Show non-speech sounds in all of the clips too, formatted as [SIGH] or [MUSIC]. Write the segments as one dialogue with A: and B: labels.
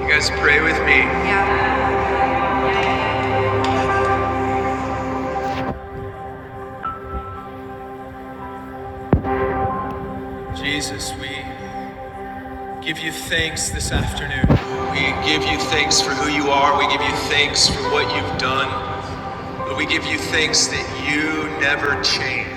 A: You guys pray with me. Jesus, we give you thanks this afternoon. We give you thanks for who you are. We give you thanks for what you've done. But we give you thanks that you never change.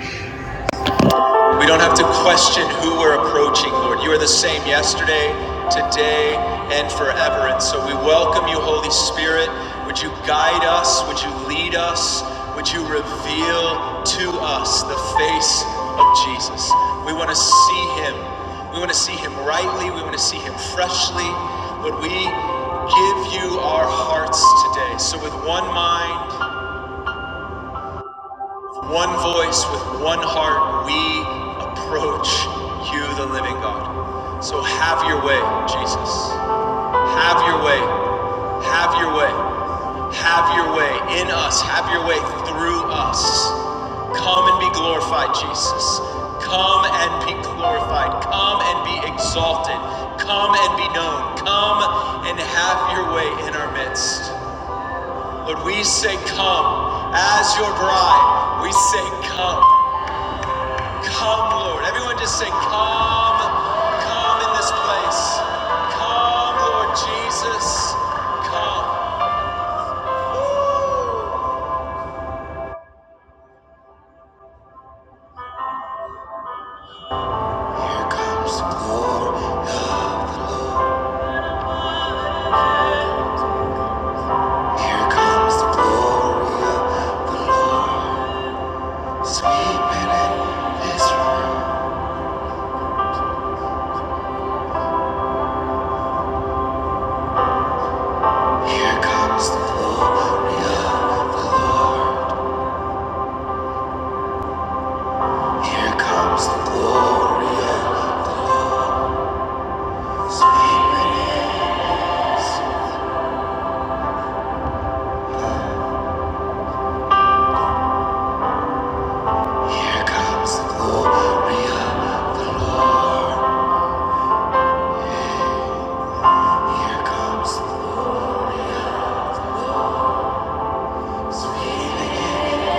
A: We don't have to question who we're approaching, Lord. You are the same yesterday, today, and forever. And so we welcome you, Holy Spirit. Would you guide us? Would you lead us? Would you reveal to us the face of Jesus? We want to see him. We want to see him rightly. We want to see him freshly. Lord, we give you our hearts today. So with one mind, one voice with one heart, we approach you, the living God. So have your way, Jesus. Have your way. Have your way. Have your way in us. Have your way through us. Come and be glorified, Jesus. Come and be glorified. Come and be exalted. Come and be known. Come and have your way in our midst. Lord, we say, Come as your bride. We say, Come. Come, Lord. Everyone just say, Come, come in this place. Come, Lord Jesus. Come. Here, come. Here comes the glory of the Lord. Sweeping in this room. Here comes the glory of the Lord. Here comes the glory of the Lord. Sweeping in this room. Here comes the glory of the Lord. Here comes the Lord. Sing it again. Here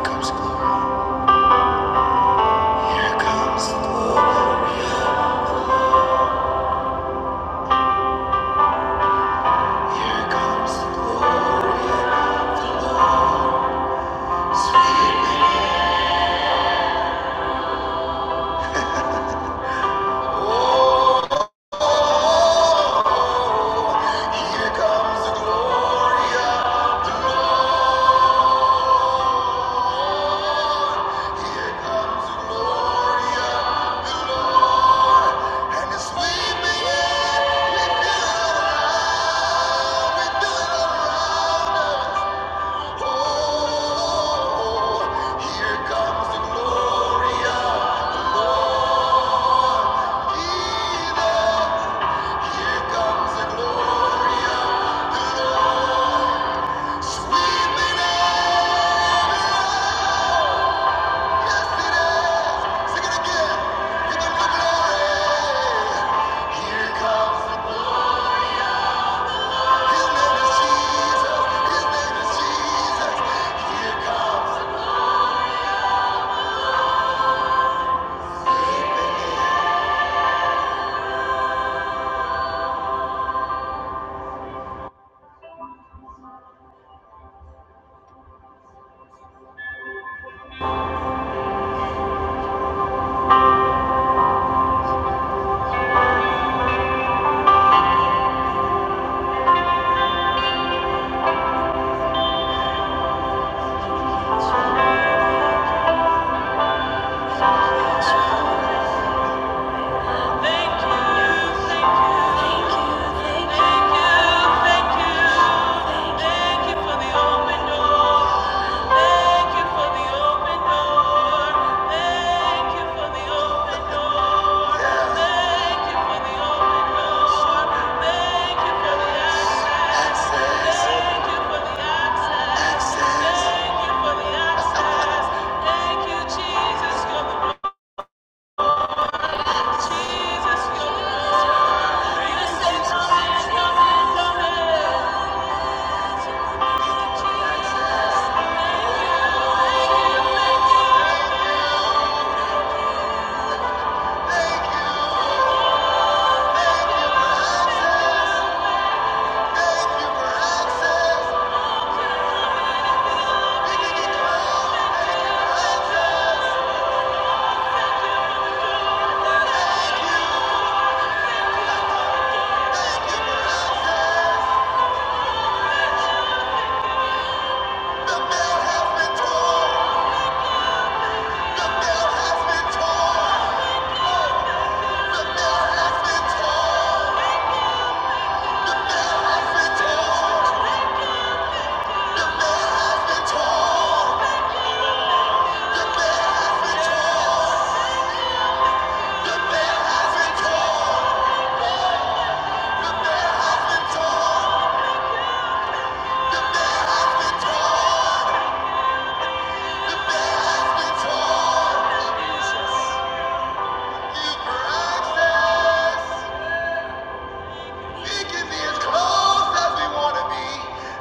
A: comes glory. Here comes glory. Here comes the glory of the Lord. Sweet Mary. Here comes the glory of the Lord. Here comes the glory of the Lord. And as we begin, we feel it around, we feel it around us. Oh, here comes the glory of the Lord. Eden, here comes the glory of the Lord. Sweeping in. Yes, it is. Sing it again. Give the glory. Here comes His name is Jesus. His name is Jesus. Here comes the sweeping Thank you, Jesus. You're the one. The bell has been torn. The bell has been torn.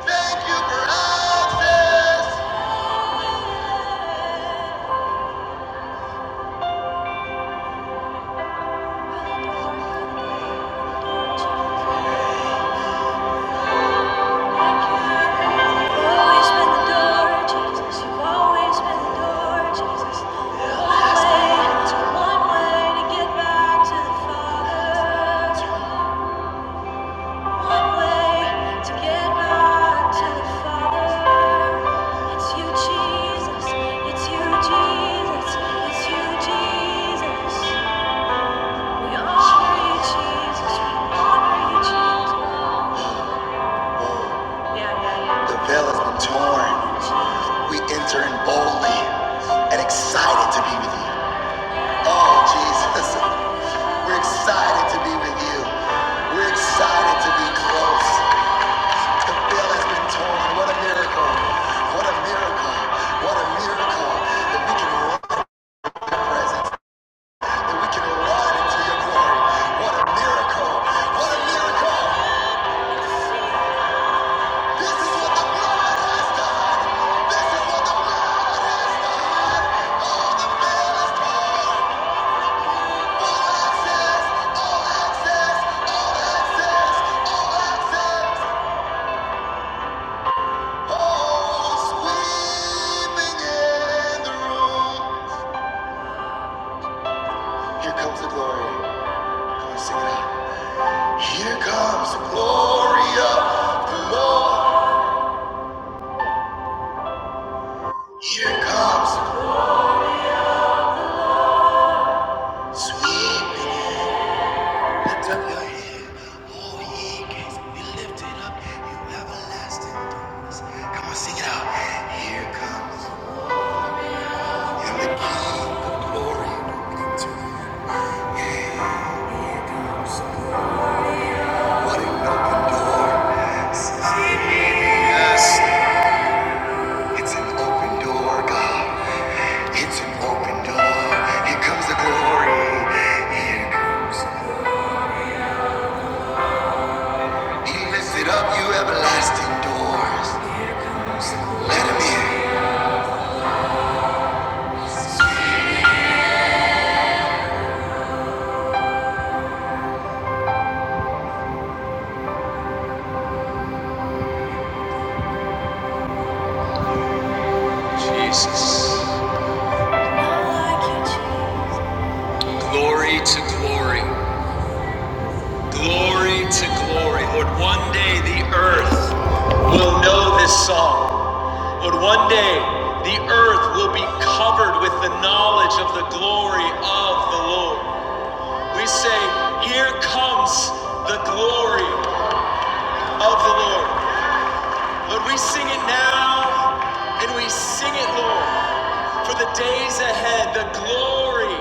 A: Thank you for access. Jesus, it's you, Jesus. The veil has been torn. We enter in boldly and excited to be with you. Oh, Jesus, we're excited to be with you. We're excited to be close. The veil has been torn. What a miracle. What a miracle. What a miracle that we can run in your presence, that we can run into your glory. What a miracle. What a miracle. This is the blood, Oh, Here comes the glory. Here comes the glory of the Lord. Comes sweeping. All ye gates be lifted up, you everlasting doors. Come on, sing it out. Here comes and the King of glory opening to him. Here comes the Lord. What an open door. Yes, it's an open door, God. It's an open door. Here comes the glory. Here comes. Be lifted up, you everlasting doors. Let him in. Jesus. Glory to glory. Glory to glory. Lord, one day the earth will know this song. Lord, one day the earth will be covered with the knowledge of the glory of the Lord. We say, Here comes the glory of the Lord. Lord, we sing it now and we sing it, Lord. For the days ahead, the glory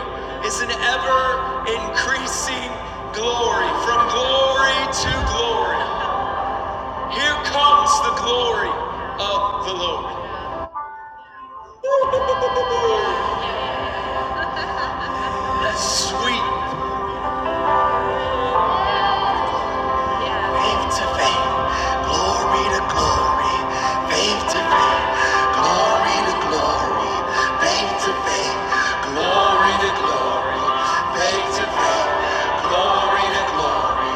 A: is an ever increasing glory, from glory to glory. Here comes the glory of the Lord. The sweet faith to faith, glory to glory, faith to faith, glory to glory, faith to faith, glory to glory, faith to faith, glory to glory,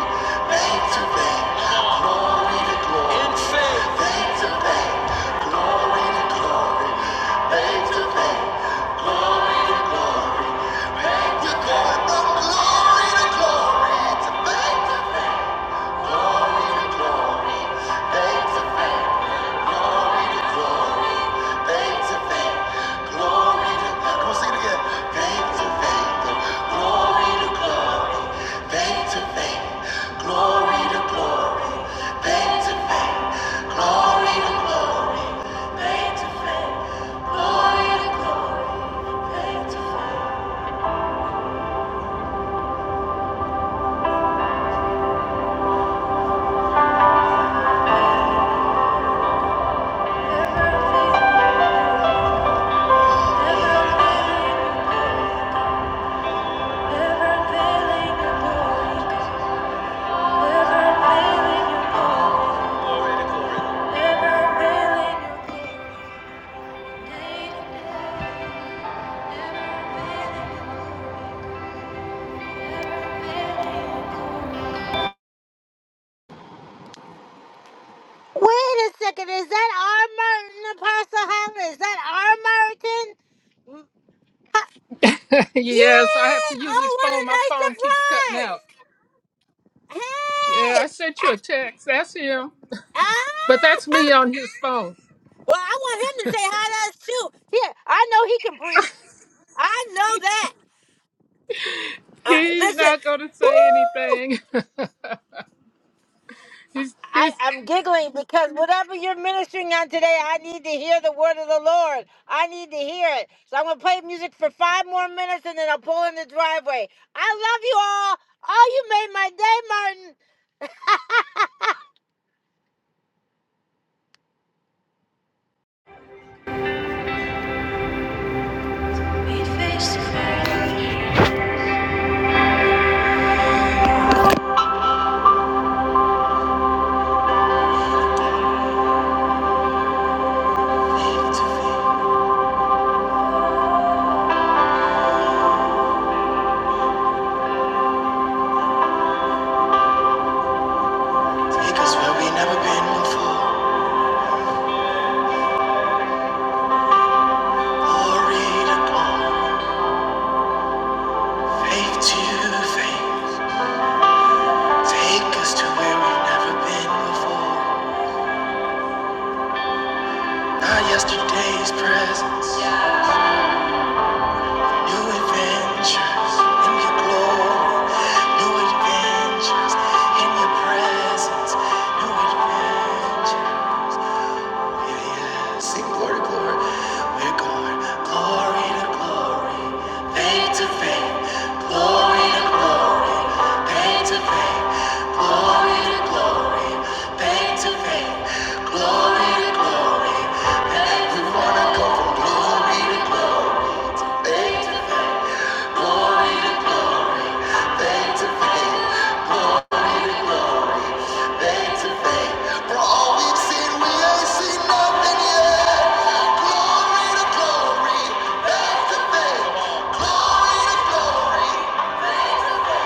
A: faith to faith. glory to glory. In to faith. Glory to glory. Faith to faith. Glory to glory. Faith to glory. From glory to glory. To faith to faith. Glory to glory. Never failing Thank you. Wait a second, is that our Merton Apostle Helen? Is that our Martin? Ha-
B: Yes, I have
A: Yeah!
B: to use
A: Oh,
B: his
A: what a
B: phone. My
A: nice
B: phone keeps cutting out.
A: surprise! Hey!
B: Yeah, I sent you
A: Ah!
B: a text. That's him. But that's
A: ah.
B: me on his phone.
A: Well, I want him to say hi to us too. Here, I know he can preach. I know that. I,
B: He's
A: listen,
B: not going to say
A: woo!
B: anything. [LAUGHS] he's,
A: I,
B: he's,
A: I'm giggling because whatever you're ministering on today, I need to hear the word of the Lord. I need to hear it. So I'm going to play music for five more minutes and then I'll pull in the driveway. I love you all. Oh, you made my day, Martin. Meet where we never been before. Glory to glory. Faith to faith. Take us to where we've never been before. Not yesterday's presence. New adventures in your glory, new adventures in your presence, new adventures. Yeah, sing glory, glory. We're going glory to glory, faith to faith, glory to glory, faith to faith, glory to glory, faith to faith, glory to glory. We wanna go from glory to glory. Glory to glory, faith to faith. glory to glory, faith to faith.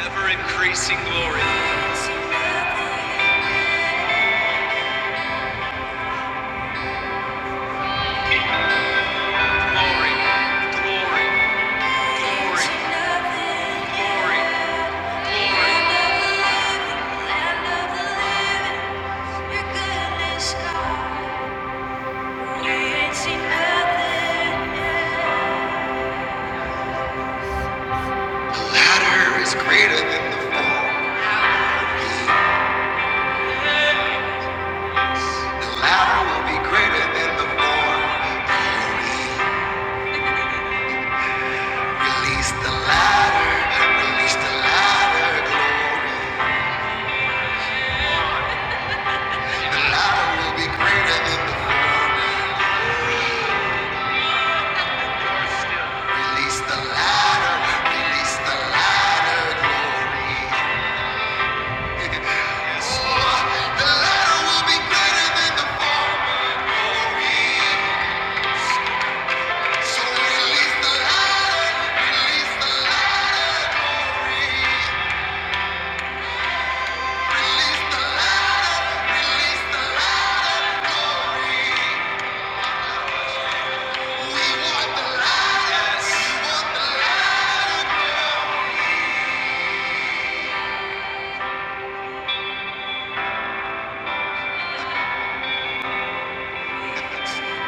A: Ever increasing glory, glory, glory, glory, glory, glory. Land of the living, land your goodness, God. latter is greater than the the latter will be greater than the former. Release the latter, release the latter, glory. The latter will be greater than the former. Release the latter, release the latter, glory. [LAUGHS] Yes, The latter will be greater than the former, glory. So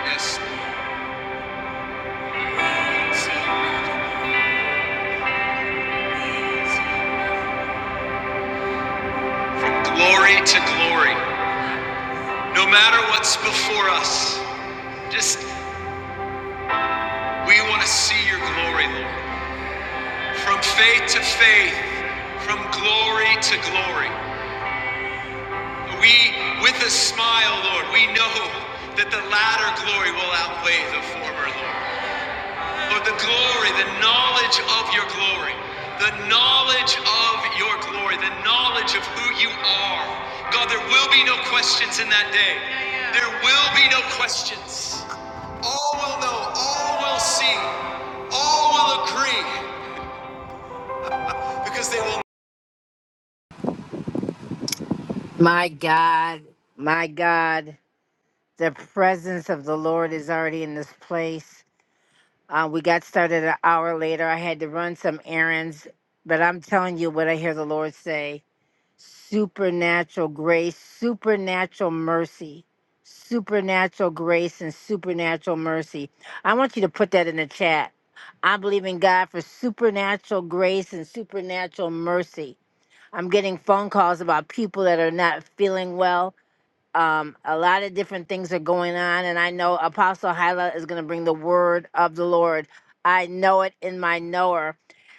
A: Yes. From glory to glory. No matter what's before us, just we want to see your glory, Lord. From faith to faith, from glory to glory. We, with a smile, Lord, we know that the latter glory will outweigh the former, Lord. Lord, the glory, the knowledge of your glory, the knowledge of your glory, the knowledge of who you are. God, there will be no questions in that day. There will be no questions. All will know, all will see, all will agree because they will. My God, my God, the presence of the Lord is already in this place. Uh, we got started an hour later. I had to run some errands, but I'm telling you what I hear the Lord say. supernatural grace, supernatural mercy, supernatural grace, and supernatural mercy. I want you to put that in the chat. I believe in God for supernatural grace and supernatural mercy. I'm getting phone calls about people that are not feeling well um, a lot of different things are going on, and I know Apostle Hyla is going to bring the word of the Lord. I know it in my knower.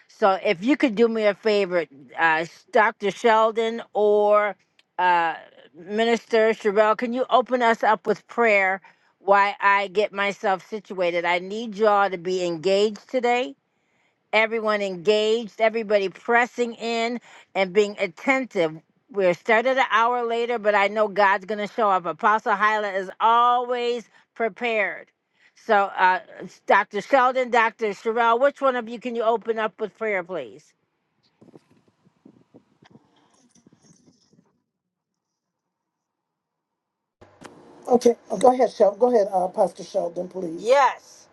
A: So if you could do me a favor, uh, Dr. Sheldon or uh, Minister Sherelle, can you open us up with prayer? while I get myself situated. I need y'all to be engaged today everyone engaged, everybody pressing in and being attentive. We're started an hour later, but I know God's going to show up. Apostle Hyla is always prepared. So, uh, Dr. Sheldon, Dr. Sherelle, which one of you can you open up with prayer, please?
C: Okay, oh, go ahead, Shel- go ahead, uh, Pastor Sheldon, please.
A: Yes.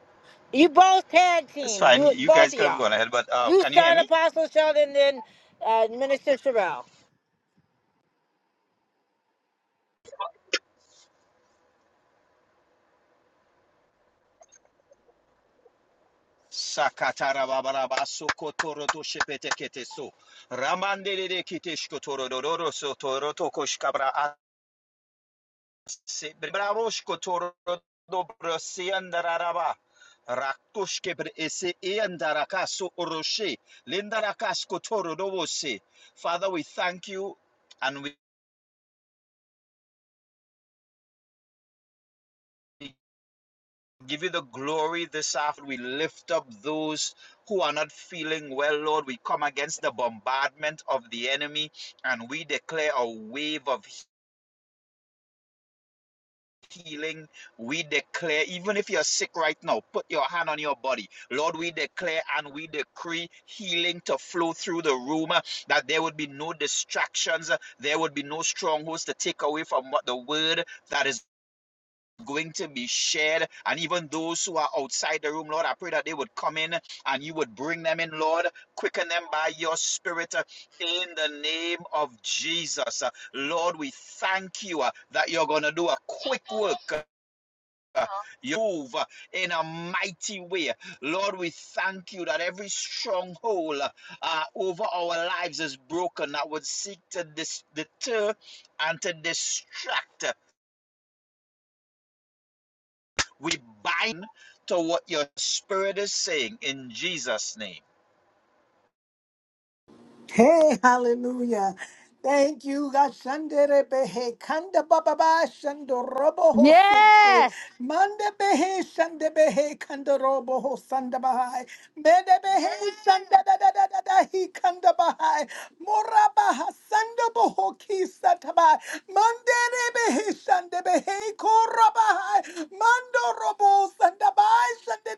A: You both tag
D: It's
A: team.
D: fine.
A: Do it,
D: You
A: both
D: guys
A: of
D: could have
A: y'all.
D: gone ahead, but uh,
A: You
D: can you hear
A: start
D: me?
A: Apostle Sheldon, then uh, Minister Sherelle.
D: Sakatara babaraba sokotoro to shepete kete so. Ramande de kite shkotoro dororo so to koshkabra ase. Bravo shkotoro dobro siandararaba. Rakushke bre ese iandaraka so oroshe. Lindaraka skotoro dovose. Father, we thank you and we give you the glory this afternoon. We lift up those who are not feeling well, Lord. We come against the bombardment of the enemy and we declare a wave of healing. We declare, even if you're sick right now, put your hand on your body. Lord, we declare and we decree healing to flow through the room, uh, that there would be no distractions, uh, there would be no strongholds to take away from what the word that is going to be shared. And even those who are outside the room, Lord, I pray that they would come in and you would bring them in, Lord. Quicken them by your spirit uh, in the name of Jesus. Uh, Lord, we thank you uh, that you're going to do a quick work. uh, You move uh, in a mighty way. Lord, we thank you that every stronghold uh, uh, over our lives is broken that would seek to dis- deter and to distract. We bind to what your spirit is saying in Jesus' name.
C: Hey, hallelujah. Thank you. Gashandere behe kanda baba ba shando robo hosike
A: Yes.
C: mande behe shande behe kanda robo hosanda bahai mede behe shanda da da da da da he kanda bahai mora baha sando boho kisa tabai mandere behe shande behe kora bahai mando robo sanda bahai. Thank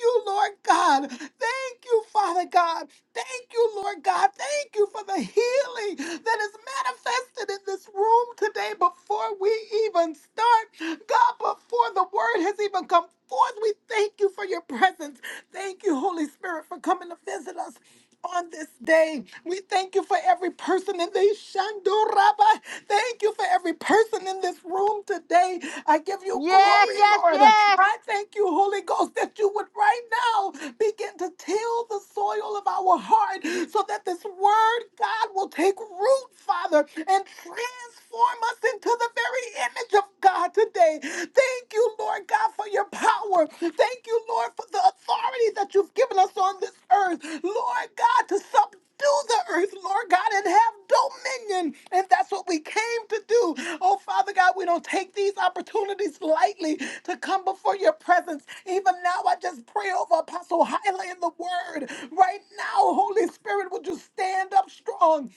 C: you, Lord God. Thank you, Father God. Thank you, Lord God. Thank you for the healing that is manifested in this room today before we even start. God, before the word has even come forth, we thank you for your presence. Thank you, Holy Spirit, for coming to visit us on this day. We thank you for every person in this Shandoraba. Thank you for every person in this room today. I give you
A: Yes,
C: glory,
A: yes,
C: Lord.
A: yes.
C: I thank you, Holy Ghost, that you would right now begin to till the soil of our heart so that this word, God, will take root, Father, and transform us into the very image of God. God, today. Thank you, Lord God, for your power. Thank you, Lord, for the authority that you've given us on this earth. Lord God, to subdue the earth, Lord God, and have dominion. And that's what we came to do. Oh, Father God, we don't take these opportunities lightly to come before your presence. Even now, I just pray over Apostle Hyla in the word. Right now, Holy Spirit, would you stand up strong?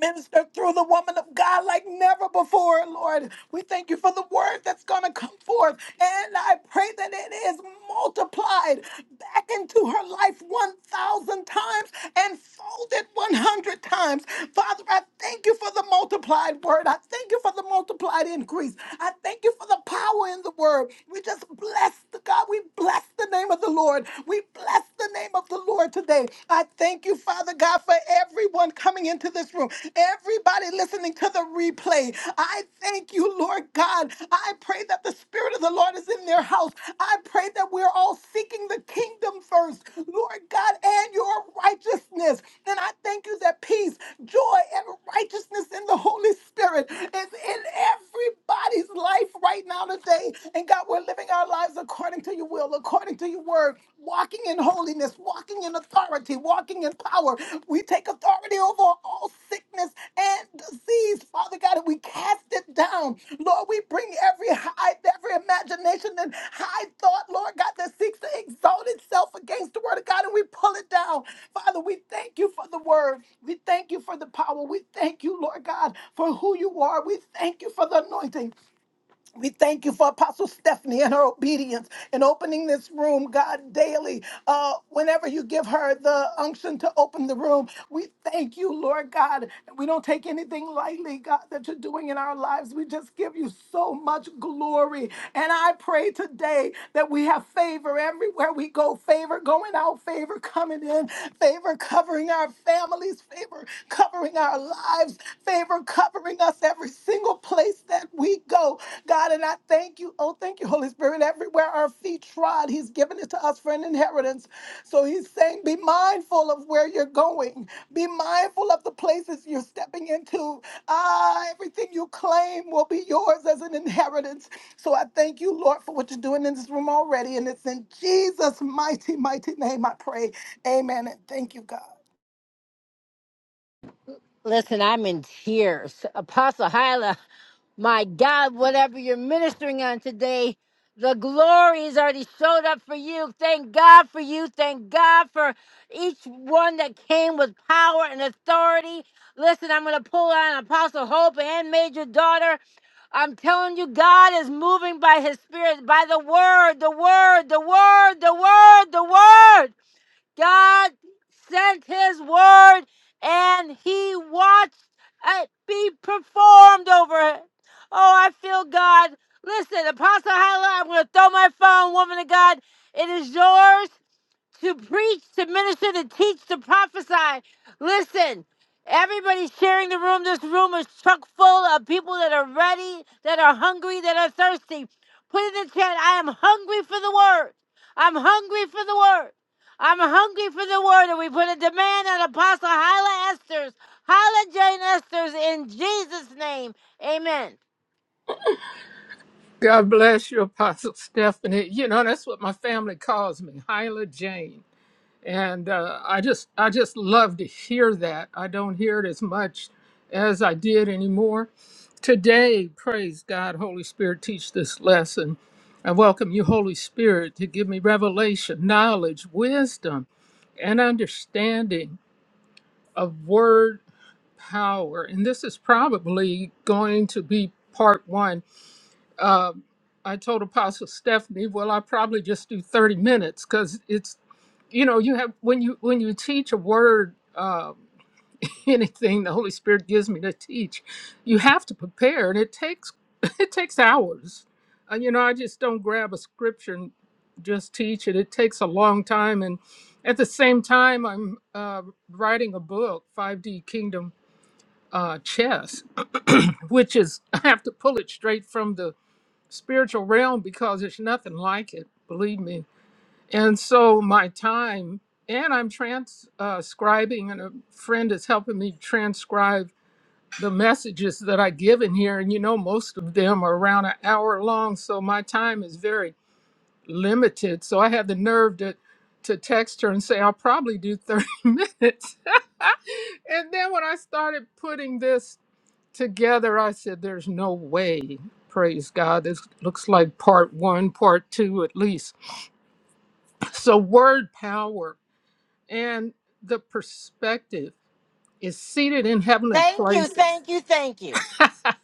C: Minister through the woman of God like never before, Lord. We thank you for the word that's going to come forth. And I pray that it is multiplied back into her life 1,000 times and folded 100 times. Father, I thank you for the multiplied word. I thank you for the multiplied increase. I thank you for the power in the word. We just bless the God. We bless the name of the Lord. We bless the name of the Lord today today. I thank you, Father God, for everyone coming into this room, everybody listening to the replay. I thank you, Lord God. I pray that the Spirit of the Lord is in their house. I pray that we're all seeking the kingdom first, Lord God, and your righteousness. And I thank you that peace, joy, and righteousness in the Holy Spirit is in everybody's life right now today. And God, we're living our lives according to your to your will, according to your word, walking in holiness, walking in authority, walking in power. We take authority over all sickness and disease, Father God, and we cast it down. Lord, we bring every high, every imagination and high thought, Lord God, that seeks to exalt itself against the word of God, and we pull it down. Father, we thank you for the word. We thank you for the power. We thank you, Lord God, for who you are. We thank you for the anointing. We thank you for Apostle Stephanie and her obedience in opening this room, God, daily. Uh, whenever you give her the unction to open the room, we thank you, Lord God. We don't take anything lightly, God, that you're doing in our lives. We just give you so much glory. And I pray today that we have favor everywhere we go, favor going out, favor coming in, favor covering our families, favor covering our lives, favor covering us every single place that we go. God, and I thank you. Oh, thank you, Holy Spirit. Everywhere our feet trod, He's given it to us for an inheritance. So He's saying, be mindful of where you're going, be mindful of the places you're stepping into. Ah, everything you claim will be yours as an inheritance. So I thank you, Lord, for what you're doing in this room already. And it's in Jesus' mighty, mighty name I pray. Amen. And thank you, God.
A: Listen, I'm in tears. Apostle Hyla, my God, whatever you're ministering on today, the glory has already showed up for you. Thank God for you. Thank God for each one that came with power and authority. Listen, I'm going to pull on Apostle Hope and Major Daughter. I'm telling you, God is moving by his spirit, by the word, the word, the word, the word, the word. God sent his word and he watched it be performed over it. Oh, I feel God. Listen, Apostle Hyla, I'm going to throw my phone, woman of God. It is yours to preach, to minister, to teach, to prophesy. Listen, everybody's sharing the room. This room is chock full of people that are ready, that are hungry, that are thirsty. Put in the chat, I am hungry for the word. I'm hungry for the word. I'm hungry for the word. And we put a demand on Apostle Hyla Esther's, Hyla Jane Esther's in Jesus' name. Amen.
B: God bless you, Apostle Stephanie. You know, that's what my family calls me, Hyla Jane. and uh, I just I just love to hear that. I don't hear it as much as I did anymore. Today, praise God, Holy Spirit, teach this lesson. I welcome you, Holy Spirit, to give me revelation, knowledge, wisdom, and understanding of word power. And this is probably going to be part one um, I told Apostle Stephanie, well, I probably just do 30 minutes because it's, you know, you have when you when you teach a word, um, [LAUGHS] anything the Holy Spirit gives me to teach, you have to prepare, and it takes [LAUGHS] it takes hours. Uh, you know, I just don't grab a scripture and just teach it. It takes a long time, and at the same time, I'm uh, writing a book, 5D Kingdom uh, Chess, which is [LAUGHS] I have to pull it straight from the spiritual realm because there's nothing like it, believe me. And so my time, and I'm transcribing, and a friend is helping me transcribe the messages that I give in here. And you know, most of them are around an hour long, so my time is very limited. So I had the nerve to to text her and say I'll probably do 30 [LAUGHS] minutes. [LAUGHS] and then when I started putting this together i said there's no way praise god this looks like part one part two at least so word power and the perspective is seated in heavenly
A: Thank you,
B: places
A: thank you, thank you.
B: [LAUGHS]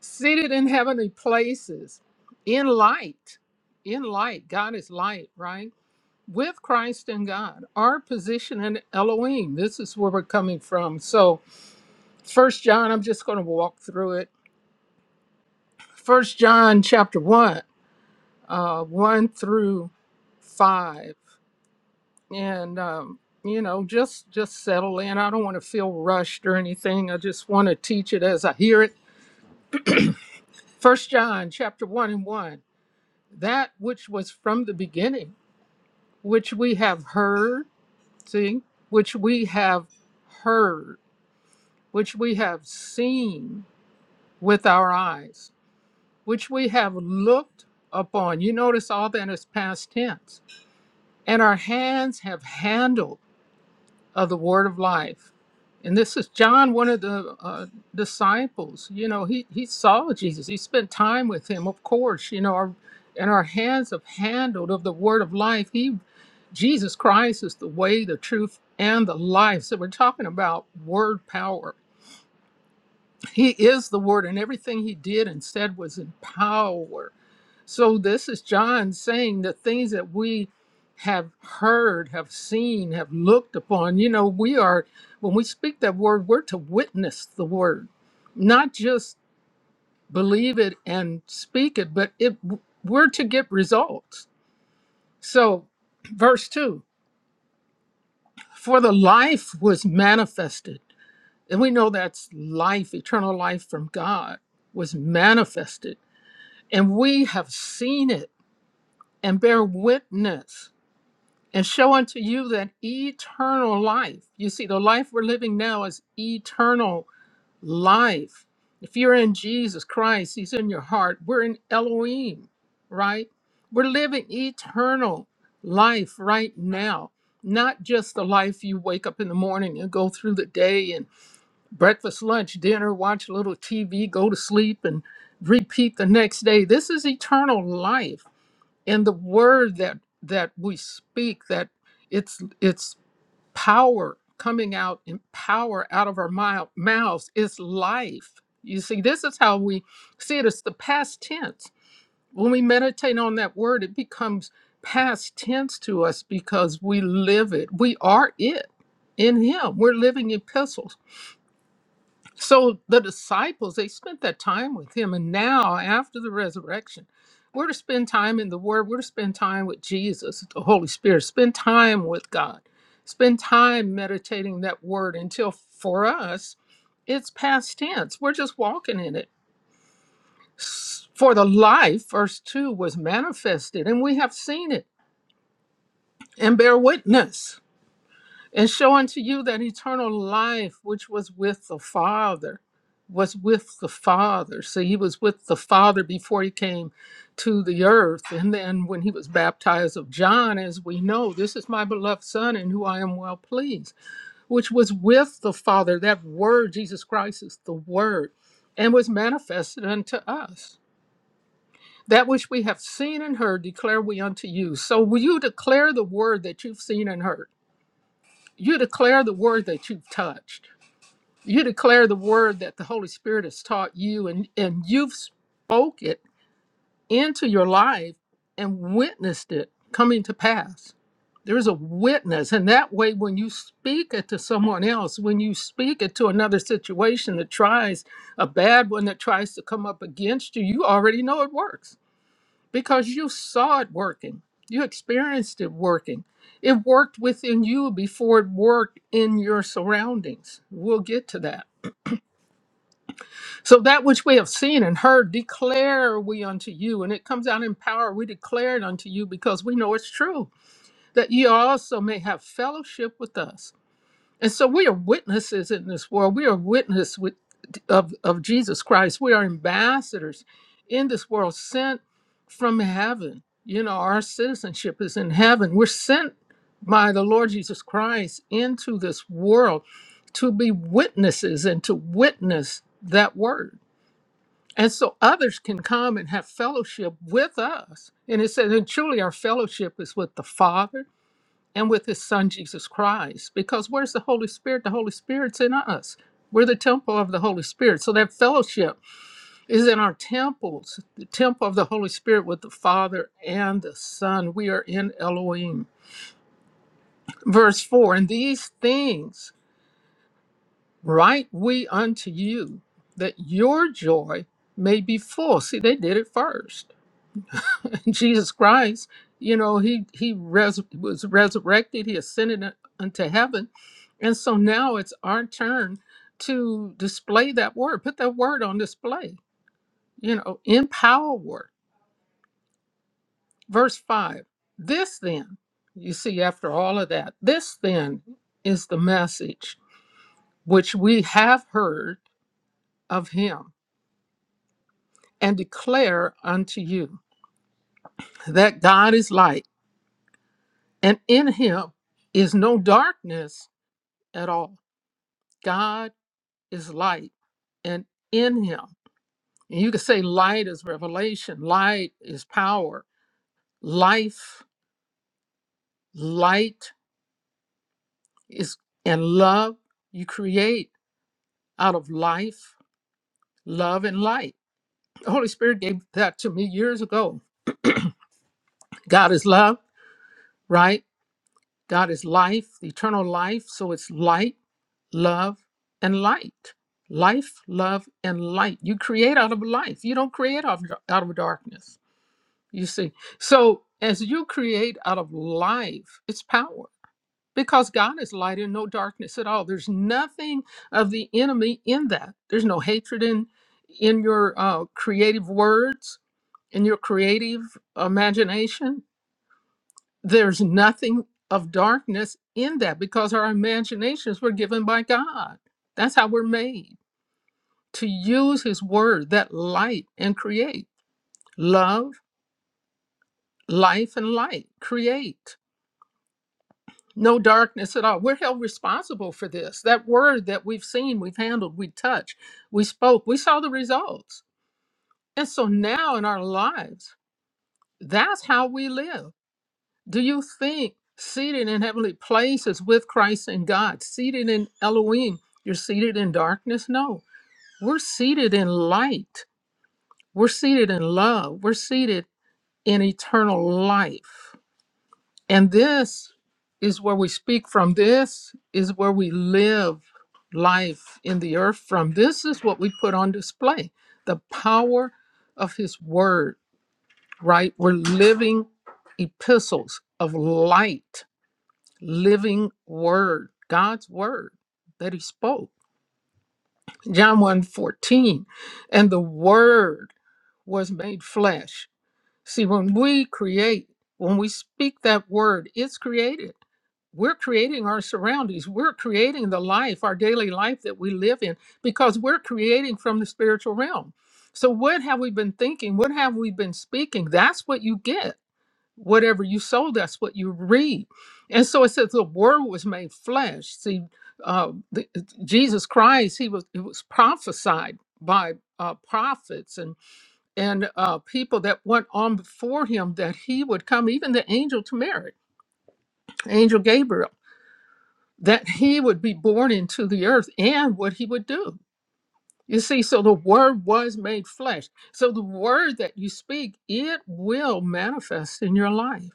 B: seated in heavenly places in light in light god is light right with christ and god our position in elohim this is where we're coming from so first john i'm just going to walk through it first john chapter 1 uh, one through five, and um, you know, just just settle in. I don't want to feel rushed or anything. I just want to teach it as I hear it. First John chapter one and one. That which was from the beginning, which we have heard, see, which we have heard, which we have seen with our eyes, which we have looked upon. You notice all that is past tense. And our hands have handled of the word of life. And this is John, one of the uh, disciples. You know, he, he saw Jesus. He spent time with him, of course. You know, our, and our hands have handled of the word of life. He, Jesus Christ is the way, the truth, and the life. So we're talking about word power. He is the word, and everything he did and said was in power. So this is John saying the things that we have heard, have seen, have looked upon. You know, we are when we speak that word, we're to witness the word, not just believe it and speak it, but it we're to get results. So, verse 2, for the life was manifested. And we know that's life, eternal life from God was manifested, and we have seen it and bear witness and show unto you that eternal life. You see, the life we're living now is eternal life. If you're in Jesus Christ, He's in your heart. We're in Elohim, right? We're living eternal life right now, not just the life you wake up in the morning and go through the day and breakfast, lunch, dinner, watch a little TV, go to sleep, and repeat the next day. This is eternal life and the word that that we speak that it's it's power coming out in power out of our mou- mouths is life you see this is how we see it it's the past tense when we meditate on that word it becomes past tense to us because we live it we are it in him we're living epistles so the disciples, they spent that time with him. And now, after the resurrection, we're to spend time in the Word, we're to spend time with Jesus, the Holy Spirit, spend time with God, spend time meditating that Word until for us, it's past tense. We're just walking in it. S- For the life, verse 2, was manifested, and we have seen it and bear witness. and show unto you that eternal life which was with the Father, was with the Father. So he was with the Father before he came to the earth. And then when he was baptized of John, as we know, this is my beloved Son in who I am well pleased, which was with the Father. That word, Jesus Christ, is the Word, and was manifested unto us. That which we have seen and heard, declare we unto you. So will you declare the word that you've seen and heard? You declare the word that you've touched. You declare the word that the Holy Spirit has taught you, and, and you've spoke it into your life and witnessed it coming to pass. There's a witness. And that way, when you speak it to someone else, when you speak it to another situation that tries, a bad one that tries to come up against you, you already know it works because you saw it working. You experienced it working. It worked within you before it worked in your surroundings. We'll get to that. So, that which we have seen and heard, declare we unto you. And it comes out in power. We declare it unto you because we know it's true, that ye also may have fellowship with us. And so we are witnesses in this world. We are witness with, of, of Jesus Christ. We are ambassadors in this world sent from heaven. You know, our citizenship is in heaven. We're sent by the Lord Jesus Christ into this world to be witnesses and to witness that word. And so others can come and have fellowship with us. And it says, and truly our fellowship is with the Father and with his son Jesus Christ. Because where's the Holy Spirit? The Holy Spirit's in us. We're the temple of the Holy Spirit. So that fellowship is in our temples, the temple of the Holy Spirit with the Father and the Son. We are in Elohim. Verse 4 And these things write we unto you, that your joy may be full. See, they did it first [LAUGHS] Jesus Christ, you know, he he res- was resurrected, he ascended unto heaven. And so now it's our turn to display that word, put that word on display, you know, in power. Verse 5. This then, you see, after all of that, this then is the message which we have heard of him and declare unto you that God is light, and in him is no darkness at all. God is light, and in him, and you could say light is revelation, light is power, life, light is, and love you create out of life, love, and light. The Holy Spirit gave that to me years ago. God is love, right? God is life, the eternal life. So it's light, love, and light. Life, love, and light. You create out of life. You don't create out of, out of darkness. You see, so as you create out of life, it's power because God is light and no darkness at all. There's nothing of the enemy in that. There's no hatred in in your uh, creative words, in your creative imagination. There's nothing of darkness in that because our imaginations were given by God. That's how we're made to use His word, that light, and create love, life, and light. Create. no darkness at all. We're held responsible for this. That word that we've seen, we've handled, we touched, we spoke, we saw the results. And so now in our lives, that's how we live. Do you think seated in heavenly places with Christ and God, seated in Elohim, you're seated in darkness? No, we're seated in light. We're seated in love. We're seated in eternal life. And this is where we speak from. This is where we live life in the earth from. This is what we put on display the power of His Word, right? We're living epistles of light, living Word, God's Word that He spoke. John one fourteen, and the Word was made flesh. See, when we create, when we speak that word, it's created we're creating our surroundings. We're creating the life, our daily life that we live in, because we're creating from the spiritual realm. So, what have we been thinking? What have we been speaking? That's what you get. Whatever you sow, that's what you reap. And so it says the word was made flesh. See, uh, the, uh, Jesus Christ, he was it was prophesied by uh, prophets and and uh, people that went on before him that he would come, even the angel to Mary, angel Gabriel that he would be born into the earth and what he would do. You see, so the word was made flesh. So the word that you speak, it will manifest in your life.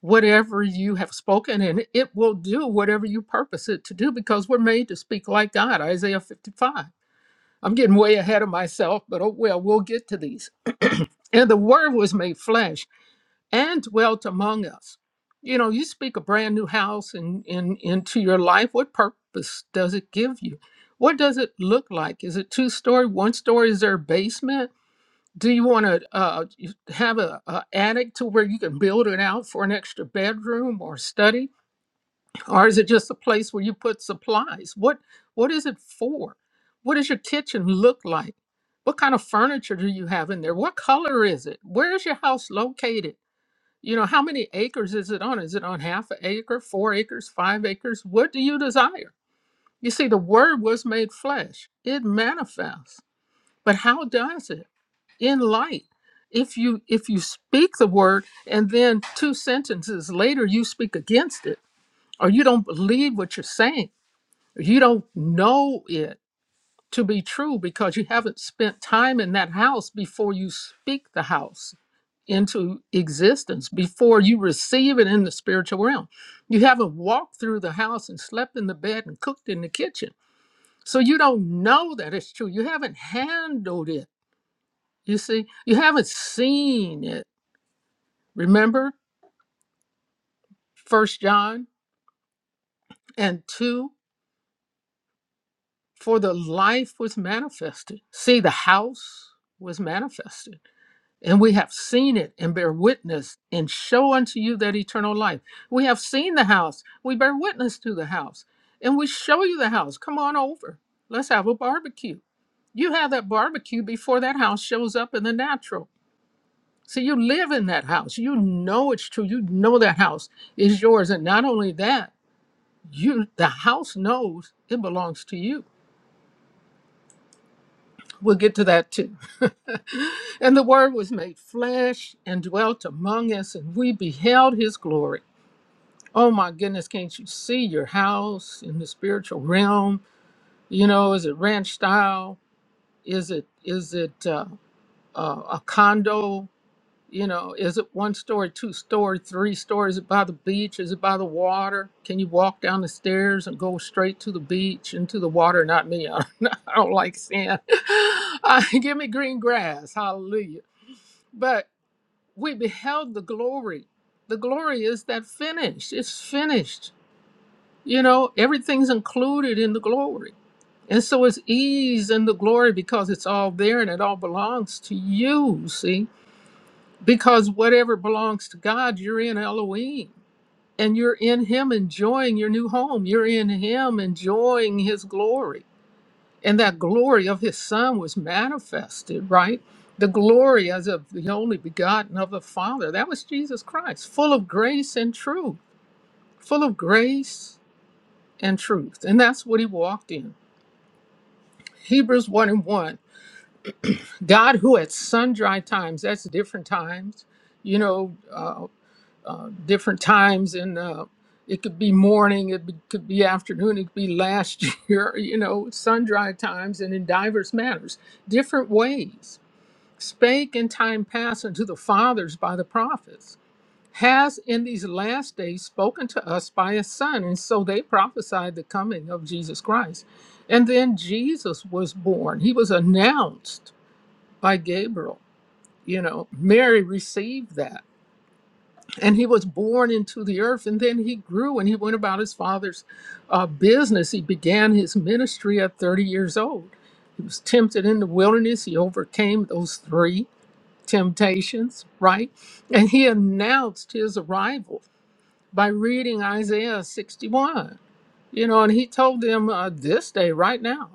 B: Whatever you have spoken, and it will do whatever you purpose it to do because we're made to speak like God, Isaiah 55. I'm getting way ahead of myself, but oh well, we'll get to these. And the word was made flesh and dwelt among us. You know, you speak a brand new house and in, in, into your life. What purpose does it give you? What does it look like? Is it two story, one story? Is there a basement? Do you want to uh, have a, a attic to where you can build it out for an extra bedroom or study, or is it just a place where you put supplies? What What is it for? What does your kitchen look like? What kind of furniture do you have in there? What color is it? Where is your house located? You know, how many acres is it on? Is it on half an acre, four acres, five acres? What do you desire? You see, the word was made flesh. It manifests. But how does it? In light. If you if you speak the word and then two sentences later you speak against it, or you don't believe what you're saying, or you don't know it, to be true because you haven't spent time in that house before you speak the house into existence, before you receive it in the spiritual realm. You haven't walked through the house and slept in the bed and cooked in the kitchen. So you don't know that it's true. You haven't handled it. You see, you haven't seen it. Remember First John and 2 for the life was manifested. See, the house was manifested And we have seen it and bear witness and show unto you that eternal life. We have seen the house. We bear witness to the house. And we show you the house. Come on over. Let's have a barbecue. You have that barbecue before that house shows up in the natural. So you live in that house. You know it's true. You know that house is yours. And not only that, you the house knows it belongs to you. We'll get to that too. [LAUGHS] and the Word was made flesh and dwelt among us, and we beheld his glory. Oh my goodness, can't you see your house in the spiritual realm? You know, is it ranch style? Is it is it uh, uh, a condo? You know, is it one story, two story, three stories? Is it by the beach? Is it by the water? Can you walk down the stairs and go straight to the beach and to the water? Not me. [LAUGHS] I don't, I don't like sand. [LAUGHS] Uh, give me green grass. Hallelujah. But we beheld the glory. The glory is that finished. It's finished. You know, everything's included in the glory. And so it's ease in the glory because it's all there and it all belongs to you, see? because whatever belongs to God, you're in Elohim and you're in Him enjoying your new home. You're in Him enjoying His glory. And that glory of His Son was manifested, right? The glory as of the only begotten of the Father. That was Jesus Christ, full of grace and truth, full of grace and truth. And that's what He walked in. Hebrews 1 and 1. God, who at sundry times, that's different times, you know. uh, uh, different times and uh, it could be morning it be, could be afternoon it could be last [LAUGHS] year you know sun dry times and in divers matters, different ways spake in time past unto the fathers by the prophets has in these last days spoken to us by his son and so they prophesied the coming of jesus christ and then jesus was born he was announced by gabriel you know mary received that and he was born into the earth and then he grew and he went about his father's uh, business he began his ministry at 30 years old he was tempted in the wilderness he overcame those three temptations right and he announced his arrival by reading isaiah 61 you know and he told them uh, this day right now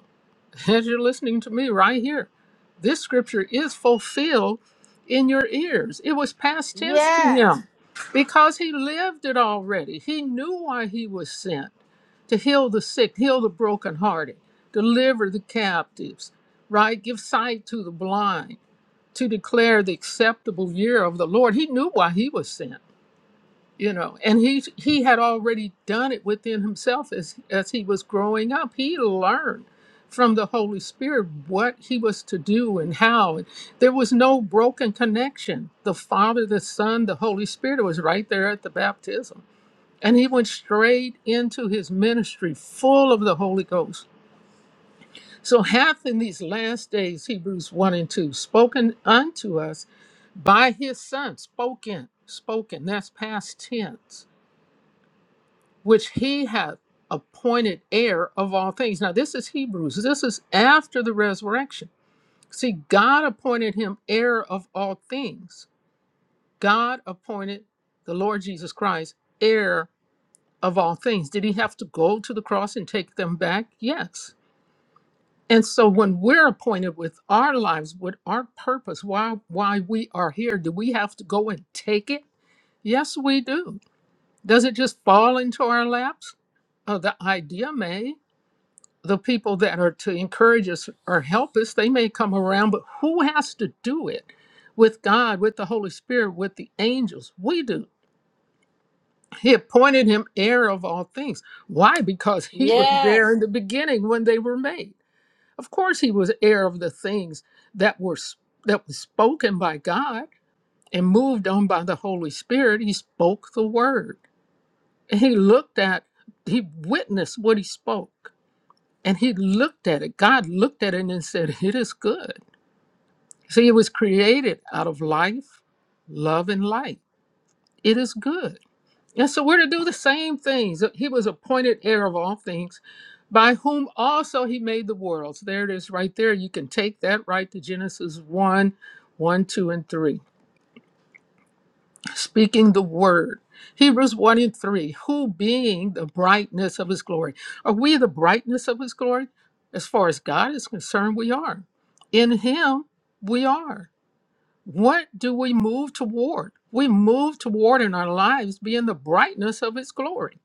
B: [LAUGHS] as you're listening to me right here. This scripture is fulfilled in your ears. It was past tense to
A: Yes.
B: him because he lived it already. He knew why he was sent to heal the sick, heal the brokenhearted, deliver the captives, right? Give sight to the blind, to declare the acceptable year of the Lord. He knew why he was sent you know and he he had already done it within himself as as he was growing up he learned from the holy spirit what he was to do and how and there was no broken connection the father the son the holy spirit was right there at the baptism and he went straight into his ministry full of the holy ghost so hath in these last days hebrews 1 and 2 spoken unto us by his son spoken spoken that's past tense which he hath appointed heir of all things. Now, this is Hebrews. This is after the resurrection. See, God appointed him heir of all things. God appointed the Lord Jesus Christ heir of all things. Did he have to go to the cross and take them back? Yes. And so when we're appointed with our lives, with our purpose, why why we are here, do we have to go and take it? Yes, we do. Does it just fall into our laps? Oh, the idea may. the people that are to encourage us or help us, they may come around, but who has to do it? With God, with the Holy Spirit, with the angels. We do. He appointed him heir of all things. Why? Because he was Mhm. there
A: Yes.
B: in the beginning when they were made. Of course, he was heir of the things that were s- that was spoken by God and moved on by the Holy Spirit. He spoke the word. And He looked at, he witnessed what he spoke And he looked at it. God looked at it and said, It is good. See, it was created out of life, love, and light. It is good. And so we're to do the same things. He was appointed heir of all things, by whom also he made the worlds. There it is right there. You can take that right to Genesis one, one, 2, and 3 speaking the word. Hebrews 1 and 3, who being the brightness of his glory. Are we the brightness of his glory? As far as God is concerned, we are. In him, we are. What do we move toward? We move toward in our lives being the brightness of his glory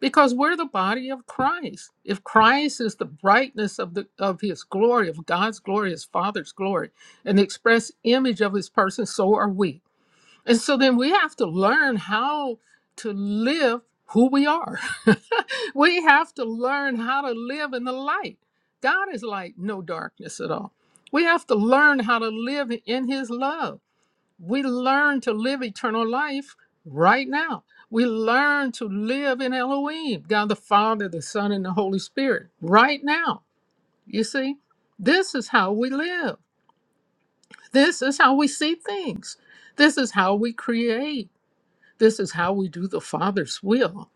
B: because we're the body of Christ. If Christ is the brightness of, the, of his glory, of God's glory, his Father's glory, an express image of his person, so are we. And so then we have to learn how to live who we are. [LAUGHS] we have to learn how to live in the light. God is light, no darkness at all. We have to learn how to live in his love. We learn to live eternal life right now. We learn to live in Elohim, God the Father, the Son, and the Holy Spirit right now. You see, this is how we live. This is how we see things. This is how we create. This is how we do the Father's will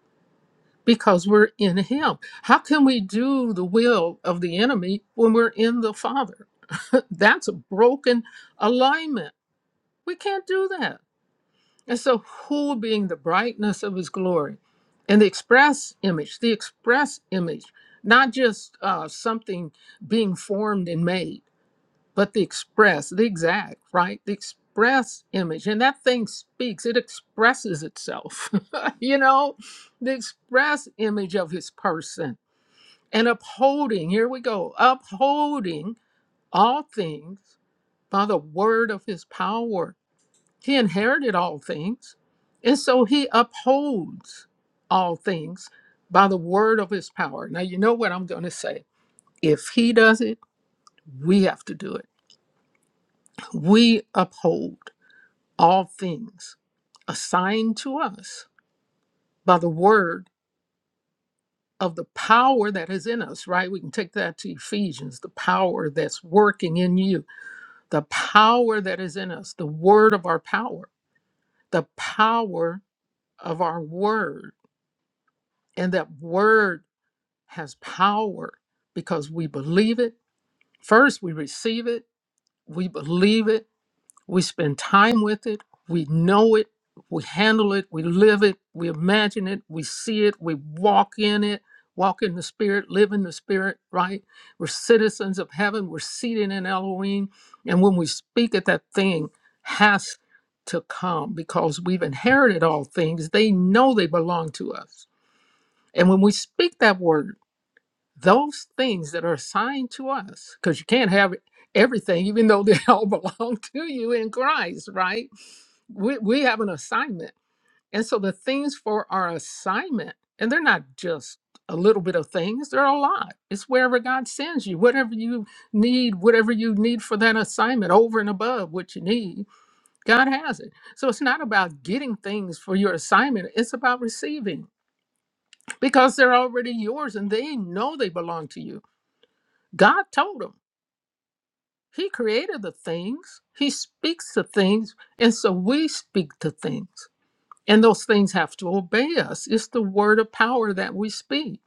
B: because we're in Him. How can we do the will of the enemy when we're in the Father? [LAUGHS] That's a broken alignment. We can't do that. And so, who being the brightness of His glory and the express image, the express image, not just uh, something being formed and made but the express, the exact, right? The express image. And that thing speaks, it expresses itself, [LAUGHS] you know, the express image of his person. And upholding, here we go, upholding all things by the word of his power. He inherited all things. And so he upholds all things by the word of his power. Now, you know what I'm going to say. If he does it, we have to do it. We uphold all things assigned to us by the word of the power that is in us, right? We can take that to Ephesians, the power that's working in you, the power that is in us, the word of our power, the power of our word. And that word has power because we believe it. First, we receive it, we believe it We spend time with it. We know it. We handle it. We live it. We imagine it. We see it. We walk in it. Walk in the spirit, live in the spirit, right? We're citizens of heaven. We're seated in Elohim. And when we speak it, that thing has to come because we've inherited all things. They know they belong to us. And when we speak that word, those things that are assigned to us, because you can't have everything, even though they [LAUGHS] all belong to you in Christ, right? We, we have an assignment. And so the things for our assignment, and they're not just a little bit of things, they're a lot. It's wherever God sends you, whatever you need, whatever you need for that assignment, over and above what you need, God has it. So it's not about getting things for your assignment, it's about receiving because they're already yours and they know they belong to you God told him. He created the things, He speaks to things, and so we speak to things. And those things have to obey us. It's the word of power that we speak,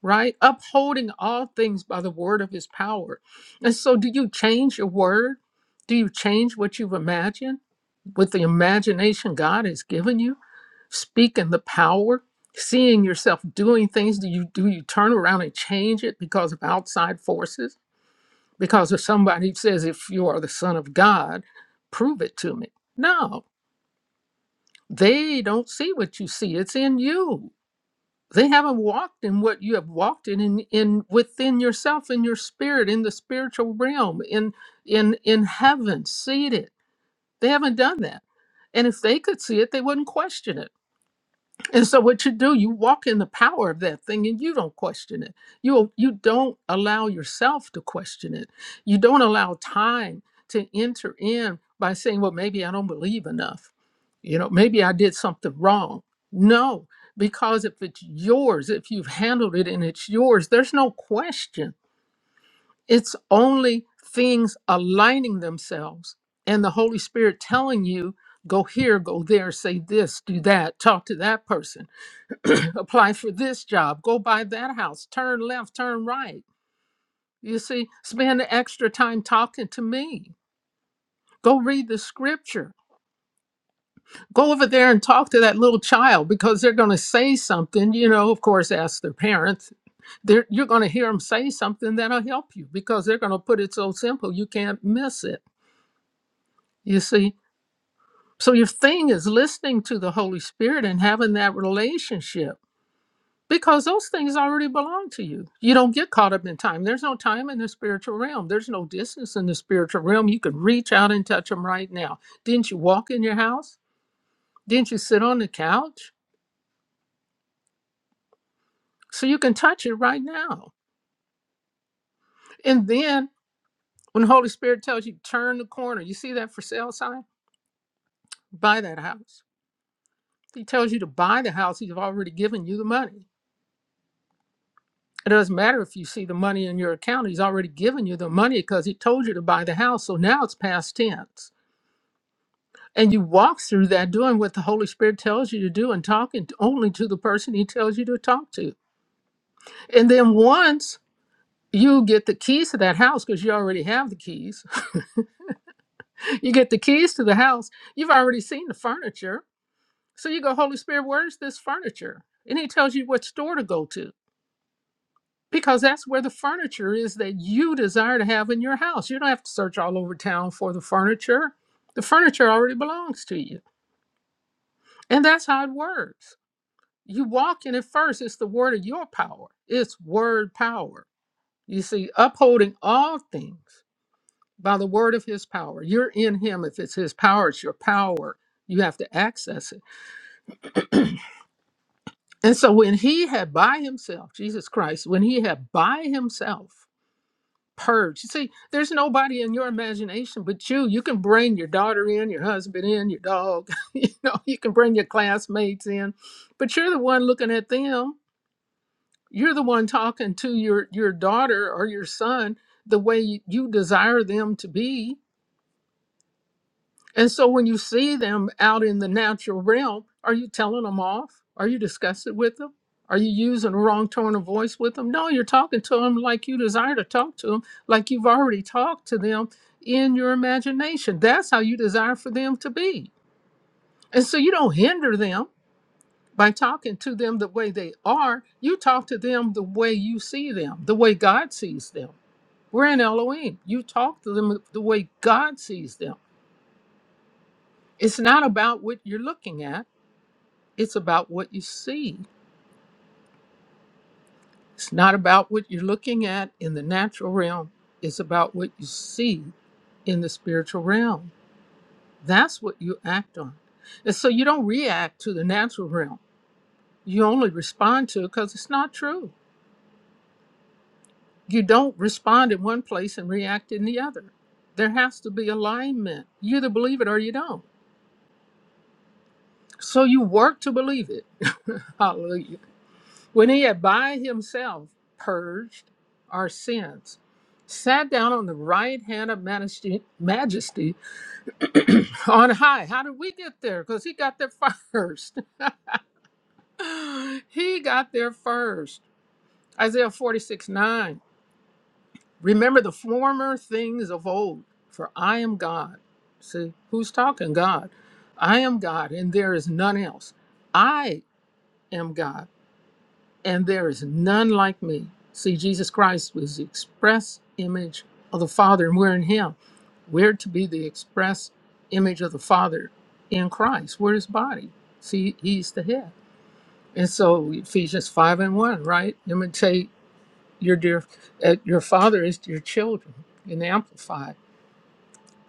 B: right? Upholding all things by the word of His power. And so, do you change your word? Do you change what you've imagined with the imagination God has given you? Speaking the power, seeing yourself doing things, do you do you turn around and change it because of outside forces? Because if somebody says, if you are the Son of God, prove it to me. No, they don't see what you see. It's in you. They haven't walked in what you have walked in, in, in within yourself, in your spirit, in the spiritual realm, in in in heaven, seated. They haven't done that. And if they could see it, they wouldn't question it. And so what you do, you walk in the power of that thing and you don't question it. You you don't allow yourself to question it. You don't allow time to enter in by saying, well, maybe I don't believe enough. You know, maybe I did something wrong. No, because if it's yours, if you've handled it and it's yours, there's no question. It's only things aligning themselves and the Holy Spirit telling you, go here, go there, say this, do that, talk to that person [COUGHS] [CLEARS THROAT] apply for this job, go buy that house, turn left, turn right. You see, spend the extra time talking to me. Go read the scripture. Go over there and talk to that little child because they're going to say something. You know, of course, ask their parents. They're, you're going to hear them say something that'll help you because they're going to put it so simple you can't miss it. You see, so your thing is listening to the Holy Spirit and having that relationship because those things already belong to you. You don't get caught up in time. There's no time in the spiritual realm. There's no distance in the spiritual realm. You could reach out and touch them right now. Didn't you walk in your house? Didn't you sit on the couch? So you can touch it right now. And then when the Holy Spirit tells you turn the corner, you see that for sale sign? Buy that house. He tells you to buy the house. He's already given you the money. It doesn't matter if you see the money in your account. He's already given you the money because he told you to buy the house. So now it's past tense And you walk through that doing what the Holy Spirit tells you to do and talking t- only to the person He tells you to talk to. And then once you get the keys to that house, because you already have the keys, [LAUGHS] you get the keys to the house, you've already seen the furniture. So you go, Holy Spirit, where's this furniture? And He tells you what store to go to. Because that's where the furniture is that you desire to have in your house. You don't have to search all over town for the furniture. The furniture already belongs to you. And that's how it works You walk in it first. It's the word of your power. It's word power. You see, upholding all things by the word of his power. You're in him. If it's his power, it's your power. You have to access it. And so when he had by himself, Jesus Christ, when he had by himself purged, you see, there's nobody in your imagination but you. You can bring your daughter in, your husband in, your dog, [LAUGHS] you know, you can bring your classmates in, but you're the one looking at them you're the one talking to your your daughter or your son the way you desire them to be and so when you see them out in the natural realm are you telling them off are you discussing with them are you using a wrong tone of voice with them no you're talking to them like you desire to talk to them like you've already talked to them in your imagination that's how you desire for them to be and so you don't hinder them by talking to them the way they are, you talk to them the way you see them, the way God sees them. We're in Elohim. You talk to them the way God sees them. It's not about what you're looking at, it's about what you see. It's not about what you're looking at in the natural realm, it's about what you see in the spiritual realm. That's what you act on. And so you don't react to the natural realm. You only respond to it because it's not true. You don't respond in one place and react in the other. There has to be alignment. You either believe it or you don't. So you work to believe it. [LAUGHS] Hallelujah. When he had by himself purged our sins, sat down on the right hand of majesty, majesty on high. How did we get there? Because he got there [LAUGHS] first. [GASPS] he got there first. Isaiah forty six nine. Remember the former things of old, for I am God. See, who's talking? God. I am God, and there is none else. I am God, and there is none like me. See, Jesus Christ was the express image of the Father, and we're in Him. We're to be the express image of the Father in Christ. We're His body. See, He's the head. And so, Ephesians 5 and 1, right? Imitate your dear uh, your father is to your children in the amplified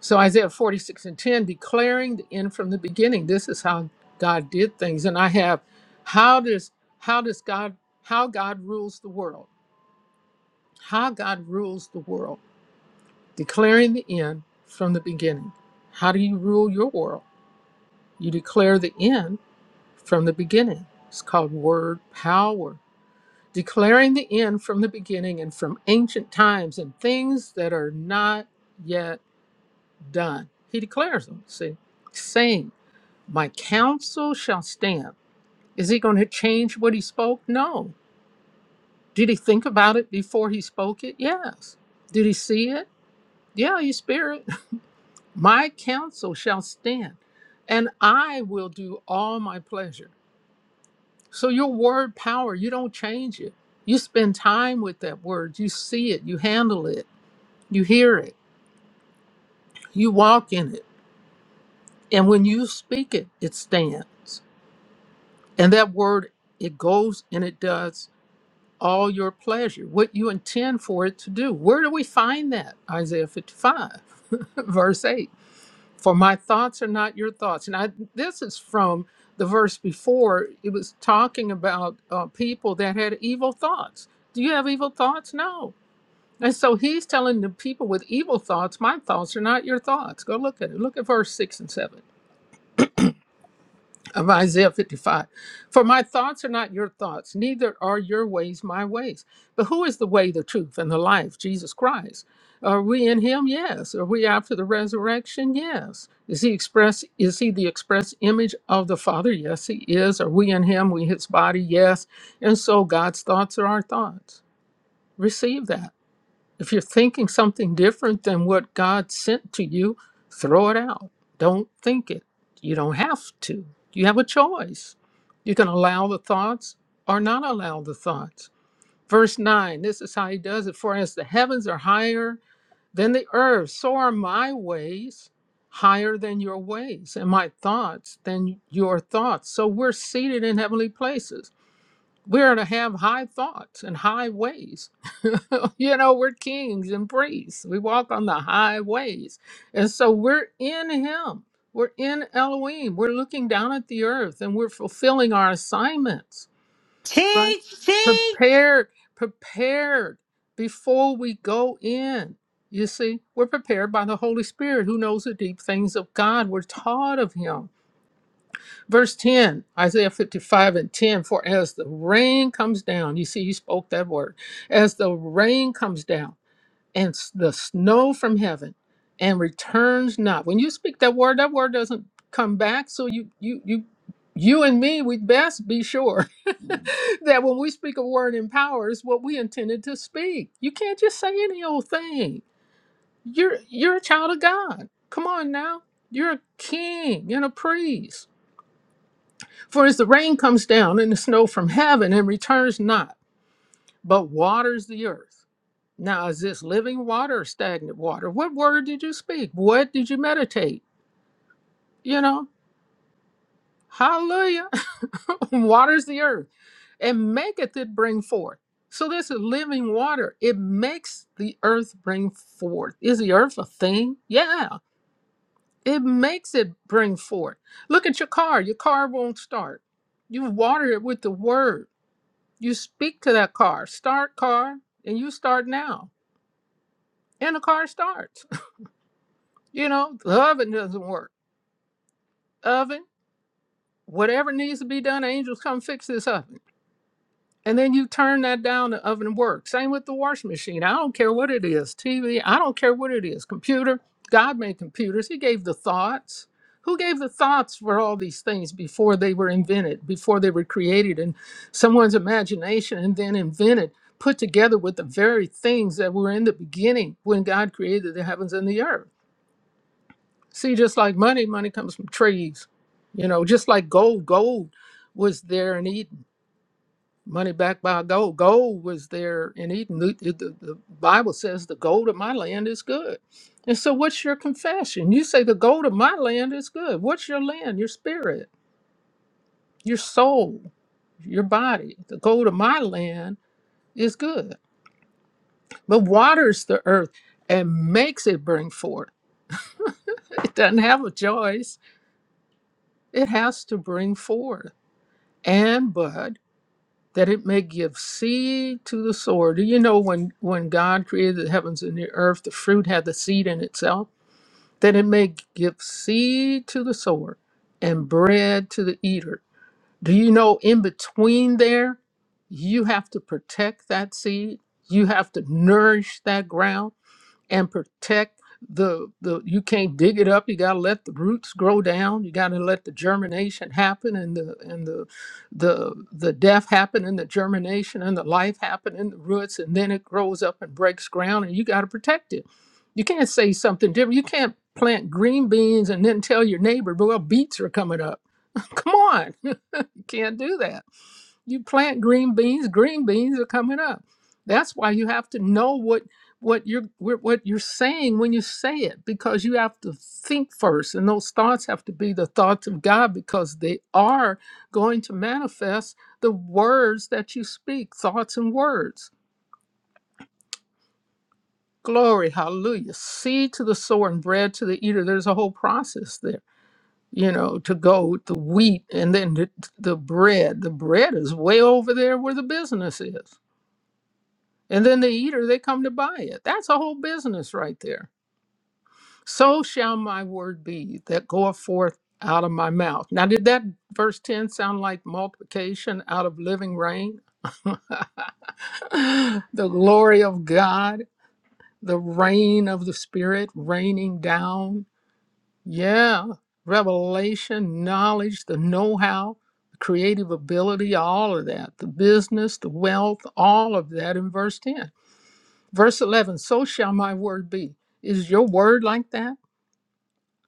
B: so isaiah 46 and 10 declaring the end from the beginning this is how god did things and i have how does how does god how god rules the world how god rules the world declaring the end from the beginning how do you rule your world you declare the end from the beginning it's called word power declaring the end from the beginning and from ancient times and things that are not yet done. He declares them, see, saying, My counsel shall stand. Is he going to change what he spoke? No. Did he think about it before he spoke it? Yes. Did he see it? Yeah, he spirit. [LAUGHS] My counsel shall stand, and I will do all my pleasure. So your word power, you don't change it. You spend time with that word, you see it, you handle it You hear it, you walk in it, and when you speak it, it stands. And that word, it goes and it does all your pleasure, what you intend for it to do. Where do we find that? Isaiah 55, [LAUGHS] verse 8. For my thoughts are not your thoughts. And I, this is from the verse before, it was talking about uh, people that had evil thoughts. Do you have evil thoughts? No. And so he's telling the people with evil thoughts, my thoughts are not your thoughts. Go look at it. Look at verse 6 and 7. of Isaiah 55. For my thoughts are not your thoughts, neither are your ways my ways. But who is the way, the truth, and the life? Jesus Christ. Are we in him? Yes. Are we after the resurrection? Yes. Is he express is he the express image of the Father? Yes, he is. Are we in him? We his body? Yes. And so God's thoughts are our thoughts. Receive that. If you're thinking something different than what God sent to you, throw it out. Don't think it. You don't have to. You have a choice. You can allow the thoughts or not allow the thoughts. Verse 9, this is how he does it. For as the heavens are higher than the earth, so are my ways higher than your ways, and my thoughts than your thoughts. So we're seated in heavenly places we're to have high thoughts and high ways. [LAUGHS] you know, we're kings and priests. We walk on the high ways. And so we're in Him. We're in Elohim. We're looking down at the earth and we're fulfilling our assignments. Right.
A: Teach, teach.
B: Prepared, prepared before we go in. You see, we're prepared by the Holy Spirit who knows the deep things of God. We're taught of Him. Verse 10, Isaiah 55 and 10 For as the rain comes down, you see, you spoke that word, as the rain comes down and s- the snow from heaven and returns not. When you speak that word, that word doesn't come back. So you, you, you, you and me, we best be sure [LAUGHS] that when we speak a word in power, it's what we intended to speak. You can't just say any old thing. You're you're a child of God. Come on now. You're a king and a priest for as the rain comes down and the snow from heaven and returns not, but waters the earth. Now, is this living water or stagnant water? What word did you speak? What did you meditate? You know, hallelujah. [LAUGHS] waters the earth and maketh it bring forth. So this is living water. It makes the earth bring forth. Is the earth a thing? Yeah. It makes it bring forth. Look at your car. Your car won't start. You water it with the word. You speak to that car, start car, and you start now. And the car starts. [LAUGHS] you know, the oven doesn't work. Oven, whatever needs to be done, angels come fix this oven. and then you turn that down the oven works same with the washing machine i don't care what it is tv i don't care what it is computer god made computers he gave the thoughts who gave the thoughts for all these things before they were invented before they were created in someone's imagination and then invented put together with the very things that were in the beginning when god created the heavens and the earth see just like money money comes from trees you know just like gold gold was there in eden money backed by gold. Gold was there in Eden. The, the- the Bible says the gold of my land is good. And so, what's your confession? You say the gold of my land is good. What's your land? Your spirit, your soul, your body. The gold of my land is good, but waters the earth and makes it bring forth. It doesn't have a choice, it has to bring forth. And bud. that it may give seed to the sower. Do you know when, when God created the heavens and the earth, the fruit had the seed in itself? That it may give seed to the sower and bread to the eater. Do you know in between there, you have to protect that seed? You have to nourish that ground and protect the the you can't dig it up you got to let the roots grow down you got to let the germination happen and the and the the the death happen and the germination and the life happen in the roots and then it grows up and breaks ground and you got to protect it you can't say something different you can't plant green beans and then tell your neighbor well beets are coming up [LAUGHS] come on [LAUGHS] you can't do that you plant green beans green beans are coming up that's why you have to know what what you're what what you're saying when you say it because you have to think first and those thoughts have to be the thoughts of god because they are going to manifest the words that you speak thoughts and words glory hallelujah seed to the sower and bread to the eater there's a whole process there you know to go the wheat and then the, the bread the bread is way over there where the business is And then the eater, they come to buy it. That's a whole business right there. So shall my word be that goeth forth out of my mouth. Now, did that verse 10 sound like multiplication out of living rain? [LAUGHS] the glory of God, the rain of the Spirit raining down. Yeah, revelation, knowledge, the know how, the creative ability, all of that, the business, the wealth, all of that in verse 10. Verse 11, so shall my word be. Is your word like that?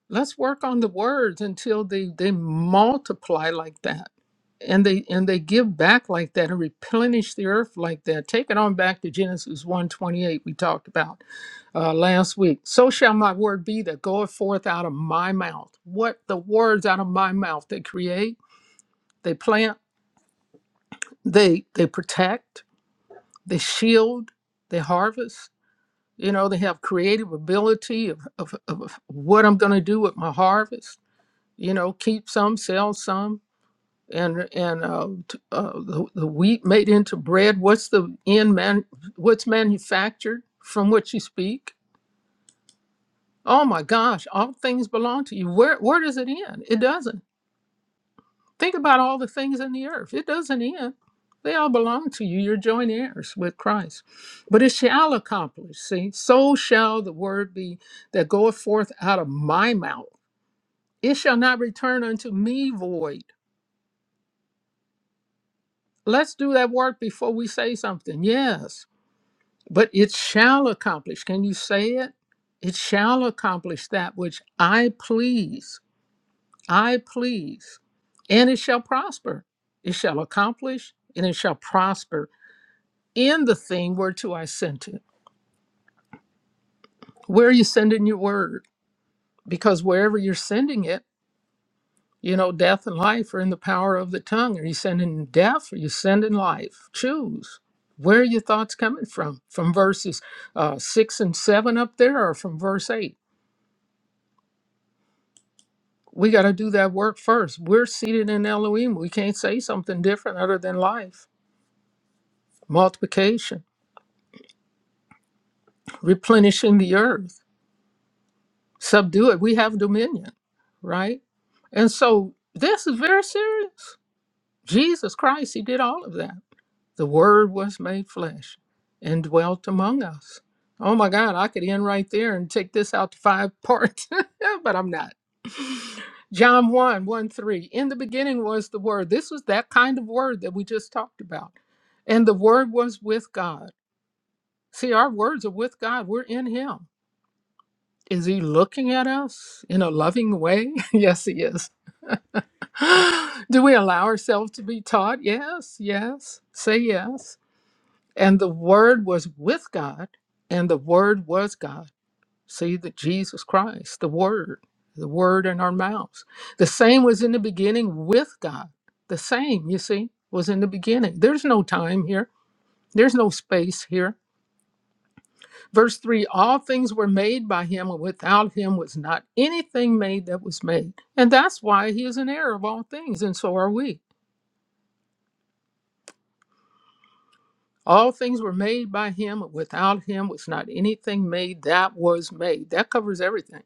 B: Let's work on the words until they, they multiply like that. And they and they give back like that and replenish the earth like that. Take it on back to Genesis 128 we talked about uh, last week. So shall my word be that goeth forth out of my mouth. What the words out of my mouth they create, they plant, they they protect, they shield, they harvest. you know they have creative ability of, of, of what i'm going to do with my harvest you know keep some sell some and and uh, t- uh, the, the wheat made into bread what's the end man what's manufactured from what you speak oh my gosh all things belong to you where where does it end it doesn't Think about all the things in the earth. It doesn't end. They all belong to you. You're joint heirs with Christ. But it shall accomplish. See, so shall the word be that goeth forth out of my mouth. It shall not return unto me void. Let's do that work before we say something. Yes, but it shall accomplish. Can you say it? It shall accomplish that which I please. I please. And it shall prosper. It shall accomplish and it shall prosper in the thing where to I sent it. Where are you sending your word? Because wherever you're sending it, you know, death and life are in the power of the tongue. Are you sending death or are you sending life? Choose. Where are your thoughts coming from? From verses uh, six and seven up there or from verse eight? We got to do that work first. We're seated in Elohim. We can't say something different other than life, multiplication, replenishing the earth subdue it. We have dominion, right? And so this is very serious. Jesus Christ, He did all of that. The Word was made flesh and dwelt among us. Oh my God, I could end right there and take this out to five parts, [LAUGHS] but I'm not. John one one 3. In the beginning was the Word. This was that kind of Word that we just talked about. And the Word was with God. See, our words are with God, we're in Him. Is He looking at us in a loving way? [LAUGHS] yes, He is [GASPS] Do we allow ourselves to be taught? Yes, yes. Say yes. And the Word was with God, and the Word was God. See that Jesus Christ, the Word, the Word in our mouths. The same was in the beginning with God. The same, you see, was in the beginning. There's no time here, there's no space here. Verse 3 All things were made by Him, and without Him was not anything made that was made. And that's why He is an heir of all things, and so are we. All things were made by him. Without him was not anything made that was made. That covers everything.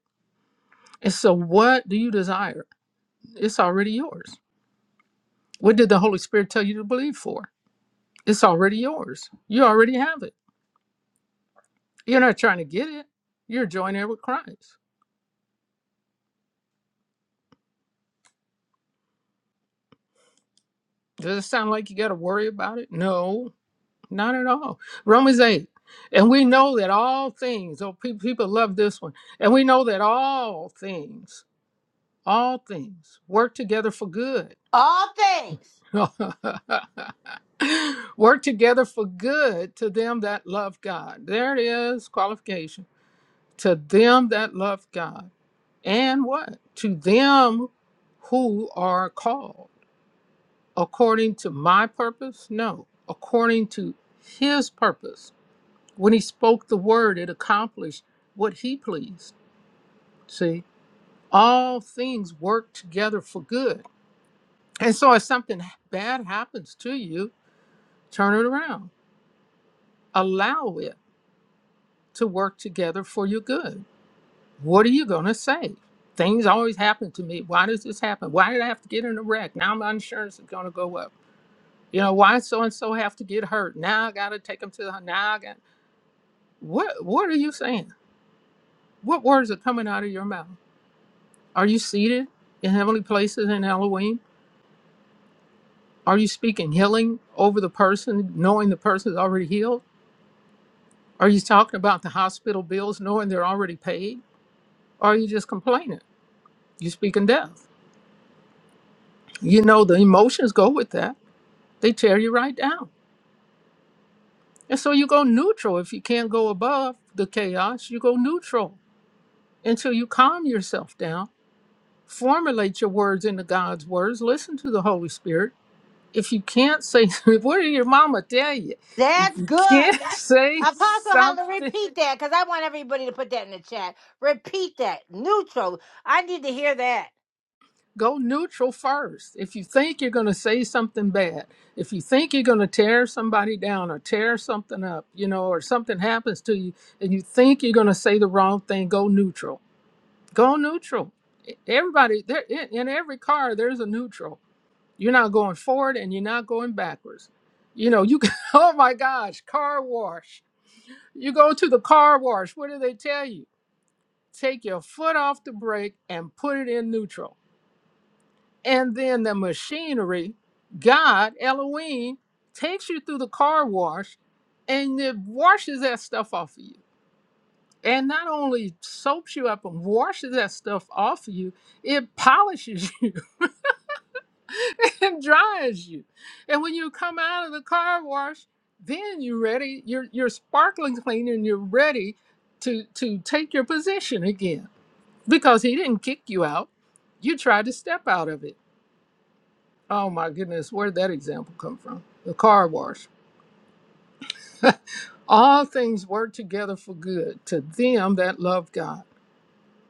B: And so, what do you desire? It's already yours. What did the Holy Spirit tell you to believe for? It's already yours. You already have it. You're not trying to get it, you're joined there with Christ. Does it sound like you got to worry about it? No, not at all. Romans 8. And we know that all things, oh, pe- people love this one. And we know that all things, all things work together for good
A: All things.
B: [LAUGHS] Work together for good to them that love God. There it is, qualification. To them that love God. And what? To them who are called. According to my purpose? No. According to his purpose. When he spoke the word, it accomplished what he pleased. See, all things work together for good. And so if something bad happens to you, turn it around allow it to work together for your good. What are you going to say? Things always happen to me. Why does this happen? Why did I have to get in a wreck? Now my insurance is going to go up. You know, why so and so have to get hurt? Now I got to take them to the now I got What what are you saying? What words are coming out of your mouth? Are you seated in heavenly places in Halloween? Are you speaking healing over the person, knowing the person is already healed? Are you talking about the hospital bills, knowing they're already paid? Or are you just complaining? You're speaking death. You know, the emotions go with that, they tear you right down. And so you go neutral. If you can't go above the chaos, you go neutral until you calm yourself down. Formulate your words into God's words. Listen to the Holy Spirit. If you can't say, [LAUGHS] what did your mama tell you? If
A: That's
B: you
A: good.
B: can't [LAUGHS] say
A: Apostle Holler,
B: something
A: repeat that because I want everybody to put that in the chat. Repeat that. Neutral. I need to hear that.
B: go neutral first. If you think you're going to say something bad, if you think you're going to tear somebody down or tear something up, you know, or something happens to you and you think you're going to say the wrong thing, go neutral. Go neutral. E, Everybody, there in, in every car, there's a neutral. You're not going forward and you're not going backwards. You know, you can, [LAUGHS] oh my gosh, car wash. You go to the car wash. What do they tell you? Take your foot off the brake and put it in neutral and then the machinery, God, Elohim, takes you through the car wash and it washes that stuff off of you. And not only soaps you up and washes that stuff off of you, it polishes you [LAUGHS] and dries you. And when you come out of the car wash, then you're ready, you're you're sparkling clean and you're ready to to take your position again. Because he didn't kick you out. You tried to step out of it. Oh my goodness, where did that example come from? The car wash. All things work together for good to them that love God.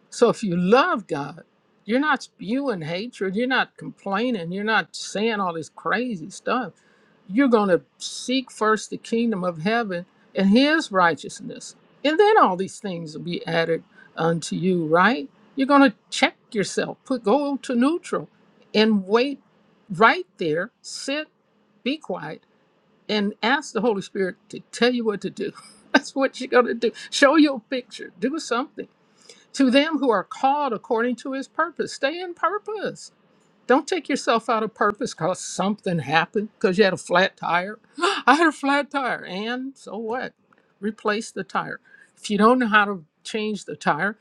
B: So if you love God, you're not spewing hatred, you're not complaining, you're not saying all this crazy stuff. You're going to seek first the kingdom of heaven and his righteousness. And then all these things will be added unto you, right? You're going to check yourself, put go to neutral and wait right there, sit, be quiet and ask the Holy Spirit to tell you what to do. [LAUGHS] That's what you're going to do. Show your picture, do something. To them who are called according to his purpose, stay in purpose. Don't take yourself out of purpose because something happened, because you had a flat tire. [GASPS] I had a flat tire, and so what? Replace the tire. If you don't know how to change the tire,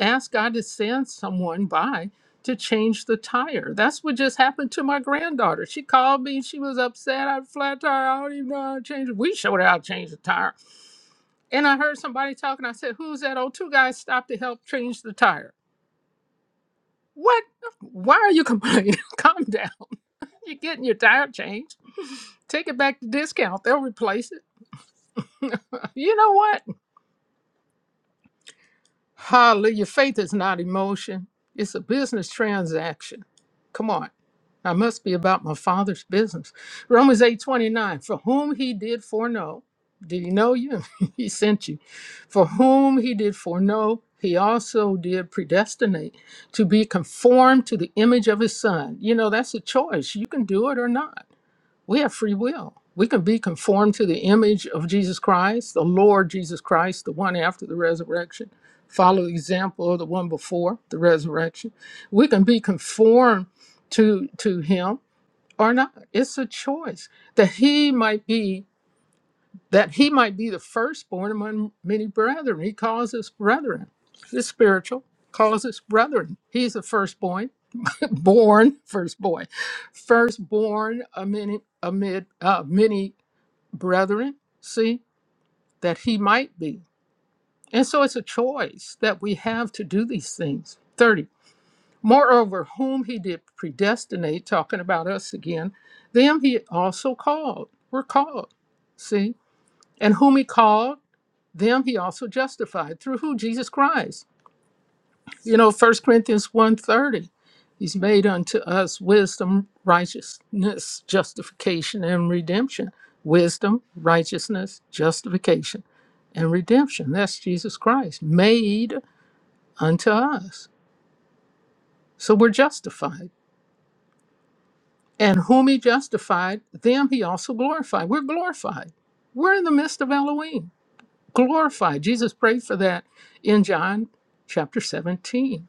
B: ask God to send someone by to change the tire. That's what just happened to my granddaughter. She called me, she was upset. I had a flat tire. I don't even know how to change it. We showed her how to change the tire. And I heard somebody talking. I said, Who's that? "Oh, two guys stopped to help change the tire. What? Why are you complaining? [LAUGHS] Calm down. You're getting your tire changed. [LAUGHS] Take it back to discount. They'll replace it. [LAUGHS] you know what? Hallelujah. Faith is not emotion, it's a business transaction. Come on. I must be about my father's business. Romans eight twenty nine. For whom he did foreknow, did he know you? [LAUGHS] he sent you. For whom he did foreknow, he also did predestinate to be conformed to the image of his son. You know, that's a choice. You can do it or not. We have free will. We can be conformed to the image of Jesus Christ, the Lord Jesus Christ, the one after the resurrection. Follow the example of the one before the resurrection. We can be conformed to to him or not. It's a choice that he might be that he might be the firstborn among many brethren. He calls us brethren. It's spiritual. Calls us brethren. He's the firstborn, [LAUGHS] born firstborn, firstborn amid amid uh, many brethren, see, that he might be. And so it's a choice that we have to do these things. 30. Moreover, whom he did predestinate, talking about us again, them he also called. We're called, see? And whom he called, them he also justified. Through who? Jesus Christ You know, First Corinthians one thirty, he's made unto us wisdom, righteousness, justification, and redemption. Wisdom, righteousness, justification, and redemption. That's Jesus Christ, made unto us. So we're justified. And whom he justified, them he also glorified. We're glorified. We're in the midst of Elohim. glorified. Jesus prayed for that in John chapter 17.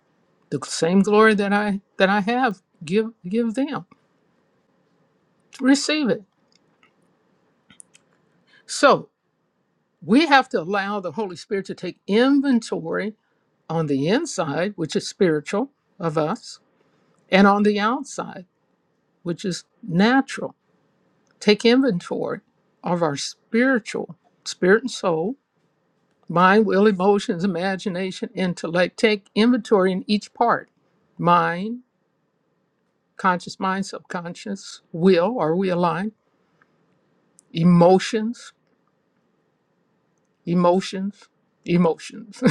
B: The same glory that I that I have, give give them. Receive it. So we have to allow the Holy Spirit to take inventory on the inside, which is spiritual of us, and on the outside, which is natural. Take inventory of our spiritual, spirit and soul, mind, will, emotions, imagination, intellect. Take inventory in each part. Mind conscious mind, subconscious, will, are we aligned? Emotions, emotions, emotions,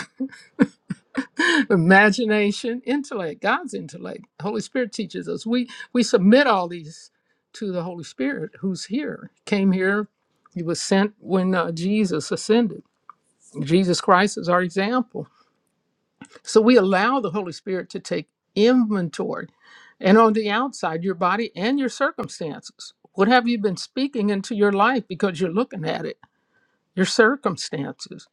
B: [LAUGHS] imagination, intellect, God's intellect. Holy Spirit teaches us. We we submit all these to the Holy Spirit who's here, came here, he was sent when uh, Jesus ascended. Jesus Christ is our example So we allow the Holy Spirit to take inventory. And on the outside, your body and your circumstances. What have you been speaking into your life because you're looking at it? Your circumstances.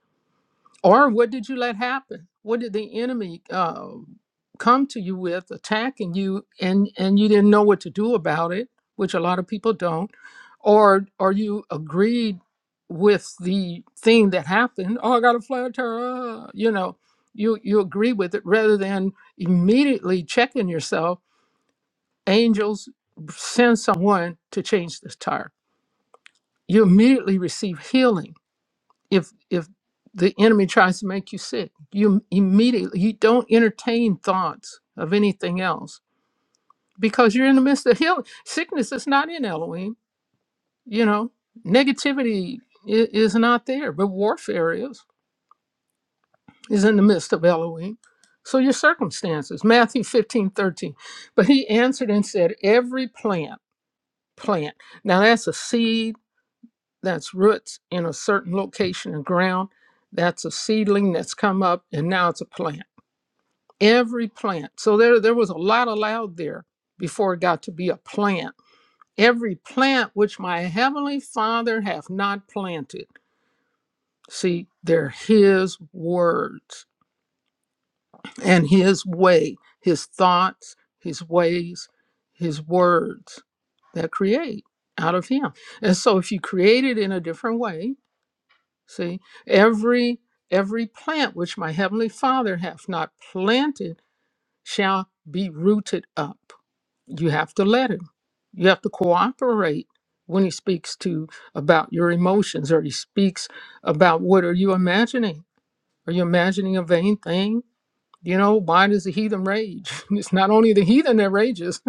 B: Or what did you let happen? What did the enemy um, come to you with, attacking you, and and you didn't know what to do about it, which a lot of people don't, or or you agreed with the thing that happened. Oh, I got a flat tire. ah," You know, you you agree with it rather than immediately checking yourself. Angels send someone to change this tire. You immediately receive healing if if the enemy tries to make you sick you immediately you don't entertain thoughts of anything else because you're in the midst of healing sickness is not in elohim you know negativity is, is not there but warfare is is in the midst of elohim so your circumstances matthew 15 13, but he answered and said every plant plant now that's a seed that's roots in a certain location of ground. That's a seedling that's come up and now it's a plant. Every plant. So there, there was a lot allowed there before it got to be a plant. Every plant which my heavenly father hath not planted. See, they're his words and his way, his thoughts, his ways, his words that create out of him. And so if you create it in a different way, See, every every plant which my heavenly Father hath not planted shall be rooted up. You have to let him. You have to cooperate when he speaks to about your emotions or he speaks about what are you imagining? Are you imagining a vain thing? You know, why does the heathen rage? [LAUGHS] It's not only the heathen that rages.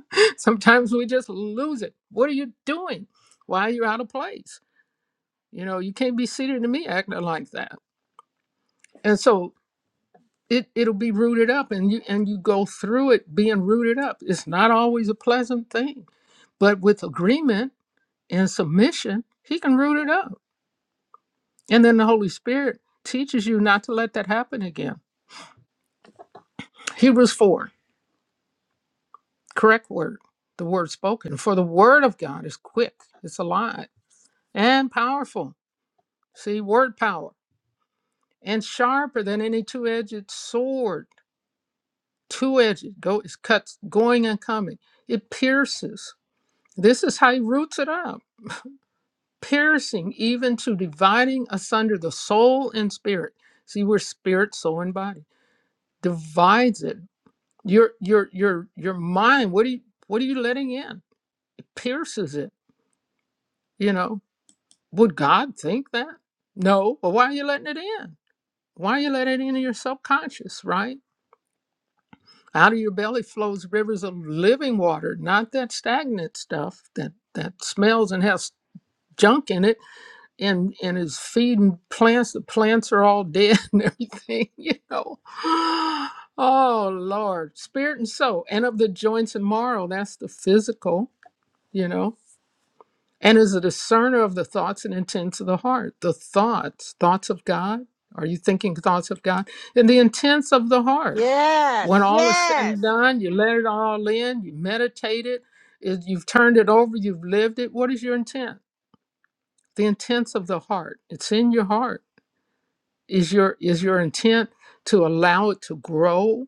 B: [LAUGHS] Sometimes we just lose it. What are you doing? Why are you out of place? You know, you can't be seated to me acting like that and so it it'll be rooted up and you and you go through it being rooted up it's not always a pleasant thing but with agreement and submission he can root it up and then the holy spirit teaches you not to let that happen again hebrews 4 correct word the word spoken for the word of god is quick it's alive and powerful see word power and sharper than any two-edged sword two-edged go it cuts going and coming it pierces This is how he roots it up, piercing even to dividing asunder the soul and spirit. See, we're spirit, soul, and body. Divides it. Your your your your mind. What are you what are you letting in? It pierces it. You know, would God think that? No, but why are you letting it in? Why are you letting it into your subconscious, right? Out of your belly flows rivers of living water, not that stagnant stuff that that smells and has junk in it and and is feeding plants. The plants are all dead [LAUGHS] and everything, you know. [GASPS] Oh Lord, spirit and soul, and of the joints and marrow. That's the physical, you know. And is a discerner of the thoughts and intents of the heart. The thoughts, thoughts of God. Are you thinking thoughts of God? And the intents of the heart.
A: Yes.
B: When all is said
A: Yes.
B: and done, you let it all in. You meditate it. it- You've turned it over. You've lived it. What is your intent? The intents of the heart. It's in your heart is your is your intent to allow it to grow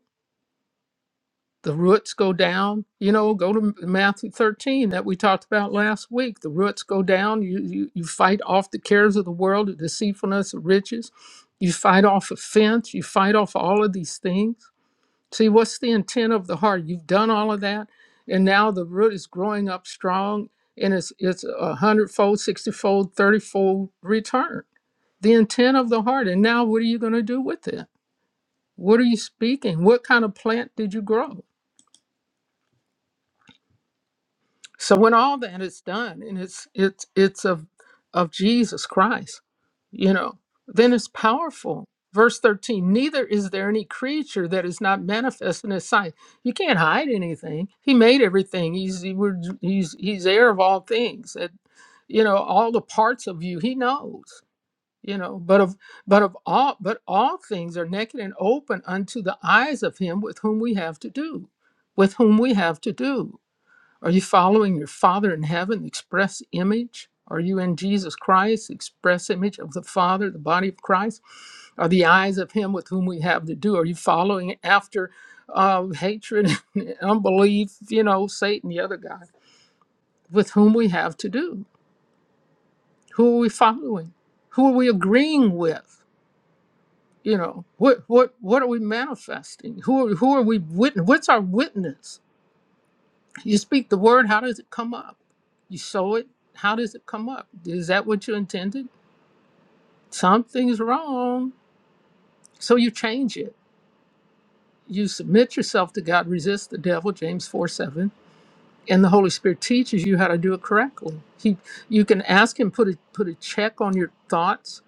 B: the roots go down you know go to matthew 13 that we talked about last week the roots go down you you, you fight off the cares of the world the deceitfulness of riches you fight off offense you fight off all of these things see what's the intent of the heart you've done all of that and now the root is growing up strong and it's it's a hundredfold sixtyfold thirtyfold return the intent of the heart and now what are you going to do with it what are you speaking? What kind of plant did you grow? So when all that is done and it's it's it's of of Jesus Christ, you know, then it's powerful. Verse 13, neither is there any creature that is not manifest in his sight. You can't hide anything. He made everything. He's he, we're- he's he's heir of all things. That you know, all the parts of you, he knows. you know but of but of all but all things are naked and open unto the eyes of him with whom we have to do with whom we have to do are you following your father in heaven express image are you in jesus christ express image of the father the body of christ are the eyes of him with whom we have to do are you following after uh, hatred [LAUGHS] and unbelief you know satan the other guy with whom we have to do who are we following who are we agreeing with you know what what what are we manifesting who are, who are we witness what's our witness you speak the word how does it come up you sow it how does it come up is that what you intended something's wrong so you change it you submit yourself to god resist the devil james four seven. and the Holy Spirit teaches you how to do it correctly. He, you can ask Him put a put a check on your thoughts,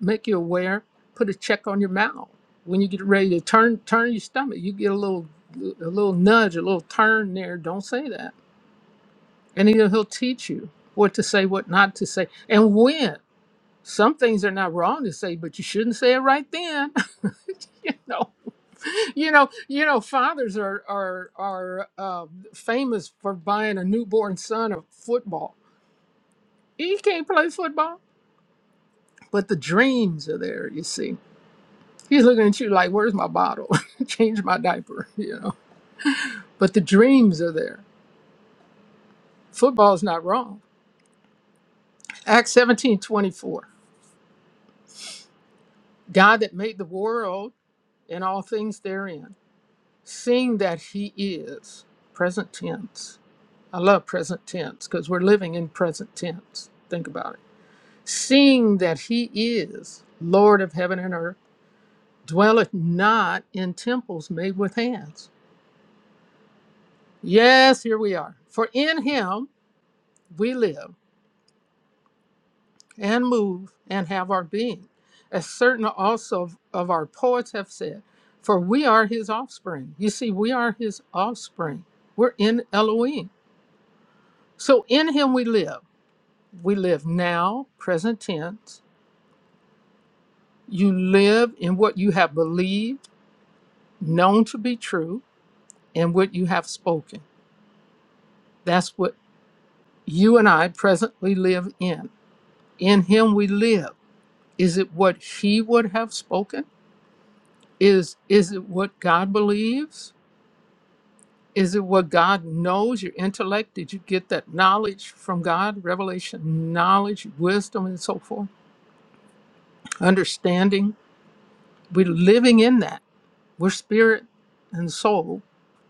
B: make you aware, put a check on your mouth. When you get ready to turn turn your stomach, you get a little a little nudge, a little turn there. Don't say that, and He'll He'll teach you what to say, what not to say, and when. Some things are not wrong to say, but you shouldn't say it right then. [LAUGHS] you know, you know, you know. Fathers are are are uh, famous for buying a newborn son a football He can't play football, but the dreams are there. You see, he's looking at you like, "Where's my bottle? [LAUGHS] Change my diaper," [LAUGHS] you know. But the dreams are there. Football's not wrong. Acts seventeen twenty four. God that made the world and all things therein, seeing that He is present tense. I love present tense because we're living in present tense. Think about it. Seeing that He is Lord of heaven and earth, dwelleth not in temples made with hands Yes, here we are. For in him we live and move and have our being, as certain also of, of our poets have said, for we are his offspring. You see, we are his offspring. We're in Elohim. So in him we live. We live now, present tense. You live in what you have believed, known to be true, and what you have spoken. That's what you and I presently live in. In him we live. Is it what she would have spoken? Is is it what God believes? Is it what God knows? Your intellect? Did you get that knowledge from God? Revelation, knowledge, wisdom, and so forth. Understanding. We're living in that. We're spirit and soul.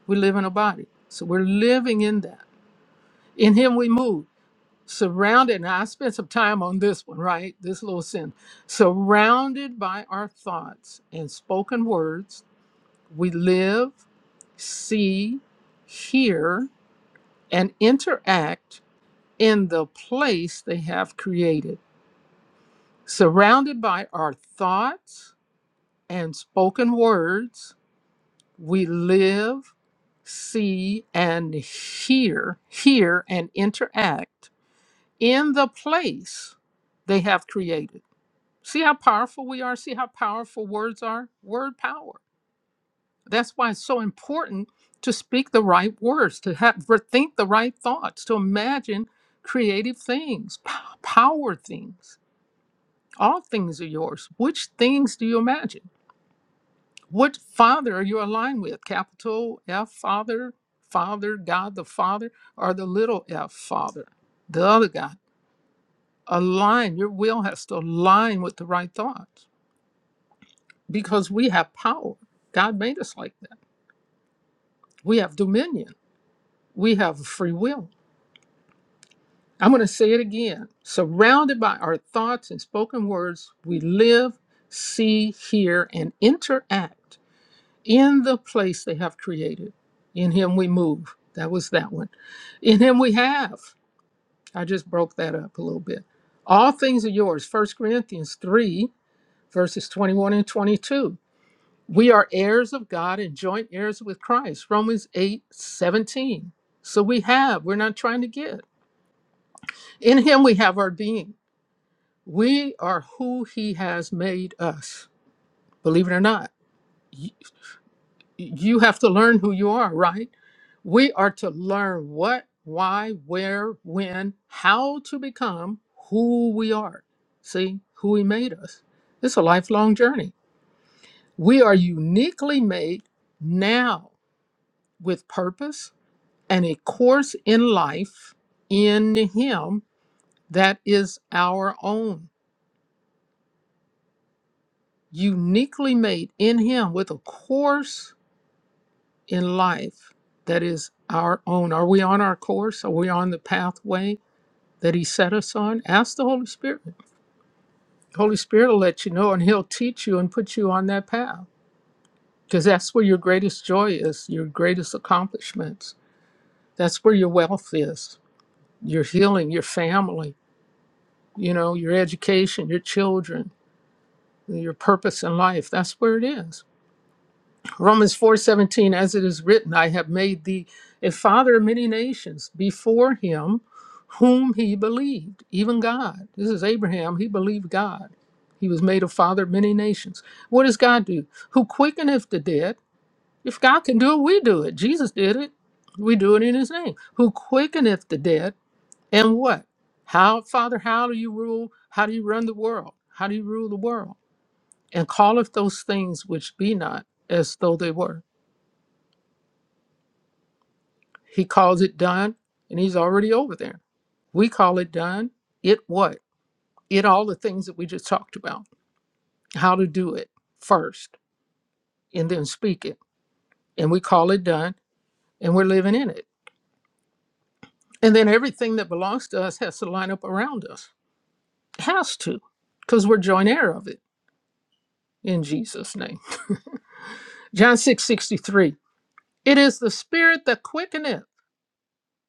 B: We live in a body. So we're living in that. In him we move. Surrounded, and I spent some time on this one, right? This little sin. Surrounded by our thoughts and spoken words We live, see, hear, and interact in the place they have created. Surrounded by our thoughts and spoken words, we live, see, and hear, hear, and interact in the place they have created. See how powerful we are? See how powerful words are? Word power That's why it's so important to speak the right words, to have for think the right thoughts, to imagine creative things, p- power things. All things are yours. Which things do you imagine? What father are you aligned with? Capital F Father, Father, God the Father, or the little F Father, the other God. Align. Your will has to align with the right thoughts because we have power. God made us like that. We have dominion. We have free will I'm going to say it again. Surrounded by our thoughts and spoken words, we live, see, hear, and interact in the place they have created. In Him we move. That was that one. In Him we have. I just broke that up a little bit. All things are yours. First Corinthians 3, verses 21 and 22. We are heirs of God and joint heirs with Christ. Romans 8 17. So we have, we're not trying to get. In Him we have our being. We are who He has made us. Believe it or not, Y- you have to learn who you are, right? We are to learn what, why, where, when, how to become who we are. See, who He made us. It's a lifelong journey. We are uniquely made now with purpose and a course in life in Him that is our own. Uniquely made in Him with a course in life that is our own? Are we on our course? Are we on the pathway that He set us on? Ask the Holy Spirit. The Holy Spirit will let you know and He'll teach you and put you on that path because that's where your greatest joy is, your greatest accomplishments. That's where your wealth is, your healing, your family, you know, your education, your children, your purpose in life. That's where it is. Romans 4:17 as it is written I have made thee a father of many nations before him whom he believed even God this is Abraham he believed God he was made a father of many nations what does God do who quickeneth the dead if God can do it we do it Jesus did it we do it in his name who quickeneth the dead and what how father how do you rule how do you run the world how do you rule the world and calleth those things which be not as though they were He calls it done, and he's already over there. We call it done. It what? It all the things that we just talked about. How to do it first and then speak it. And we call it done and we're living in it. And then everything that belongs to us has to line up around us. Has to, because we're joint heir of it in Jesus' name. John six sixty three. It is the spirit that quickeneth.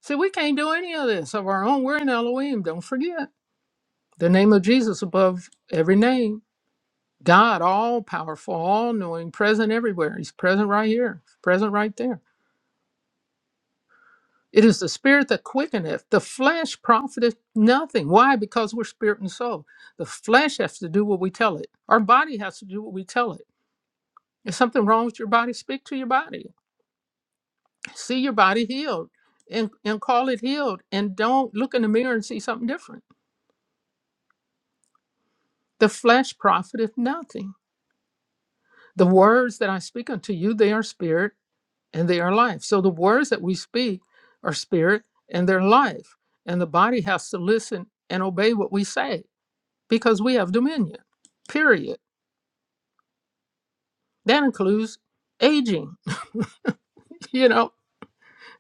B: See, we can't do any of this of our own. We're in Elohim. Don't forget the name of Jesus above every name God, all powerful, all knowing, present everywhere. He's present right here, present right there. It is the spirit that quickeneth. The flesh profiteth nothing. Why? Because we're spirit and soul. The flesh has to do what we tell it. Our body has to do what we tell it. If something wrong with your body, speak to your body. See your body healed and, and call it healed. And don't look in the mirror and see something different. The flesh profiteth nothing. The words that I speak unto you, they are spirit and they are life. So the words that we speak are spirit and they're life. And the body has to listen and obey what we say because we have dominion, period. That includes aging, [LAUGHS] you know,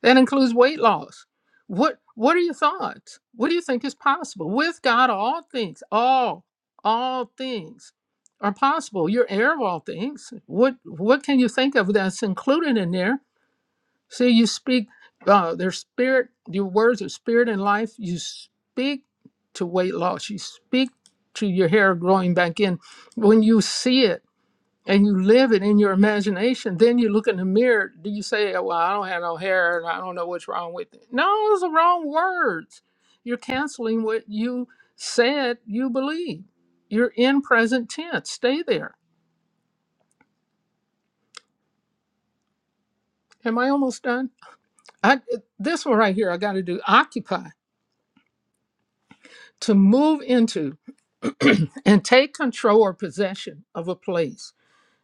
B: that includes weight loss. What what are your thoughts? What do you think is possible? With God, all things, all, all things are possible. You're heir of all things. What what can you think of that's included in there See, you speak, uh, there's spirit, your words are spirit and life. You speak to weight loss, you speak to your hair growing back in. When you see it and you live it in your imagination, then you look in the mirror. Do you say, oh, Well, I don't have no hair and I don't know what's wrong with it? No, those are wrong words. You're canceling what you said you believe. You're in present tense. Stay there. Am I almost done? I, this one right here, I got to do occupy to move into [CLEARS THROAT] and take control or possession of a place.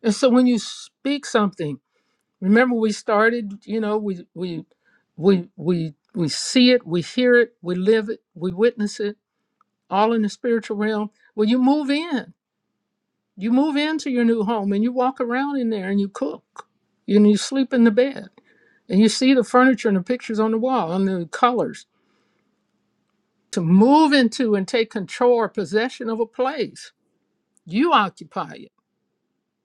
B: And so when you speak something, remember we started, you know, we we we we we see it, we hear it, we live it, we witness it, all in the spiritual realm. Well, you move in. You move into your new home and you walk around in there and you cook. And you sleep in the bed. And you see the furniture and the pictures on the wall and the colors. To move into and take control or possession of a place, you occupy it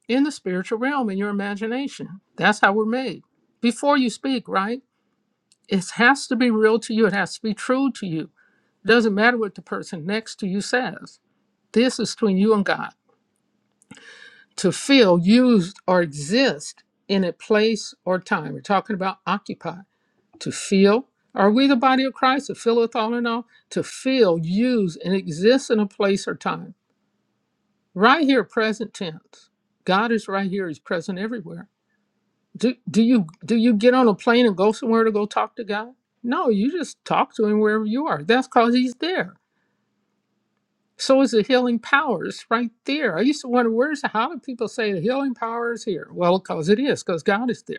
B: in the spiritual realm in your imagination. That's how we're made. Before you speak, right? It has to be real to you. It has to be true to you. It doesn't matter what the person next to you says. This is between you and God. To feel used or exist in a place or time. We're talking about occupy. To feel. Are we the body of Christ to fill with all in all? To feel, use, and exist in a place or time. Right here, present tense. God is right here. He's present everywhere do do you do you get on a plane and go somewhere to go talk to God? No, you just talk to him wherever you are. That's cause he's there. So is the healing power. It's right there. I used to wonder where's how do people say the healing power is here? Well, because it is, because God is there.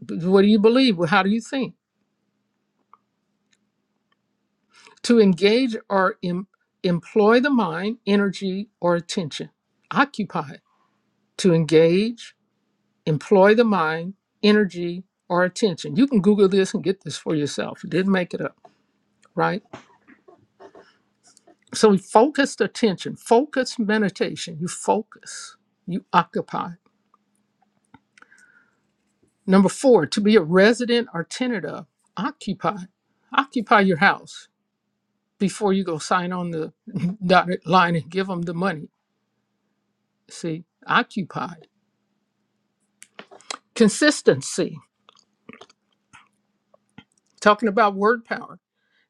B: But what do you believe? Well, How do you think? To engage or em- employ the mind, energy, or attention. Occupy. To engage, employ the mind, energy, or attention. You can Google this and get this for yourself. You didn't make it up, right? So focused attention, focused meditation, you focus, you occupy. Number four, to be a resident or tenant of, occupy. Occupy your house before you go sign on the [LAUGHS] dotted line and give them the money. See, occupied. Consistency, talking about word power.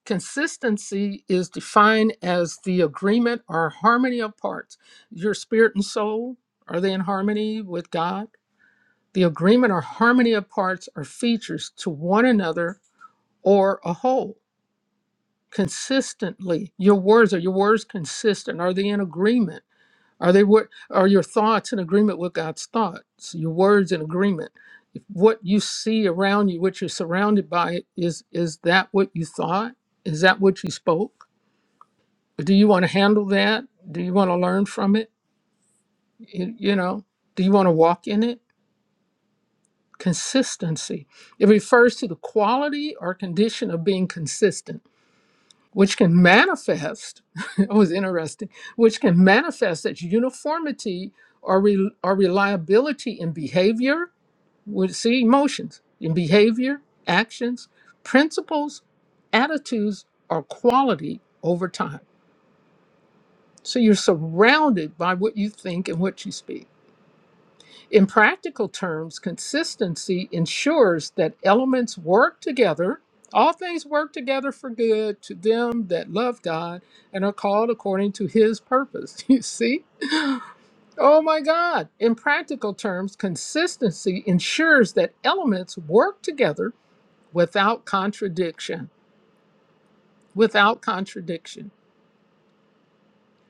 B: Consistency is defined as the agreement or harmony of parts. Your spirit and soul, are they in harmony with God? The agreement or harmony of parts or features to one another or a whole consistently. Your words are your words consistent? Are they in agreement? Are they what are your thoughts in agreement with God's thoughts? Your words in agreement. If what you see around you, what you're surrounded by, is is that what you thought? Is that what you spoke? Do you want to handle that? Do you want to learn from it? You, you know, do you want to walk in it? Consistency. It refers to the quality or condition of being consistent, which can manifest, [LAUGHS] it was interesting, which can manifest as uniformity or, re, or reliability in behavior, with see emotions, in behavior, actions, principles, attitudes, or quality over time. So you're surrounded by what you think and what you speak. In practical terms, consistency ensures that elements work together. All things work together for good to them that love God and are called according to his purpose. [LAUGHS] You see? Oh my God. In practical terms, consistency ensures that elements work together without contradiction. Without contradiction.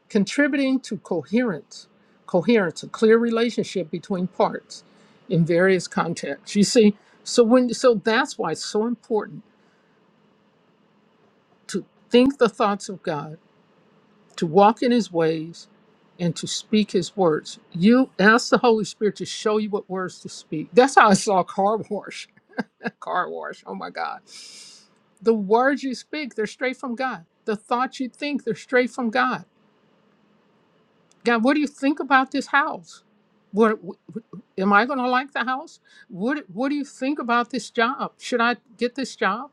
B: contributing to coherence, coherence, a clear relationship between parts in various contexts. You see, so when so that's why it's so important to think the thoughts of God, to walk in His ways, and to speak His words. You ask the Holy Spirit to show you what words to speak. That's how I saw car wash. [LAUGHS] car wash. Oh my God. The words you speak, they're straight from God. The thoughts you think, they're straight from God God, what do you think about this house? What am I going to like the house? What What do you think about this job? Should I get this job?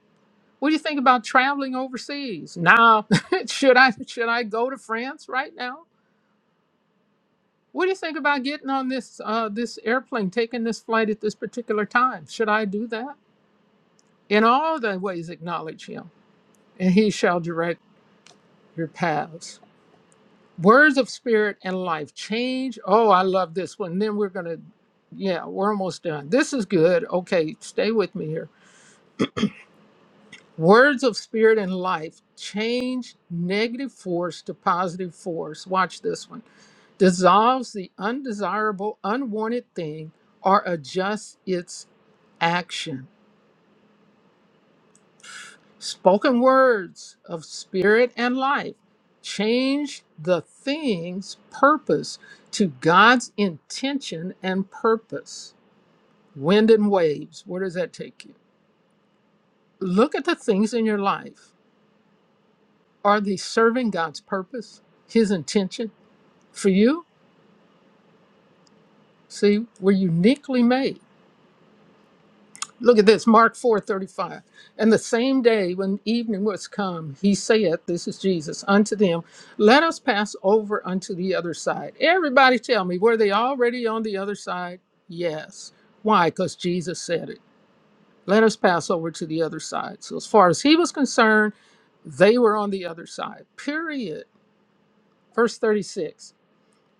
B: What do you think about traveling overseas? Now, [LAUGHS] should I should I go to France right now? What do you think about getting on this uh, this airplane, taking this flight at this particular time? Should I do that? In all thy ways, acknowledge Him, and He shall direct your paths. Words of spirit and life change. Oh, I love this one. Then we're going to, yeah, we're almost done. This is good. Okay, stay with me here. Words of spirit and life change negative force to positive force. Watch this one. Dissolves the undesirable, unwanted thing or adjusts its action. Spoken words of spirit and life change the thing's purpose to God's intention and purpose. Wind and waves, where does that take you? Look at the things in your life. Are they serving God's purpose, His intention for you? See, we're uniquely made. Look at this, Mark 4:35. And the same day when evening was come, he saith, This is Jesus, unto them, Let us pass over unto the other side. Everybody tell me, were they already on the other side? Yes. Why? Because Jesus said it. Let us pass over to the other side. So as far as he was concerned, they were on the other side. Period. Verse 36.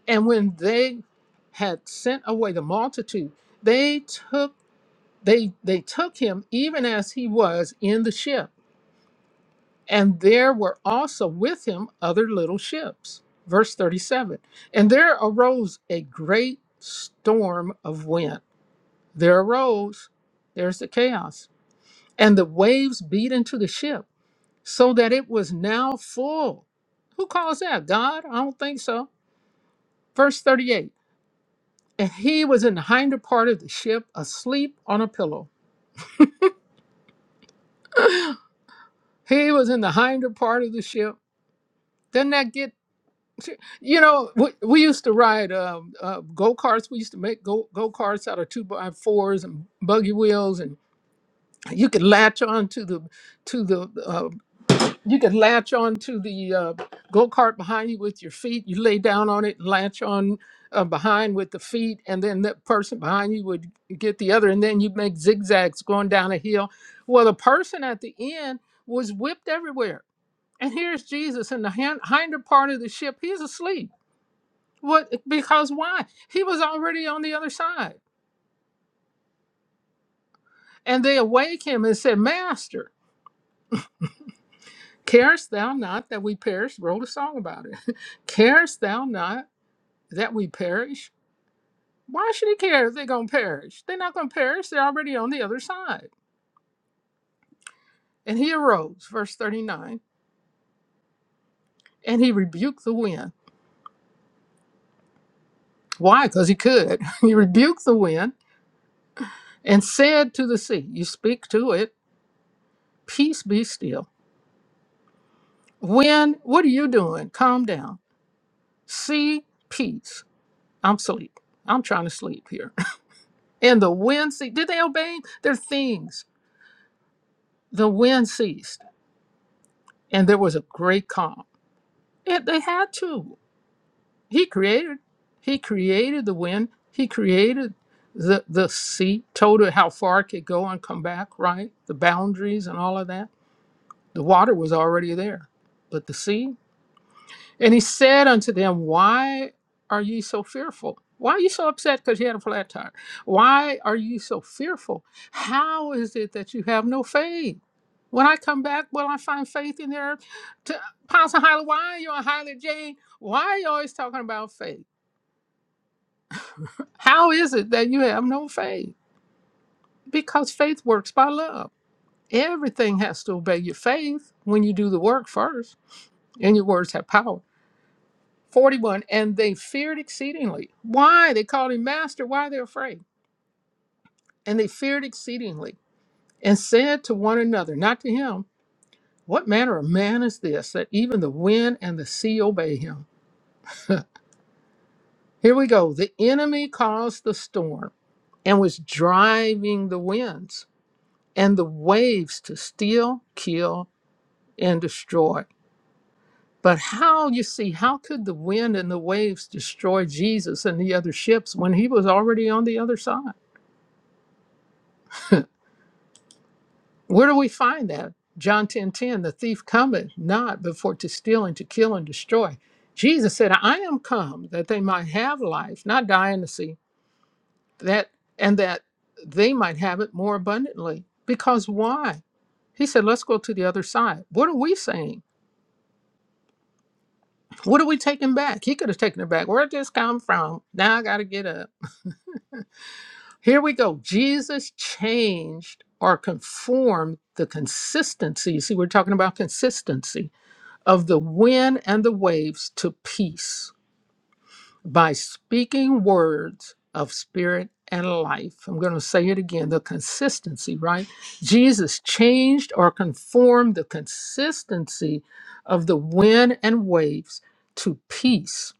B: And when they had sent away the multitude, they took they they took him even as he was in the ship and there were also with him other little ships verse 37 and there arose a great storm of wind there arose there's the chaos and the waves beat into the ship so that it was now full who calls that god i don't think so verse 38 and he was in the hinder part of the ship asleep on a pillow he was in the hinder part of the ship doesn't that get Sure. You know, we, we used to ride um, uh, go karts. We used to make go go karts out of two by fours and buggy wheels, and you could latch on to the to the uh, you could latch on to the uh, go kart behind you with your feet. You lay down on it and latch on uh, behind with the feet, and then that person behind you would get the other, and then you'd make zigzags going down a hill. Well, the person at the end was whipped everywhere, and here's Jesus in the hand, hinder part of the ship. He's asleep what? Because why? He was already on the other side. And they awake him and said, Master, carest thou not that we perish? Wrote a song about it. [LAUGHS] carest thou not that we perish? Why should he care if they're going to perish? They're not going to perish. They're already on the other side. And he arose, verse 39, and he rebuked the wind. Why? Because he could. [LAUGHS] he rebuked the wind and said to the sea, You speak to it, peace be still. Wind, what are you doing? Calm down. See peace. I'm sleep. I'm trying to sleep here. [LAUGHS] And the wind ceased. Did they obey their things? The wind ceased, and there was a great calm. And they had to. He created. He created the wind. He created the the sea. Told it how far it could go and come back. Right. The boundaries and all of that. The water was already there, but the sea. And he said unto them, Why are ye so fearful? Why are you so upset because you had a flat tire? Why are you so fearful? How is it that you have no faith? When I come back, will I find faith in there? To Pastor Hyla, why are you on Hyla Jane? Why are you always talking about faith? How is it that you have no faith? Because faith works by love. Everything has to obey your faith when you do the work first, and your words have power. 41 and they feared exceedingly why they called him master why are they afraid and they feared exceedingly and said to one another not to him what manner of man is this that even the wind and the sea obey him here we go the enemy caused the storm and was driving the winds and the waves to steal kill and destroy but how you see how could the wind and the waves destroy jesus and the other ships when he was already on the other side [LAUGHS] Where do we find that? John 10 10. the thief cometh not before to steal and to kill and destroy. Jesus said, I am come that they might have life, not die in the sea, that and that they might have it more abundantly. Because why? He said, Let's go to the other side. What are we saying? What are we taking back? He could have taken it back. Where did this come from? Now I gotta get up. Here we go. Jesus changed or conformed the consistency. See, we're talking about consistency of the wind and the waves to peace by speaking words of spirit and life. I'm going to say it again the consistency, right? Jesus changed or conformed the consistency of the wind and waves to peace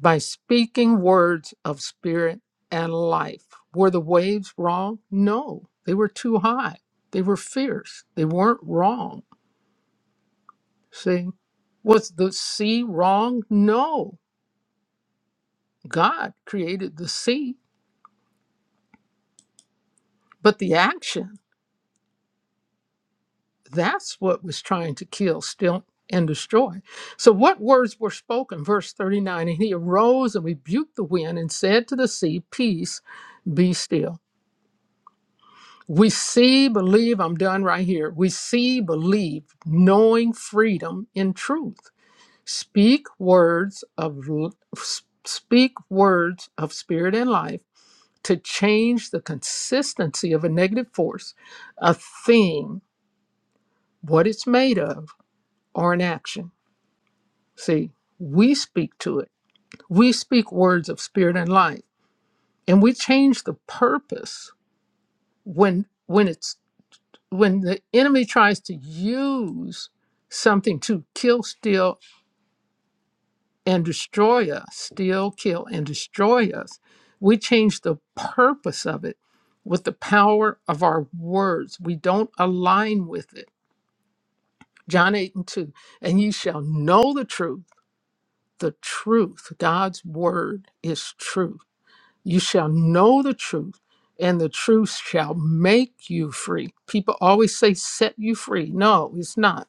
B: by speaking words of spirit and life. Were the waves wrong? No, they were too high. They were fierce. They weren't wrong See, was the sea wrong? No. God created the sea, but the action, that's what was trying to kill, steal, and destroy. So, what words were spoken? Verse 39 And he arose and rebuked the wind and said to the sea, Peace, be still. We see, believe, I'm done right here. We see, believe, knowing freedom in truth. Speak words of l- speak words of spirit and life to change the consistency of a negative force, a thing, what it's made of, or an action. See, we speak to it. We speak words of spirit and life, and we change the purpose when when it's when the enemy tries to use something to kill, steal, and destroy us, steal, kill, and destroy us. We change the purpose of it with the power of our words. We don't align with it John 8 and 2. And ye shall know the truth, the truth. God's word is truth. You shall know the truth, and the truth shall make you free. People always say, set you free. No, it's not.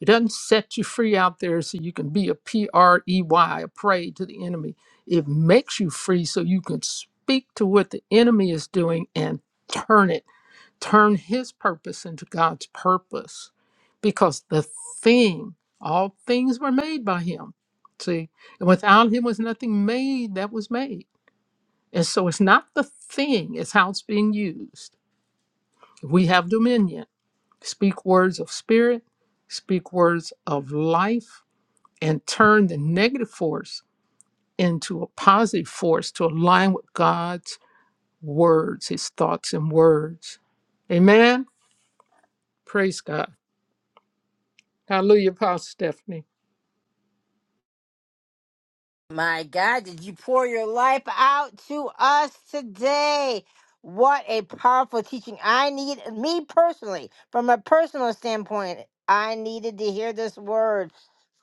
B: It doesn't set you free out there so you can be a P R E Y, a prey to the enemy. It makes you free so you can speak to what the enemy is doing and turn it turn his purpose into God's purpose because the thing, all things were made by him. See, and without him was nothing made that was made. And so it's not the thing, it's how it's being used. We have dominion. Speak words of spirit, speak words of life, and turn the negative force into a positive force to align with God's words, his thoughts and words. Amen. Praise God. Hallelujah, Apostle Stephanie.
A: My God, did you pour your life out to us today? What a powerful teaching. I need, me personally, from a personal standpoint, I needed to hear this word.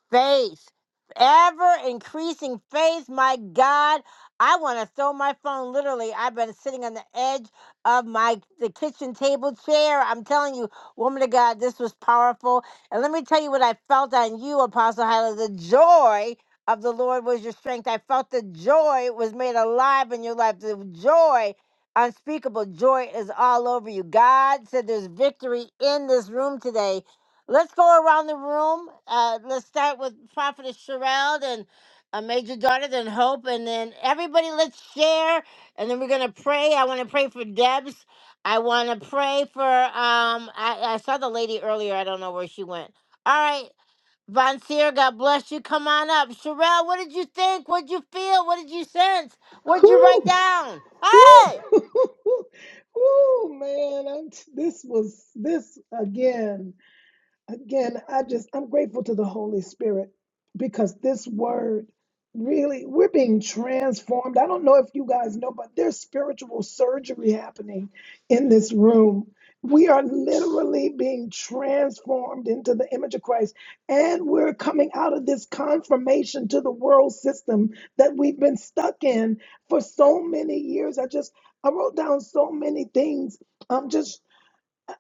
A: faith, ever increasing faith. My God, I want to throw my phone. Literally, I've been sitting on the edge of my the kitchen table chair. I'm telling you, woman of God, this was powerful. And let me tell you what I felt on you, Apostle Hyla. The joy of the Lord was your strength. I felt the joy was made alive in your life. The joy. Unspeakable joy is all over you. God said there's victory in this room today Let's go around the room. Uh, let's start with Prophetess Sherelle and uh, Major Daughter, then Hope, and then everybody. Let's share, and then we're gonna pray. I want to pray for Debs. I want to pray for. Um, I, I saw the lady earlier. I don't know where she went. All right, Von Seer, God bless you. Come on up, Sherelle. What did you think? What did you feel? What did you sense? What did you write down? Hey,
C: Woo, [LAUGHS] man, I'm, this was this again. Again, I just, I'm grateful to the Holy Spirit because this word really, we're being transformed. I don't know if you guys know, but there's spiritual surgery happening in this room. We are literally being transformed into the image of Christ, and we're coming out of this confirmation to the world system that we've been stuck in for so many years. I just, I wrote down so many things. I'm just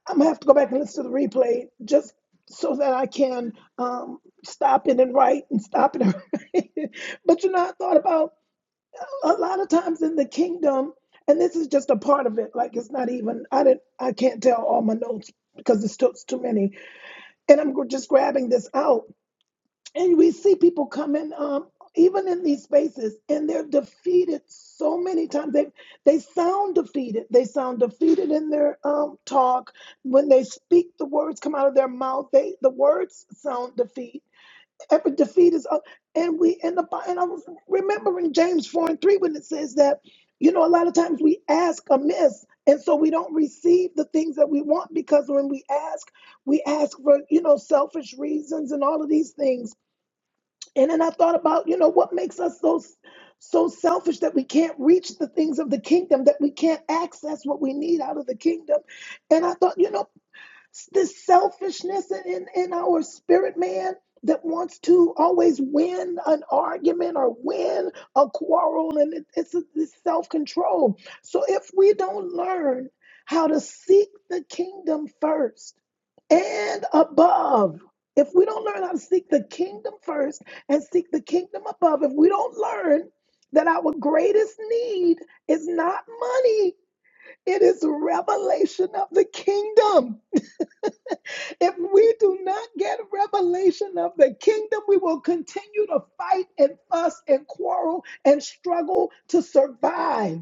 C: I'm gonna have to go back and listen to the replay just so that I can um, stop it and write and stop it. And write. [LAUGHS] but you know, I thought about a lot of times in the kingdom, and this is just a part of it. Like it's not even I didn't I can't tell all my notes because it's too, it's too many, and I'm just grabbing this out. And we see people come in, um, even in these spaces, and they're defeated so many times. They they sound defeated. They sound defeated in their um, talk when they speak. The words come out of their mouth. They the words sound defeat. Every defeat is, uh, and we in the Bi- and I was remembering James four and three when it says that, you know, a lot of times we ask amiss, and so we don't receive the things that we want because when we ask, we ask for you know selfish reasons and all of these things and then I thought about, you know, what makes us so so selfish that we can't reach the things of the kingdom, that we can't access what we need out of the kingdom. And I thought, you know, this selfishness in, in, our spirit man that wants to always win an argument or win a quarrel and it, it's a, this self-control so if we don't learn how to seek the kingdom first and above if we don't learn how to seek the kingdom first and seek the kingdom above if we don't learn that our greatest need is not money it is revelation of the kingdom if we do not get revelation of the kingdom, we will continue to fight and fuss and quarrel and struggle to survive.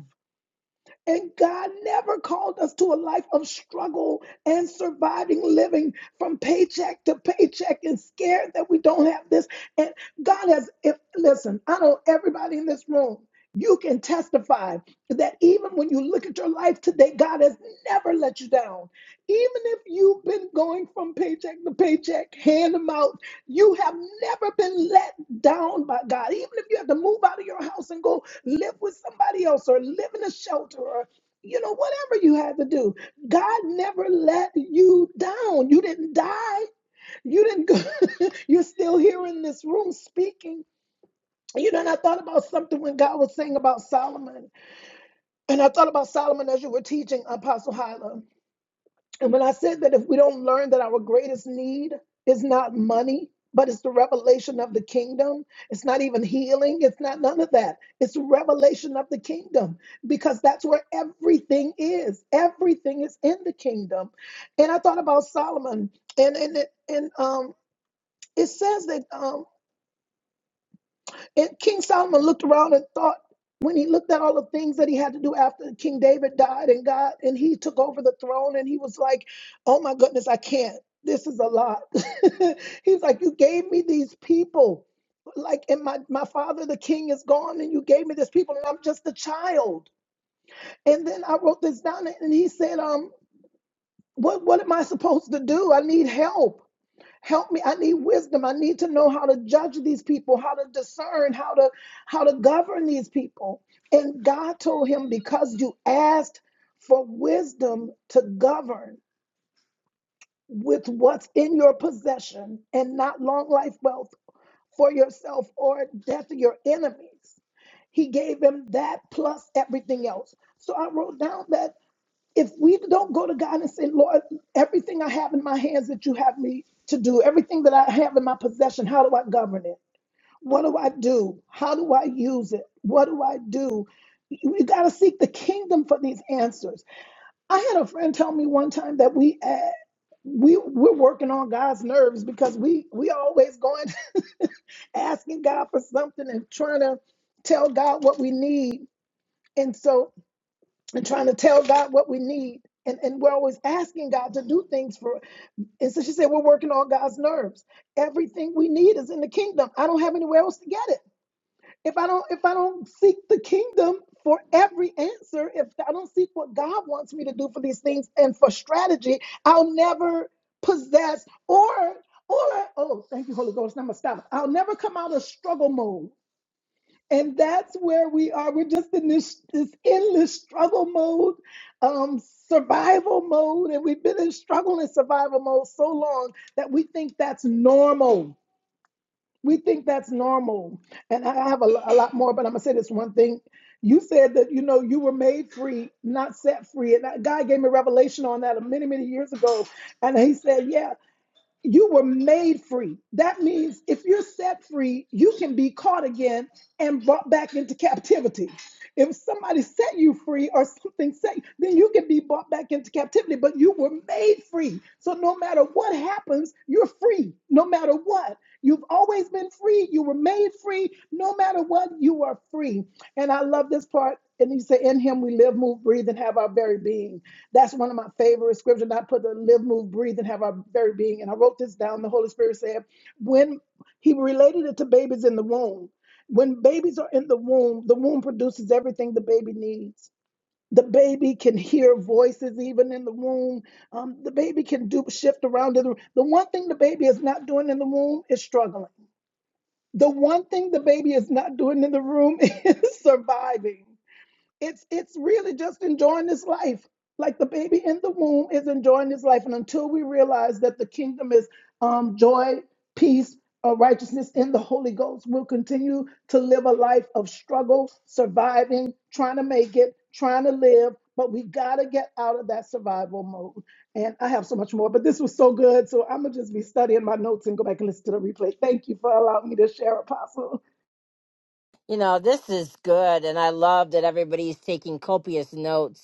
C: And God never called us to a life of struggle and surviving living from paycheck to paycheck and scared that we don't have this. And God has, if, listen, I know everybody in this room, you can testify that even when you look at your life today, God has never let you down. Even if you've been going from paycheck to paycheck, hand them out you have never been let down by God. Even if you have to move out of your house and go live with somebody else or live in a shelter or you know, whatever you had to do, God never let you down. You didn't die. You didn't go. [LAUGHS] You're still here in this room speaking. You know, and I thought about something when God was saying about Solomon. And I thought about Solomon as you were teaching Apostle Hyla. And when I said that if we don't learn that our greatest need is not money, but it's the revelation of the kingdom, it's not even healing, it's not none of that. It's revelation of the kingdom because that's where everything is. Everything is in the kingdom. And I thought about Solomon and and it- and um it says that um, it, King Solomon looked around and thought when he looked at all the things that he had to do after King David died and God and he took over the throne and he was like, "Oh my goodness, I can't. This is a lot." [LAUGHS] He's like, "You gave me these people, like, and my my father, the king, is gone, and you gave me this people, and I'm just a child." And then I wrote this down, and he said, "Um, what what am I supposed to do? I need help." help me i need wisdom i need to know how to judge these people how to discern how to how to govern these people and god told him because you asked for wisdom to govern with what's in your possession and not long life wealth for yourself or death of your enemies he gave him that plus everything else so i wrote down that if we don't go to God and say, Lord, everything I have in my hands that you have me to do, everything that I have in my possession, how do I govern it? What do I do? How do I use it? What do I do? You got to seek the kingdom for these answers. I had a friend tell me one time that we uh, we we're working on God's nerves because we we always going [LAUGHS] asking God for something and trying to tell God what we need. And so and trying to tell God what we need. And, and we're always asking God to do things for. us. And so she said, We're working on God's nerves. Everything we need is in the kingdom. I don't have anywhere else to get it. If I don't, if I don't seek the kingdom for every answer, if I don't seek what God wants me to do for these things and for strategy, I'll never possess or or oh, thank you, Holy Ghost. Now I'm gonna stop. I'll never come out of struggle mode. And that's where we are. We're just in this, this endless struggle mode, um, survival mode. And we've been in struggle and survival mode so long that we think that's normal. We think that's normal. And I have a, a lot more, but I'm going to say this one thing. You said that, you know, you were made free, not set free. And that- God gave me revelation on that many, many years ago. And he said, yeah, you were made free. That means if you're set free, you can be caught again and brought back into captivity. If somebody set you free or something set you, then you can be brought back into captivity, but you were made free. So no matter what happens, you're free. No matter what. You've always been free. You were made free. No matter what, you are free. And I love this part. And He said, In him we live, move, breathe, and have our very being. That's one of my favorite scriptures. I put the live, move, breathe, and have our very being. And I wrote this down. The Holy Spirit said, when he related it to babies in the womb. When babies are in the womb, the womb produces everything the baby needs. The baby can hear voices even in the womb. Um, the baby can do shift around in the room. The one thing the baby is not doing in the womb is struggling. The one thing the baby is not doing in the room [LAUGHS] is surviving. It's it's really just enjoying this life. Like the baby in the womb is enjoying this life. And until we realize that the kingdom is um, joy, peace, uh, righteousness in the Holy Ghost, we'll continue to live a life of struggle, surviving, trying to make it, trying to live. But we got to get out of that survival mode. And I have so much more, but this was so good. So I'm going to just be studying my notes and go back and listen to the replay. Thank you for allowing me to share, Apostle.
A: you know this is good, and I love that everybody's taking copious notes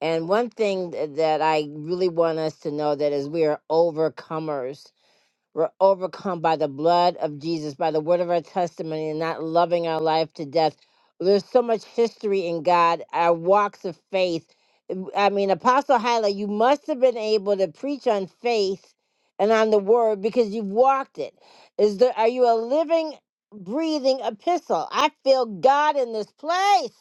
A: And one thing th- that I really want us to know that is we are overcomers. We're overcome by the blood of Jesus, by the word of our testimony, and not loving our life to death. There's so much history in God, our walks of faith. I mean, Apostle Hyla, you must have been able to preach on faith and on the word because you've walked it. Is there are you a living, breathing epistle? I feel God in this place.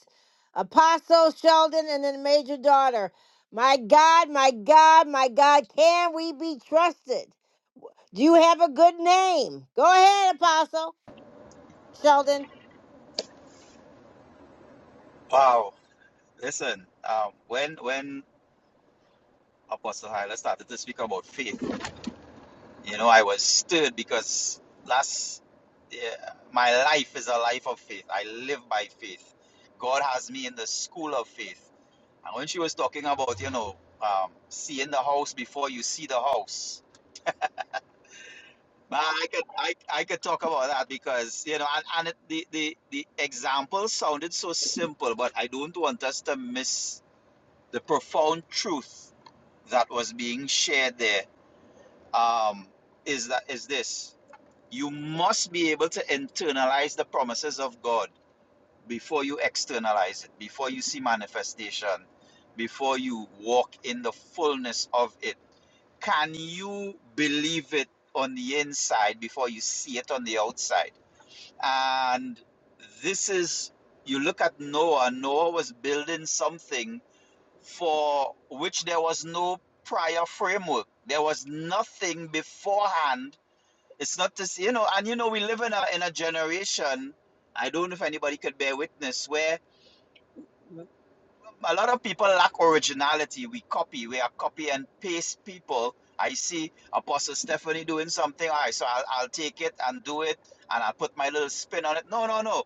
A: Apostle Sheldon and then Major Daughter. My God, my God, my God, can we be trusted? Do You have a good name. Go ahead, Apostle Sheldon.
D: Wow. Listen, um, when when Apostle Hyla started to speak about faith, you know, I was stirred because last yeah, my life is a life of faith. I live by faith. God has me in the school of faith. And when she was talking about, you know, um, seeing the house before you see the house, But I could I, I could talk about that because you know and, and it, the, the the example sounded so simple, but I don't want us to miss the profound truth that was being shared there. Um, is that is this? You must be able to internalize the promises of God before you externalize it, before you see manifestation, before you walk in the fullness of it can you believe it on the inside before you see it on the outside? And this is, you look at Noah, Noah was building something for which there was no prior framework. There was nothing beforehand. It's not this, you know, and you know, we live in a, in a generation, I don't know if anybody could bear witness, where a lot of people lack originality. We copy. We are copy and paste people. I see Apostle Stephanie doing something. All right, so I'll, I'll take it and do it, and I'll put my little spin on it. No, no, no.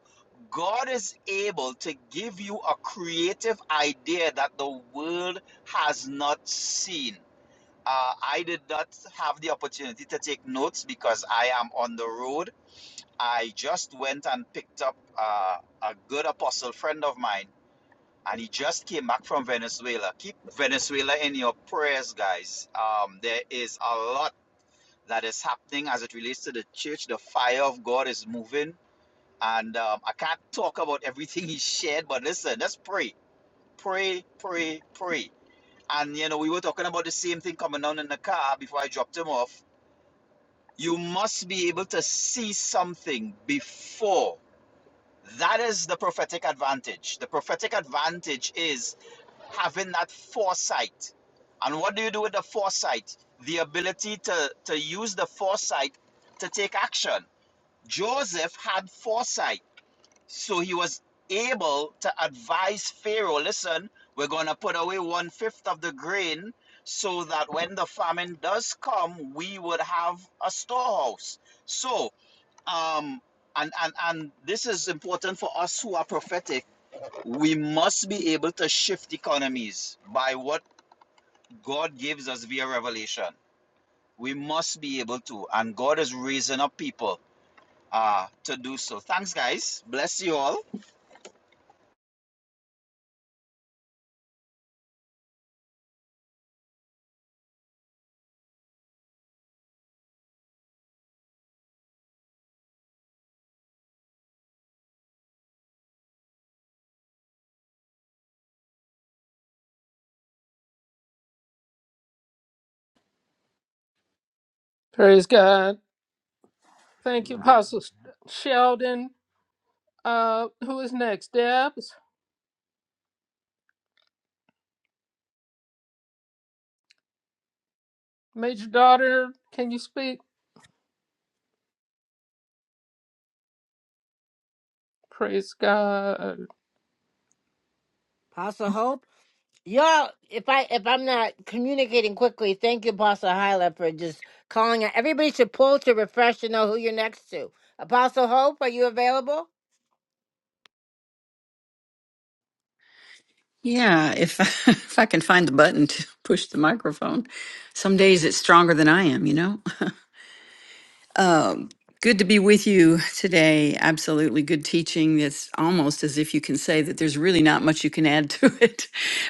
D: God is able to give you a creative idea that the world has not seen. Uh, I did not have the opportunity to take notes because I am on the road. I just went and picked up uh, a good apostle friend of mine and he just came back from Venezuela. Keep Venezuela in your prayers, guys. Um, there is a lot that is happening as it relates to the church. The fire of God is moving, and um, I can't talk about everything [LAUGHS] he shared, but listen, let's pray, pray, pray, pray. And you know, we were talking about the same thing coming down in the car before I dropped him off. You must be able to see something before. That is the prophetic advantage. The prophetic advantage is having that foresight. And what do you do with the foresight? The ability to, to use the foresight to take action. Joseph had foresight, so he was able to advise Pharaoh listen, we're going to put away one fifth of the grain so that when the famine does come, we would have a storehouse. So, um, and, and, and this is important for us who are prophetic we must be able to shift economies by what God gives us via revelation. We must be able to, and God is raising up people uh, to do so. Thanks, guys. Bless you all.
B: Praise God. Thank you, Apostle Sheldon. Uh, who is next? Debs, Major Daughter, can you speak? Praise God.
A: Apostle Hope. Y'all, if I if I'm not communicating quickly, thank you, Apostle Hyla, for just calling out. Everybody should pull to refresh to know who you're next to. Apostle Hope, are you available?
E: Yeah, if [LAUGHS] if I can find the button to push the microphone. Some days it's stronger than I am, you know. Good to be with you today. Absolutely good teaching. It's almost as if you can say that there's really not much you can add to [LAUGHS] it.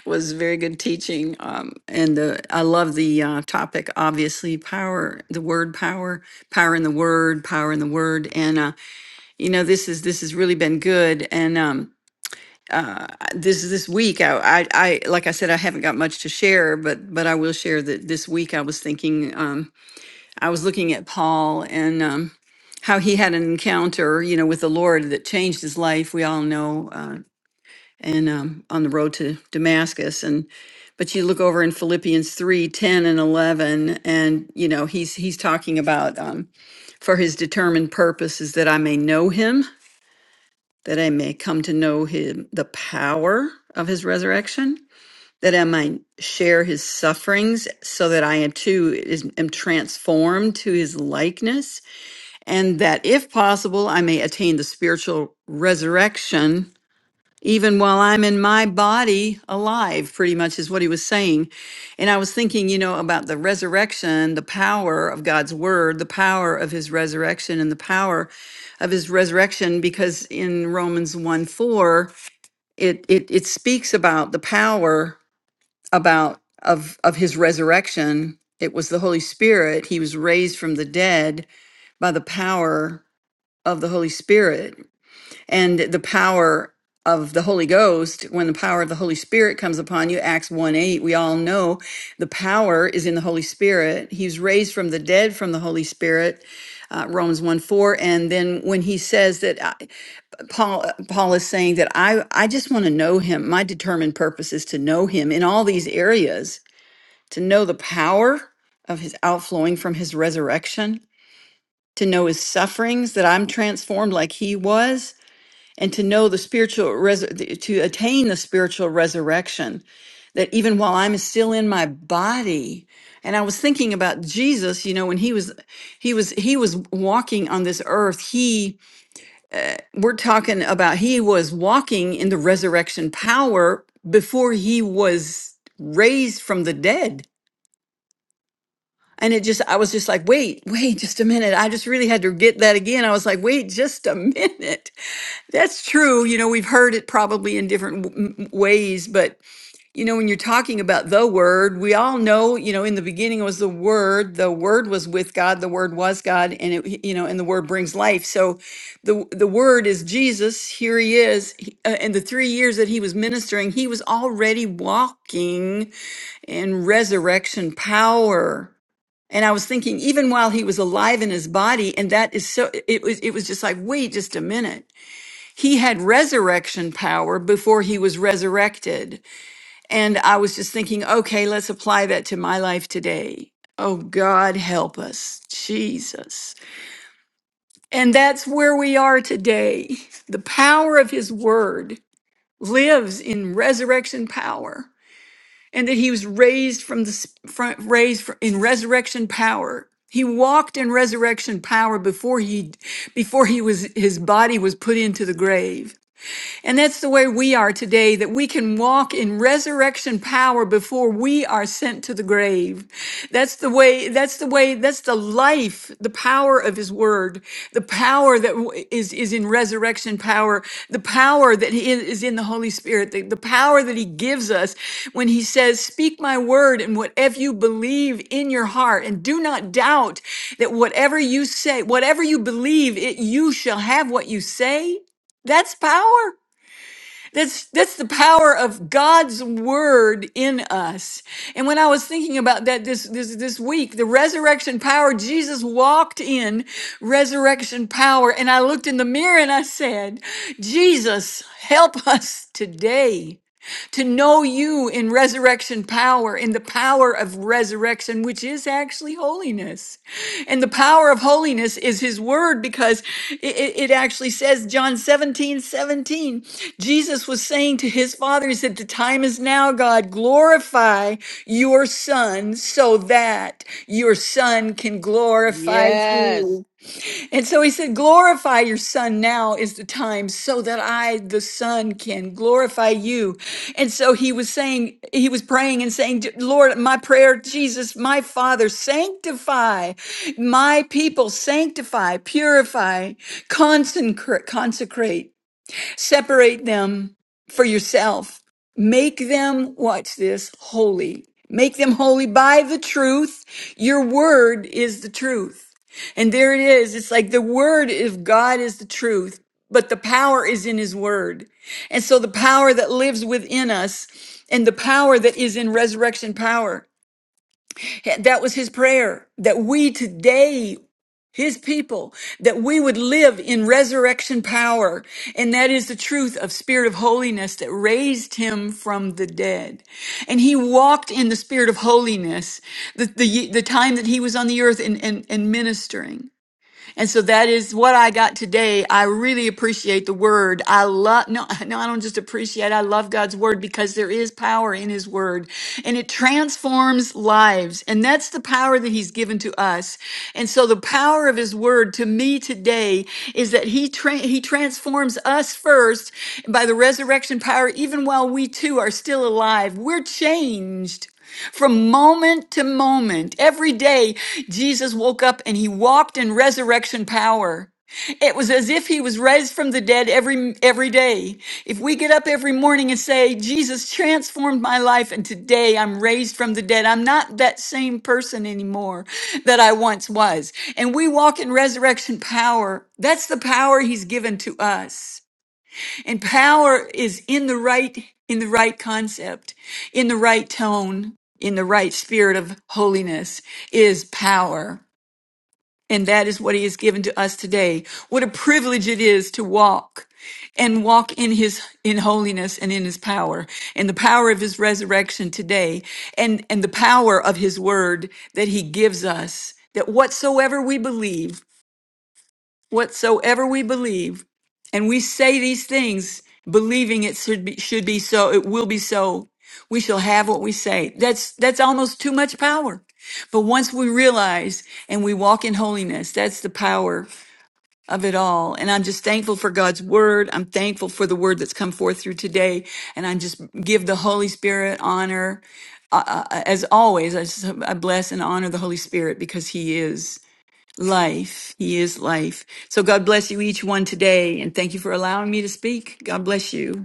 E: was very good teaching, um, and the, I love the uh, topic. Obviously, power, the word power, power in the word, power in the word, and uh, you know this is this has really been good. And um, this this week I, I i like i said i haven't got much to share but but i will share that this week i was thinking um i was looking at paul and um how he had an encounter you know with the lord that changed his life we all know uh, and um on the road to damascus and but you look over in philippians 3 10 and 11 and you know he's he's talking about um for his determined purpose is that i may know him that i may come to know him the power of his resurrection that I might share his sufferings, so that I too is, am transformed to his likeness, and that if possible, I may attain the spiritual resurrection even while I'm in my body alive, pretty much is what he was saying. And I was thinking, you know, about the resurrection, the power of God's word, the power of his resurrection, and the power of his resurrection, because in Romans 1 4, it, it, it speaks about the power about of of his resurrection it was the holy spirit he was raised from the dead by the power of the holy spirit and the power of the holy ghost when the power of the holy spirit comes upon you acts 1 8 we all know the power is in the holy spirit he's raised from the dead from the holy spirit uh, romans 1 4 and then when he says that I, paul uh, paul is saying that i i just want to know him my determined purpose is to know him in all these areas to know the power of his outflowing from his resurrection, to know his sufferings, that I'm transformed like he was, and to know the spiritual, res- to attain the spiritual resurrection, that even while I'm still in my body, and I was thinking about Jesus, you know, when he was, he was, he was walking on this earth. He, we're talking about, he was walking in the resurrection power before he was raised from the dead And it just, I was just like, wait, wait, just a minute. I just really had to get that again. I was like, wait, just a minute. [LAUGHS] That's true. You know, we've heard it probably in different w- m- ways, but you know, when you're talking about the word, we all know, you know, in the beginning was the word, the word was with God, the word was God, and it, you know, and the word brings life. So the, the word is Jesus. Here he is. He, uh, and the three years that he was ministering, he was already walking in resurrection power. And I was thinking, even while he was alive in his body, and that is so, it was, it was just like, wait just a minute. He had resurrection power before he was resurrected. And I was just thinking, okay, let's apply that to my life today. Oh God, help us, Jesus. And that's where we are today. The power of his word lives in resurrection power and that he was raised from the s- fro- raised fr- in resurrection power. He walked in resurrection power before he before he was his body was put into the grave. And that's the way we are today, that we can walk in resurrection power before we are sent to the grave. That's the way, that's the way, that's the life, the power of his word, the power that w- is, is in resurrection power, the power that he is is in the Holy Spirit, the, the power that he gives us when he says, Speak my word and whatever you believe in your heart, and do not doubt that whatever you say, whatever you believe, it you shall have what you say. That's power. That's that's the power of God's word in us. And when I was thinking about that this this this week, the resurrection power, Jesus walked in resurrection power, and I looked in the mirror and I said, Jesus, help us today to know you in resurrection power, in the power of resurrection, which is actually holiness. And the power of holiness is his word because it, it- it actually says, John 17 17. Jesus was saying to his father, He said, The time is now, God, glorify your son so that your son can glorify
A: Yes.
E: you. And so he said, Glorify your son now is the time so that I, the son, can glorify you. And so he was saying, he was praying and saying, Lord, my prayer, Jesus, my father, sanctify my people, sanctify, purify, consecrate, consecrate. Separate them for yourself. Make them, watch this, holy. Make them holy by the truth. Your word is the truth. And there it is. It's like the word of God is the truth, but the power is in his word. And so the power that lives within us and the power that is in resurrection power, that was his prayer that we today his people, that we would live in resurrection power. And that is the truth of spirit of holiness that raised him from the dead. And he walked in the spirit of holiness the, the, the time that he was on the earth and, and, and ministering. And so that is what I got today. I really appreciate the word. I love, no, [LAUGHS] no, I don't just appreciate, I love God's word because there is power in his word and it transforms lives. And that's the power that he's given to us. And so the power of his word to me today is that he, tra- he transforms us first by the resurrection power, even while we too are still alive. We're changed. From moment to moment, every day, Jesus woke up and he walked in resurrection power. It was as if he was raised from the dead every every day. If we get up every morning and say, "Jesus transformed my life and today I'm raised from the dead. I'm not that same person anymore that I once was." And we walk in resurrection power. That's the power he's given to us. And power is in the right in the right concept, in the right tone, in the right spirit of holiness is power. And that is what he has given to us today. What a privilege it is to walk and walk in his in holiness and in his power and the power of his resurrection today and and the power of his word that he gives us that whatsoever we believe whatsoever we believe, and we say these things, believing it should be, should be so, it will be so. We shall have what we say. That's that's almost too much power. But once we realize and we walk in holiness, that's the power of it all. And I'm just thankful for God's word. I'm thankful for the word that's come forth through today. And I just give the Holy Spirit honor. Uh, uh, as always, I, just, I bless and honor the Holy Spirit because He is. Life. He is life. So God bless you each one today. And thank you for allowing me to speak. God bless you.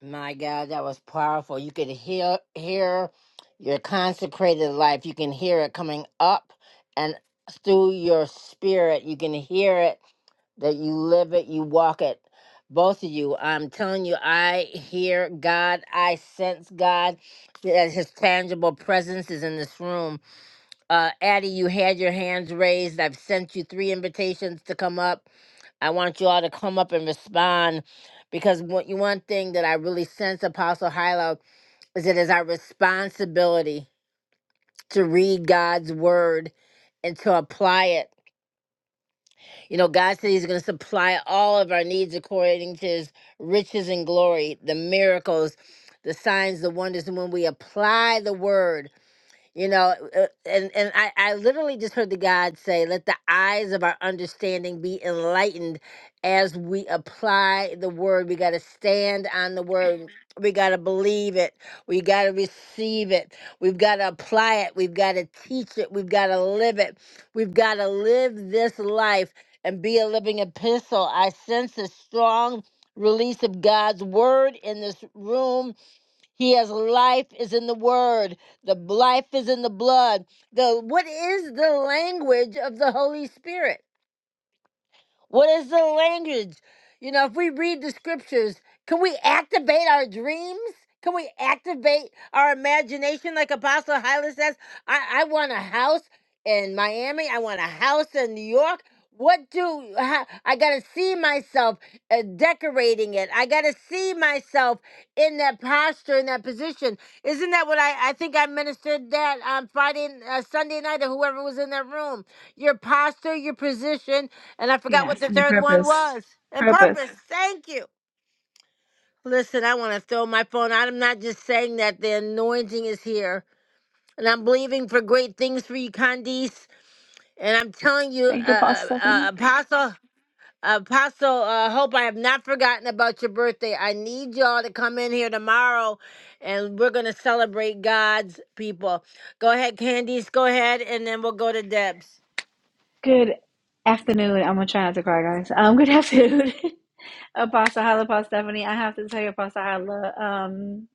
A: My God, that was powerful. You could hear hear your consecrated life. You can hear it coming up and through your spirit. You can hear it that you live it, you walk it. Both of you, I'm telling you, I hear God. I sense God. That His tangible presence is in this room uh, Addie, you had your hands raised. I've sent you three invitations to come up. I want you all to come up and respond because what you one thing that I really sense, Apostle Hilo, is it is our responsibility to read God's word and to apply it. You know, God said He's going to supply all of our needs according to His riches and glory, the miracles, the signs, the wonders. And when we apply the word, you know uh, and and I, I literally just heard the god say let the eyes of our understanding be enlightened as we apply the word we got to stand on the word Amen. we got to believe it we got to receive it we've got to apply it we've got to teach it we've got to live it we've got to live this life and be a living epistle i sense a strong release of god's word in this room he has life is in the word. The life is in the blood. The what is the language of the Holy Spirit? What is the language? You know, if we read the scriptures, can we activate our dreams? Can we activate our imagination? Like Apostle Hyla says, I, I want a house in Miami. I want a house in New York. What do how, I got to see myself uh, decorating it? I got to see myself in that posture, in that position. Isn't that what I, I think I ministered that on Friday, uh, Sunday night, or whoever was in that room? your posture, your position, and I forgot what
F: Yes,
A: the
F: and your
A: third one
F: purpose.
A: was. And
F: Purpose.
A: purpose. [LAUGHS] Thank you. Listen, I want to throw my phone out. I'm not just saying that. The anointing is here. And I'm believing for great things for you, Candice. And I'm telling you,
F: Thank
A: uh,
F: you,
A: uh,
F: Pastor
A: uh,
F: Stephanie.
A: Apostle, Apostle, uh, hope I have not forgotten about your birthday. I need y'all to come in here tomorrow and we're going to celebrate God's people. Go ahead, Candice. Go ahead. And then we'll go to Deb's.
F: Good afternoon. I'm gonna try not to cry, guys. Um, good afternoon, [LAUGHS] Apostle Hala, Pastor Stephanie. I have to tell you, Apostle Hala, um,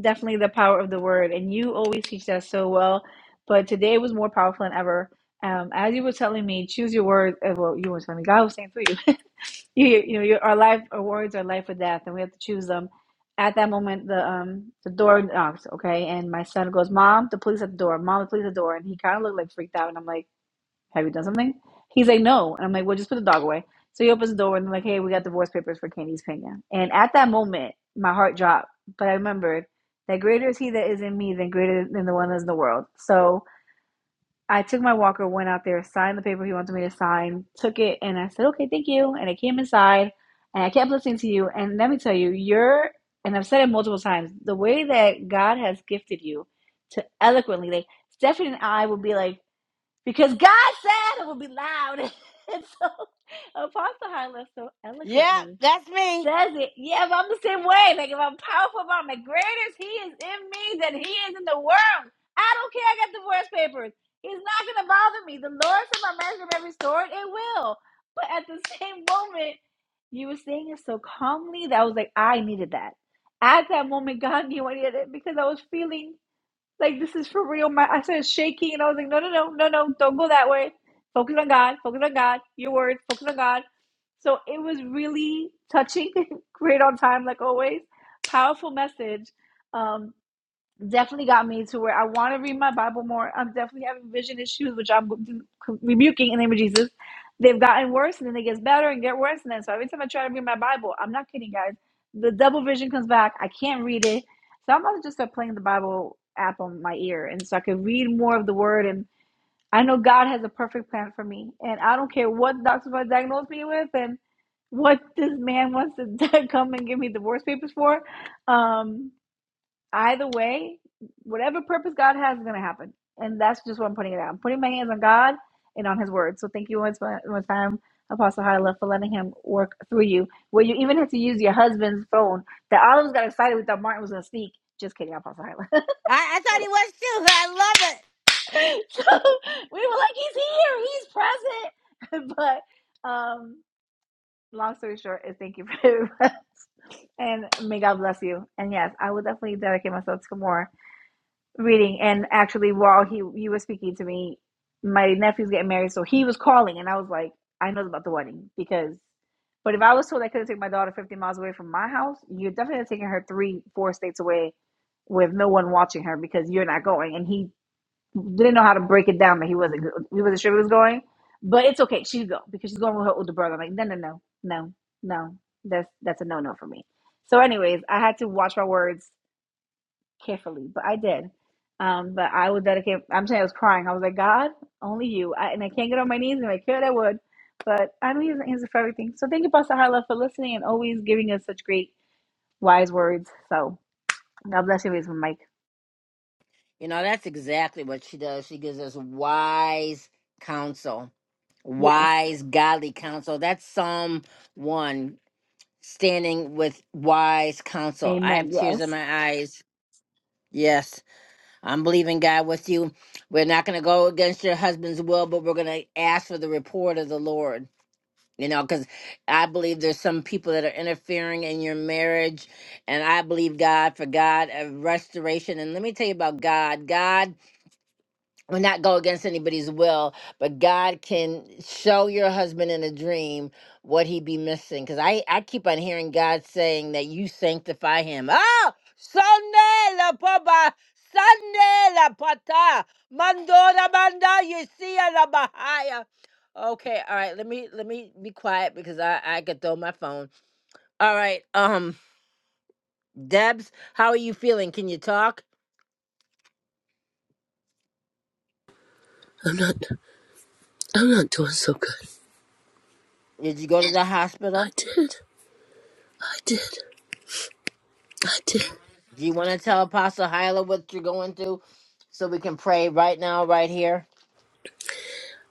F: definitely the power of the word, and you always teach that so well. But today was more powerful than ever. Um, as you were telling me, choose your words. uh, Well, you were telling me God was saying through you. you, you know, your, our life, our words are life or death, and we have to choose them. At that moment, the um the door knocks, okay, and my son goes, "Mom, the police at the door. Mom, the police at the door." And he kind of looked like freaked out, and I'm like, "Have you done something?" He's like, "No," and I'm like, "Well, just put the dog away." So he opens the door, and I'm like, "Hey, we got divorce papers for Candy's Pena." And at that moment, my heart dropped, but I remembered that greater is He that is in me than greater than the one that's in the world. So I took my walker, went out there, signed the paper he wanted me to sign, took it, and I said, okay, thank you. And I came inside and I kept listening to you. And let me tell you, you're, and I've said it multiple times, the way that God has gifted you to eloquently, like Stephanie and I would be like, because God said it will be loud. [LAUGHS] and so Apostle Hyla so
A: Yeah,
F: eloquently
A: that's me.
F: says it. Yeah, but I'm the same way. Like if I'm powerful, if I'm the greatest, he is in me than he is in the world. I don't care. I got divorce papers. It's not gonna bother me. The Lord said my marriage will be restored. It will. But at the same moment, you were saying it so calmly that I was like, I needed that. At that moment, God knew I needed it because I was feeling like this is for real. My I started shaking and I was like, no, no, no, no, no, don't go that way. Focus on God. Focus on God. Your word. Focus on God. So it was really touching, [LAUGHS] great on time, like always. Powerful message. Um, definitely got me to where I want to read my Bible more. I'm definitely having vision issues, which I'm rebuking in the name of Jesus. They've gotten worse, and then it gets better and get worse, and then so every time I try to read my Bible, I'm not kidding, guys. The double vision comes back. I can't read it, so I'm about to just start playing the Bible app on my ear, and so I can read more of the Word. And I know God has a perfect plan for me, and I don't care what doctors want to diagnose me with, and what this man wants to [LAUGHS] come and give me divorce papers for. Um, Either way, whatever purpose God has is going to happen. And that's just what I'm putting it out. I'm putting my hands on God and on His Word. So thank you once one time, Apostle Hyla, for letting Him work through you, where you even had to use your husband's phone. That Olives got excited we thought Martin was going to speak. Just kidding, Apostle Hyla. [LAUGHS]
A: I, I thought he was too. [LAUGHS] I love it.
F: so we were like, He's here, He's present. [LAUGHS] but um, long story short, is thank you for [LAUGHS] and may God bless you. And yes, I will definitely dedicate myself to more. reading and actually while he he was speaking to me my nephew's getting married so he was calling and i was like i know about the wedding because but if i was told i couldn't take my daughter 50 miles away from my house you're definitely taking her three four states away with no one watching her because you're not going and he didn't know how to break it down that he wasn't go- he wasn't sure he was going but it's okay she's go because she's going with her older brother i'm like no no no no no that's that's a no no for me so anyways i had to watch my words carefully, but I did. Um, but I was dedicated. I'm saying I was crying. I was like, God, only you. I, and I can't get on my knees and I could, I would. But I know He's the answer for everything. So thank you, Pastor Harlow, for listening and always giving us such great, wise words. So God bless you, raise my mic.
A: You know, that's exactly what she does. She gives us wise counsel,
F: Yes.
A: wise, godly counsel. That's Psalm 1 standing with wise counsel. I have
F: Amen.
A: tears
F: Yes.
A: in my eyes. Yes, I'm believing God with you. We're not going to go against your husband's will, but we're going to ask for the report of the Lord. you know because i believe there's some people that are interfering in your marriage and i believe god for god of restoration and let me tell you about god god will not go against anybody's will, but God can show your husband in a dream what he be missing. Because I, I keep on hearing God saying that you sanctify him. Oh, Sunday la papa, Sunday la pata, mandora banda, you see la bahaya. Okay, all right. Let me let me be quiet because I I could throw my phone. All right, um, Debs, how are you feeling? Can you talk?
G: I'm not I'm not doing so good.
A: Did you go to the hospital?
G: I did. I did. I did.
A: Do you want to tell Apostle Hyla what you're going through so we can pray right now, right here?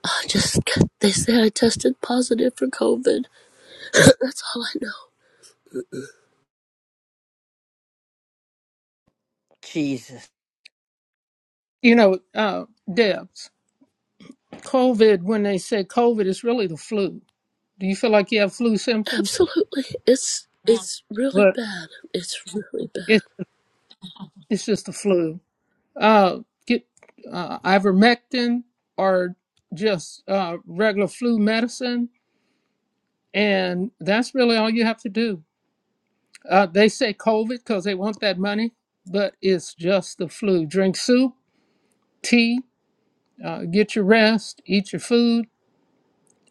G: I just they say I tested positive for COVID. [LAUGHS] But That's all I
A: Jesus.
B: You know, uh, Debs, COVID, when they say COVID, is really the flu. Do you feel like you have flu
G: know.
B: symptoms?
G: Absolutely. It's it's really
B: But
G: bad. It's really bad.
B: it's, it's just the flu. Uh, get uh, ivermectin or just uh, regular flu medicine, and that's really all you have to do Uh, they say COVID because they want that money, but it's just the flu. Drink soup, tea, uh, get your rest, eat your food,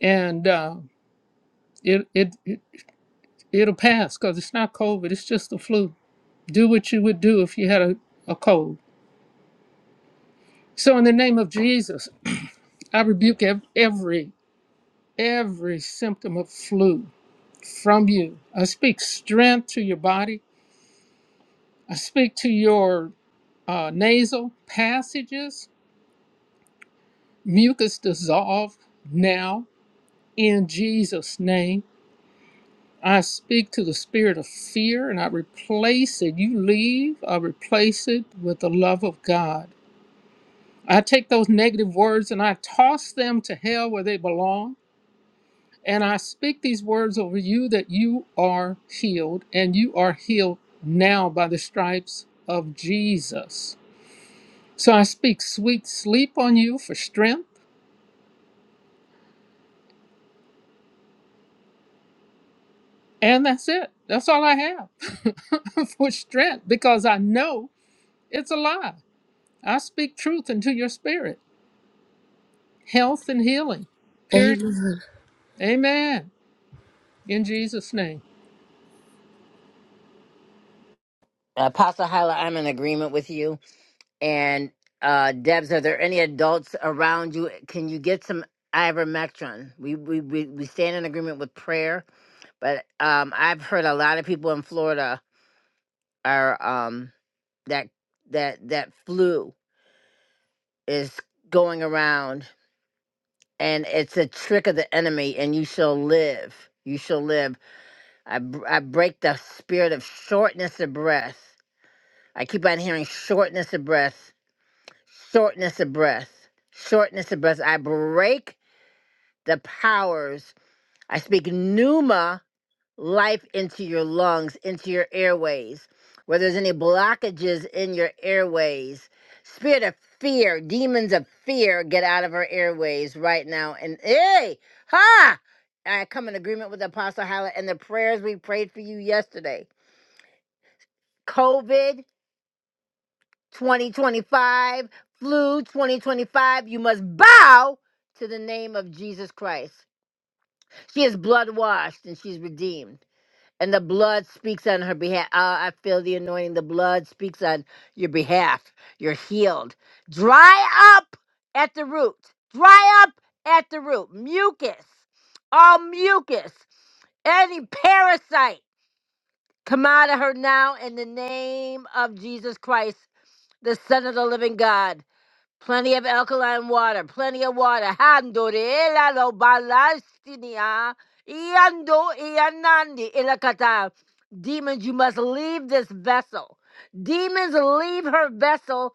B: and uh, it, it, it, it'll pass because it's not COVID, it's just the flu. Do what you would do if you had a, a cold. So, in the name of Jesus, I rebuke ev- every, every symptom of flu from you. I speak strength to your body, I speak to your uh, nasal passages. Mucus dissolve now in Jesus' name. I speak to the spirit of fear and I replace it. You leave, I replace it with the love of God. I take those negative words and I toss them to hell where they belong. And I speak these words over you that you are healed and you are healed now by the stripes of Jesus. So I speak sweet sleep on you for strength. And that's it. That's all I have [LAUGHS] for strength because I know it's a lie. I speak truth into your spirit, health and healing. Period.
G: Amen.
B: Amen. In Jesus' name.
A: Apostle Hyla, I'm in agreement with you. And uh, Debs, are there any adults around you? Can you get some ivermectin? We, we, we, we stand in agreement with prayer, but um, I've heard a lot of people in Florida are um, that that that flu is going around and it's a trick of the enemy and you shall live you shall live I, br- I break the spirit of shortness of breath. I keep on hearing shortness of breath, shortness of breath, shortness of breath. I break the powers. I speak pneuma life into your lungs, into your airways. Where there's any blockages in your airways, spirit of fear, demons of fear, get out of our airways right now. And hey, ha! I come in agreement with Apostle Hallett and the prayers we prayed for you yesterday COVID 2025, flu 2025, you must bow to the name of Jesus Christ. She is blood washed and she's redeemed. And the blood speaks on her behalf. Ah, I feel the anointing. The blood speaks on your behalf. You're healed. Dry up at the root. Dry up at the root. Mucus. All mucus. Any parasite. Come out of her now in the name of Jesus Christ the Son of the Living God. Plenty of alkaline water, plenty of water. Hando de la lo balastinia, iando ianandi ilakata. Demons, you must leave this vessel. Demons, leave her vessel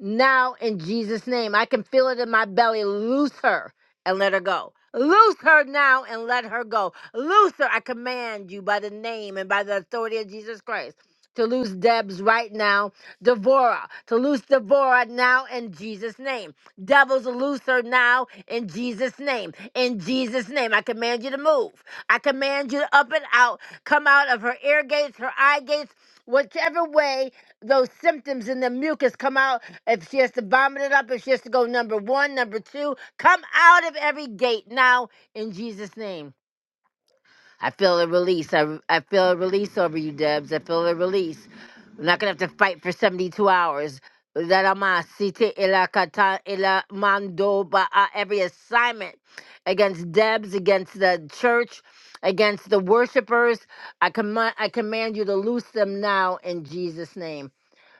A: now in Jesus' name. I can feel it in my belly. Loose her and let her go. Loose her now and let her go. Loose her. I command you by the name and by the authority of Jesus Christ to loose Debs right now. Devorah, to loose Devorah now in Jesus' name. Devils, loose her now in Jesus' name. In Jesus' name, I command you to move. I command you to up and out. Come out of her ear gates, her eye gates, whichever way those symptoms and the mucus come out. If she has to vomit it up, if she has to go number one, number two, come out of every gate now in Jesus' name. I feel a release. I, I feel a release over you, Debs. I feel a release. We're not going to have to fight for 72 hours. Rarama siti ila kata ila mando ba- uh, Every assignment against Debs, against the church, against the worshipers, I, command I command you to loose them now in Jesus' name.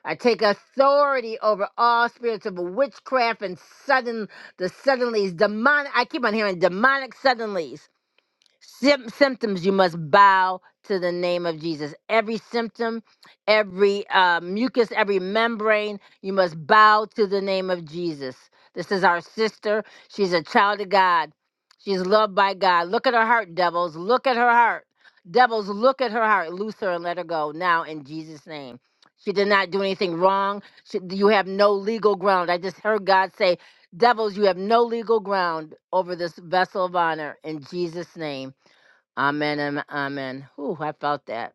A: I take authority over all spirits of witchcraft and sudden the suddenlies, demonic. I keep on hearing demonic suddenlies Sym- symptoms, you must bow to the name of Jesus. Every symptom, every uh, mucus, every membrane, you must bow to the name of Jesus. This is our sister. She's a child of God. She's loved by God. Look at her heart, devils. Look at her heart. Devils, look at her heart. Loose her and let her go now in Jesus' name. She did not do anything wrong. She, you have no legal ground. I just heard God say, Devils, you have no legal ground over this vessel of honor in Jesus' name. Amen. Amen. amen. Whew, I felt that.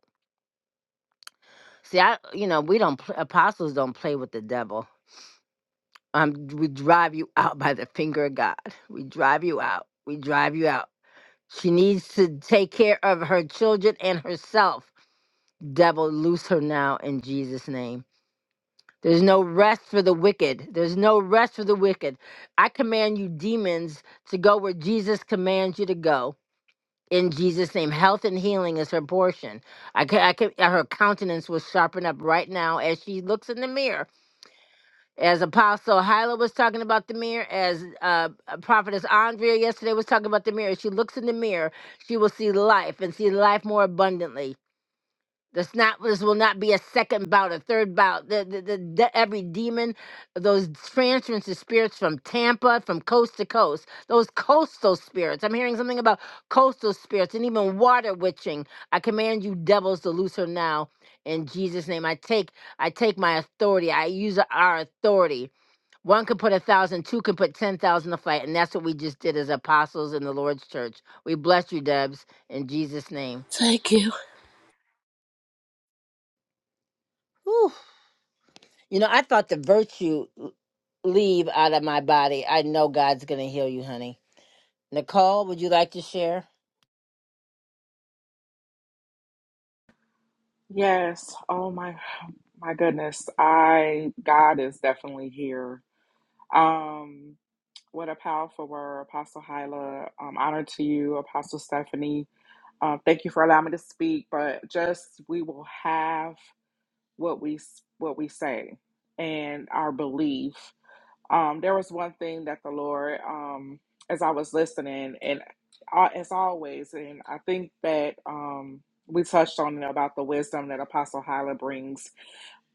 A: See, I, you know, we don't, pl- apostles don't play with the devil. Um, we drive you [LAUGHS] out by the finger of God. We drive you out. We drive you out. She needs to take care of her children and herself. Devil, loose her now in Jesus' name. There's no rest for the wicked. There's no rest for the wicked. I command you, demons, to go where Jesus commands you to go. in Jesus' name. Health and healing is her portion. I could, I could, her countenance will sharpen up right now as she looks in the mirror. As Apostle Hyla was talking about the mirror, as uh, uh, Prophetess Andrea yesterday was talking about the mirror, as she looks in the mirror, she will see life and see life more abundantly. This not this will not be a second bout, a third bout. The, the, the, de- every demon, those transference of spirits from Tampa, from coast to coast, those coastal spirits. I'm hearing something about coastal spirits and even water witching. I command you devils to loose her now in Jesus' name. I take I take my authority. I use our authority. One can put a thousand, two can put ten thousand to flight, and that's what we just did as apostles in the Lord's church. We bless you, Debs, in Jesus' name.
G: Thank you.
A: Whew. You know, I thought the virtue leave out of my body. I know God's going to heal you, honey. Nicole, would you like to share?
H: Yes. Oh my my goodness. I God is definitely here. Um what a powerful word, Apostle Hyla. Um, honor to you, Apostle Stephanie. Um, thank you for allowing me to speak. But just we will have what we s- what we say and our belief um, there was one thing that the Lord, um, as I was listening, and uh, as always, and I think that um, we touched on it about the wisdom that Apostle Hyla brings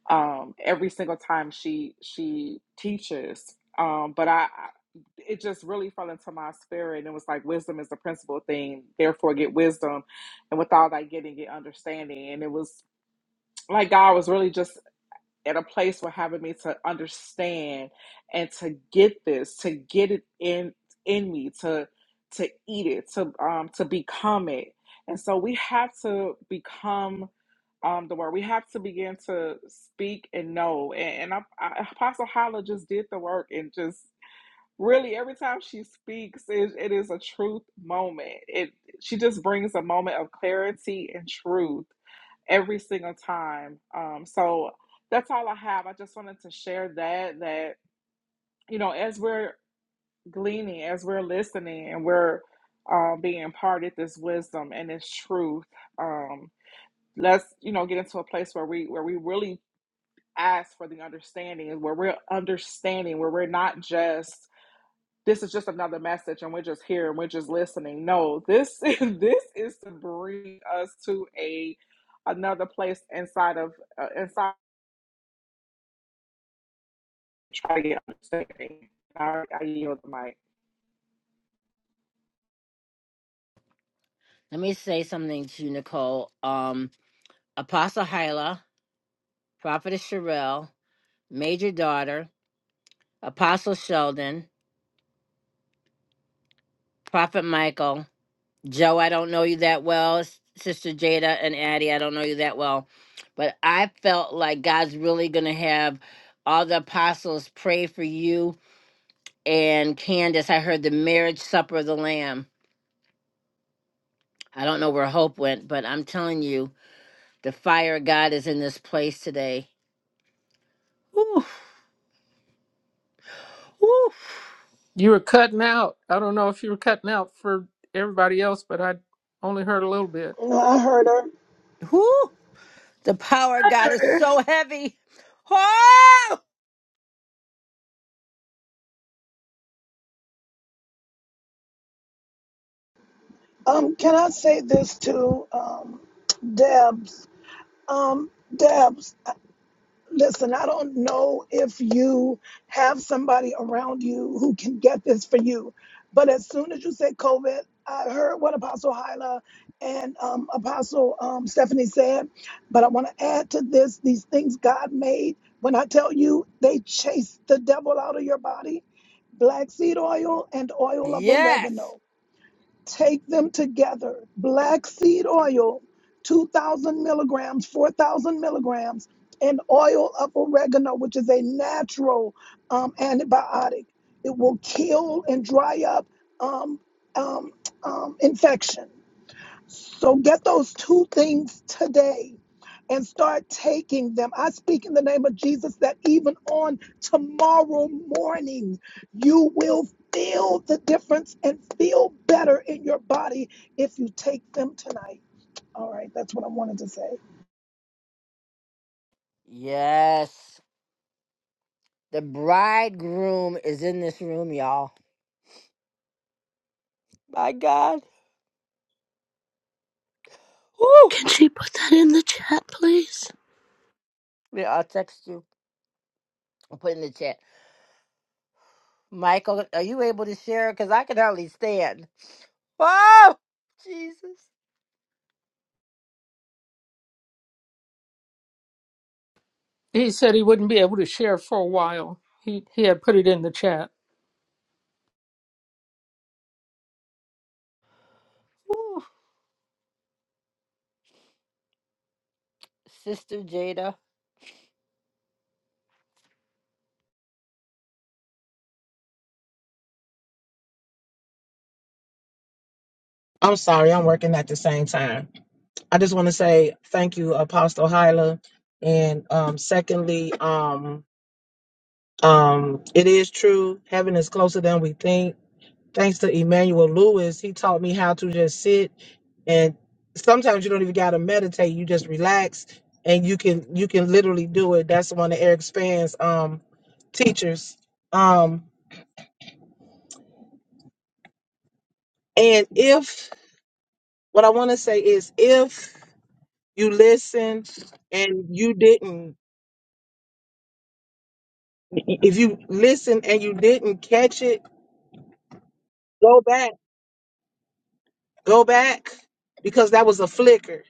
H: um, every single time she she teaches. Um, but I, I- it just really fell into my spirit, and it was like wisdom is the principal thing. Therefore, get wisdom, and with all that getting, get understanding. And it was like God was really just at a place where having me to understand and to get this, to get it in in me, to to eat it, to um to become it. And so we have to become um the word. We have to begin to speak and know. And, and I, I, Apostle Holla just did the work and just really every time she speaks, it, it is a truth moment. It she just brings a moment of clarity and truth every single time. Um, so that's all I have. I just wanted to share that that you know as we're gleaning, as we're listening, and we're uh, being imparted this wisdom and this truth. Um, let's you know get into a place where we where we really ask for the understanding, where we're understanding, where we're not just this is just another message and we're just here and we're just listening. No, this [LAUGHS] this is to bring us to a another place inside of uh, inside try to get understanding. I, I yield the mic.
A: Let me say something to you, Nicole. Um, Apostle Hyla, Prophetess Sherelle, Major Daughter, Apostle Sheldon, Prophet Michael, Joe, I don't know you that well, S- Sister Jada and Addie, I don't know you that well. But I felt like God's really going to have all the apostles pray for you and Candace, I heard the marriage supper of the Lamb. I don't know where Hope went, but I'm telling you, the fire of God is in this place today. Ooh, ooh,
B: You were cutting out. I don't know if you were cutting out for everybody else, but I only heard a little bit.
C: No, I heard her.
A: ooh. The power of
F: I
A: God
F: heard
A: is
F: her.
A: so heavy. Oh,
C: Um, can I say this to um, Debs? Um, Debs, uh, listen, I don't know if you have somebody around you who can get this for you, but as soon as you said COVID, I heard what Apostle Hyla and um, Apostle um, Stephanie said, but I want to add to this these things God made. When I tell you, they chased the devil out of your body. Black seed oil and oil of
A: yes,
C: oregano. Take them together. Black seed oil, 2,000 milligrams, 4,000 milligrams, and oil of oregano, which is a natural um, antibiotic. It will kill and dry up um, um, um, infection. So get those two things today and start taking them. I speak in the name of Jesus that even on tomorrow morning, you will feel the difference and feel better in your body if you take them tonight. All right, that's what I wanted to say.
A: yes. The bridegroom is in this room, y'all. My God. Ooh.
G: Can she put that in the chat please?
A: Yeah, I'll text you. I'll put it in the chat. Michael, are you able to share? Because I can hardly stand. Oh, Jesus.
B: He said he wouldn't be able to share for a while. He he had put it in the chat.
A: Sister Jada.
I: I'm sorry, I'm working at the same time. I just want to say thank you, Apostle Hyla. And um, secondly, um, um, it is true, heaven is closer than we think. Thanks to Emmanuel Lewis, he taught me how to just sit and sometimes you don't even gotta meditate, you just relax and you can you can literally do it. That's one of Eric Span's um teachers. Um and if what I wanna say is if you listen and you didn't If you listen and you didn't catch it, go back, go back, because that was a flicker.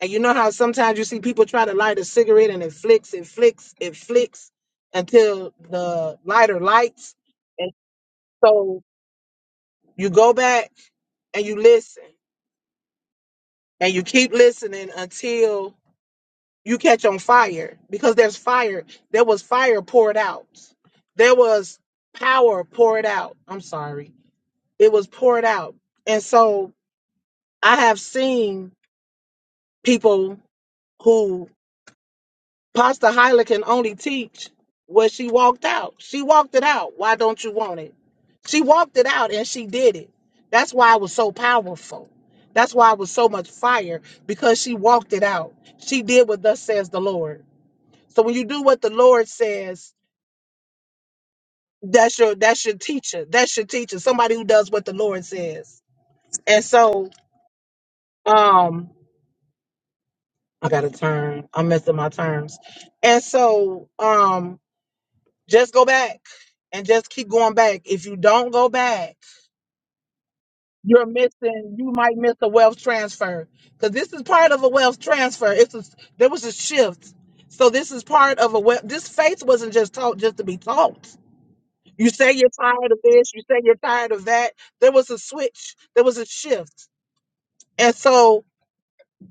I: And you know how sometimes you see people try to light a cigarette and it flicks, it flicks, it flicks until the lighter lights. And so you go back and you listen and you keep listening until you catch on fire because there's fire. There was fire poured out. There was power poured out. I'm sorry. It was poured out. And so I have seen people who Pastor Hyla can only teach what she walked out. She walked it out. Why don't you want it? She walked it out and she did it. That's why it was so powerful. That's why it was so much fire because she walked it out. She did what thus says the Lord. So when you do what the Lord says, that's your that's your teacher. That's your teacher. Somebody who does what the Lord says. And so um I got a turn. I'm messing my terms. And so um just go back and just keep going back. If you don't go back, you're missing you might miss a wealth transfer cuz this is part of a wealth transfer. It's a, there was a shift. So this is part of a wealth this faith wasn't just taught just to be taught. You say you're tired of this, you say you're tired of that. There was a switch, there was a shift. And so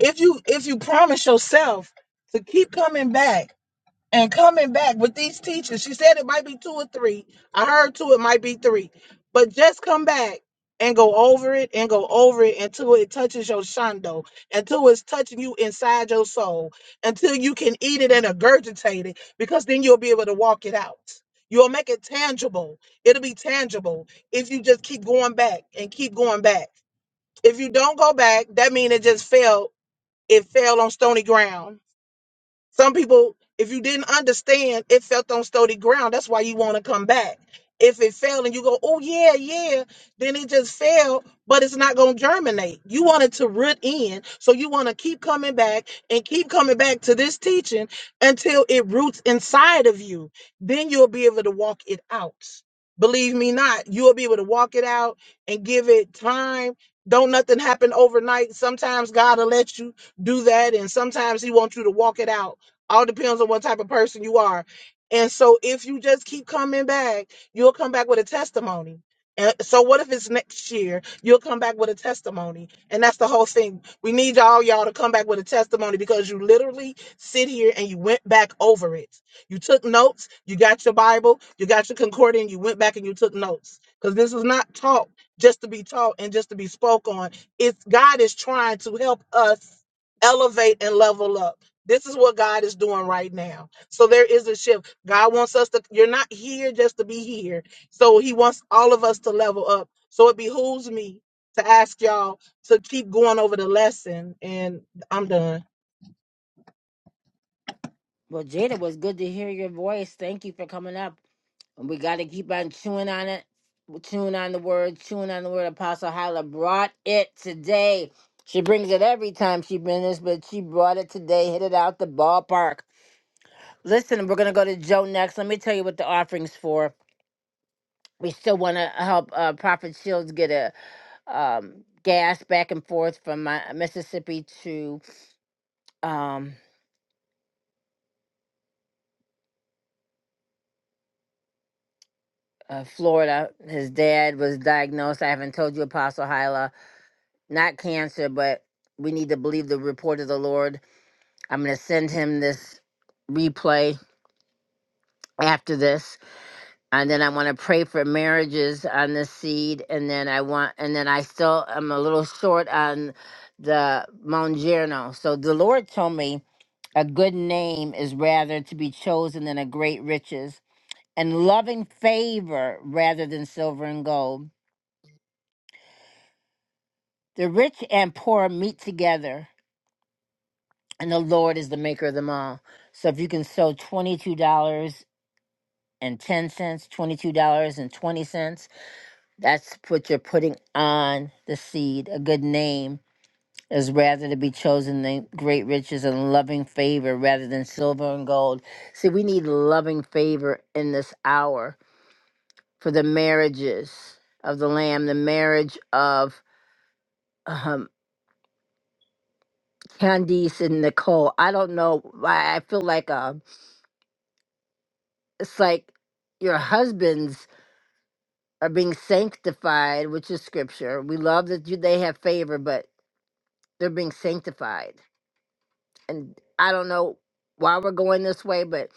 I: if you if you promise yourself to keep coming back and coming back with these teachers. She said it might be two or three. I heard two, it might be three. But just come back and go over it and go over it until it touches your shando, until it's touching you inside your soul, until you can eat it and regurgitate it, because then you'll be able to walk it out. You'll make it tangible. It'll be tangible if you just keep going back and keep going back. If you don't go back, that means it just fell. It fell on stony ground some people, if you didn't understand, it felt on stony ground. That's why you want to come back. If it failed and you go, oh yeah, yeah, then it just failed, but it's not gonna germinate. You want it to root in, so you want to keep coming back and keep coming back to this teaching until it roots inside of you. Then you'll be able to walk it out. Believe me not, you'll be able to walk it out and give it time. Don't nothing happen overnight. Sometimes God will let you do that, and sometimes He wants you to walk it out all depends on what type of person you are. And so if you just keep coming back, you'll come back with a testimony. And so what if it's next year? You'll come back with a testimony. And that's the whole thing. We need y'all y'all to come back with a testimony because you literally sit here and you went back over it. You took notes, you got your Bible, you got your concordance, you went back and you took notes. Because this was not taught just to be taught and just to be spoke on. It's God is trying to help us elevate and level up. This is what God is doing right now. So there is a shift. God wants us to, you're not here just to be here. So he wants all of us to level up. So it behooves me to ask y'all to keep going over the lesson. And I'm done.
A: Well, Jada, it was good to hear your voice. Thank you for coming up. And we got to keep on chewing on it, chewing on the word, chewing on the word. Apostle Hyla brought it today. She brings it every time she brings this, but she brought it today, hit it out the ballpark. Listen, we're going to go to Joe next. Let me tell you what the offering's for. We still want to help uh, Prophet Shields get a um, gas back and forth from my, Mississippi to. um. uh, Florida. His dad was diagnosed. I haven't told you, Apostle Hyla, not cancer, but we need to believe the report of the Lord. I'm going to send him this replay after this. And then I want to pray for marriages on the seed. And then I want, and then I still am a little short on the Mongerno. So the Lord told me a good name is rather to be chosen than a great riches and loving favor rather than silver and gold The rich and poor meet together, and the Lord is the maker of them all. So if you can sow $22.10, $22.20, that's what you're putting on the seed. A good name is rather to be chosen than great riches and loving favor rather than silver and gold. See, we need loving favor in this hour for the marriages of the Lamb, the marriage of. um. Candice and Nicole. I don't know why I feel like um it's like your husbands are being sanctified, which is scripture. We love that you, they have favor, but they're being sanctified. And I don't know why we're going this way, but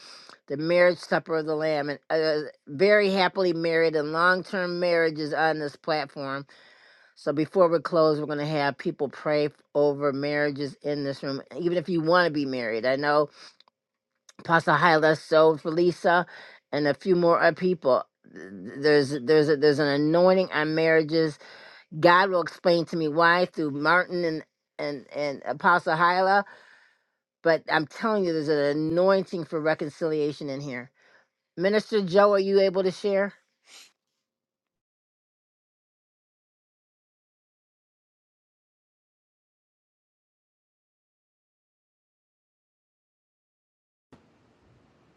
A: the marriage supper of the lamb and uh, very happily married and long-term marriages on this platform. So before we close, we're going to have people pray over marriages in this room, even if you want to be married. I know Pastor Hyla, so for Lisa, and a few more other people. There's there's a, there's an anointing on marriages. God will explain to me why through Martin and and and Apostle Hyla. But I'm telling you, there's an anointing for reconciliation in here. Minister Joe, are you able to share?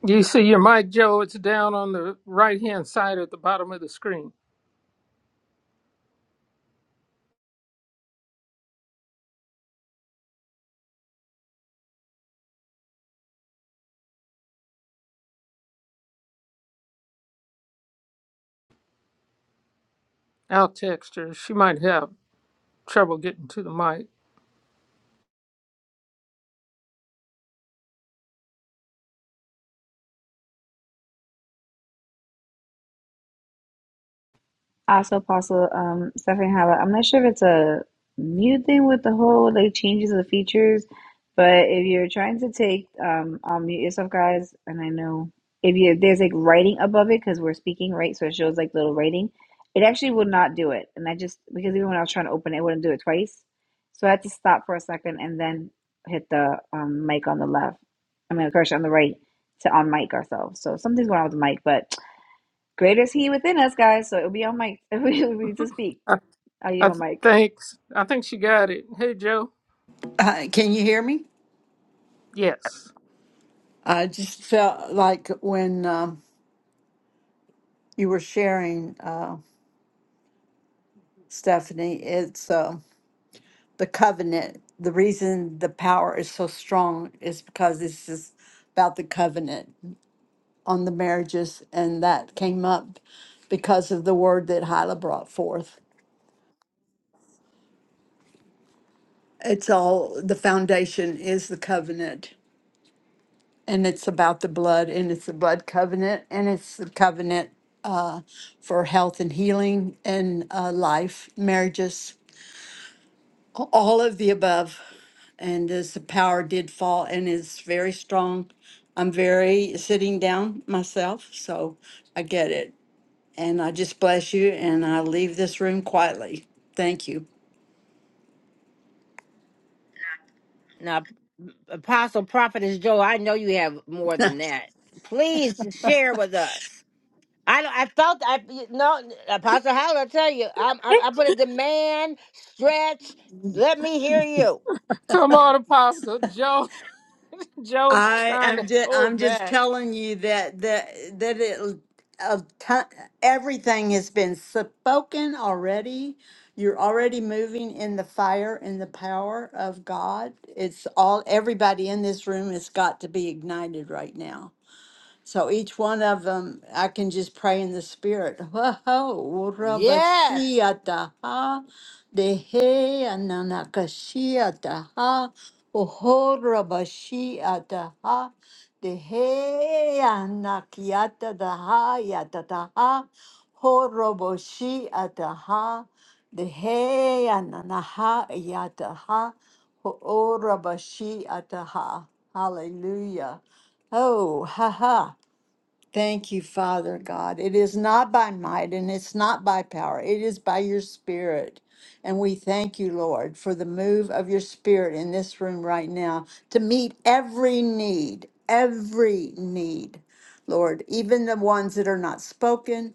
B: You see your mic, Joe. It's down on the right hand side at the bottom of the screen. I'll text her. She might have trouble getting to the mic.
F: Also, Apostle um, Stephanie Hala, I'm not sure if it's a new thing with the whole like changes of features, but if you're trying to take um, unmute yourself, guys, and I know if you there's like writing above it because we're speaking, right? So it shows like little writing. It actually would not do it, and I just because even when I was trying to open it, it wouldn't do it twice. So I had to stop for a second and then hit the um, mic on the left. I mean, of course, on the right to on mic ourselves. So something's going on with the mic, but Greater is He within us, guys. So it will be on mic. [LAUGHS] It will be to speak.
B: I,
F: I
B: I
F: give
B: th-
F: my mic.
B: thanks. I think she got it. Hey, Joe.
J: Uh, can you hear me?
B: Yes.
J: I just felt like when um, you were sharing, uh, Stephanie, it's uh, the covenant. The reason the power is so strong is because it's just about the covenant on the marriages, and that came up because of the word that Hyla brought forth. It's all the foundation is the covenant. and it's about the blood and it's the blood covenant and it's the covenant uh, for health and healing and uh, life, marriages, a- all of the above. And as the power did fall and is very strong, I'm very sitting down myself, so I get it. And I just bless you and I leave this room quietly. Thank you.
A: Now, Apostle Prophetess Joe, I know you have more than that. Please share with us. I don't- I felt I you no Apostle Howell. I tell you, i I I put a demand stretch. Let me hear you.
B: Come on, Apostle Joe. [LAUGHS] Joe's
J: I
B: trying to
J: am just I'm
B: hold
J: just
B: back.
J: telling you that that that it a ton, everything has been spoken already. You're already moving in the fire and the power of God. It's all everybody in this room has got to be ignited right now. So each one of them, I can just pray in the spirit. [LAUGHS] Whoa,
A: Yes,
J: rabashiata dehe ananakashiata oho rabashiata dehe anakiata daha ho roboshiata dehe ananaha yata ho rabashiata Hallelujah. Oh, haha! Thank you, Father God. It is not by might and it's not by power. It is by your spirit. And we thank you, Lord, for the move of your spirit in this room right now to meet every need, every need, Lord, even the ones that are not spoken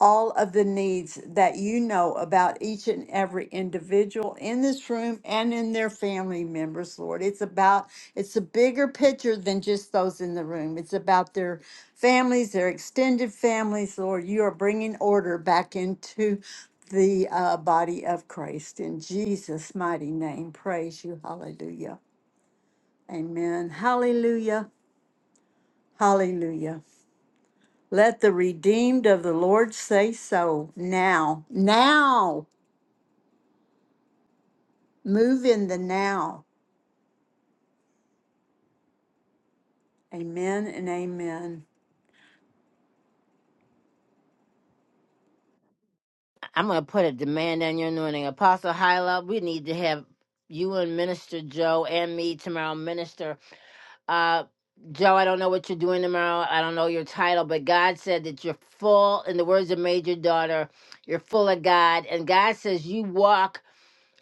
J: all of the needs that you know about each and every individual in this room and in their family members, Lord. It's about, it's a bigger picture than just those in the room. It's about their families, their extended families, Lord. You are bringing order back into the uh, body of Christ. In Jesus' mighty name, praise you. Hallelujah. Amen. Hallelujah. Hallelujah. Let the redeemed of the Lord say so now. Now. Move in the now. Amen and amen.
A: I'm gonna put a demand on your anointing, Apostle Howell. We need to have you and Minister Joe and me tomorrow, Minister. Uh, Joe, I don't know what you're doing tomorrow. I don't know your title, but God said that you're full. In the words of Major Daughter, you're full of God, and God says you walk.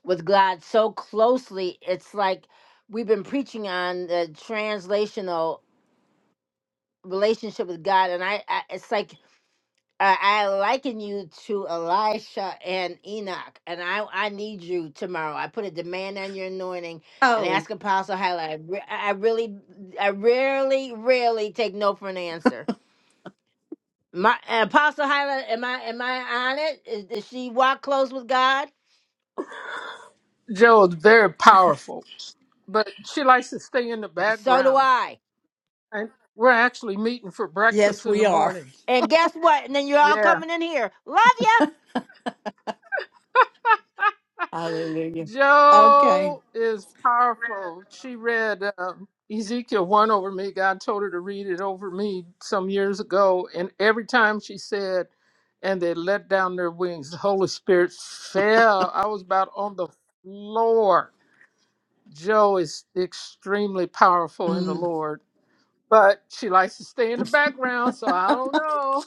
A: with God so closely. It's like we've been preaching on the translational relationship with God, and I, I it's like I, I liken you to Elisha and Enoch, and I I need you tomorrow. I put a demand on your anointing and
J: Oh,
A: ask Apostle Highlight. I, re- I really, I rarely, rarely take no for an answer. My Apostle Highlight, am I am I on it? Is, does she walk close with God?
B: Joe is very powerful, but she likes to stay in the
A: So do
B: background.
A: I.
B: And we're actually meeting for breakfast
J: yes,
B: in the
J: we are.
B: morning.
A: And guess what? And then you're all
B: Yeah.
A: coming in here. Love ya.
J: Hallelujah. Okay.
B: Joe is powerful. She read um, Ezekiel 1 over me. God told her to read it over me some years ago. And every time she said, and they let down their wings, the Holy Spirit fell. I was about on the floor. Joe is extremely powerful in the
J: Mm.
B: Lord, but she likes to stay in the background, so I don't know.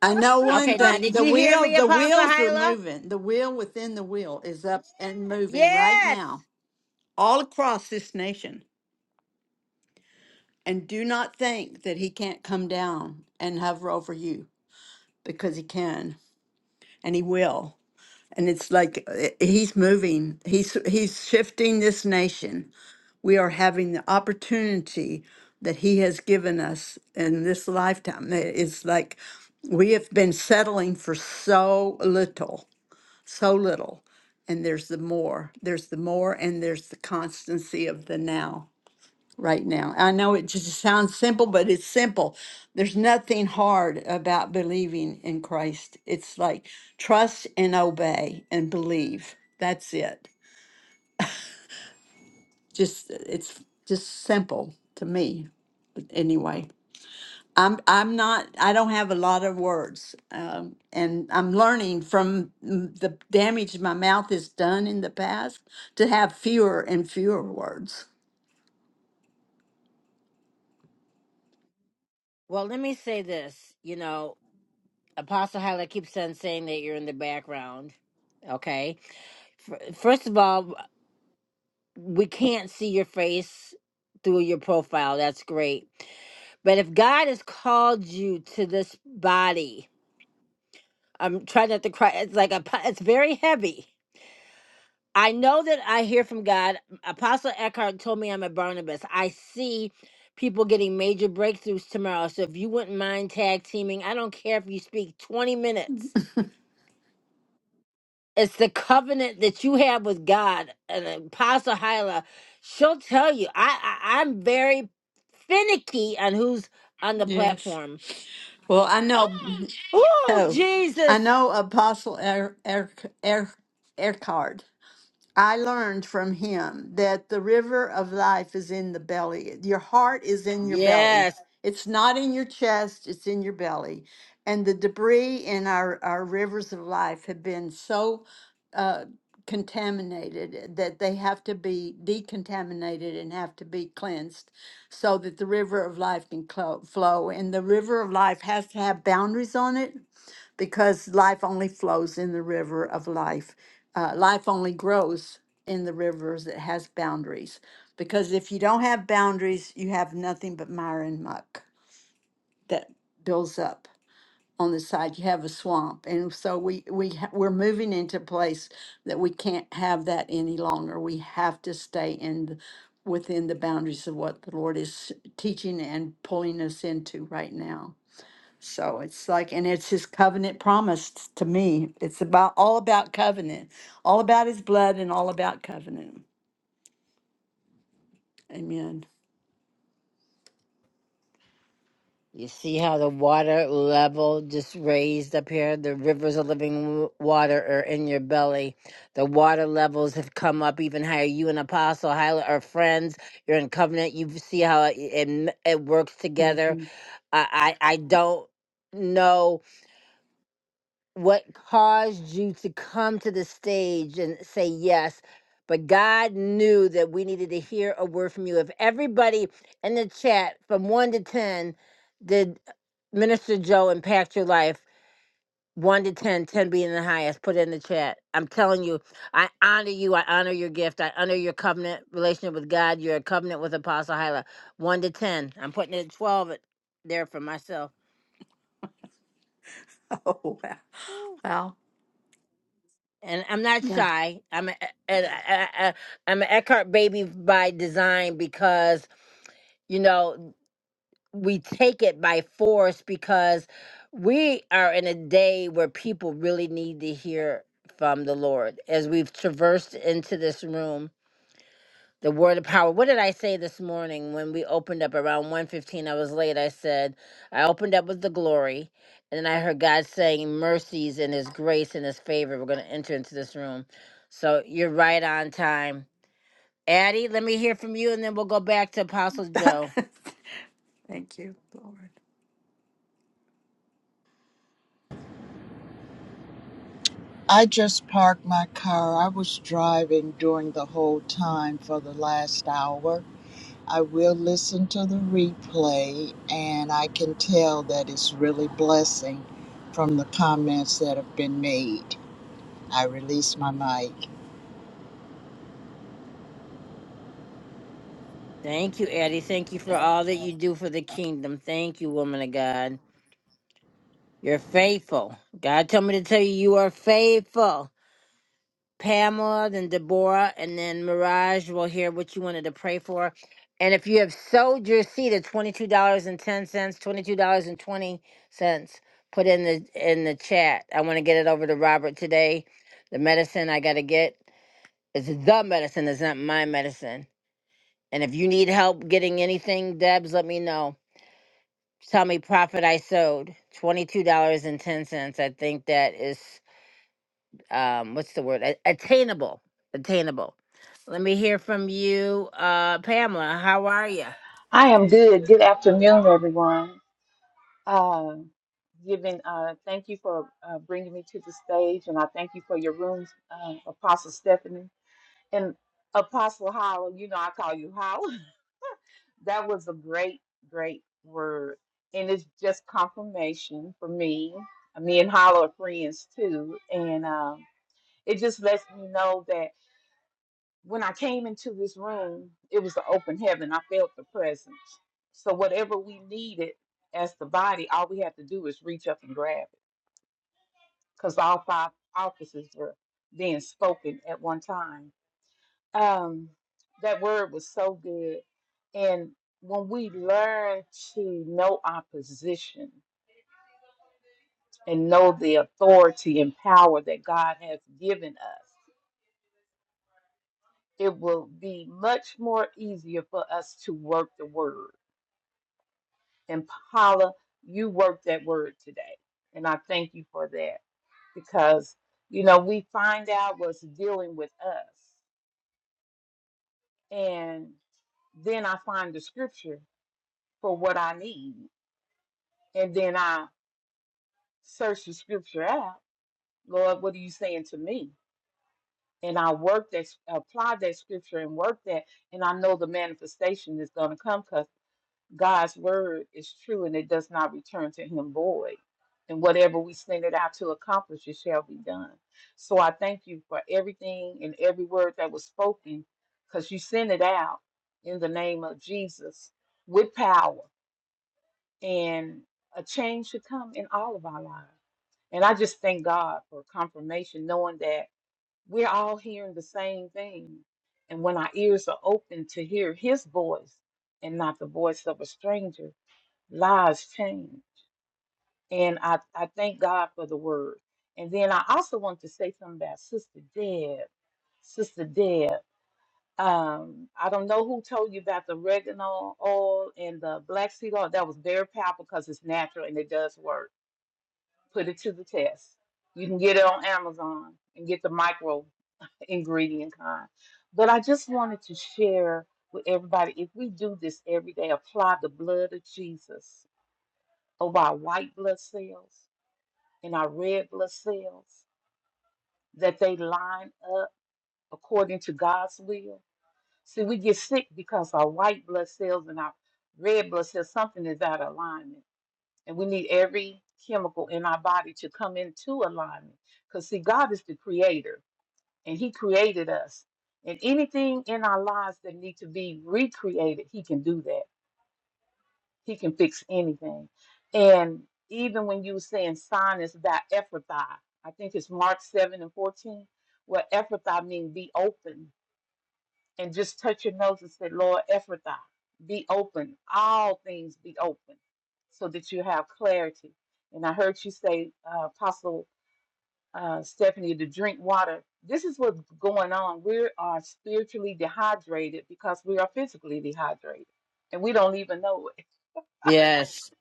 J: I know one
A: Okay, now
B: [LAUGHS]
J: thing.
A: did
J: The
A: you hear
J: wheel,
A: me,
J: the
A: Apostle
J: wheels are
A: Hyla?
J: moving. The wheel within the wheel is up and moving right
A: Yes.
J: now, all across this nation. And do not think that he can't come down and hover over you because he can and he will. And it's like uh, he's moving, he's he's shifting this nation. We are having the opportunity that he has given us in this lifetime. It- It's like we have been settling for so little, so little. And there's the more, there's the more, and there's the constancy of the now right now. I know it just sounds simple, but it's simple. There's nothing hard about believing in Christ. It's like trust and obey and believe. That's it. Just it's just simple to me. But anyway, I'm I'm not I don't have a lot of words, um, and I'm learning from mm, the damage my mouth has done in the past to have fewer and fewer words.
A: Well, let me say this. You know, Apostle Hyla keeps on saying that you're in the background. Okay. F- First of all, we can't see your face through your profile. That's great. But if God has called you to this body, I'm trying not to cry. It's like a, po- it's very heavy. I know that I hear from God. Apostle Eckhart told me I'm a Barnabas. I see people getting major breakthroughs tomorrow. So if you wouldn't mind tag teaming, I don't care if you speak 20 minutes. It's the covenant that you have with God. And Apostle Hyla, she'll tell you. I, I I'm very finicky on who's on the
J: Yes.
A: platform.
J: Well, I know.
A: Oh
J: So
A: Jesus!
J: I know Apostle er, er, er, Eckhart. I learned from him that the river of life is in the belly. Your heart is in your belly.
A: Yes.
J: It's not in your chest, it's in your belly. And the debris in our, our rivers of life have been so uh, contaminated that they have to be decontaminated and have to be cleansed so that the river of life can clo- flow. And the river of life has to have boundaries on it because life only flows in the river of life. Uh, life only grows in the rivers that has boundaries. Because if you don't have boundaries, you have nothing but mire and muck that builds up on the side. You have a swamp, and so we we ha- we're moving into a place that we can't have that any longer. We have to stay in the, within the boundaries of what the Lord is teaching and pulling us into right now. So it's like, and it's his covenant promise t- to me. It's about all about covenant, all about his blood, and all about covenant. Amen.
A: You see how the water level just raised up here? The rivers of living w- water are in your belly. The water levels have come up even higher. You and Apostle Hyla are friends. You're in covenant. You see how it, it, it works together.
J: Mhm. [LAUGHS]
A: I, I, I don't know what caused you to come to the stage and say yes but god knew that we needed to hear a word from you if everybody in the chat from 1 to 10 did minister joe impact your life 1 to 10, 10 being the highest put it in the chat i'm telling you i honor you i honor your gift i honor your covenant relationship with god you're a covenant with apostle hyla 1 to 10 i'm putting it at 12 there for myself
J: Oh wow, wow,
A: and I'm not
J: yeah.
A: shy. I'm a, and I, I, I- I'm an Eckhart baby by design because you know we take it by force because we are in a day where people really need to hear from the Lord as we've traversed into this room the word of power what did i say this morning when we opened up around one fifteen? i was late i said i opened up with the glory and then i heard god saying mercies and his grace and his favor we're going to enter into this room so you're right on time addie let me hear from you and then we'll go back to apostle joe
J: [LAUGHS] Thank you, Lord.
K: I just parked my car. I was driving during the whole time for the last hour. I will listen to the replay, and I can tell that it's really blessing from the comments that have been made. I release my mic.
A: thank you addie thank you for all that you do for the kingdom thank you woman of god you're faithful god told me to tell you you are faithful Pamela, then Deborah, and then Mirage will hear what you wanted to pray for. And if you have sold your seed at twenty two dollars and ten cents, twenty two dollars and twenty cents, put in the in the chat. I want to get it over to Robert today. The medicine I got to get is the medicine. It's not my medicine. And if you need help getting anything, Debs, let me know. Tell me profit I sold twenty two dollars and ten cents. I think that is um what's the word A- attainable attainable let me hear from you uh pamela how are you
L: I am good. Good afternoon, everyone. Uh, given, uh, thank you for uh, bringing me to the stage, and I thank you for your rooms, uh, Apostle Stephanie and Apostle Howell. You know, I call you Howell. [LAUGHS] That was a great, great word, and it's just confirmation for me. Me and Howell are friends too, and um, it just lets me know that when I came into this room, it was an open heaven. I felt the presence. So whatever we needed as the body, all we had to do was reach up and grab it, because all five offices were being spoken at one time. Um, that word was so good, and when we learn to know our position and know the authority and power that God has given us, it will be much more easier for us to work the word And Paula, you worked that word today. And I thank you for that because, you know, we find out what's dealing with us. And then I find the scripture for what I need. And then I search the scripture out. Lord, what are you saying to me? And I work that, apply that scripture and work that. And I know the manifestation is going to come 'cause God's word is true and it does not return to him void. And whatever we send it out to accomplish, it shall be done. So I thank you for everything and every word that was spoken because you sent it out in the name of Jesus with power and a change should come in all of our lives. And I just thank God for confirmation, knowing that we're all hearing the same thing. And when our ears are open to hear his voice and not the voice of a stranger, lives change. And I, I thank God for the word. And then I also want to say something about Sister Deb. Sister Deb, um, I don't know who told you about the oregano oil and the black seed oil. That was very powerful because it's natural and it does work. Put it to the test. You can get it on Amazon and get the micro ingredient kind. But I just wanted to share with everybody if we do this every day, apply the blood of Jesus over our white blood cells in our red blood cells, that they line up according to God's will. See, we get sick because our white blood cells and our red blood cells, something is out of alignment. And we need every chemical in our body to come into alignment. Because, see, God is the creator and He created us. And anything in our lives that need to be recreated, He can do that. He can fix anything. And even when you were saying sinus that Ephrathah, I think it's Mark 7 and 14, where Ephrathah means be open. And just touch your nose and say, Lord, Ephrathah, be open. All things be open so that you have clarity. And I heard you say, uh, Apostle uh, Stephanie, to drink water. This is what's going on. We are spiritually dehydrated because we are physically dehydrated and we don't even know it.
A: Yes.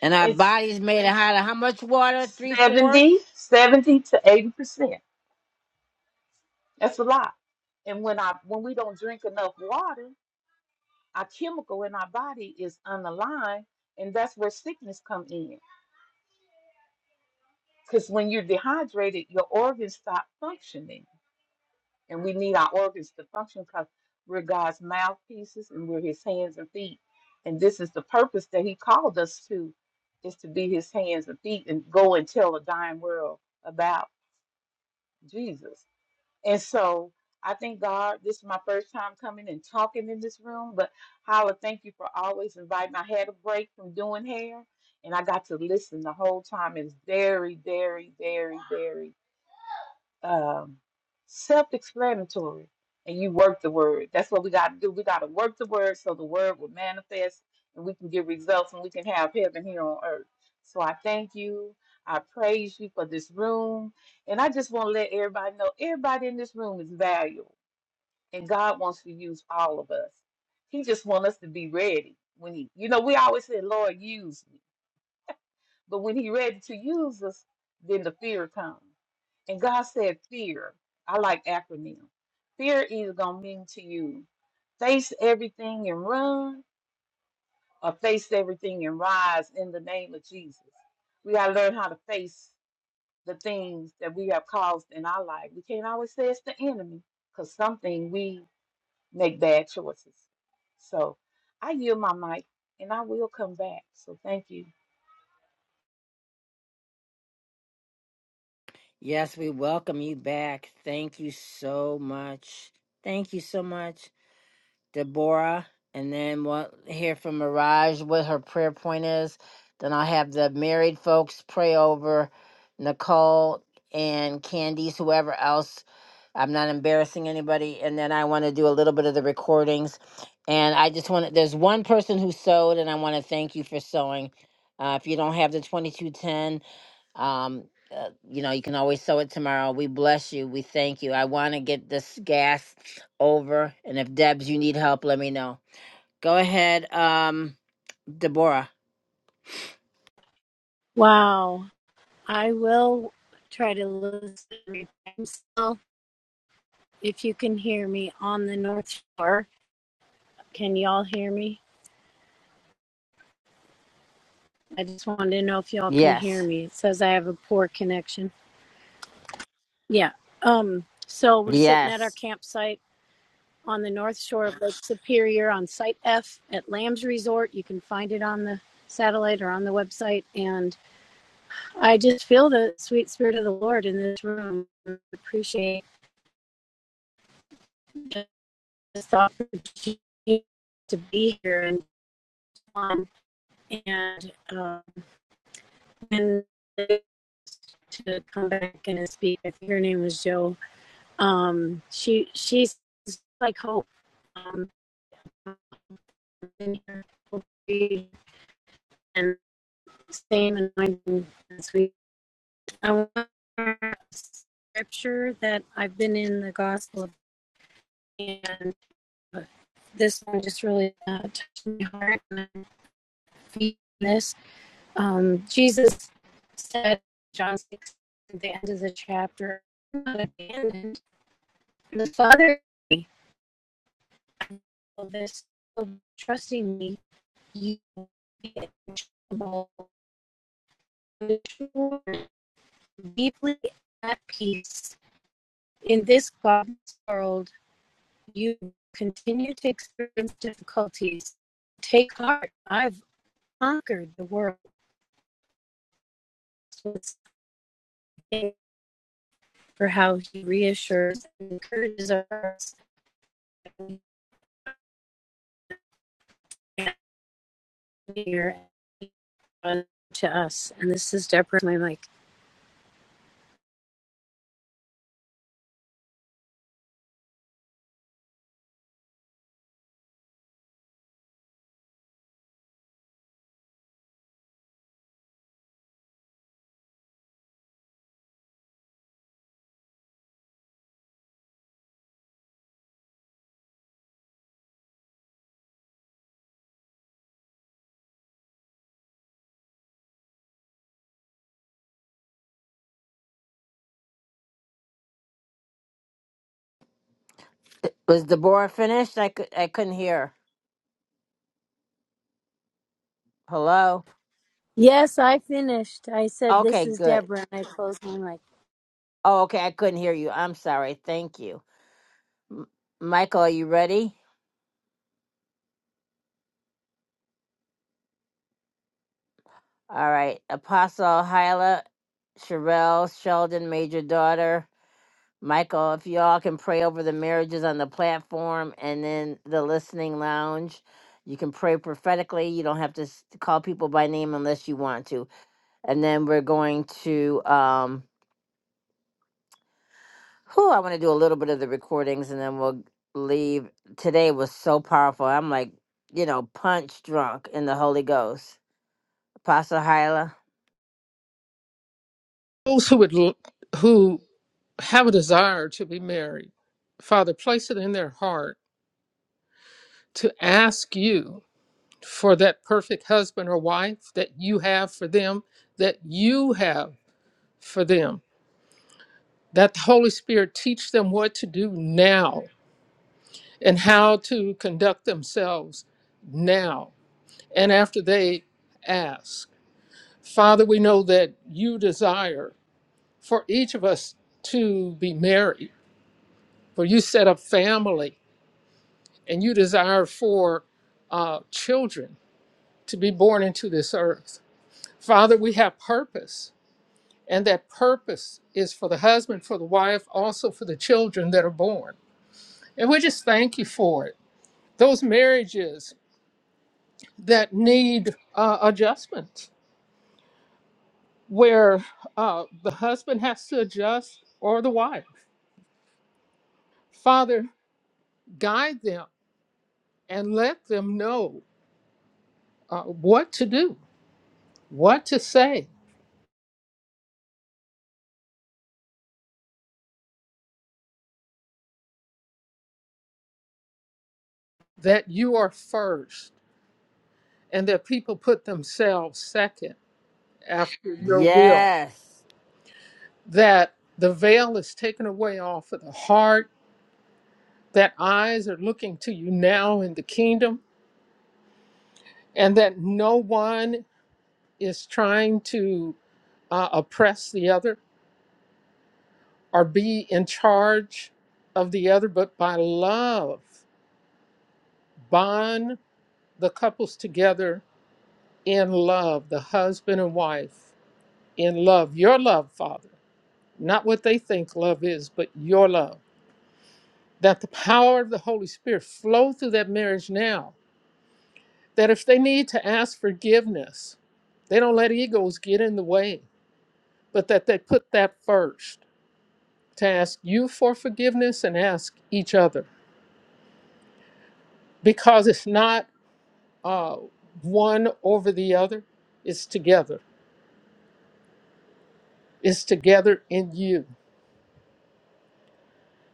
A: and our
L: It's
A: bodies made it out of how much water three
L: 70,
A: fourths
L: 70 to 80%. That's a lot. And when I when we don't drink enough water, our chemical in our body is unaligned, and that's where sickness come in. Because when you're dehydrated, your organs stop functioning. And we need our organs to function because we're God's mouthpieces and we're his hands and feet. And this is the purpose that he called us to, is to be his hands and feet and go and tell a dying world about Jesus. And so I thank God this is my first time coming and talking in this room. But Holla, thank you for always inviting. I had a break from doing hair and I got to listen the whole time. It's very, very, very, very, um, self-explanatory and you work the word that's what we got to do we got to work the word so the word will manifest and we can get results and we can have heaven here on earth so i thank you i praise you for this room and i just want to let everybody know everybody in this room is valuable and god wants to use all of us he just wants us to be ready when he you know we always say lord use me but when he ready to use us, then the fear comes. And God said, Fear. I like acronym. Fear is gonna mean to you face everything and run, or face everything and rise in the name of Jesus. We gotta learn how to face the things that we have caused in our life. We can't always say it's the enemy, because something we make bad choices. So I yield my mic and I will come back. So thank you.
A: yes we welcome you back thank you so much thank you so much Deborah, and then we'll hear from Mirage what her prayer point is. Then I'll have the married folks pray over Nicole and Candice, whoever else. I'm not embarrassing anybody. And then I want to do a little bit of the recordings. And I just want to, there's one person who sewed, and I want to thank you for sewing. Uh, if you don't have the 2210, um, uh, you know, you can always sow it tomorrow. We bless you. We thank you. I want to get this gas over. And if Debs, you need help, let me know. Go ahead, um, Deborah.
M: Wow. I will try to listen. I'm still, if you can hear me on the North Shore, can y'all hear me? I just wanted to know if y'all can hear
A: Yes.
M: me. It says I have a poor connection. Yeah. Um. So we're sitting at our
A: Yes.
M: campsite on the North Shore of Lake Superior on Site F at Lamb's Resort. You can find it on the satellite or on the website. And I just feel the sweet spirit of the Lord in this room. Appreciate. this opportunity to be here and um, and uh, and to come back and speak. I think her name was Jo. Um, she she's like hope. Um, and same anointing this week. I want a scripture that I've been in the Gospel of and uh, this one just really uh, touched my heart and I'm feeling this Um, Jesus said, John 6, at the end of the chapter, "I'm not abandoned. The Father of this of trusting me, you will be unshakable, deeply at peace. In this godless world, you continue to experience difficulties. Take heart, I've conquered the world. So it's thank for how he reassures and encourages us. here. on to us. And this is Deborah. My mic.
A: Was Deborah finished? I, could, I couldn't hear. her. Hello?
M: Yes, I finished. I said, This
A: Okay,
M: is
A: good.
M: Deborah, and I closed my mic.
A: Oh, okay. I couldn't hear you. I'm sorry. Thank you. M- Michael, are you ready? All right. Apostle Hyla, Sherelle, Sheldon, Major Daughter. Michael, if y'all can pray over the marriages on the platform and then the listening lounge, you can pray prophetically. You don't have to s- call people by name unless you want to. And then we're going to, um, who I want to do a little bit of the recordings and then we'll leave. Today was so powerful. I'm like, you know, punch drunk in the Holy Ghost. Apostle Hyla.
B: Those who would l- who have a desire to be married, Father, place it in their heart to ask you for that perfect husband or wife that you have for them, that you have for them. That the Holy Spirit teach them what to do now and how to conduct themselves now and after they ask. Father, we know that you desire for each of us to be married, for you set up family and you desire for uh, children to be born into this earth. Father, we have purpose, and that purpose is for the husband, for the wife, also for the children that are born. And we just thank you for it. Those marriages that need uh, adjustment, where uh, the husband has to adjust or the wife. Father, guide them and let them know uh, what to do, what to say, that you are first, and that people put themselves second after your will.
A: Yes.
B: that the veil is taken away off of the heart, that eyes are looking to you now in the kingdom, and that no one is trying to uh, oppress the other or be in charge of the other, but by love, bond the couples together in love, the husband and wife in love, your love, Father, not what they think love is, but your love. That the power of the Holy Spirit flow through that marriage now that if they need to ask forgiveness, they don't let egos get in the way, but that they put that first to ask you for forgiveness and ask each other because it's not uh, one over the other, it's together. It's together in you.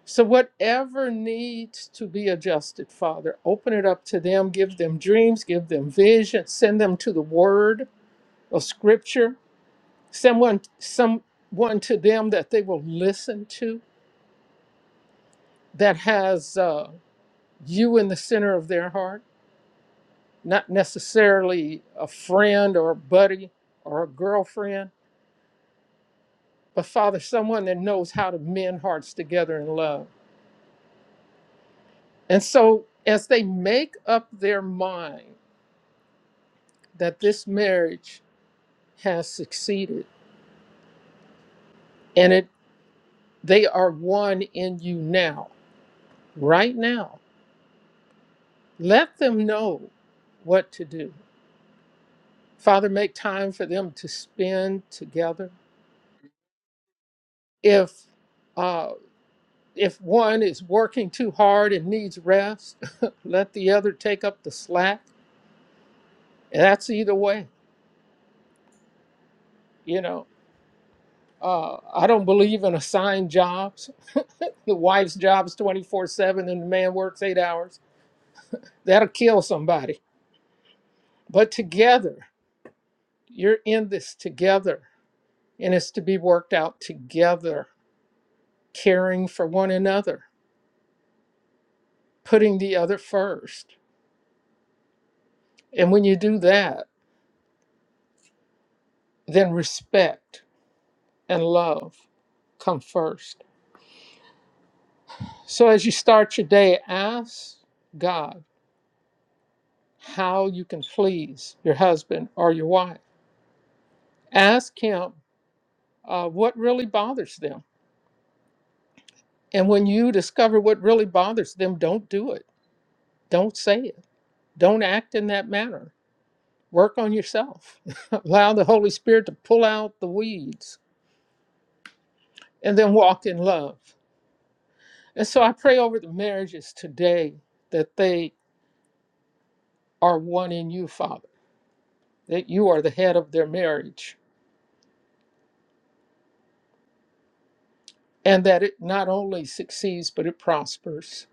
B: So, whatever needs to be adjusted, Father, open it up to them, give them dreams, give them vision, send them to the word of scripture someone someone to them that they will listen to that has uh, you in the center of their heart not necessarily a friend or a buddy or a girlfriend but father someone that knows how to mend hearts together in love and so as they make up their mind that this marriage has succeeded and it they are one in you now right now let them know what to do Father, make time for them to spend together. If uh, if one is working too hard and needs rest, [LAUGHS] let the other take up the slack. And that's either way. You know, uh, I don't believe in assigned jobs. [LAUGHS] The wife's job is 24 7 and the man works eight hours. That'll kill somebody. But together, you're in this together. And it's to be worked out together, caring for one another, putting the other first And when you do that, then respect and love come first. So as you start your day, ask God how you can please your husband or your wife. Ask Him uh, what really bothers them. And when you discover what really bothers them, don't do it. Don't say it. Don't act in that manner. Work on yourself. [LAUGHS] Allow the Holy Spirit to pull out the weeds and then walk in love. And so I pray over the marriages today that they are one in you, Father, that you are the head of their marriage, and that it not only succeeds, but it prospers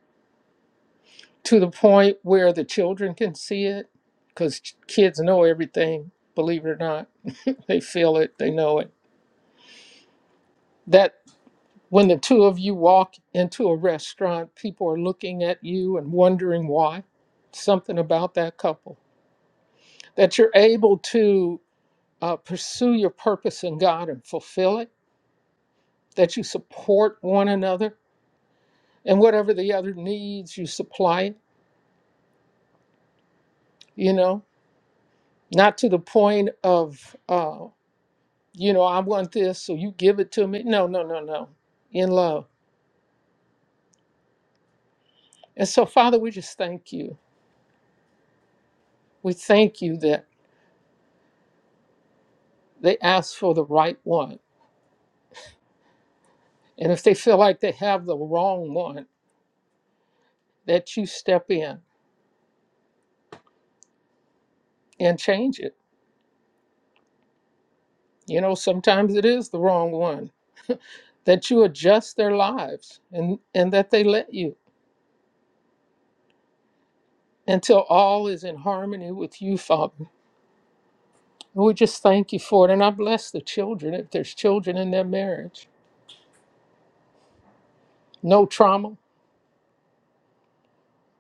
B: to the point where the children can see it, because kids know everything, believe it or not. They feel it, they know it. That when the two of you walk into a restaurant, people are looking at you and wondering why. Something about that couple. That you're able to uh, pursue your purpose in God and fulfill it, that you support one another, and whatever the other needs, you supply it, you know, not to the point of, uh, you know, I want this, so you give it to me. No, no, no, no, in love. And so, Father, we just thank you. We thank you that they ask for the right one. And if they feel like they have the wrong one, that you step in and change it. You know, sometimes it is the wrong one that you adjust their lives and, and that they let you until all is in harmony with you, Father. And we just thank you for it. And I bless the children if there's children in their marriage. No trauma,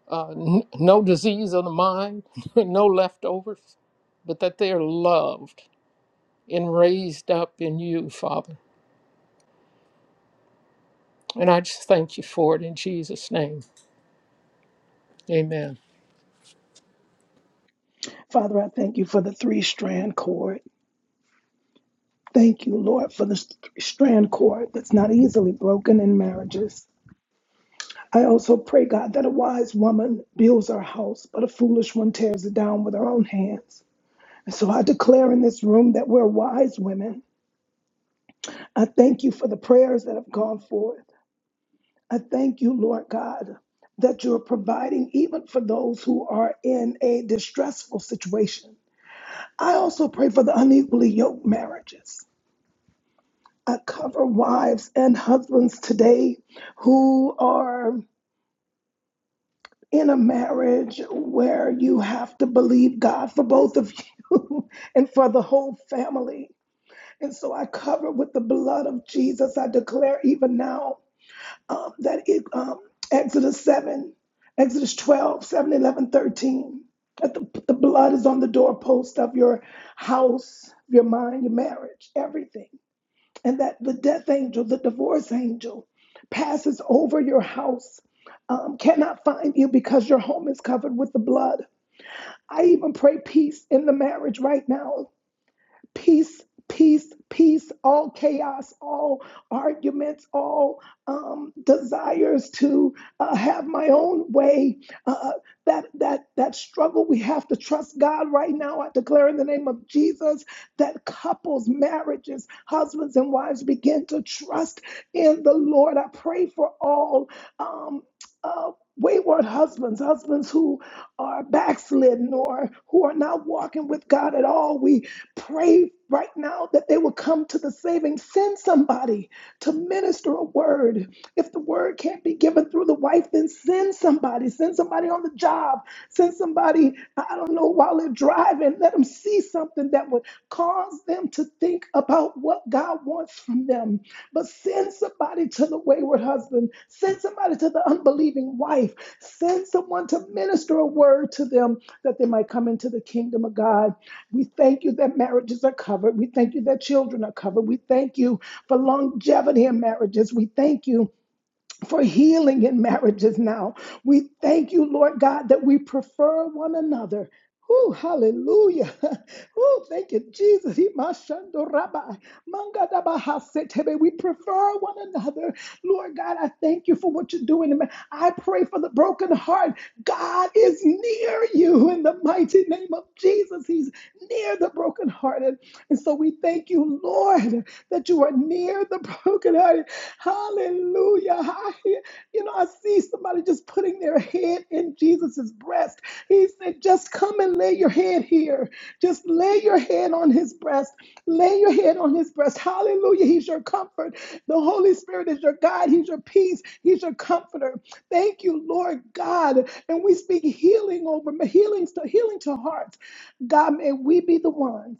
B: uh, n- no disease of the mind, [LAUGHS] no leftovers, but that they are loved and raised up in you, Father. And I just thank you for it in Jesus' name. Amen.
C: Father, I thank you for the three strand cord. Thank you, Lord, for the st- strand cord that's not easily broken in marriages. I also pray, God, that a wise woman builds her house, but a foolish one tears it down with her own hands. And so I declare in this room that we're wise women. I thank you for the prayers that have gone forth. I thank you, Lord God, that you're providing even for those who are in a distressful situation. I also pray for the unequally yoked marriages. I cover wives and husbands today who are in a marriage where you have to believe God for both of you [LAUGHS] and for the whole family. And so I cover with the blood of Jesus. I declare even now um, that it, um, Exodus 7, Exodus 12, 7, 11, 13, that the, the blood is on the doorpost of your house, your mind, your marriage, everything and that the death angel, the divorce angel, passes over your house, um, cannot find you because your home is covered with the blood. I even pray peace in the marriage right now peace, peace, peace, all chaos, all arguments, all um, desires to uh, have my own way. Uh, uh, that that that struggle, we have to trust God right now. I declare in the name of Jesus that couples, marriages, husbands and wives begin to trust in the Lord. I pray for all. Um, uh, Wayward husbands, husbands who are backslidden or who are not walking with God at all. We Pray right now that they will come to the saving. Send somebody to minister a word. If the word can't be given through the wife, then send somebody. Send somebody on the job. Send somebody, I don't know, while they're driving. Let them see something that would cause them to think about what God wants from them. But send somebody to the wayward husband. Send somebody to the unbelieving wife. Send someone to minister a word to them that they might come into the kingdom of God. We thank you that marriages are covered. We thank you that children are covered. We thank you for longevity in marriages. We thank you for healing in marriages now. We thank you, Lord God, that we prefer one another. Ooh, hallelujah. [LAUGHS] Ooh, thank you, Jesus. Himashando rabai, mangadabahasetebe. We prefer one another. Lord God, I thank you for what you're doing. in ma- I pray for the broken heart. God is near you in the mighty name of Jesus. He's near the brokenhearted. And so we thank you, Lord, that you are near the [LAUGHS] brokenhearted Hallelujah. [LAUGHS] I hear, you know, I see somebody just putting their head in Jesus's breast. He said, just come and lay your head here. Just lay your head on his breast. Lay your head on his breast. Hallelujah. He's your comfort. The Holy Spirit is your guide. He's your peace. He's your comforter. Thank you, Lord God. And we speak healing over healing to healing to hearts. God, may we be the ones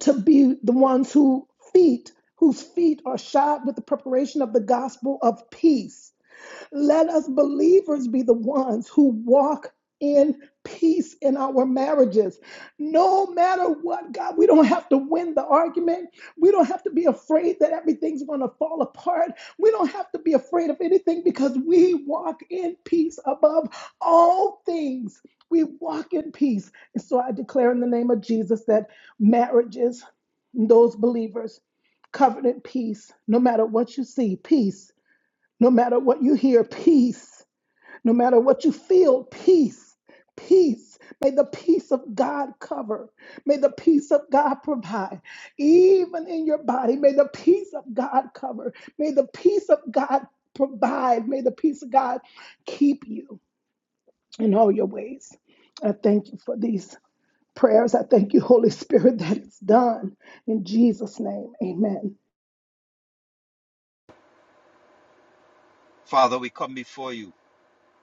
C: to be the ones who feet whose feet are shod with the preparation of the gospel of peace. Let us believers be the ones who walk in peace in our marriages. No matter what, God, we don't have to win the argument. We don't have to be afraid that everything's going to fall apart. We don't have to be afraid of anything because we walk in peace above all things. We walk in peace. And so I declare in the name of Jesus that marriages those believers covered in peace, no matter what you see, peace, no matter what you hear, peace, no matter what you feel, peace, peace. May the peace of God cover. May the peace of God provide. Even in your body, may the peace of God cover. May the peace of God provide. May the peace of God keep you in all your ways. I thank you for these prayers. I thank you, Holy Spirit, that it's done. In Jesus' name, amen.
D: Father, we come before you.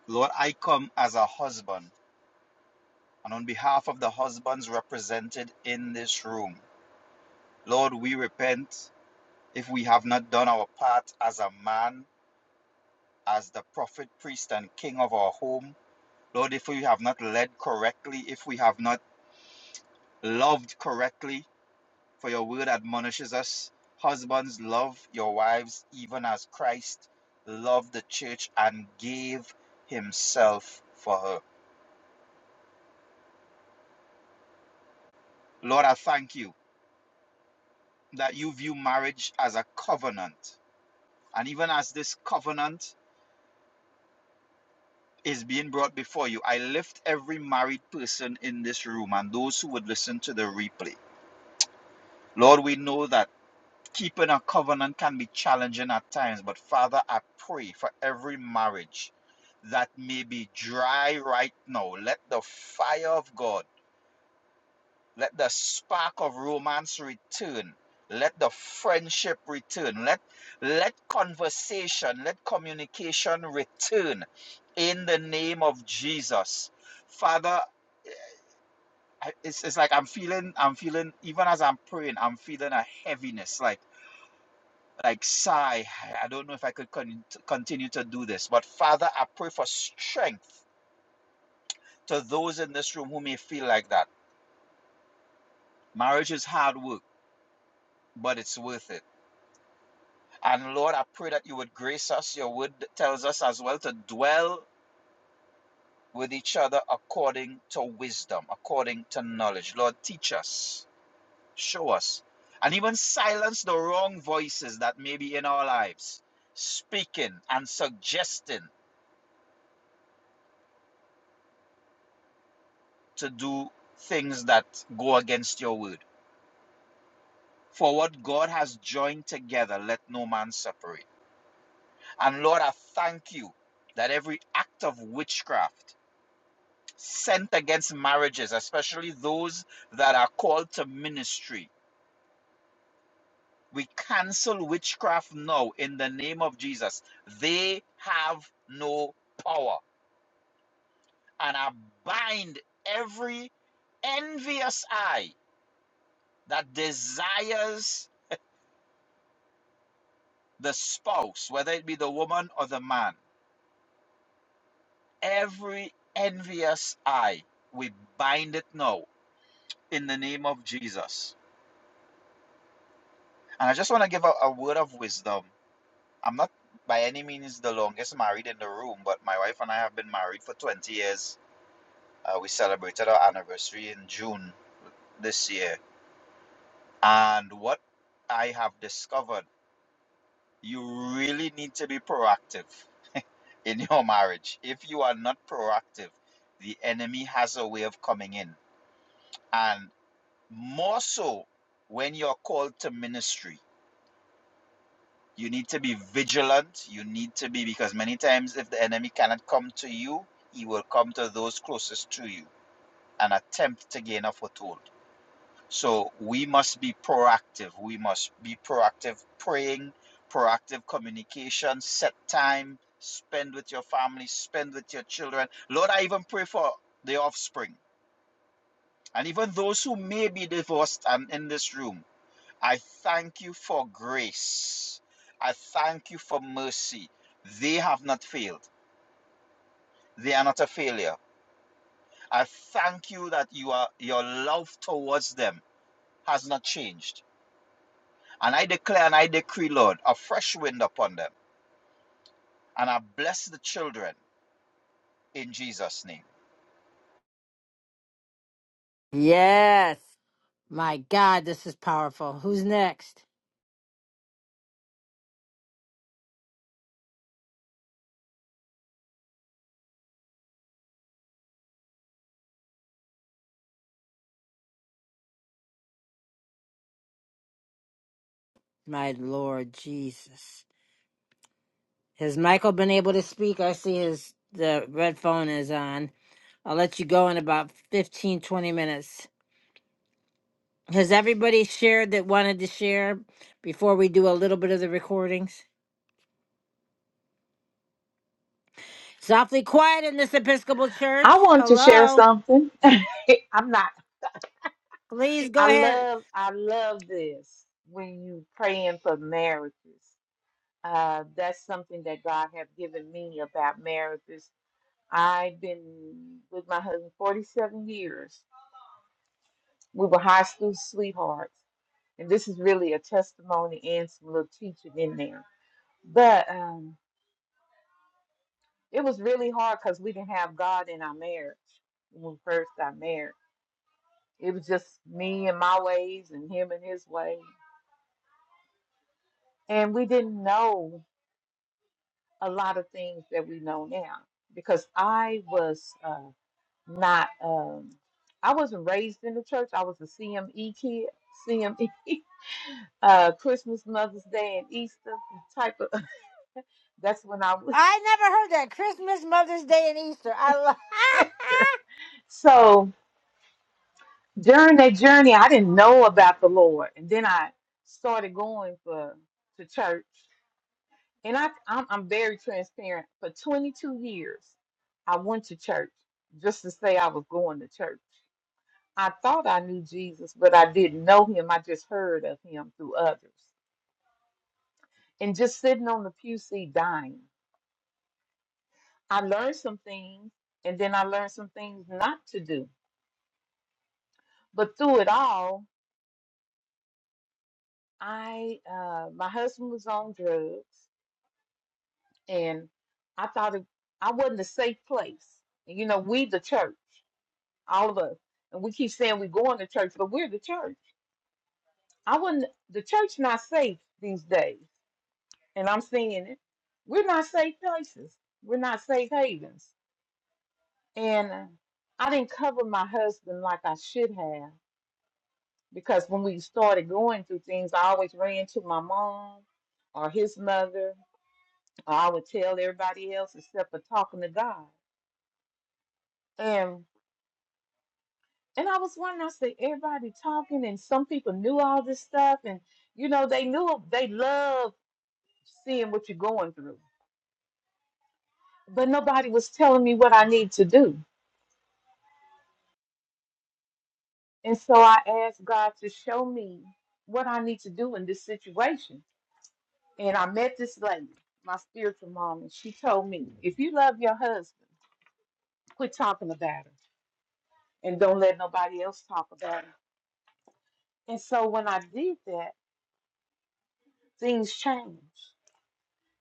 D: Lord, I come as a husband, and on behalf of the husbands represented in this room, Lord, we repent if we have not done our part as a man, as the prophet, priest, and king of our home. Lord, if we have not led correctly, if we have not loved correctly, For your word admonishes us, husbands, love your wives, even as Christ loved the church and gave himself for her. Lord, I thank you that you view marriage as a covenant. And even as this covenant is being brought before you, I lift every married person in this room and those who would listen to the replay. Lord, we know that. Keeping a covenant can be challenging at times, but Father, I pray for every marriage that may be dry right now. Let the fire of God, let the spark of romance return. Let the friendship return. Let let conversation, let communication return in the name of Jesus. Father, it's, it's like I'm feeling, I'm feeling, even as I'm praying, I'm feeling a heaviness. Like like sigh i don't know if i could con- continue to do this but father i pray for strength to those in this room who may feel like that marriage is hard work but it's worth it and lord i pray that you would grace us your word tells us as well to dwell with each other according to wisdom according to knowledge lord teach us show us and even silence the wrong voices that may be in our lives speaking and suggesting to do things that go against your word. For what God has joined together, let no man separate. And Lord, I thank you that every act of witchcraft sent against marriages, especially those that are called to ministry, we cancel witchcraft now in the name of Jesus. They have no power. And I bind every envious eye that desires the spouse, whether it be the woman or the man, every envious eye, we bind it now in the name of Jesus. And I just want to give a, a word of wisdom. I'm not by any means the longest married in the room, but my wife and I have been married for 20 years. Uh, we celebrated our anniversary in June this year. And what I have discovered, you really need to be proactive in [LAUGHS] your marriage. If you are not proactive, the enemy has a way of coming in. And more so when you're called to ministry, you need to be vigilant. You need to be, because many times if the enemy cannot come to you, he will come to those closest to you and attempt to gain a foothold. So we must be proactive. We must be proactive praying, proactive communication, set time, spend with your family, spend with your children. Lord, I even pray for the offspring and even those who may be divorced and in this room. I thank you for grace. I thank you for mercy. They have not failed. They are not a failure. I thank you that you are your love towards them has not changed And I declare and I decree, Lord, a fresh wind upon them. And I bless the children in Jesus' name.
A: Yes. My God, this is powerful. Who's next? My Lord Jesus. Has Michael been able to speak? I see his the red phone is on. I'll let you go in about 15 20 minutes. Has everybody shared that wanted to share before we do a little bit of the recordings? Softly quiet in this Episcopal
L: I
A: church.
L: wanted to share
A: Hello.
L: something. [LAUGHS] I'm not.
A: Please go
L: I
A: ahead.
L: love. I love this when you praying for marriages. Uh, that's something that God have given me about marriages. I've been with my husband 47 years. We were high school sweethearts, and this is really a testimony and some little teaching in there. But um, it was really hard because we didn't have God in our marriage when we first got married. It was just me and my ways and him and his way. And we didn't know a lot of things that we know now because I was uh, not, um, I wasn't raised in the church. I was a CME kid, CME, [LAUGHS] uh, Christmas, Mother's Day, and Easter type of. [LAUGHS] That's when I was.
A: I never heard that. Christmas, Mother's Day, and Easter. I love.
L: [LAUGHS] so during that journey, I didn't know about the Lord. And then I started going for to church and I I'm, I'm very transparent. For 22 years, I went to church just to say I was going to church. I thought I knew Jesus, but I didn't know him. I just heard of him through others. And just sitting on the pew seat dying, I learned some things, and then I learned some things not to do. But through it all, I uh, my husband was on drugs, and I thought it, I wasn't a safe place. You know, we the church. all of us. And we keep saying we're going to church, but we're the church. I wouldn't the church not safe these days. And I'm seeing it. We're not safe places. We're not safe havens. And uh, I didn't cover my husband like I should have because when we started going through things, I always ran to my mom or his mother, or I would tell everybody else except for talking to God. and. And I was wondering, I said, everybody talking, and some people knew all this stuff, and you know, they knew they love seeing what you're going through, but nobody was telling me what I need to do. And so I asked God to show me what I need to do in this situation. And I met this lady, my spiritual mom, and she told me, if you love your husband, quit talking about him and don't let nobody else talk about him. And so when I did that, things changed.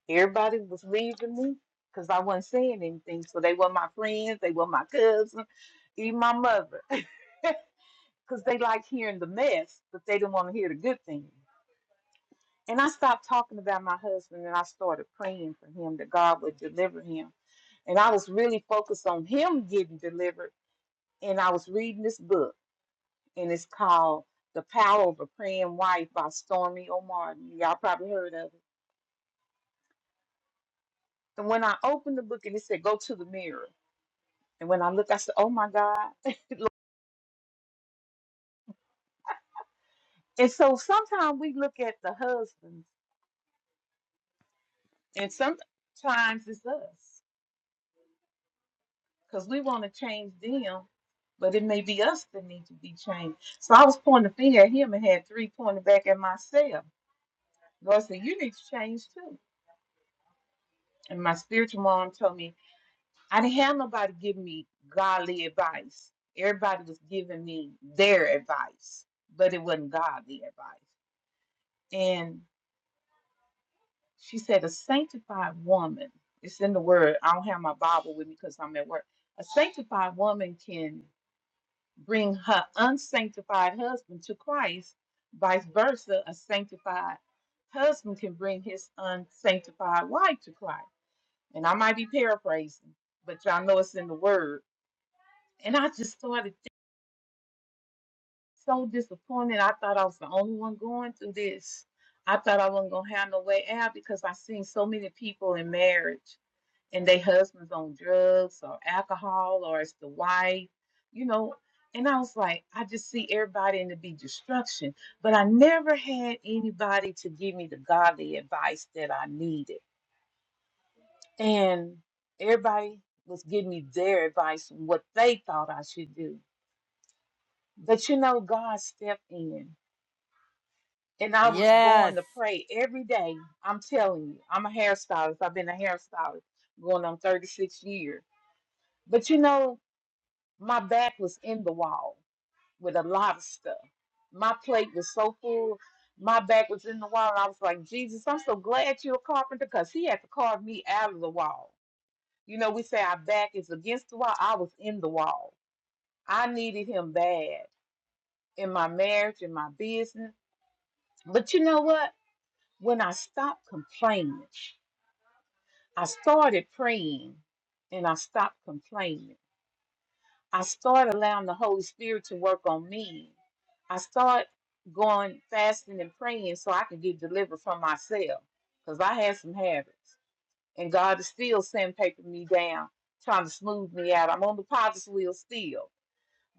L: Everybody was leaving me because I wasn't saying anything. So they were my friends, they were my cousins, even my mother. [LAUGHS] Because they like hearing the mess, but they didn't want to hear the good thing. And I stopped talking about my husband and I started praying for him that God would deliver him. And I was really focused on him getting delivered. And I was reading this book, and it's called The Power of a Praying Wife by Stormy O'Martin. Y'all probably heard of it. And when I opened the book and it said, Go to the mirror. And when I look, I said, "Oh my God!" [LAUGHS] and so sometimes we look at the husbands, and sometimes it's us because we want to change them, but it may be us that need to be changed. So I was pointing a finger at him and had three pointing back at myself. Lord said, "You need to change too." And my spiritual mom told me I didn't have nobody give me godly advice. Everybody was giving me their advice, but it wasn't godly advice. And She said, a sanctified woman, it's in the word. I don't have my Bible with me because I'm at work. A sanctified woman can bring her unsanctified husband to Christ, vice versa. A sanctified husband can bring his unsanctified wife to Christ. And I might be paraphrasing, but y'all know it's in the word. And I just started thi- so disappointed. I thought I was the only one going through this. I thought I wasn't gonna have no way out because I seen so many people in marriage and they husband's on drugs or alcohol or it's the wife, you know. And I was like, I just see everybody in the be destruction. But I never had anybody to give me the godly advice that I needed. And everybody was giving me their advice on what they thought I should do. But you know, God stepped in. And
A: [LAUGHS]
L: I was going to
A: yes.
L: pray every day. I'm telling you, I'm a hairstylist. I've been a hairstylist going on 36 years. But you know, My back was in the wall with a lot of stuff. My plate was so full. My back was in the wall. And I was like, Jesus, I'm so glad you're a carpenter because he had to carve me out of the wall. You know, we say our back is against the wall. I was in the wall. I needed him bad in my marriage, in my business. But you know what? When I stopped complaining, I started praying and I stopped complaining. I start allowing the Holy Spirit to work on me. I start going fasting and praying so I can get delivered from myself because I had some habits. And God is still sandpapering me down, trying to smooth me out. I'm on the potter's wheel still.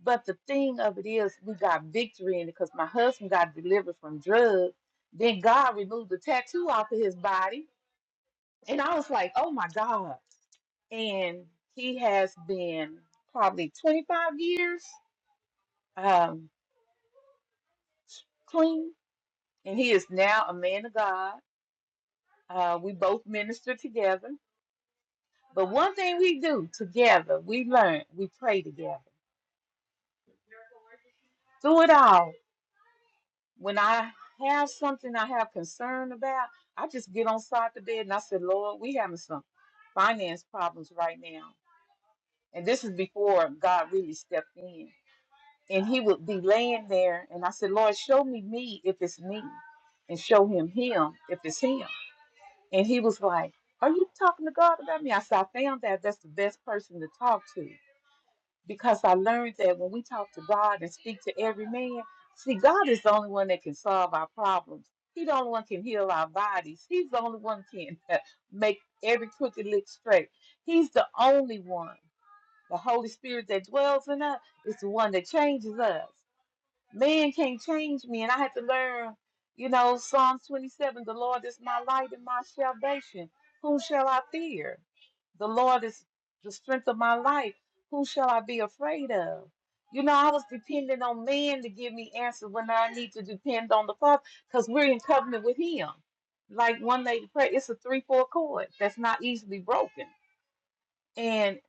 L: But the thing of it is, we got victory in it because my husband got delivered from drugs. Then God removed the tattoo off of his body. And I was like, oh my God. And he has been probably 25 years um, clean, and he is now a man of God. Uh, we both minister together. But one thing we do together, we learn, we pray together. Through it all, when I have something I have concern about, I just get on side the bed and I said, Lord, we having some finance problems right now. And this is before God really stepped in. And he would be laying there and I said, Lord, show me me if it's me and show him him if it's him. And he was like, Are you talking to God about me? I said, I found that that's the best person to talk to because I learned that when we talk to God and speak to every man, see, God is the only one that can solve our problems. He's the only one can heal our bodies. He's the only one can [LAUGHS] make every crooked lick straight. He's the only one. The Holy Spirit that dwells in us is the one that changes us. Man can't change me, and I had to learn, you know, Psalm 27 the Lord is my light and my salvation. Whom shall I fear? The Lord is the strength of my life. Whom shall I be afraid of? You know, I was depending on man to give me answers when I need to depend on the Father because we're in covenant with Him. Like one lady prayed, it's a three-four chord that's not easily broken. And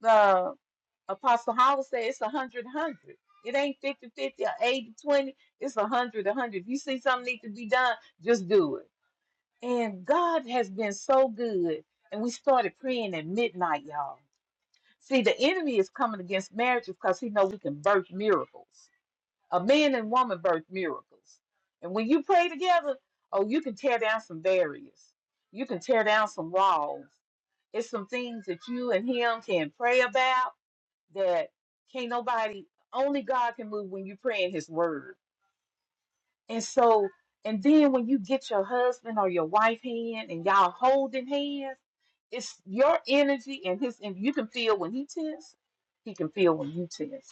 L: the. Apostle Howard said it's a hundred hundred. It ain't fifty-fifty or eighty-twenty. It's a hundred a hundred. If you see something need to be done, just do it. And God has been so good. And we started praying at midnight, y'all. See, the enemy is coming against marriages because he knows we can birth miracles. A man and woman birth miracles. And when you pray together, oh, you can tear down some barriers. You can tear down some walls. It's some things that you and him can pray about that can't nobody only God can move when you pray in his word. And so and then when you get your husband or your wife hand and y'all holding hands, it's your energy and his and you can feel when he tense, he can feel when you tense.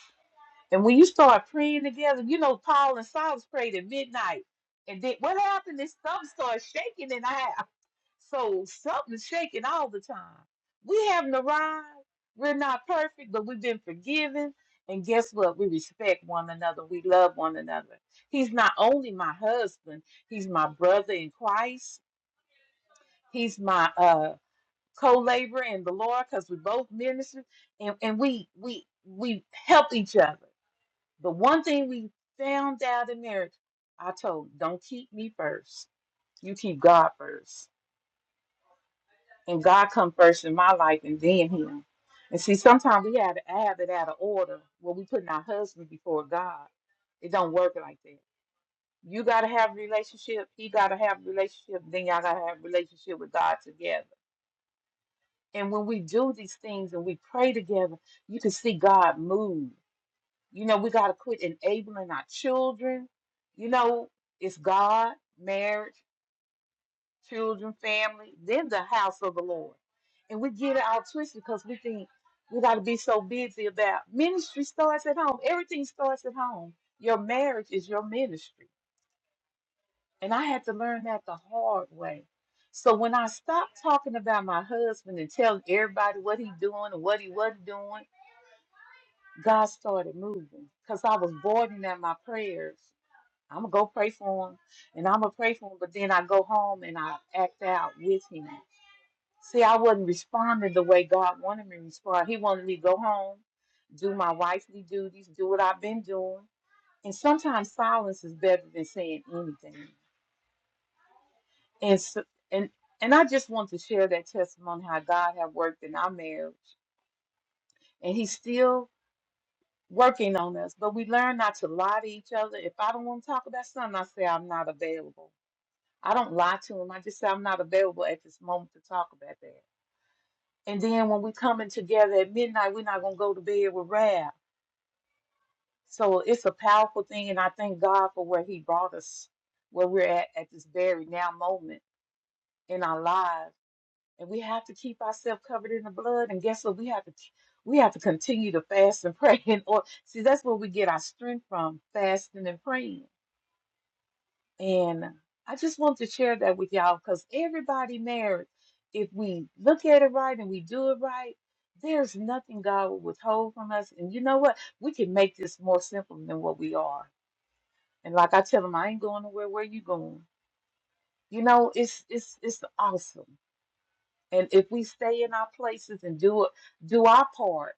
L: And when you start praying together, you know Paul and Silas prayed at midnight. And then what happened is something started shaking in the house. So something's shaking all the time. We haven't arrived. We're not perfect, but we've been forgiven. And guess what? We respect one another. We love one another. He's not only my husband, he's my brother in Christ. He's my uh co-laborer in the Lord because we both ministers and, and we we we help each other. The one thing we found out in marriage, I told him, don't keep me first. You keep God first. and God come first in my life and then him. And see, sometimes we have to have it out of order where we putting our husband before God. It don't work like that. You gotta have a relationship, he gotta have a relationship, then y'all gotta have a relationship with God together. And when we do these things and we pray together, you can see God move. You know, we gotta quit enabling our children. You know, it's God, marriage. children, family, then the house of the Lord. And we get it all twisted because we think we got to be so busy about ministry starts at home. Everything starts at home. Your marriage is your ministry. And I had to learn that the hard way. So when I stopped talking about my husband and telling everybody what he doing and what he wasn't doing, God started moving because I was boarding at my prayers. I'm going to go pray for him and I'm going to pray for him. But then I go home and I act out with him. See, I wasn't responding the way God wanted me to respond. He wanted me to go home, do my wifely duties, do what I've been doing. And sometimes silence is better than saying anything. And s and and I just want to share that testimony how God had worked in our marriage, and He's still working on us. But we learn not to lie to each other. If I don't want to talk about something, I say I'm not available. I don't lie to him. I just say I'm not available at this moment to talk about that. And then when we coming together at midnight, we're not gonna go to bed with wrath. So it's a powerful thing, and I thank God for where He brought us, where we're at at this very now moment in our lives. And we have to keep ourselves covered in the blood. And guess what? We have to we have to continue to fast and pray. [LAUGHS] And or see, that's where we get our strength from, fasting and praying And I just want to share that with y'all because everybody married, if we look at it right and we do it right, there's nothing God will withhold from us. And you know what? We can make this more simple than what we are. And like I tell them, I ain't going nowhere. Where you going? You know, it's it's it's awesome. And if we stay in our places and do it, do our part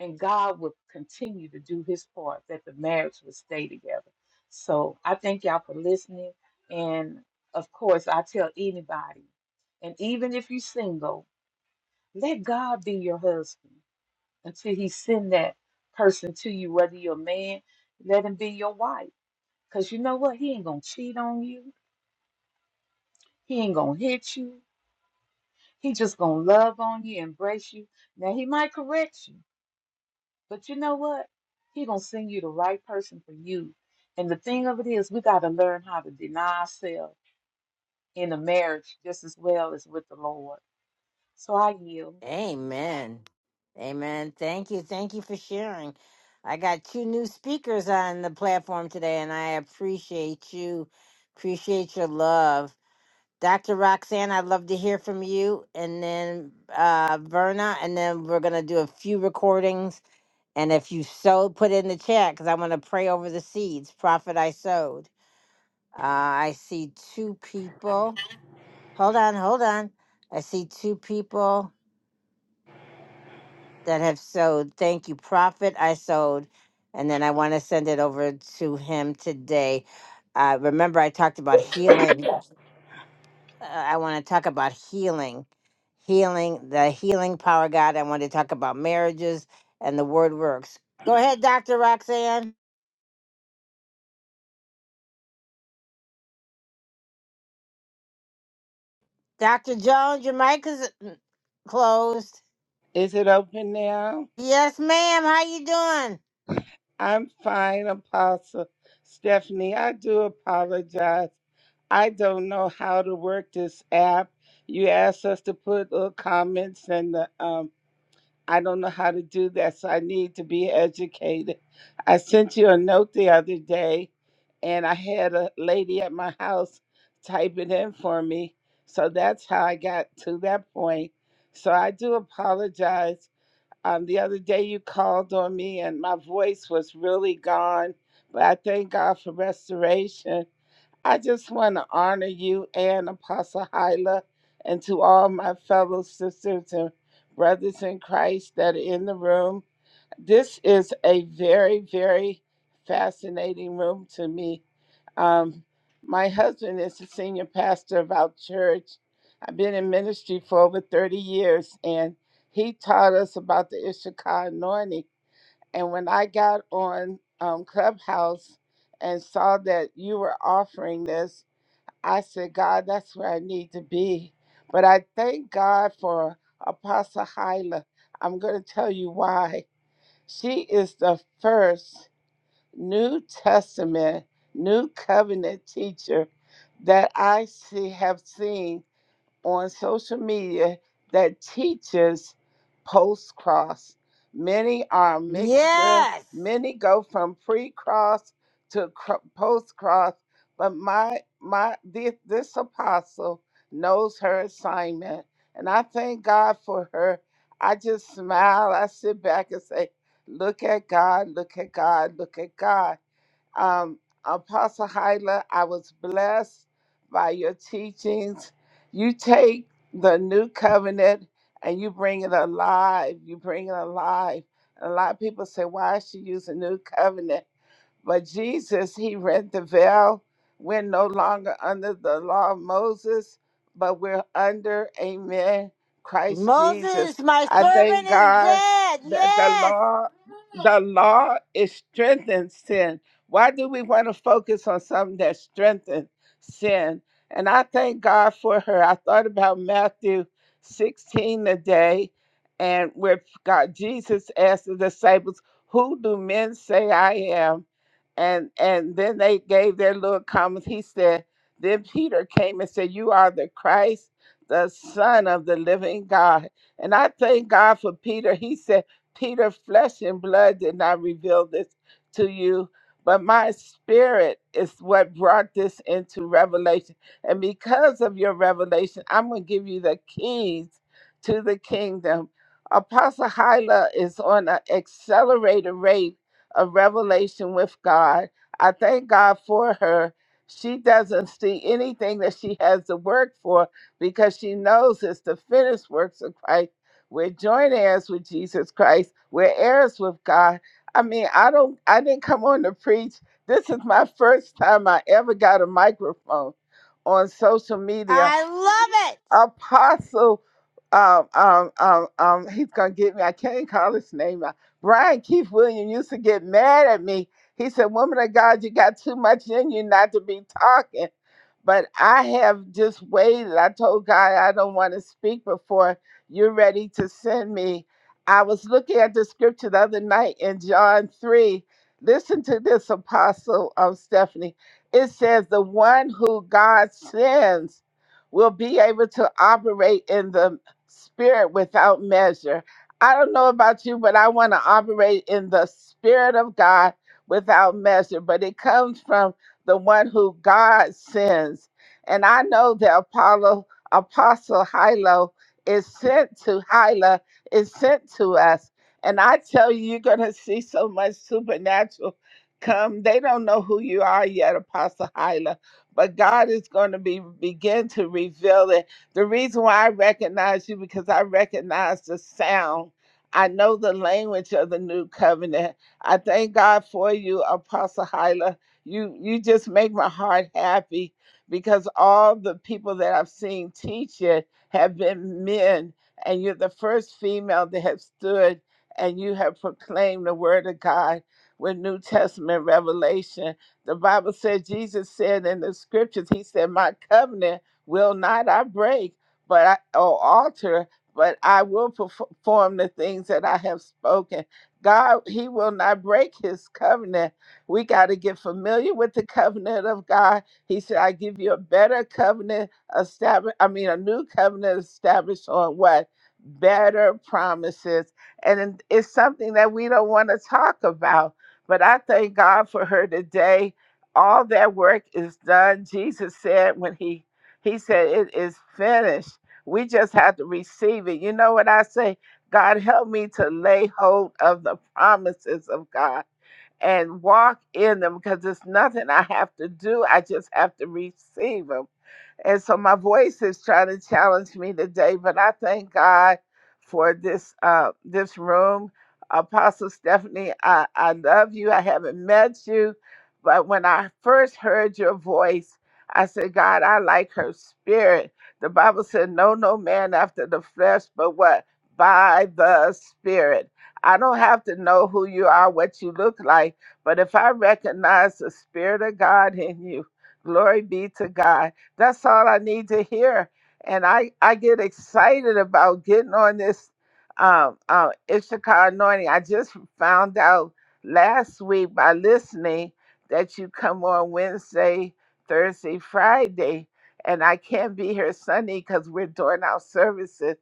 L: and God would continue to do his part that the marriage would stay together. So I thank y'all for listening. And of course, I tell anybody, and even if you're single, let God be your husband until he send that person to you, whether you're a man, let him be your wife. Because you know what? He ain't going to cheat on you. He ain't going to hit you. He just going to love on you, embrace you. Now, he might correct you. But you know what? He gonna send you the right person for you. And the thing of it is, we gotta learn how to deny ourselves in a marriage just as well as with the Lord. So I yield.
A: Amen. Amen. Thank you. Thank you for sharing. I got two new speakers on the platform today, and I appreciate you. Appreciate your love. Dr. Roxanne, I'd love to hear from you. And then uh, Verna, and then we're going to do a few recordings. And if you sow, put it in the chat because I want to pray over the seeds. Prophet, I sowed. Uh, I see two people. Hold on, hold on. I see two people. that have sowed. Thank you, Prophet. I sowed, and then I want to send it over to him today. Uh, remember, I talked about healing. Uh, I want to talk about healing, healing, the healing power, of God. I want to talk about marriages and the word works. Go ahead, Dr. Roxanne. Dr. Jones, your mic is mm, closed.
N: Is it open now?
A: Yes, ma'am. How you doing?
N: I'm fine, Apostle Stephanie. I do apologize. I don't know how to work this app. You asked us to put little comments, and the, um, I don't know how to do that, so I need to be educated. I sent you a note the other day, and I had a lady at my house type it in for me. So that's how I got to that point. So I do apologize Um, the other day you called on me and my voice was really gone, but I thank God for restoration. I just want to honor you and Apostle Hyla and to all my fellow sisters and brothers in Christ that are in the room. This is a very, very fascinating room to me. Um, my husband is the senior pastor of our church. I've been in ministry for over 30 years, and he taught us about the Issachar anointing. And when I got on um, Clubhouse and saw that you were offering this, I said, God, that's where I need to be. But I thank God for Apostle Hyla. I'm going to tell you why. She is the first New Testament, New Covenant teacher that I see have seen on social media that teaches post cross. Many are a mixture,
A: Yes.
N: many go from pre cross to post cross, but my my this, this apostle knows her assignment, and I thank God for her. I just smile, I sit back and say, Look at God, look at God, look at God. Um, Apostle Hyla, I was blessed by your teachings. You take the new covenant and you bring it alive. You bring it alive. A lot of people say, why is she using new covenant? But Jesus, he rent the veil. We're no longer under the law of Moses, but we're under, amen, Christ
A: Moses,
N: Jesus.
A: my
N: I
A: servant
N: thank
A: is
N: God
A: dead.
N: that the
A: Yes.
N: law, the law is strengthened sin. Why do we want to focus on something that strengthens sin? And I thank God for her. I thought about Matthew 16 today, and where God Jesus asked the disciples, Who do men say I am? and and then they gave their little comments. He said, then Peter came and said, "You are the Christ, the Son of the Living God." And I thank God for Peter. He said, "Peter, flesh and blood did not reveal this to you." But my spirit is what brought this into revelation. And because of your revelation, I'm going to give you the keys to the kingdom. Apostle Hyla is on an accelerated rate a revelation with God. I thank God for her. She doesn't see anything that she has to work for because she knows it's the finished works of Christ. We're joint heirs with Jesus Christ. We're heirs with God. I mean, I don't I didn't come on to preach. This is my first time I ever got a microphone on social media
A: I love it.
N: Apostle, um, um, um, um, he's gonna get me. I can't call his name out. Brian Keith Williams used to get mad at me. He said, "Woman of God, you got too much in you not to be talking." But I have just waited. I told God I don't want to speak before you're ready to send me. I was looking at the scripture the other night in John three. Listen to this, Apostle of Stephanie. It says, "The one who God sends." will be able to operate in the spirit without measure. I don't know about you, but I want to operate in the spirit of God without measure. But it comes from the one who God sends. And I know that Apollo, Apostle Hilo is sent to Hila, is sent to us. And I tell you, you're gonna see so much supernatural come. They don't know who you are yet, Apostle Hilo but God is going to be begin to reveal it. The reason why I recognize you because I recognize the sound. I know the language of the new covenant. I thank God for you, Apostle Hyla. You you just make my heart happy because all the people that I've seen teach it have been men, and you're the first female that have stood and you have proclaimed the word of God with New Testament revelation. The Bible said, Jesus said in the scriptures, He said, My covenant will not I break, but I, or alter, but I will perf- perform the things that I have spoken. God, He will not break His covenant. We got to get familiar with the covenant of God. He said, I give you a better covenant established, I mean, a new covenant established on what? Better promises. And it- it's something that we don't want to talk about. But I thank God for her today all that work is done. Jesus said when he he said it is finished. We just have to receive it. You know what I say? God help me to lay hold of the promises of God and walk in them because it's nothing I have to do. I just have to receive them. And so my voice is trying to challenge me today, but I thank God for this uh, this room. Apostle Stephanie, I, I love you. I haven't met you, but when I first heard your voice, I said, God, I like her spirit. The Bible said, No, no man after the flesh, but what? By the spirit. I don't have to know who you are, what you look like, but if I recognize the Spirit of God in you, glory be to God. That's all I need to hear. And I, I get excited about getting on this um, uh, Issachar anointing. I just found out last week by listening that you come on Wednesday, Thursday, Friday. And I can't be here Sunday because we're doing our services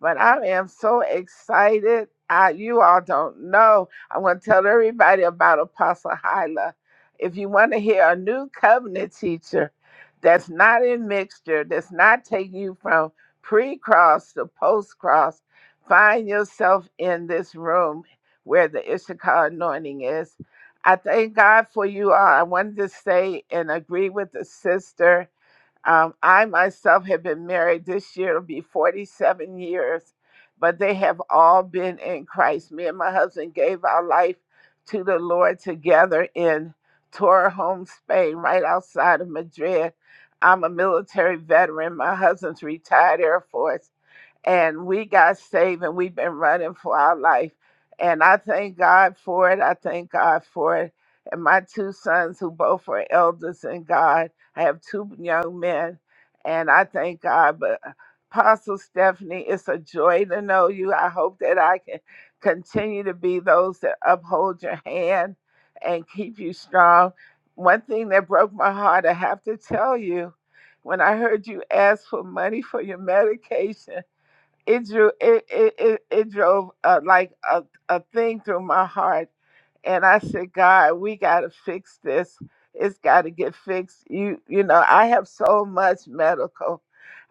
N: but I am so excited. I, you all don't know. I'm going to tell everybody about Apostle Hyla. If you want to hear a new covenant teacher that's not in mixture, that's not taking you from pre cross to post cross, find yourself in this room where the Issachar anointing is. I thank God for you all. I wanted to say and agree with the sister um, I myself have been married this year, it'll be 47 years, but they have all been in Christ. Me and my husband gave our life to the Lord together in Torrejon, Spain, right outside of Madrid. I'm a military veteran. My husband's retired Air Force and we got saved and we've been running for our life. And I thank God for it. I thank God for it. And my two sons, who both are elders in God, I have two young men, and I thank God. But uh, Apostle Stephanie, it's a joy to know you. I hope that I can continue to be those that uphold your hand and keep you strong. One thing that broke my heart, I have to tell you, when I heard you ask for money for your medication it drew it it it, it drove uh, like a, a thing through my heart and i said god we gotta fix this it's gotta get fixed you you know i have so much medical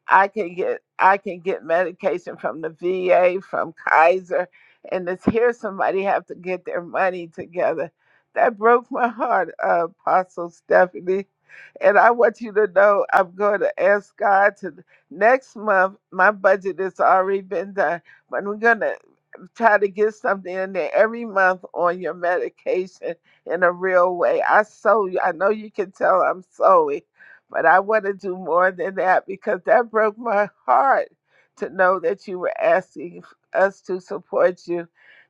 N: I can get I can get medication from the VA, from Kaiser, and it's here somebody have to get their money together. That broke my heart, uh, Apostle Stephanie. And I want you to know I'm going to ask God to next month. My budget has already been done, but we're gonna try to get something in there every month on your medication in a real way. I sew you. I know you can tell I'm sewing, but I want to do more than that because that broke my heart to know that you were asking us to support you.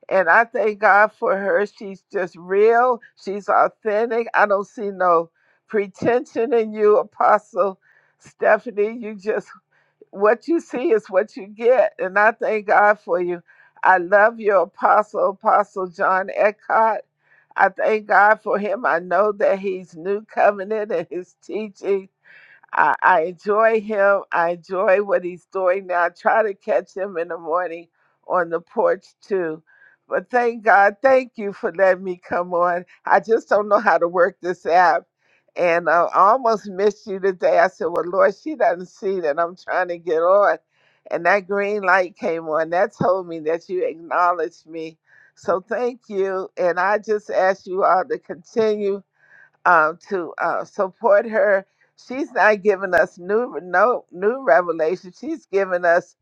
N: And I thank God for her. She's just real. She's authentic. I don't see no pretension in you, Apostle Stephanie. You just what you see is what you get. And I thank God for you. I love your apostle, Apostle John Eckhart. I thank God for him. I know that he's new covenant and his teaching I, I enjoy him. I enjoy what he's doing now. I try to catch him in the morning on the porch too. But thank God, thank you for letting me come on. I just don't know how to work this app. And uh, I almost missed you today. I said, Well, Lord, she doesn't see that I'm trying to get on. And that green light came on. That told me that you acknowledged me. So thank you. And I just ask you all to continue um, to uh, support her. She's not giving us new no new revelation. She's giving us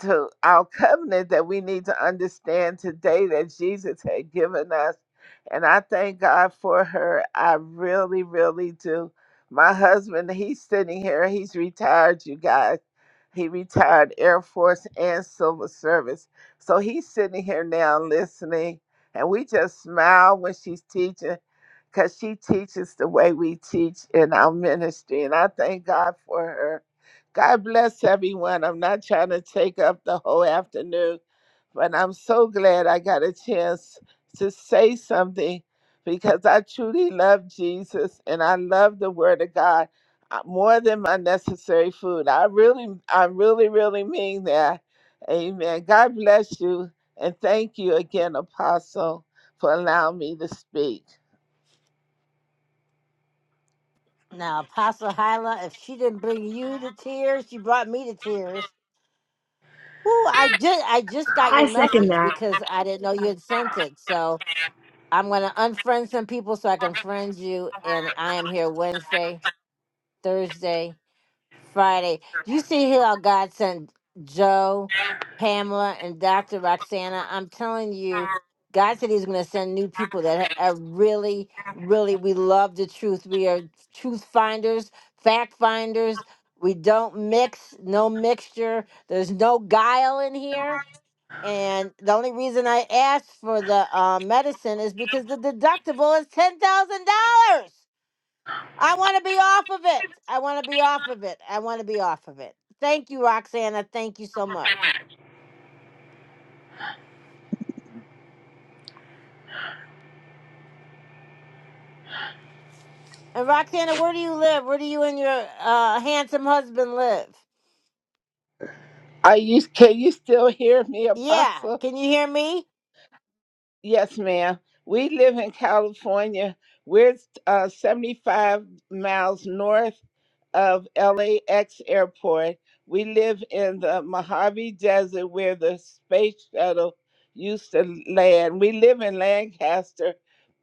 N: to our covenant that we need to understand today that Jesus had given us. And I thank God for her. I really, really do. My husband, he's sitting here. He's retired, you guys. He retired Air Force and Civil Service. So he's sitting here now listening. And we just smile when she's teaching because she teaches the way we teach in our ministry. And I thank God for her. God bless everyone. I'm not trying to take up the whole afternoon, but I'm so glad I got a chance to say something because I truly love Jesus and I love the Word of God uh, more than my necessary food. I really, I really, really mean that. Amen. God bless you. And thank you again, Apostle, for allowing me to speak.
A: Now, Apostle Hyla, if she didn't bring you to tears, she brought me to tears. Ooh, I just I just got
F: I
A: your
F: second
A: message
F: that.
A: because I didn't know you had sent it. So I'm gonna unfriend some people so I can friend you. And I am here Wednesday, Thursday, Friday. Do you see here how God sent Joe, Pamela, and Dr. Roxana? I'm telling you, God said He's going to send new people that ha- are really, really, we love the truth. We are truth finders, fact finders. We don't mix, no mixture. There's no guile in here. And the only reason I asked for the uh, medicine is because the deductible is $10,000. I want to be off of it. I want to be off of it. I want to be off of it. Thank you, Roxana. Thank you so much. And Roxana, where do you live? Where do you and your uh, handsome husband live?
N: Are you can you still hear me,
A: Yeah,
N: Apostle?
A: can you hear me?
N: Yes, ma'am. We live in California. We're uh, 75 miles north of LAX airport. We live in the Mojave Desert where the space shuttle used to land. We live in Lancaster,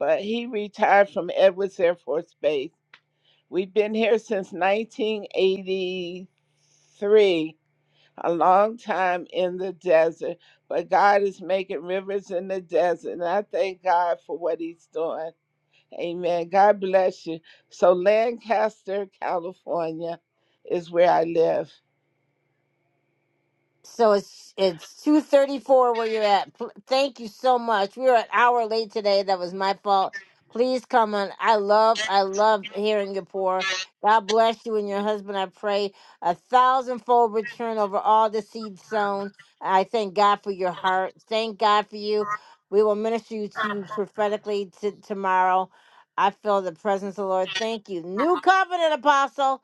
N: but he retired from Edwards Air Force Base. We've been here since 1983 a long time in the desert, but God is making rivers in the desert. And I thank God for what He's doing. Amen. God bless you. So, Lancaster, California is where I live.
A: So it's it's two thirty four where you're at. Pl- Thank you so much. We were an hour late today. That was my fault. Please come on. I love I love hearing your pour. God bless you and your husband. I pray a thousandfold return over all the seeds sown. I thank God for your heart. Thank God for you. We will minister you to prophetically t- tomorrow. I feel the presence of the Lord. Thank you. New covenant apostle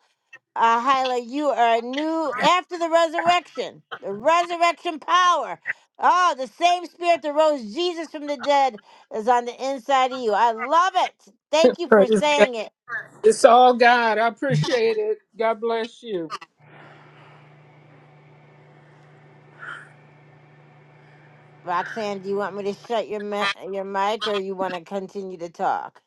A: uh, Hyla, you are new after the resurrection, the resurrection power. Oh, the same spirit that rose Jesus from the dead is on the inside of you. I love it. Thank you for
B: Praise God.
A: saying it.
B: It's all God. I appreciate it. God bless you.
A: Roxanne, do you want me to shut your ma- your mic or you want to continue to talk?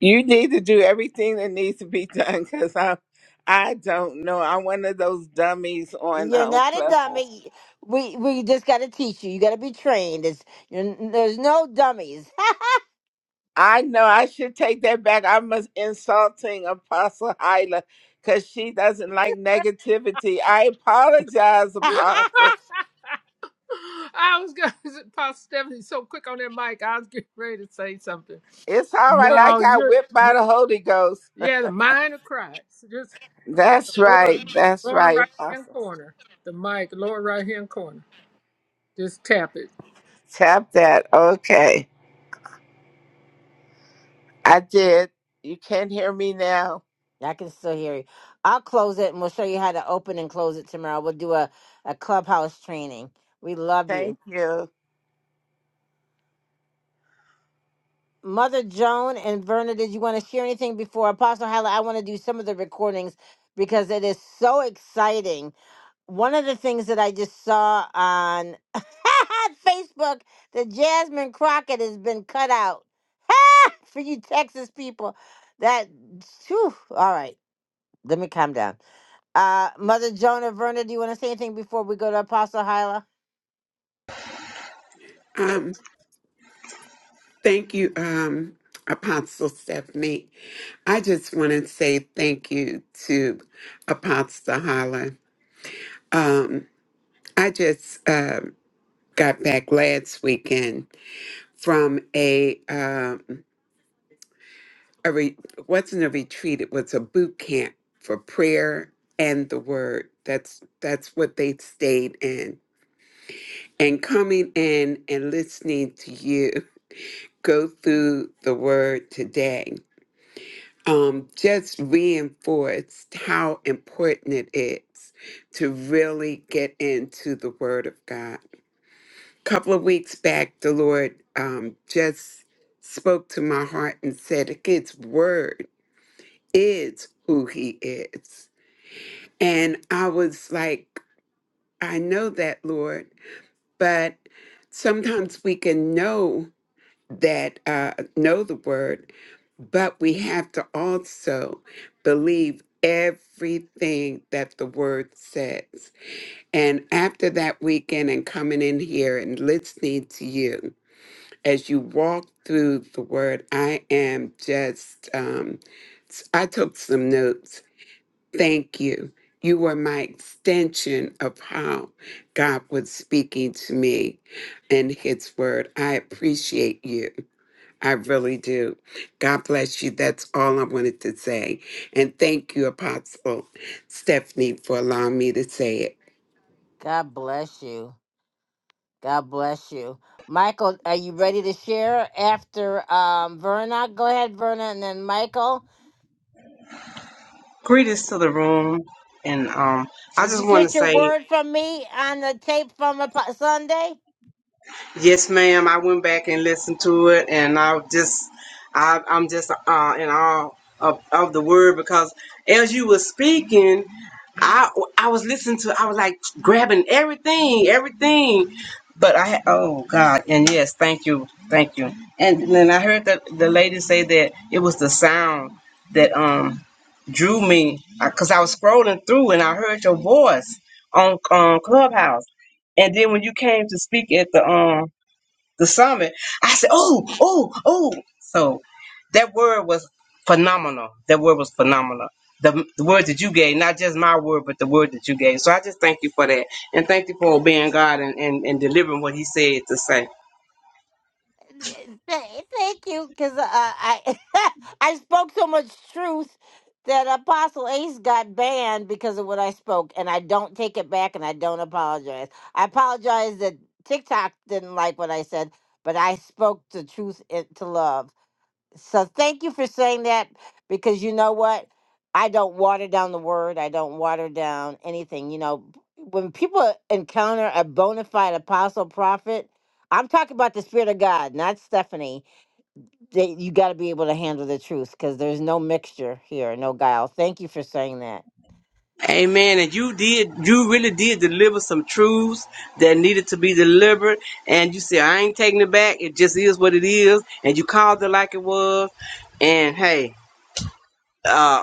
N: You need to do everything that needs to be [LAUGHS] done because I'm. I i do not know. I'm one of those dummies on
A: You're
N: um,
A: not a
N: Club.
A: dummy. We we just got to teach you. You got to be trained. It's, you're, there's no dummies. [LAUGHS]
N: I know I should take that back. I'm a- insulting Apostle Hyla because she doesn't like negativity. I apologize, Apostle.
B: [LAUGHS] I was going to, [LAUGHS] Pastor Stephanie, so quick on that mic. I was getting ready to say something.
N: It's all right. I
B: No,
N: got
B: you're,
N: whipped by
B: you're
N: the Holy Ghost.
B: yeah, the mind of Christ. Just
N: That's
B: the lower,
N: right. That's
B: lower
N: right,
B: right hand
N: Apostle.
B: corner, the mic, lower right hand corner. Just tap it.
N: Tap that. Okay. I did. You can hear me now.
A: I can still hear you. I'll close it and we'll show you how to open and close it tomorrow. We'll do a, a clubhouse training. We love you.
N: Thank you.
A: Mother Joan and Verna, did you want to share anything before Apostle Hala? I want to do some of the recordings because it is so exciting. One of the things that I just saw on [LAUGHS] Facebook that Jasmine Crockett has been cut out. [LAUGHS] For you Texas people. That, whew, all right, let me calm down. Uh, Mother Jonah Verna, do you want to say anything before we go to Apostle Hyla?
O: Um, thank you, um, Apostle Stephanie. I just want to say thank you to Apostle Holland. Um, I just uh, got back last weekend from a um, a re- it wasn't a retreat; it was a boot camp for prayer and the word. That's that's what they stayed in. And coming in and listening to you go through the word today. um, just reinforced how important it is to really get into the Word of God. A couple of weeks back, the Lord um, just spoke to my heart and said, His Word is who He is. And I was like, I know that, Lord, but sometimes we can know. that uh, know the word, but we have to also believe everything that the word says. And after that weekend and coming in here and listening to you as you walk through the word, I am just, um, s- I took some notes. Thank you. You were my extension of how God was speaking to me in His Word. I appreciate you. I really do. God bless you. That's all I wanted to say. And thank you, Apostle Stephanie, for allowing me to say it.
A: God bless you. God bless you. Michael, are you ready to share after um, Verna? Go ahead, Verna, and then Michael.
P: Greetings to the room, and um, I
A: Did you
P: just want to
A: get your
P: say
A: word from me on the tape from a, Sunday?
P: Yes, ma'am. I went back and listened to it, and I just, I, I'm just uh, in awe of, of the word because as you were speaking, I, I was listening to, I was like grabbing everything, everything. But I, oh God, and yes, thank you, thank you. And then I heard that the lady say that it was the sound that um drew me because I was scrolling through and I heard your voice on um, Clubhouse, and then when you came to speak at the um the summit. I said, oh, oh, oh. So that word was phenomenal. That word was phenomenal. The, the word that you gave, not just my word, but the word that you gave. So I just thank you for that. And thank you for obeying God and, and, and delivering what He said to say.
A: Th- Thank you, because uh, I [LAUGHS] I spoke so much truth that Apostle Ace got banned because of what I spoke, and I don't take it back, and I don't apologize. I apologize that TikTok didn't like what I said, but I spoke the truth in, to love so thank you for saying that because you know what i don't water down the word i don't water down anything you know when people encounter a bona fide apostle prophet i'm talking about the spirit of god not stephanie that you got to be able to handle the truth because there's no mixture here no guile thank you for saying that
P: Amen. And you did, you really did deliver some truths that needed to be delivered. And you said, I ain't taking it back. It just is what it is. And you called it like it was. And hey, Uh,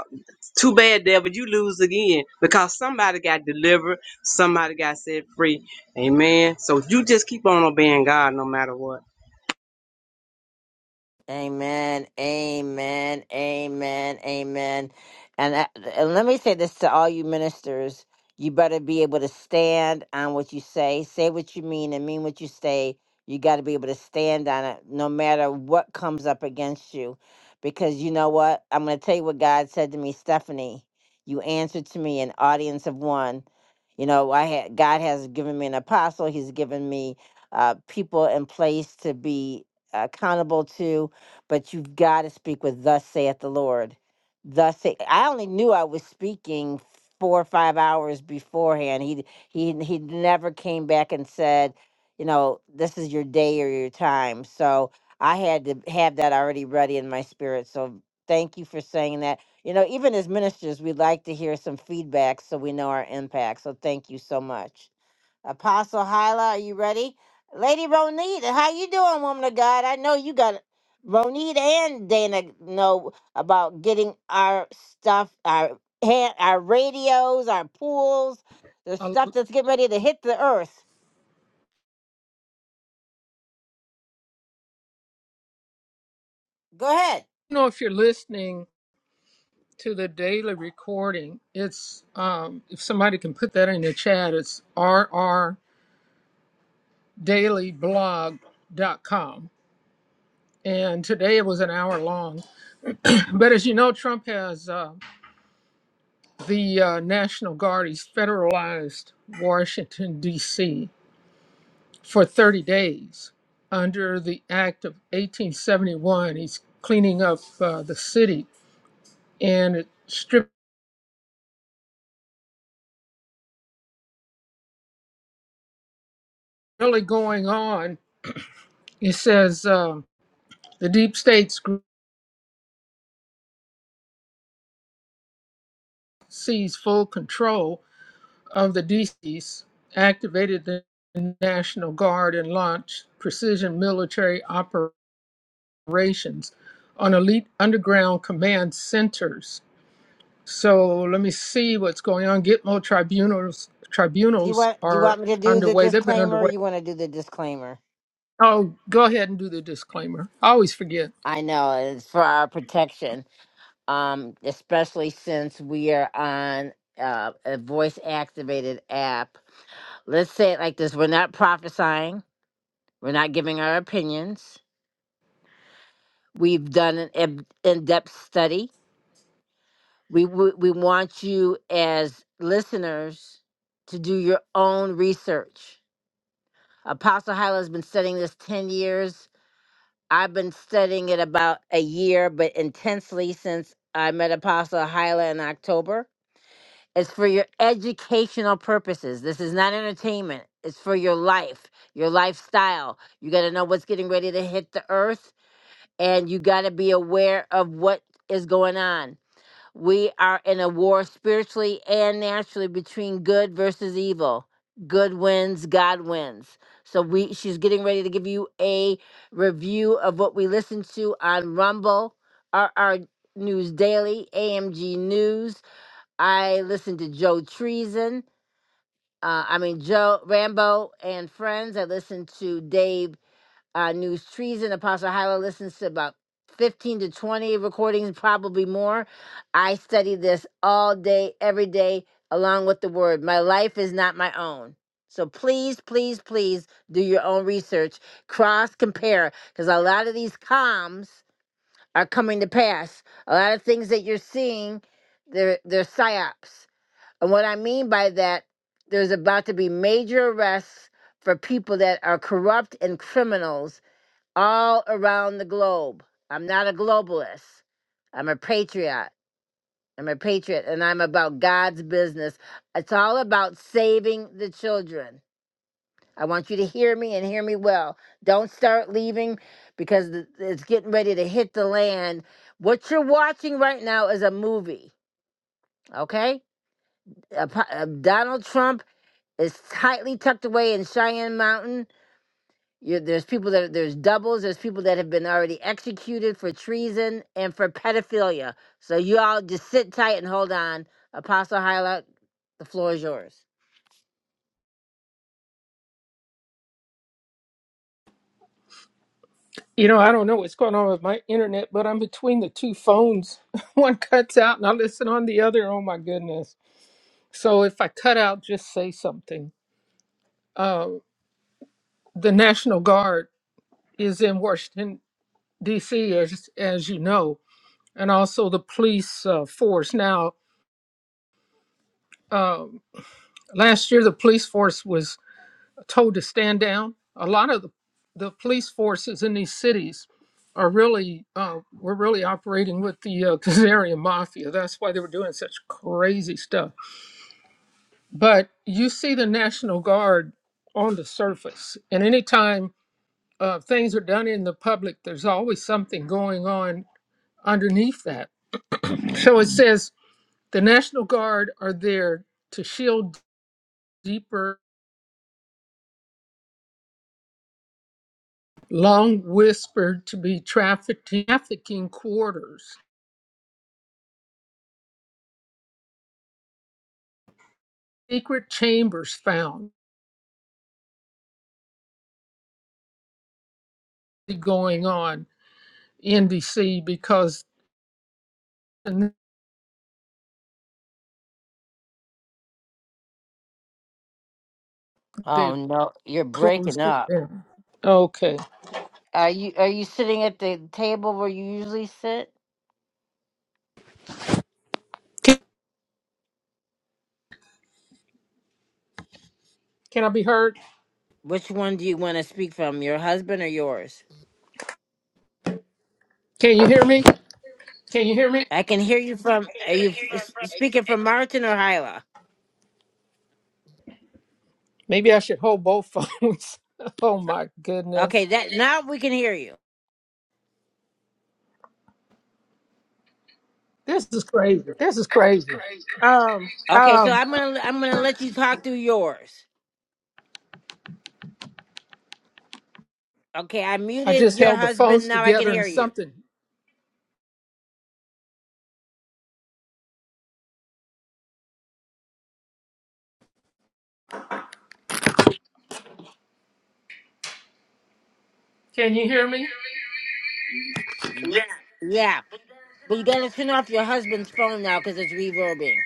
P: too bad, devil. you lose again because somebody got delivered, somebody got set free. Amen. So you just keep on obeying God no matter what.
A: Amen. Amen. Amen. Amen. And, I, and let me say this to all you ministers. You better be able to stand on what you say, say what you mean, and mean what you say. You got to be able to stand on it no matter what comes up against you. Because you know what? I'm going to tell you what God said to me, Stephanie. You answered to me an audience of one. You know, I had God has given me an apostle. He's given me uh, people in place to be accountable to but you've got to speak with thus saith the Lord. Thus say, I only knew I was speaking four or five hours beforehand. He he he never came back and said, you know, this is your day or your time. So I had to have that already ready in my spirit. So thank you for saying that. You know, even as ministers, we like to hear some feedback so we know our impact. So thank you so much. Apostle Hyla, are you ready? Lady Ronita, how you doing, woman of God? I know you got Ronita and Dana know about getting our stuff, our hand, our radios, our pools, the
B: I
A: stuff
B: don't
A: that's getting ready to hit the earth. Go ahead.
B: know if you're listening to the daily recording. It's, um, if somebody can put that in the chat, it's r r daily blog dot com. And today it was an hour long. But as you know, Trump has. uh, The uh, National Guard is federalized Washington, D.C. for 30 days. Under the Act of 1871, he's cleaning up uh, the city. And it's really going on. It says um, the deep states group sees full control of the D.C.s, activated the National Guard, and launched precision military operations on elite underground command centers So let me see what's going on. Gitmo tribunals
A: Do You
B: tribunals
A: want? Do you
B: are
A: want me to do the
B: underway. They've been
A: disclaimer? or
B: underway.
A: You want to do the disclaimer?
B: Oh, go ahead and do the disclaimer. I always forget.
A: I know it's for our protection, um, especially since we are on uh, a voice activated app let's say it like this we're not prophesying we're not giving our opinions we've done an eb- in-depth study we, we we want you as listeners to do your own research apostle hyla has been studying this 10 years i've been studying it about a year but intensely since i met apostle hyla in october It's for your educational purposes. This is not entertainment. It's for your life, your lifestyle. You got to know what's getting ready to hit the earth and you got to be aware of what is going on. We are in a war spiritually and naturally between good versus evil. Good wins, God wins. So we she's getting ready to give you a review of what we listen to on Rumble, RR News Daily, AMG News, I listened to Joe Treason. Uh, I mean Joe Rambo and Friends. I listened to Dave uh, News Treason. Apostle Hyla listens to about fifteen to twenty recordings, probably more. I study this all day, every day, along with the Word. My life is not my own. So please, please, please do your own research. Cross compare because a lot of these comms are coming to pass. A lot of things that you're seeing, they're they're psyops and what I mean by that, there's about to be major arrests for people that are corrupt and criminals all around the globe. I'm not a globalist. I'm a patriot. I'm a patriot and I'm about God's business. It's all about saving the children. I want you to hear me and hear me well. Don't start leaving because th- it's getting ready to hit the land. What you're watching right now is a movie, okay? Apo- uh, Donald Trump It's tightly tucked away in Cheyenne Mountain. You, there's people that there's doubles. There's people that have been already executed for treason and for pedophilia. So you all just sit tight and hold on. Apostle Hyla, the floor is yours.
B: You know, I don't know what's going on with my internet, but I'm between the two phones. [LAUGHS] One cuts out and I listen on the other. Oh my goodness. So if I cut out, just say something. Uh, the National Guard is in Washington, D.C., as, as you know, and also the police uh, force. Now, um, last year, the police force was told to stand down. A lot of the, the police forces in these cities are really uh, were really operating with the uh, [LAUGHS] Kazarian mafia. That's why they were doing such crazy stuff. But you see the National Guard on the surface, and anytime uh, things are done in the public, there's always something going on underneath that. So it says the National Guard are there to shield deeper long whispered to be trafficking, trafficking quarters. secret chambers found going on in DC because
A: Oh
B: they've
A: no, you're
B: closed
A: breaking
B: it
A: up.
B: down. Okay.
A: Are you are you sitting at the table where you usually sit?
Q: Can,
B: Can I be heard?
A: Which one do you want to speak from? Your husband or yours?
Q: can you hear me?
B: Can you hear me?
A: I can hear you from. Are you f- speaking from Martin or Hyla?
Q: Maybe I should hold both phones. [LAUGHS] oh my
A: Okay,
Q: goodness.
A: that now we can hear you.
B: This is crazy.
Q: This is crazy.
B: Um,
A: Okay, so
Q: Um,
A: I'm gonna I'm gonna let you talk through yours. Okay, I
Q: I
A: muted
Q: just
A: your
Q: held the
A: husband.
Q: phones
A: Now I can
Q: together and
A: hear you.
Q: something. Can you hear me?
A: Yeah, but you gotta turn off your husband's phone now because it's reverbing.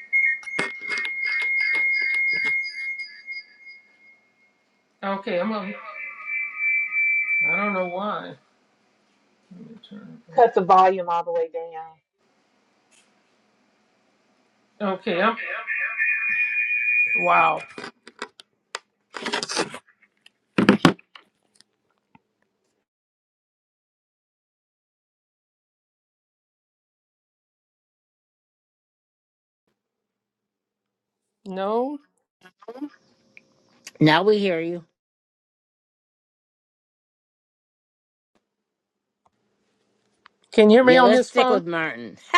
Q: Okay, I'm on. I don't know why.
L: Cut the volume all the way down.
Q: Okay, I'm. Wow. No?
A: Now we hear you.
B: can you hear me
A: Yeah,
B: on
A: let's
B: this
A: stick
B: phone?
A: with Martin. [LAUGHS]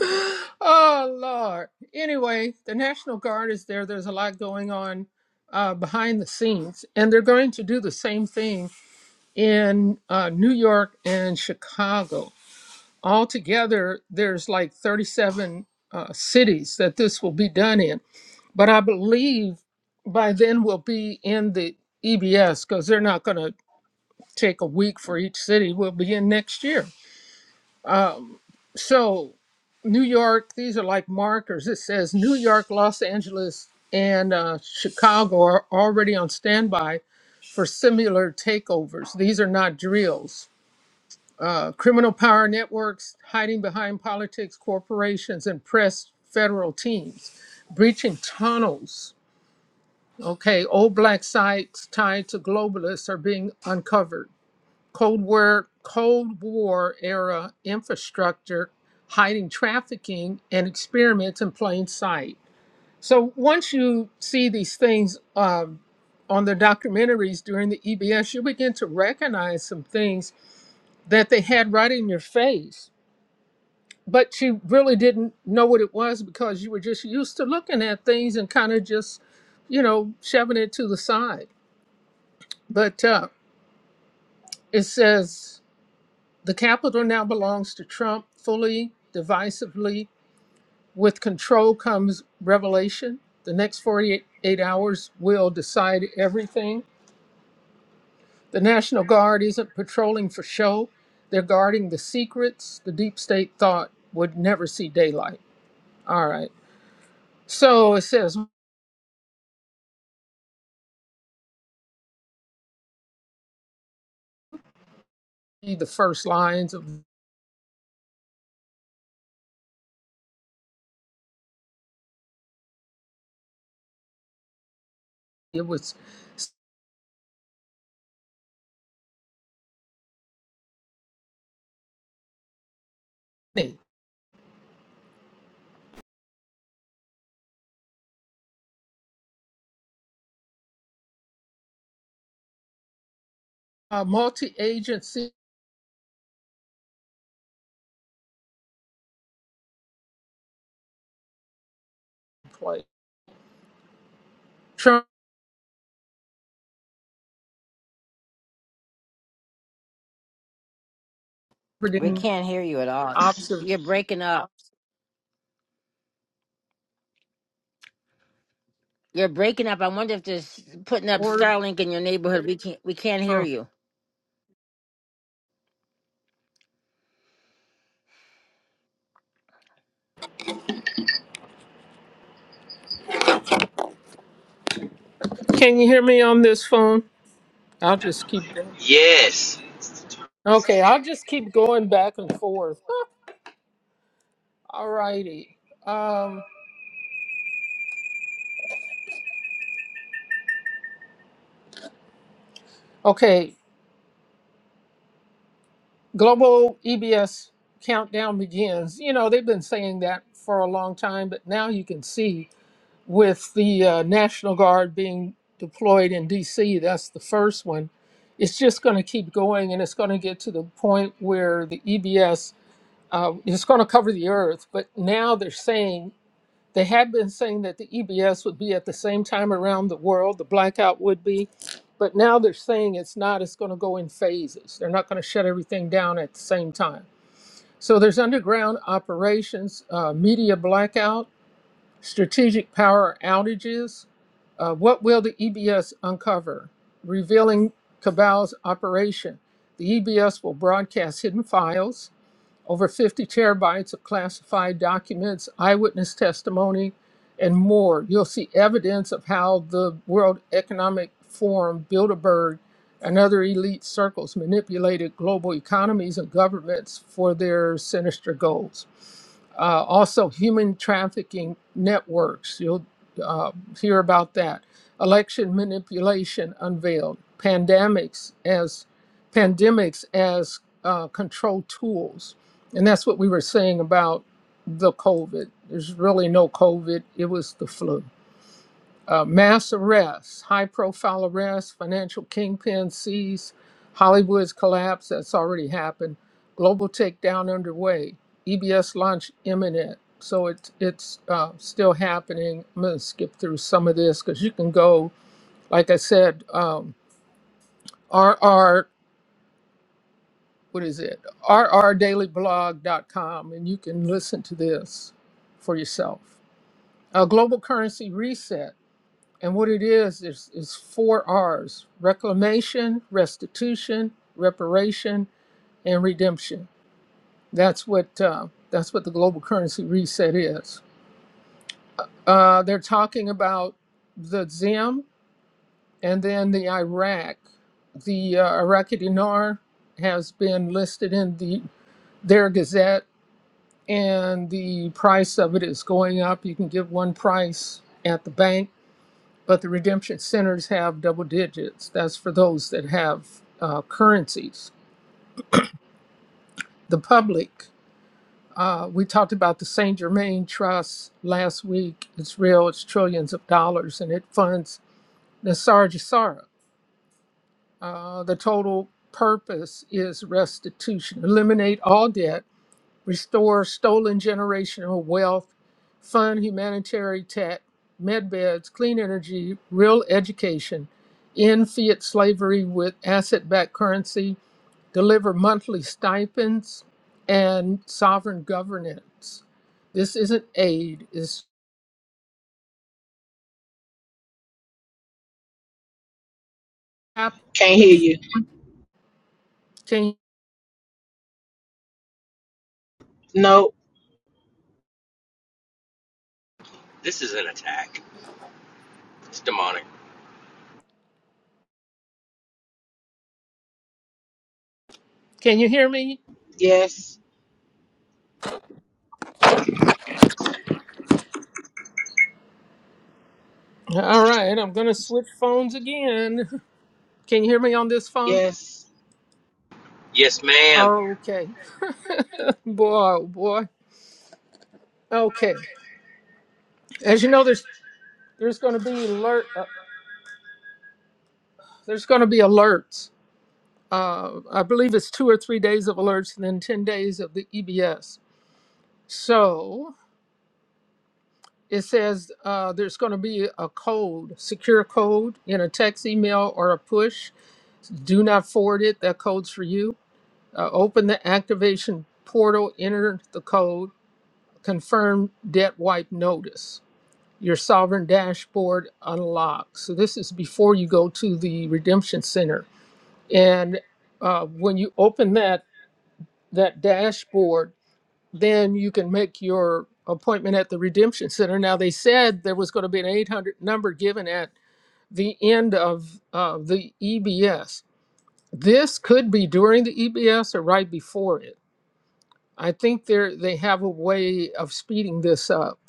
B: [GASPS] Oh Lord. Anyway, the National Guard is there. There's a lot going on uh, behind the scenes, and they're going to do the same thing in uh, New York and Chicago altogether there's like 37 uh, cities that this will be done in but i believe by then we'll be in the ebs because they're not going to take a week for each city we'll be in next year so new york these are like markers it says new york los angeles and uh, chicago are already on standby for similar takeovers these are not drills uh, criminal power networks hiding behind politics, corporations, and press federal teams, breaching tunnels. Okay, old black sites tied to globalists are being uncovered. Cold War, Cold War era infrastructure hiding trafficking and experiments in plain sight. So once you see these things um, on the documentaries during the EBS, you begin to recognize some things that they had right in your face but she really didn't know what it was because you were just used to looking at things and kind of just, you know, shoving it to the side. But uh, it says the Capitol now belongs to Trump fully, divisively. With control comes revelation. The next 48 hours will decide everything. The National Guard isn't patrolling for show, they're guarding the secrets the deep state thought would never see daylight. All right. So it says. the first lines of it was stunning. a multi-agency play
A: We
B: trumpeting
A: can't hear you at all.
B: observ
A: You're breaking up. You're breaking up. I wonder if there's putting up
B: or
A: Starlink in your neighborhood. We can't we can't hear
B: uh,
A: you.
Q: Can you hear me on this phone? I'll just keep going.
R: Yes,
Q: Okay, I'll just keep going back and forth. All righty. Um, okay. Global EBS countdown begins. You know, they've been saying that for a long time, but now you can see with the uh, National Guard being deployed in DC, that's the first one. It's just going to keep going and it's going to get to the point where the EBS uh, is going to cover the earth. But now they're saying they had been saying that the EBS would be at the same time around the world, the blackout would be, but now they're saying it's not, it's going to go in phases. They're not going to shut everything down at the same time. So there's underground operations, uh, media blackout, strategic power outages. Uh, what will the EBS uncover? Revealing Cabal's operation. The EBS will broadcast hidden files over 50 terabytes of classified documents, eyewitness testimony, and more. You'll see evidence of how the World Economic Forum, Bilderberg, and other elite circles manipulated global economies and governments for their sinister goals. Uh, also, human trafficking networks. You'll uh, hear about that. Election manipulation unveiled. Pandemics as pandemics as uh, control tools and that's what we were saying about the COVID. There's really no COVID, it was the flu. Uh, mass arrests, high profile arrests, financial kingpin seized, Hollywood's collapse, that's already happened, global takedown underway, EBS launch imminent. So it's it's uh, still happening. I'm going to skip through some of this because you can go, like I said, um, what is it? r r daily blog dot com, and you can listen to this for yourself. A global currency reset. And what it is, is, is four R's reclamation, restitution, reparation, and redemption. That's what, uh, that's what the global currency reset is. Uh, they're talking about the ZIM and then the Iraq. The uh, Iraqi dinar has been listed in the, their gazette and the price of it is going up. You can give one price at the bank, but the redemption centers have double digits. That's for those that have uh, currencies. The public, uh, we talked about the St. Germain Trust last week. It's real, it's trillions of dollars, and it funds Nasar Jasara. Uh, the total purpose is restitution, eliminate all debt restore stolen generational wealth, fund humanitarian tech, med beds, clean energy, real education, end fiat slavery with asset backed currency, deliver monthly stipends, and sovereign governance. This isn't aid, it's
I: Can't hear
Q: happens
I: you.
Q: change.
I: No.
R: this is an attack. It's demonic.
B: can you hear me
I: Yes.
B: all right i'm gonna switch phones again can you hear me on this phone
I: Yes.
R: Yes, ma'am.
B: okay [LAUGHS] boy oh boy okay as you know there's there's gonna be alert uh, there's gonna be alerts uh, i believe it's two or three days of alerts and then 10 days of the ebs so it says uh, there's going to be a code, secure code in a text, email, or a push. Do not forward it. That code's for you. Uh, open the activation portal, enter the code, confirm debt wipe notice. Your sovereign dashboard unlocks. So this is before you go to the redemption center, and uh, when you open that that dashboard then you can make your appointment at the Redemption Center. Now, they said there was going to be an 800 number given at the end of uh, the EBS. This could be during the EBS or right before it. I think they they have a way of speeding this up.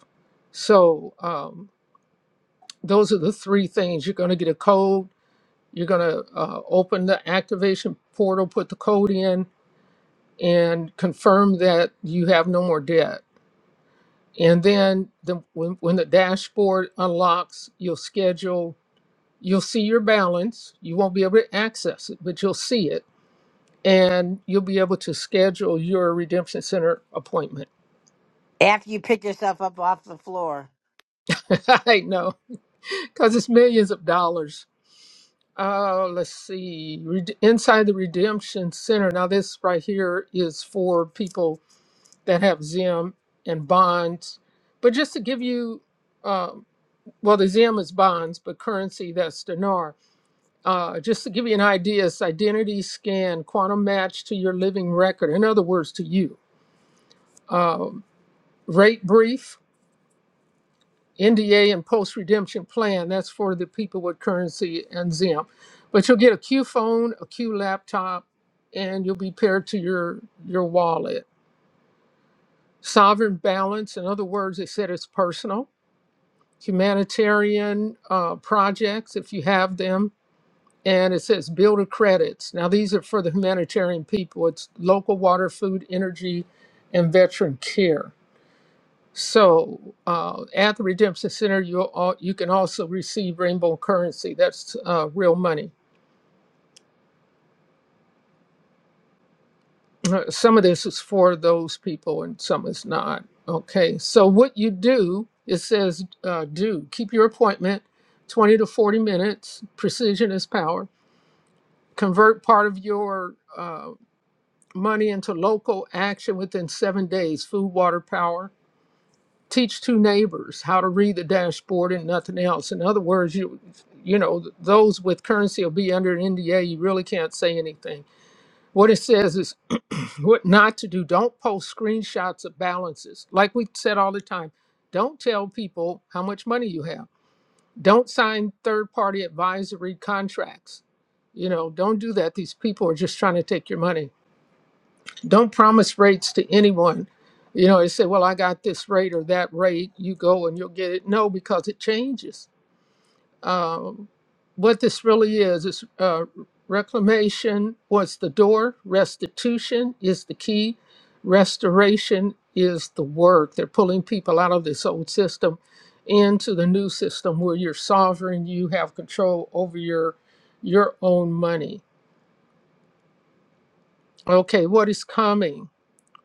B: So um, those are the three things. You're going to get a code. You're going to uh, open the activation portal, put the code in, and confirm that you have no more debt and then the, when, when the dashboard unlocks you'll schedule you'll see your balance you won't be able to access it but you'll see it and you'll be able to schedule your redemption center appointment
A: After you pick yourself up off the floor.
B: [LAUGHS] i know because it's millions of dollars uh, let's see Red- inside the redemption center now this right here is for people that have zim and bonds but just to give you uh, well the zim is bonds but currency that's dinar Uh, just to give you an idea, it's identity scan, quantum match to your living record. In other words, to you. Um, rate brief, NDA, and post redemption plan. That's for the people with currency and ZIM. But you'll get a Q phone, a Q laptop, and you'll be paired to your your wallet. Sovereign balance. In other words, they said it's personal. Humanitarian uh, projects, if you have them and it says builder credits. Now, these are for the humanitarian people. It's local water, food, energy, and veteran care. So, uh, at the Redemption Center, you all, you can also receive rainbow currency. That's uh, real money. Uh, Some of this is for those people, and some is not. Okay. So, what you do, it says uh, do keep your appointment, twenty to forty minutes. Precision is power. Convert part of your uh, money into local action within seven days food, water, power. Teach two neighbors how to read the dashboard and nothing else. In other words, you you know those with currency will be under an NDA. You really can't say anything. What it says is [CLEARS THROAT] what not to do. Don't post screenshots of balances. Like we said all the time, don't tell people how much money you have. Don't sign third party advisory contracts. You know, don't do that. These people are just trying to take your money Don't promise rates to anyone. You know, they say, well, I got this rate or that rate. You go and you'll get it. No, because it changes. Um, what this really is is uh, reclamation was the door, restitution is the key, restoration is the work. They're pulling people out of this old system into the new system where you're sovereign, you have control over your your own money. Okay, what is coming?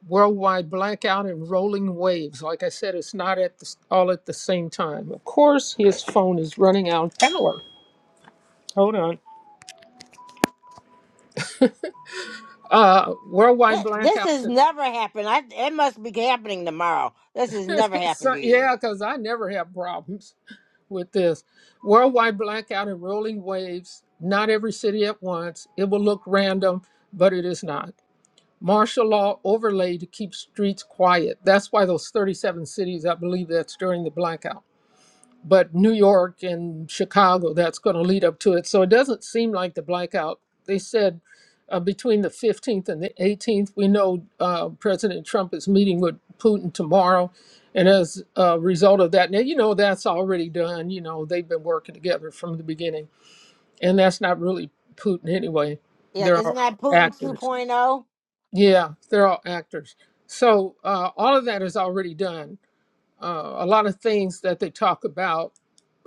B: worldwide blackout and rolling waves. Like I said, it's not at the, all at the same time. Of course, his phone is running out of power. Hold on. Uh, worldwide
A: This
B: blackout.
A: has
B: and-
A: never happened. I, it must be happening tomorrow. This has
B: [LAUGHS]
A: never happened
B: So-
A: to you.
B: yeah, because I never have problems with this. Worldwide blackout and rolling waves. Not every city at once. It will look random, but it is not. Martial law overlay to keep streets quiet. That's why those 37 cities, I believe that's during the blackout but New York and Chicago, that's going to lead up to it. So it doesn't seem like the blackout. They said uh, between the 15th and the 18th, we know uh, President Trump is meeting with Putin tomorrow. And as a result of that, now you know that's already done. You know, they've been working together from the beginning. And that's not really Putin anyway.
A: Yeah,
B: They're
A: isn't
B: all
A: that Putin
B: actors.
A: 2.0?
B: Yeah, they're all actors. So uh, all of that is already done. Uh, a lot of things that they talk about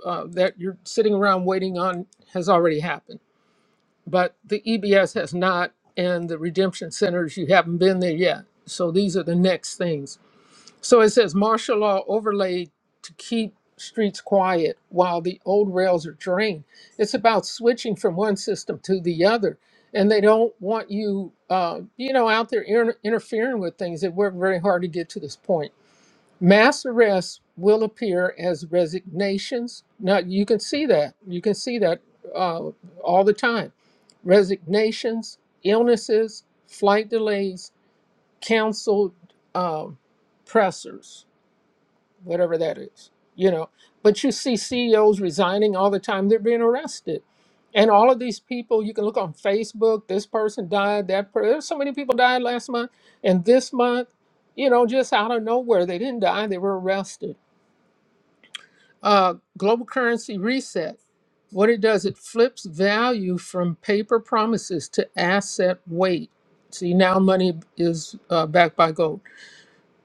B: uh, that you're sitting around waiting on has already happened. But the EBS has not, and the redemption centers, you haven't been there yet. So these are the next things. So it says martial law overlaid to keep streets quiet while the old rails are drained. It's about switching from one system to the other. And they don't want you, uh, you know, out there inter- interfering with things. They worked very hard to get to this point. Mass arrests will appear as resignations. Now, you can see that. You can see that uh, all the time. Resignations, illnesses, flight delays, canceled um, pressers, whatever that is, you know. But you see CEOs resigning all the time. They're being arrested. And all of these people, you can look on Facebook, this person died, that person. There's so many people died last month. And this month, you know, just out of nowhere, they didn't die, they were arrested uh, global currency reset. What it does, it flips value from paper promises to asset weight. See, now money is uh, backed by gold.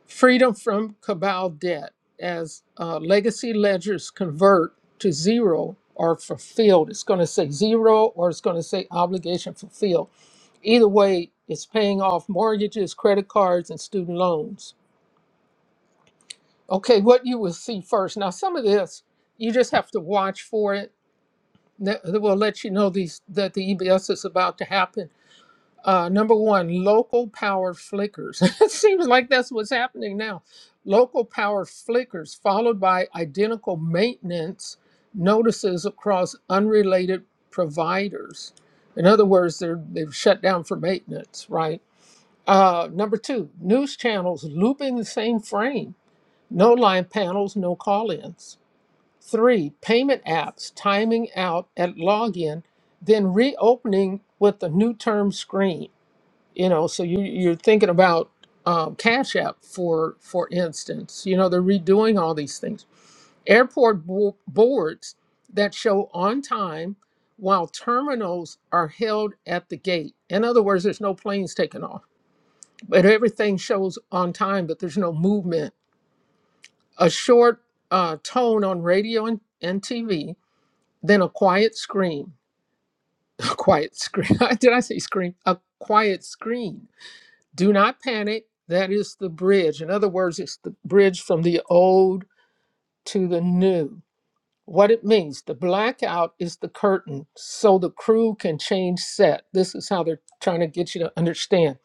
B: Freedom from cabal debt as uh, legacy ledgers convert to zero or fulfilled. It's going to say zero or it's going to say obligation fulfilled. Either way, it's paying off mortgages, credit cards, and student loans. Okay, what you will see first. Now, some of this, you just have to watch for it that that will let you know these that the EBS is about to happen. Uh, number one, local power flickers. [LAUGHS] it seems like that's what's happening now. Local power flickers, followed by identical maintenance notices across unrelated providers. In other words, they're they've shut down for maintenance, right? Uh, number two, news channels looping the same frame. No live panels, no call-ins Three, payment apps timing out at login, then reopening with the new term screen. You know, so you, you're thinking about um, Cash App, for for instance. You know, they're redoing all these things. Airport bo- boards that show on time while terminals are held at the gate. In other words, there's no planes taking off, but everything shows on time, but there's no movement. A short uh, tone on radio and, and TV then a quiet scream, [LAUGHS] a quiet scream, [LAUGHS] did I say scream? A quiet scream. Do not panic. That is the bridge. In other words, it's the bridge from the old to the new. What it means the blackout is the curtain so the crew can change set. This is how they're trying to get you to understand.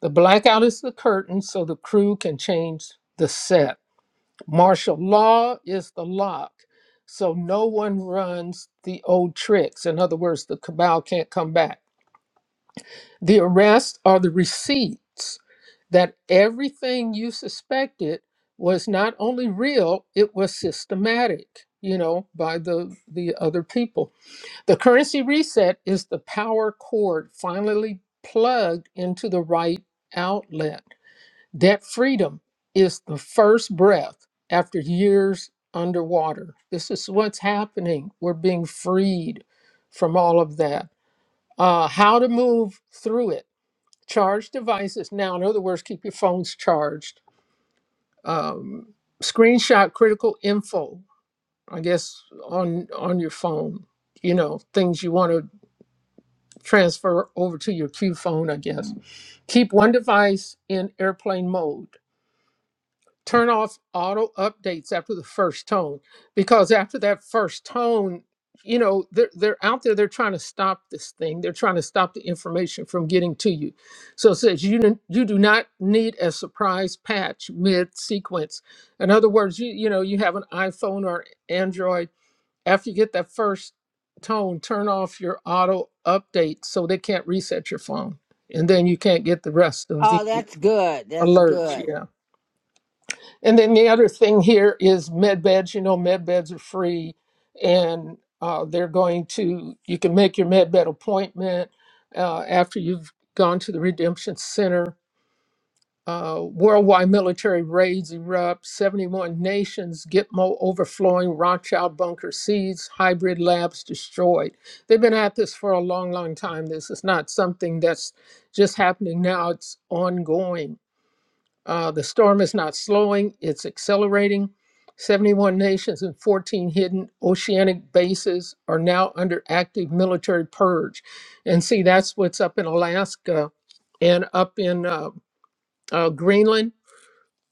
B: The blackout is the curtain so the crew can change the set. Martial law is the lock. So no one runs the old tricks. In other words, the cabal can't come back. The arrests are the receipts that everything you suspected was not only real, it was systematic, you know, by the, the other people. The currency reset is the power cord finally plugged into the right outlet that freedom is the first breath after years underwater. This is what's happening. We're being freed from all of that. Uh, how to move through it. Charge devices. Now, in other words, keep your phones charged. Um, screenshot critical info, I guess, on, on your phone. You know, things you want to transfer over to your Q phone, I guess. Keep one device in airplane mode Turn off auto updates after the first tone because after that first tone, you know, they're, they're out there, they're trying to stop this thing. They're trying to stop the information from getting to you. So it says you, do- you do not need a surprise patch mid sequence. In other words, you, you know, you have an iPhone or Android. After you get that first tone, turn off your auto update so they can't reset your phone. And then you can't get the rest of the
A: Oh, that's good. That's
B: alerts.
A: good.
B: Yeah. And then the other thing here is med beds. You know, med beds are free, and uh, they're going to. You can make your med bed appointment uh, after you've gone to the Redemption Center. Uh, worldwide military raids erupt. 71 nations. Gitmo overflowing. Rothschild bunker seized. Hybrid labs destroyed. They've been at this for a long, long time. This is not something that's just happening now. It's ongoing uh, the storm is not slowing, it's accelerating. 71 nations and 14 hidden oceanic bases are now under active military purge. And see, that's what's up in Alaska and up in uh, uh, Greenland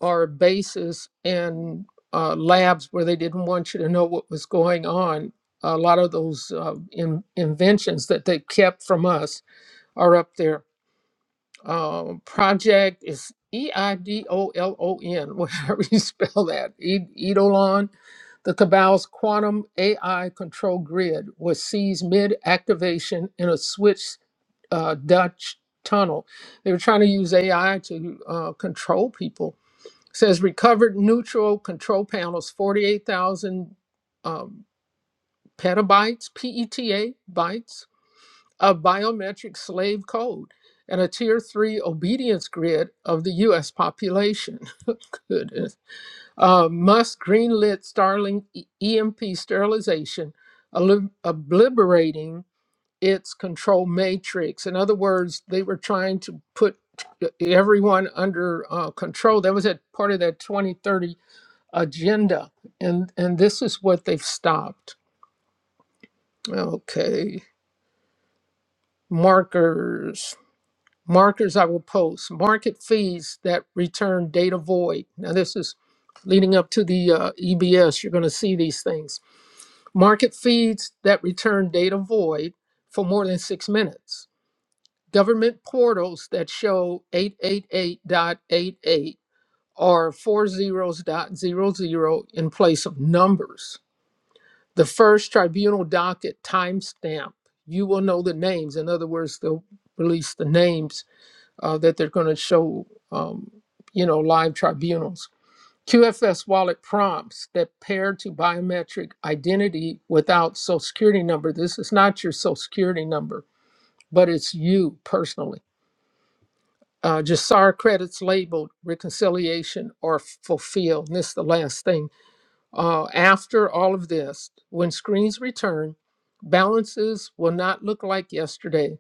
B: are bases and uh, labs where they didn't want you to know what was going on. A lot of those uh, in, inventions that they kept from us are up there uh, project is E I D O L O N, [LAUGHS] whatever you spell that. E- Eidolon, the Cabal's quantum AI control grid was seized mid activation in a Swiss uh, Dutch tunnel. They were trying to use AI to uh, control people. says recovered neutral control panels, 48,000 um, petabytes, PETA bytes a biometric slave code, and a tier three obedience grid of the US population. [LAUGHS] Goodness. Uh, Musk greenlit Starlink E- EMP sterilization, oli- obliterating its control matrix. In other words, they were trying to put everyone under uh, control. That was at part of that 2030 agenda. And, and this is what they've stopped. Okay, markers. markers I will post, market fees that return data void. Now, this is leading up to the uh, EBS. You're going to see these things. Market feeds that return data void for more than six minutes. Government portals that show 888.88 or four zeros dot zero zero in place of numbers. The first tribunal docket timestamp. You will know the names. In other words, they'll release the names uh, that they're going to show, um, you know, live tribunals. QFS wallet prompts that pair to biometric identity without social security number. This is not your social security number, but it's you personally. Uh, Jasar credits labeled reconciliation or fulfilled. And this is the last thing uh, after all of this, when screens return, balances will not look like yesterday.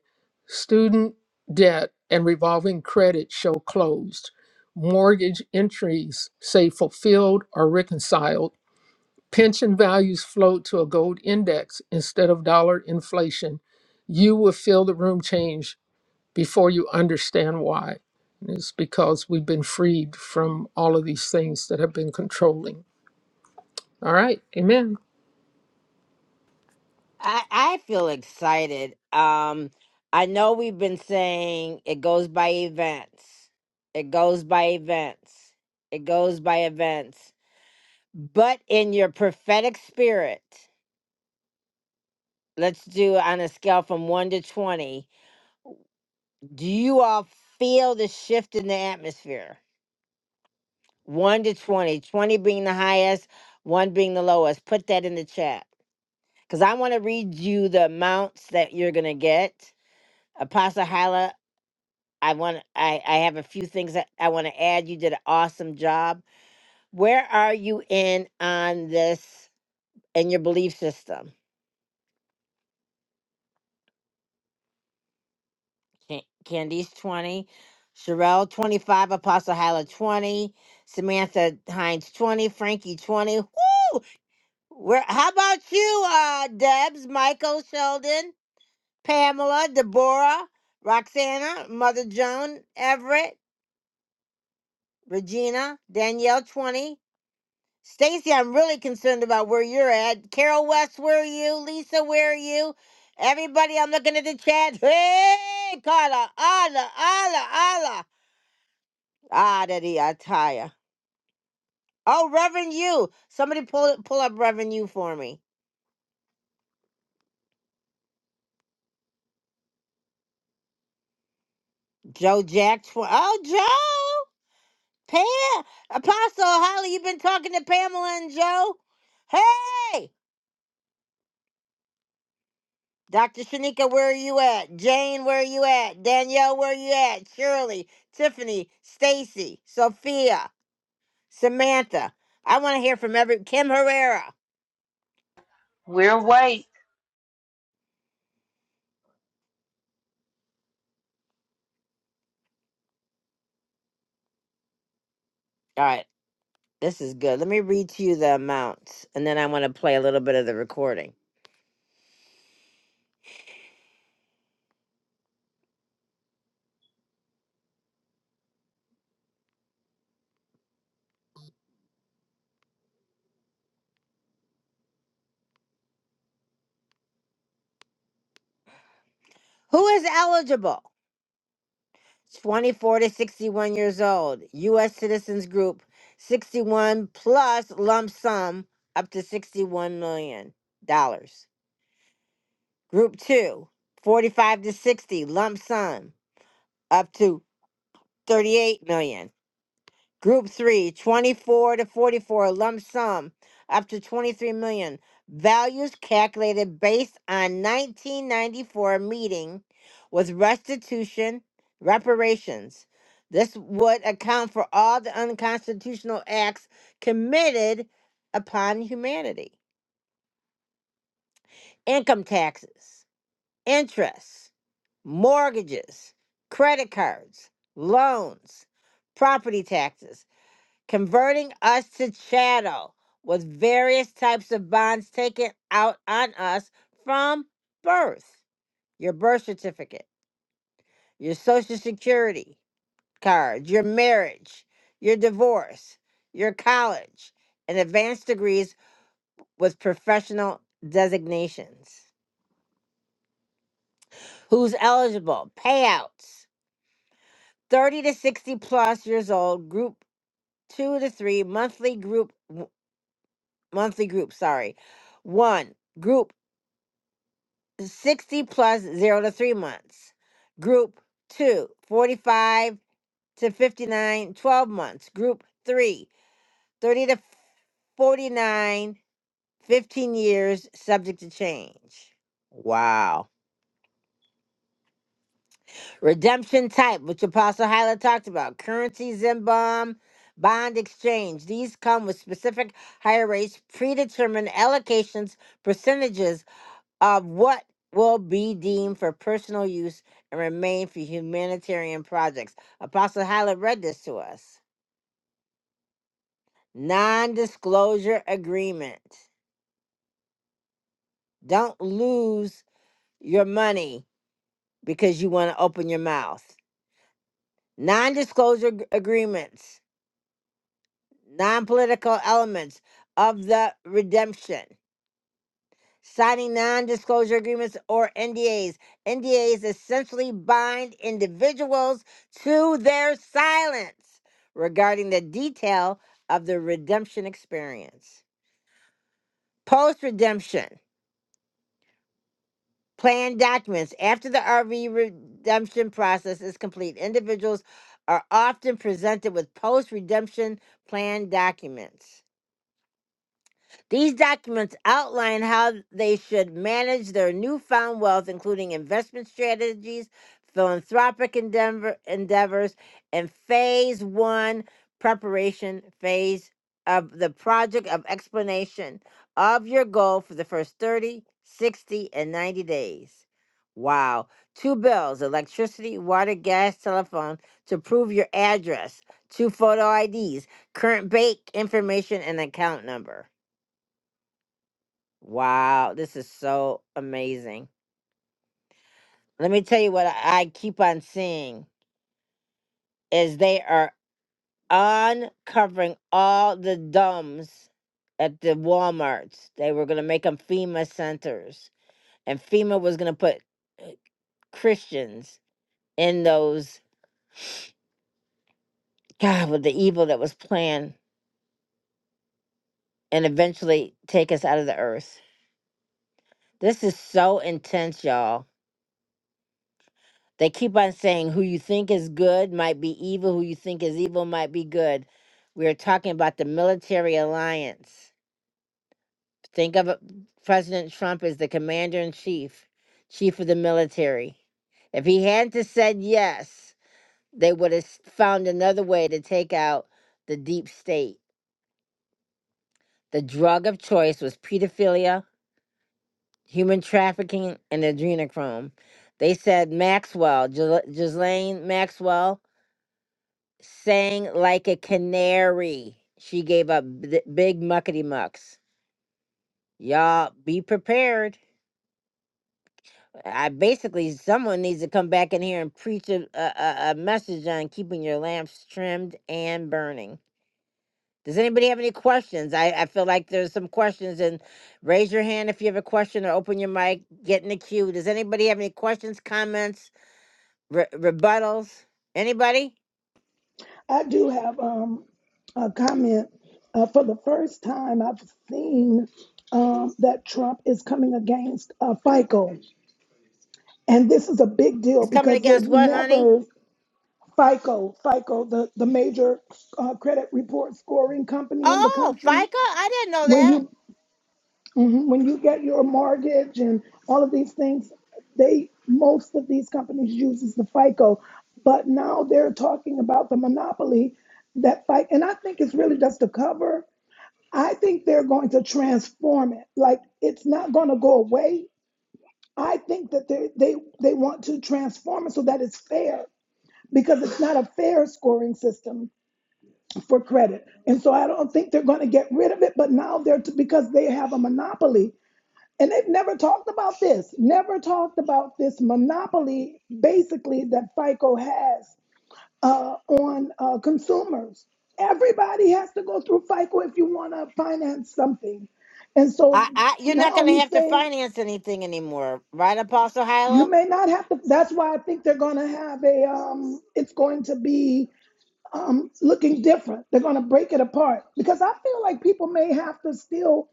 B: Student debt and revolving credit show closed. Mortgage entries say fulfilled or reconciled. Pension values float to a gold index instead of dollar inflation. You will feel the room change before you understand why. And it's because we've been freed from all of these things that have been controlling. All right, amen.
A: I I feel excited. Um I know we've been saying it goes by events. It goes by events. It goes by events. But in your prophetic spirit, let's do on a scale from 1 to 20, do you all feel the shift in the atmosphere? 1 to 20, 20 being the highest, 1 being the lowest. Put that in the chat. because I want to read you the amounts that you're gonna get. Apostle Hala, I want I I have a few things that I want to add. You did an awesome job. Where are you in on this and your belief system? Can- Candice twenty, Sherelle twenty five, Apostle Hala twenty, Samantha Hines twenty, Frankie twenty. Woo! Where? How about you, uh, Debs, Michael, Sheldon, Pamela, Deborah? Roxana, Mother Joan, Everett. Regina, Danielle 20. Stacy, I'm really concerned about where you're at. Carol West, where are you? Lisa, where are you? Everybody, I'm looking at the chat. [LAUGHS] Hey, Carla, Allah, Allah, Allah. Ah, daddy, I tire. Oh, Reverend you. Somebody pull pull up Reverend you for me. Joe Jack. twenty. oh, Joe. Pam. Apostle Holly, you've been talking to Pamela and Joe. Hey. Dr. Shanika, where are you at? Jane, where are you at? Danielle, where are you at? Shirley, Tiffany, Stacy, Sophia, Samantha. I want to hear from every Kim Herrera.
L: We're awake.
A: All right, this is good. Let me read to you the amounts, and then I want to play a little bit of the recording. Who is eligible? 24 to 61 years old, U.S. Citizens Group, 61 plus lump sum up to $61 million. dollars. Group two, forty-five to 60 lump sum up to 38 million. Group three, twenty-four to 44 lump sum up to 23 million. Values calculated based on 1994 meeting with restitution reparations. This would account for all the unconstitutional acts committed upon humanity. Income taxes. interest, mortgages, credit cards, loans, property taxes, converting us to chattel with various types of bonds taken out on us from birth. Your birth certificate, your social security card, your marriage, your divorce, your college, and advanced degrees with professional designations. Who's eligible? Payouts 30 to 60 plus years old, group 2 to 3, monthly group w- monthly group, sorry. 1, group 60 plus 0 to 3 months. Group 2, 45 to 59, 12 months. Group 3, 30 to 49, 15 years subject to change. Wow. Redemption type, which Apostle Hyla talked about, currency, in bond, bond exchange. These come with specific higher rates, predetermined allocations, percentages of what will be deemed for personal use and remain for humanitarian projects. Apostle Hyla read this to us. Non disclosure agreement. Don't lose your money because you want to open your mouth. Non disclosure agreements non political elements of the redemption. Signing non disclosure agreements or NDAs. NDAs essentially bind individuals to their silence regarding the detail of the redemption experience. Post redemption. Plan documents. After the RV redemption process is complete, individuals are often presented with post redemption plan documents These documents outline how they should manage their newfound wealth, including investment strategies, philanthropic endeavor, endeavors, and phase one preparation phase of the project of explanation of your goal for the first 30, 60, and 90 days. Wow. Two bills electricity, water, gas, telephone to prove your address, two photo IDs, current bank information, and account number. Wow, this is so amazing. Let me tell you what I I keep on seeing is they are uncovering all the dumbs at the Walmarts. They were going to make them FEMA centers and FEMA was going to put uh, Christians in those god with the evil that was planned and eventually take us out of the earth. This is so intense, y'all. They keep on saying who you think is good might be evil, who you think is evil might be good. We are talking about the military alliance. Think of it- President Trump as the commander in chief, chief of the military. If he hadn't have said yes, they would have found another way to take out the deep state. The drug of choice was pedophilia, human trafficking, and adrenochrome. They said Maxwell, Ghislaine Maxwell, sang like a canary. She gave up b- big muckety mucks. Y'all be prepared. I basically someone needs to come back in here and preach a, a, a a message on keeping your lamps trimmed and burning. Does anybody have any questions? I, I feel like there's some questions and raise your hand if you have a question or open your mic, get in the queue. Does anybody have any questions, comments, re- rebuttals? Anybody?
C: I do have um, a comment. Uh, for the first time, I've seen um, that Trump is coming against uh, FICO. And this is a big deal
A: It's coming
C: because they've
A: against what, honey?
C: never, FICO, FICO, the, the major uh, credit report scoring company in the
A: Oh, FICA?
C: country,
A: I didn't know
C: when
A: that.
C: you Mhm. When you get your mortgage and all of these things, they most of these companies uses the FICO, but now they're talking about the monopoly that fight, and I think it's really just a cover. I think they're going to transform it. Like it's not going to go away. I think that they they they want to transform it so that it's fair because it's not a fair scoring system for credit, and so I don't think they're going to get rid of it. But now they're to, because they have a monopoly. And they've never talked about this, never talked about this monopoly, basically, that FICO has uh, on uh, consumers. Everybody has to go through FICO if you want to finance something. And so
A: I, I, you're not
C: now
A: going to
C: he's
A: have to
C: saying
A: finance anything anymore, right, Apostle
C: you
A: Hyla?
C: may not have to. That's why I think they're going to have a, um, it's going to be um, looking different. They're going to break it apart because I feel like people may have to still.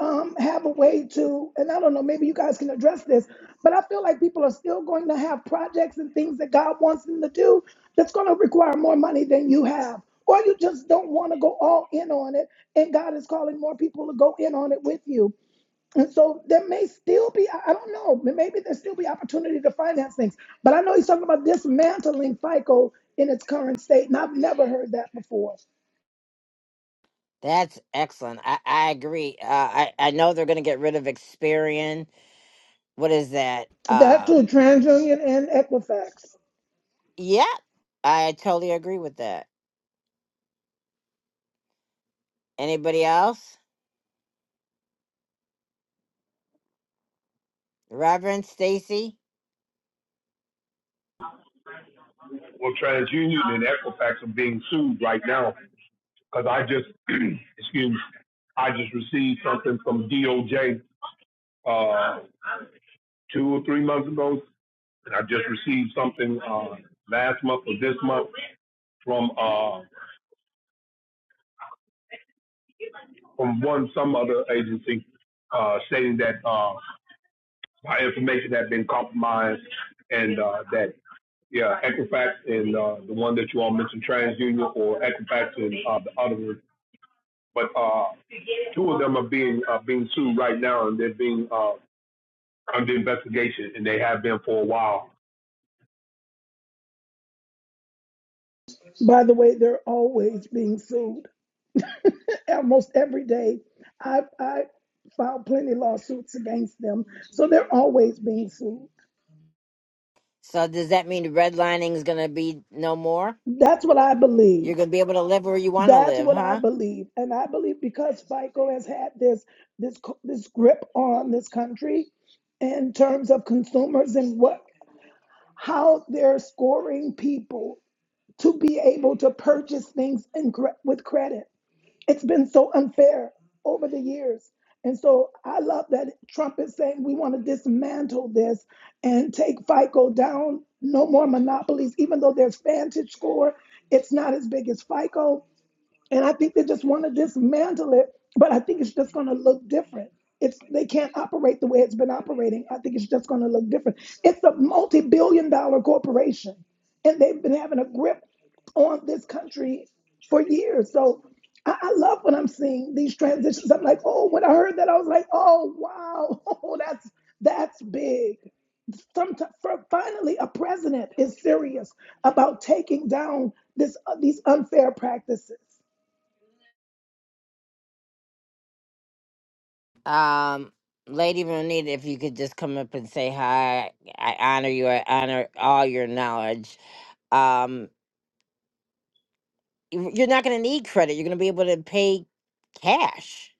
C: um, have a way to, and I don't know, maybe you guys can address this, but I feel like people are still going to have projects and things that God wants them to do that's going to require more money than you have. Or you just don't want to go all in on it, and God is calling more people to go in on it with you. And so there may still be, I I don't know, maybe there still be opportunity to finance things. But I know he's talking about dismantling FICO in its current state, and I've never heard that before.
A: That's excellent. I, I agree. Uh, I, I know they're going to get rid of Experian. What is that?
C: That too,
A: Um,
C: TransUnion and Equifax.
A: yeah, I totally agree with that. Anybody else? Reverend Stacy?
S: Well, TransUnion and Equifax are being sued right now because I just, [CLEARS THROAT] excuse me, I just received something from DOJ uh, two or three months ago, and I just received something uh, last month or this month from uh, from one some other agency uh, stating that uh, my information had been compromised and uh, that yeah, Equifax and uh, the one that you all mentioned, TransUnion or Equifax and uh, the other one, but. Uh, Two of them are being uh, being sued right now, and they're being uh, under investigation, and they have been for a while.
C: By the way, they're always being sued. Almost every day, I I filed plenty lawsuits against them, so they're always being sued.
A: So does that mean redlining is going to be no more?
C: That's what I
A: You're
C: believe.
A: going to be able to live where you want to
C: That's
A: live,
C: what I
A: huh?
C: believe, and I believe because FICO has had this this co- this grip on this country in terms of consumers and what how they're scoring people to be able to purchase things in, cre- with credit. It's been so unfair over the years. And so I love that Trump is saying we want to dismantle this and take FICO down, no more monopolies, even though there's Vantage score, it's not as big as FICO. And I think they just want to dismantle it, but I think it's just going to look different. It's they can't operate the way it's been operating. I think it's just going to look different. It's a multi-billion-dollar corporation, and they've been having a grip on this country for years. So I, I love when I'm seeing these transitions. I'm like, oh, when I heard that, I was like, oh wow, [LAUGHS] oh that's that's big. Sometimes, for finally, a president is serious about taking down this uh, these unfair practices.
A: Um, Lady Renita, if you could just come up and say hi, I honor you. I honor all your knowledge. Um, you- you're not going to need credit. You're going to be able to pay cash.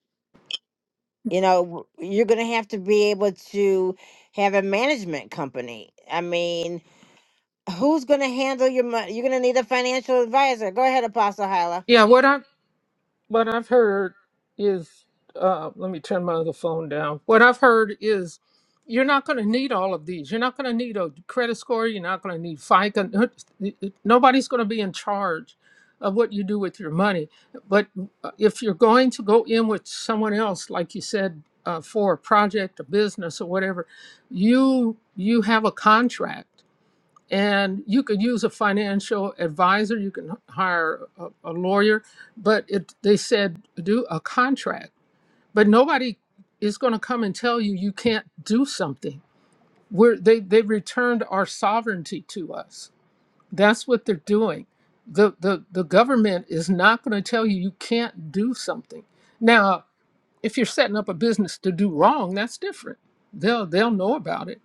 A: You know, w- you're going to have to be able to have a management company. I mean, who's going to handle your money? You're going to need a financial advisor. Go ahead, Apostle Hyla.
Q: Yeah, what I what I've heard is, uh, let me turn my other phone down. What I've heard is, you're not going to need all of these. You're not going to need a credit score. You're not going to need FICA. Nobody's going to be in charge of what you do with your money. But uh, if you're going to go in with someone else, like you said, uh, for a project, a business, or whatever, you you have a contract and you could use a financial advisor you can hire a, a lawyer but it, they said do a contract but nobody is going to come and tell you you can't do something We're, they, they returned our sovereignty to us that's what they're doing the, the, the government is not going to tell you you can't do something now if you're setting up a business to do wrong that's different they'll, they'll know about it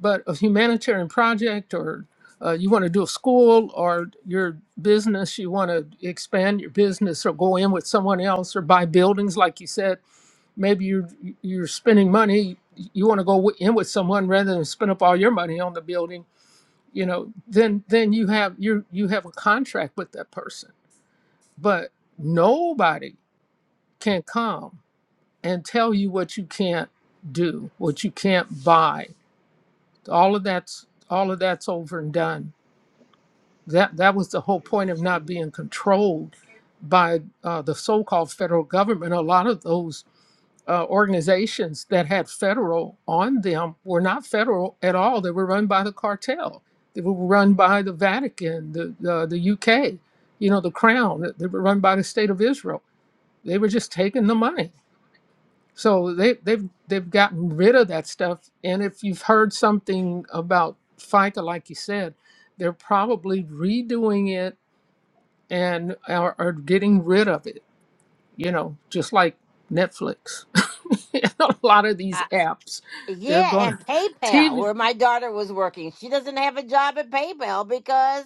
Q: but a humanitarian project or uh, you want to do a school or your business, you want to expand your business or go in with someone else or buy buildings, like you said, maybe you're, you're spending money, you want to go wi- in with someone rather than spend up all your money on the building, you know, then, then you have, you you have a contract with that person, but nobody can come and tell you what you can't do, what you can't buy. All of that's, all of that's over and done That that was the whole point of not being controlled by uh, the so-called federal government. A lot of those uh, organizations that had federal on them were not federal at all. They were run by the cartel. They were run by the Vatican, the the, the UK, you know, the Crown. They were run by the state of Israel. They were just taking the money. So they, they've they've gotten rid of that stuff. And if you've heard something about FICA, like you said, they're probably redoing it and are, are getting rid of it, you know, just like Netflix [LAUGHS] and a lot of these
A: Uh,
Q: apps. They're
A: yeah,
Q: going
A: and
Q: to
A: PayPal,
Q: TV,
A: where my daughter was working, she doesn't have a job at PayPal because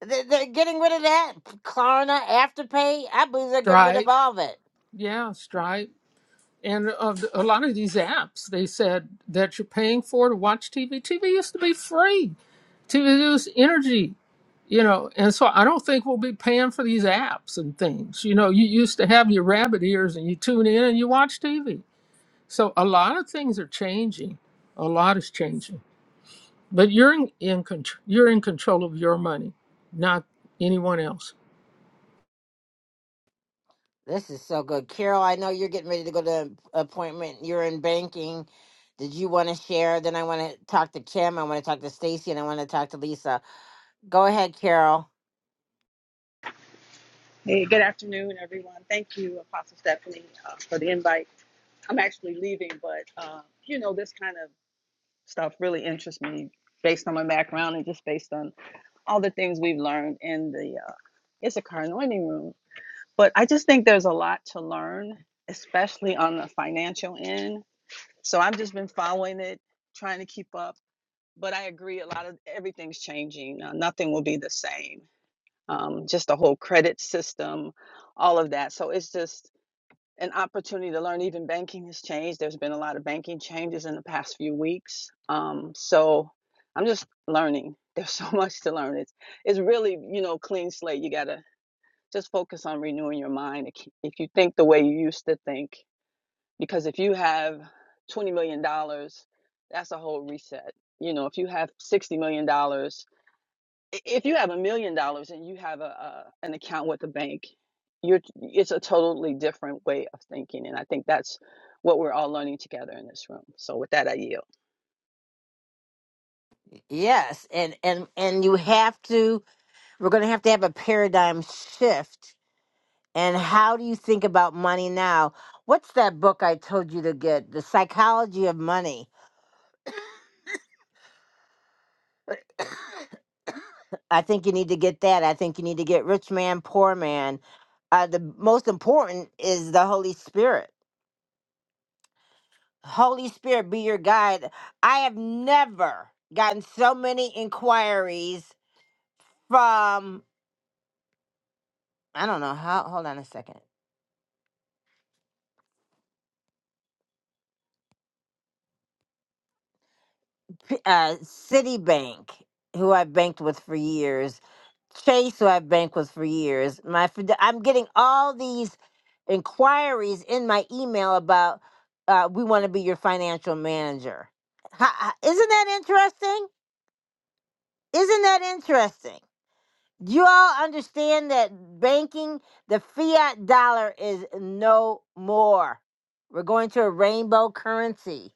A: they- they're getting rid of that. Klarna, Afterpay, I believe they're
Q: [LAUGHS]
A: getting rid of
Q: Stripe,
A: all of it.
Q: yeah, Stripe. And of the- a lot of these apps, they said that you're paying for to watch TV. TV used to be free. TV was energy, you know. And so I don't think we'll be paying for these apps and things. You know, you used to have your rabbit ears and you tune in and you watch TV. So a lot of things are changing. A lot is changing. But you're in, in contr- you're in control of your money, not anyone else.
A: This is so good. Carol, I know you're getting ready to go to an appointment. You're in banking. Did you want to share? Then I want to talk to Kim. I want to talk to Stacy and I want to talk to Lisa. Go ahead, Carol.
T: Hey, good afternoon, everyone. Thank you, Apostle Stephanie, uh, for the invite. I'm actually leaving, but uh, you know, this kind of stuff really interests me based on my background and just based on all the things we've learned in the uh, Issachar anointing room. But I just think there's a lot to learn, especially on the financial end. So I've just been following it, trying to keep up. But I agree, a lot of everything's changing. Uh, nothing will be the same. Um, just the whole credit system, all of that. So it's just an opportunity to learn even banking has changed there's been a lot of banking changes in the past few weeks um, so i'm just learning [LAUGHS] there's so much to learn it's it's really you know clean slate you gotta just focus on renewing your mind if if you think the way you used to think because if you have 20 million dollars that's a whole reset you know if you have 60 million dollars i- if you have a million dollars and you have a, a an account with a bank, you're it's a totally different way of thinking, and I think that's what we're all learning together in this room. So with that, I yield.
A: Yes, and and and you have to we're going to have to have a paradigm shift. And how do you think about money now? What's that book I told you to get? The Psychology of Money. I think you need to get that. I think you need to get Rich Man, Poor Man. Uh, the most important is the Holy Spirit Holy Spirit be your guide. I have never gotten so many inquiries from I don't know how. Hold on a second. P- Uh, Citibank, who I banked with for years, Chase, who I banked with for years. My fide- I'm getting all these inquiries in my email about uh, we want to be your financial manager. Ha- ha- Isn't that interesting? Isn't that interesting? Do You all understand that banking, the fiat dollar is no more. We're going to a rainbow currency.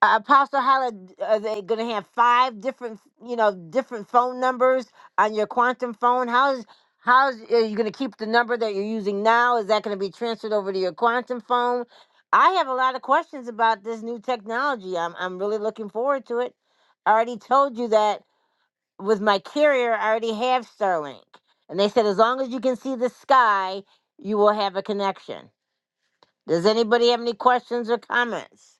A: Uh, Apostle Hala, are they going to have five different, you know, different phone numbers on your quantum phone? How's how's are you going to keep the number that you're using now? Is that going to be transferred over to your quantum phone? I have a lot of questions about this new technology. I'm I'm really looking forward to it. I already told you that with my carrier, I already have Starlink. And they said, as long as you can see the sky, you will have a connection. Does anybody have any questions or comments?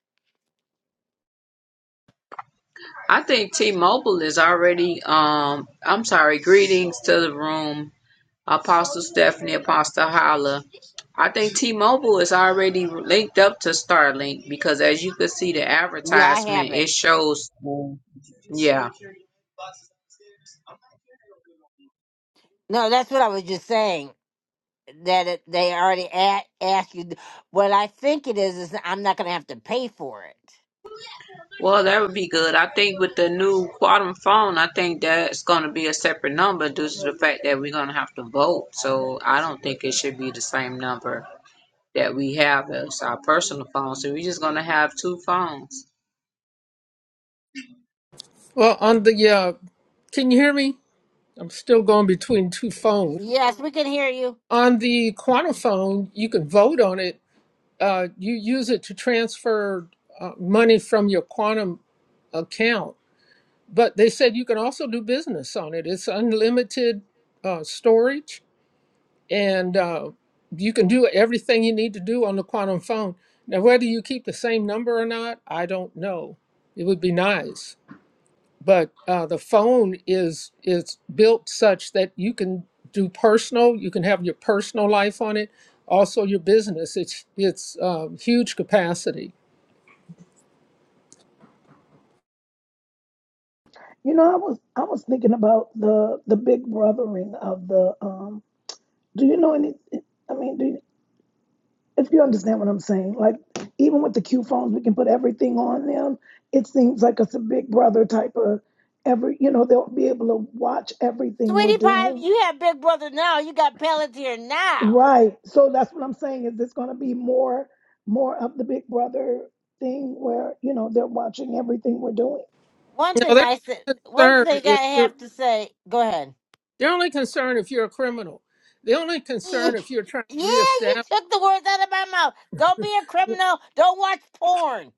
U: I think T-Mobile is already. Um, I'm sorry. Greetings to the room, Apostle Stephanie, Apostle Hala. I think T-Mobile is already linked up to Starlink because, as you could see, the
A: Yeah, I
U: advertisement
A: have
U: it
A: it.
U: shows. um, Yeah,
A: No, that's what I was just saying. That it, they already a- asked you. What I think it is, is I'm not going to have to pay for it.
U: well, that would be good. I think with the new quantum phone, I think that's going to be a separate number due to the fact that we're going to have to vote. So I don't think it should be the same number that we have as our personal phone. So we're just going to have two phones.
B: Well, on the uh, can you hear me? I'm still going between two phones.
A: Yes, we can hear you.
B: On the Quantiphone, you can vote on it. Uh, you use it to transfer uh, money from your Quantum account, but they said you can also do business on it. It's unlimited uh, storage, and uh, you can do everything you need to do on the Quantum phone. Now, whether you keep the same number or not, I don't know. It would be nice. but uh, the phone is is built such that you can do personal you can have your personal life on it also your business it's it's um, huge capacity
C: You know, I was I was thinking about the the big brothering of the um do you know any I mean, do you, if you understand what I'm saying, like even with the Q phones, we can put everything on them. It seems like it's a big brother type of every, you know, they'll be able to watch everything we're
A: Sweetie Pie,
C: doing.
A: you have Big Brother now. You got Palantir now.
C: Right. So that's what I'm saying is it's going to be more more of the big brother thing where, you know, they're watching everything we're doing.
A: One
B: now
A: thing I said, one
B: they're only concerned
A: thing
B: if
A: I
B: you're
A: have to say, go ahead.
B: they're only concerned if you're a criminal the only
A: Yeah,
B: concern if you're trying
A: yeah,
B: to
A: you
B: reestablish
A: took the words out of my mouth. Don't be a criminal. Don't watch porn.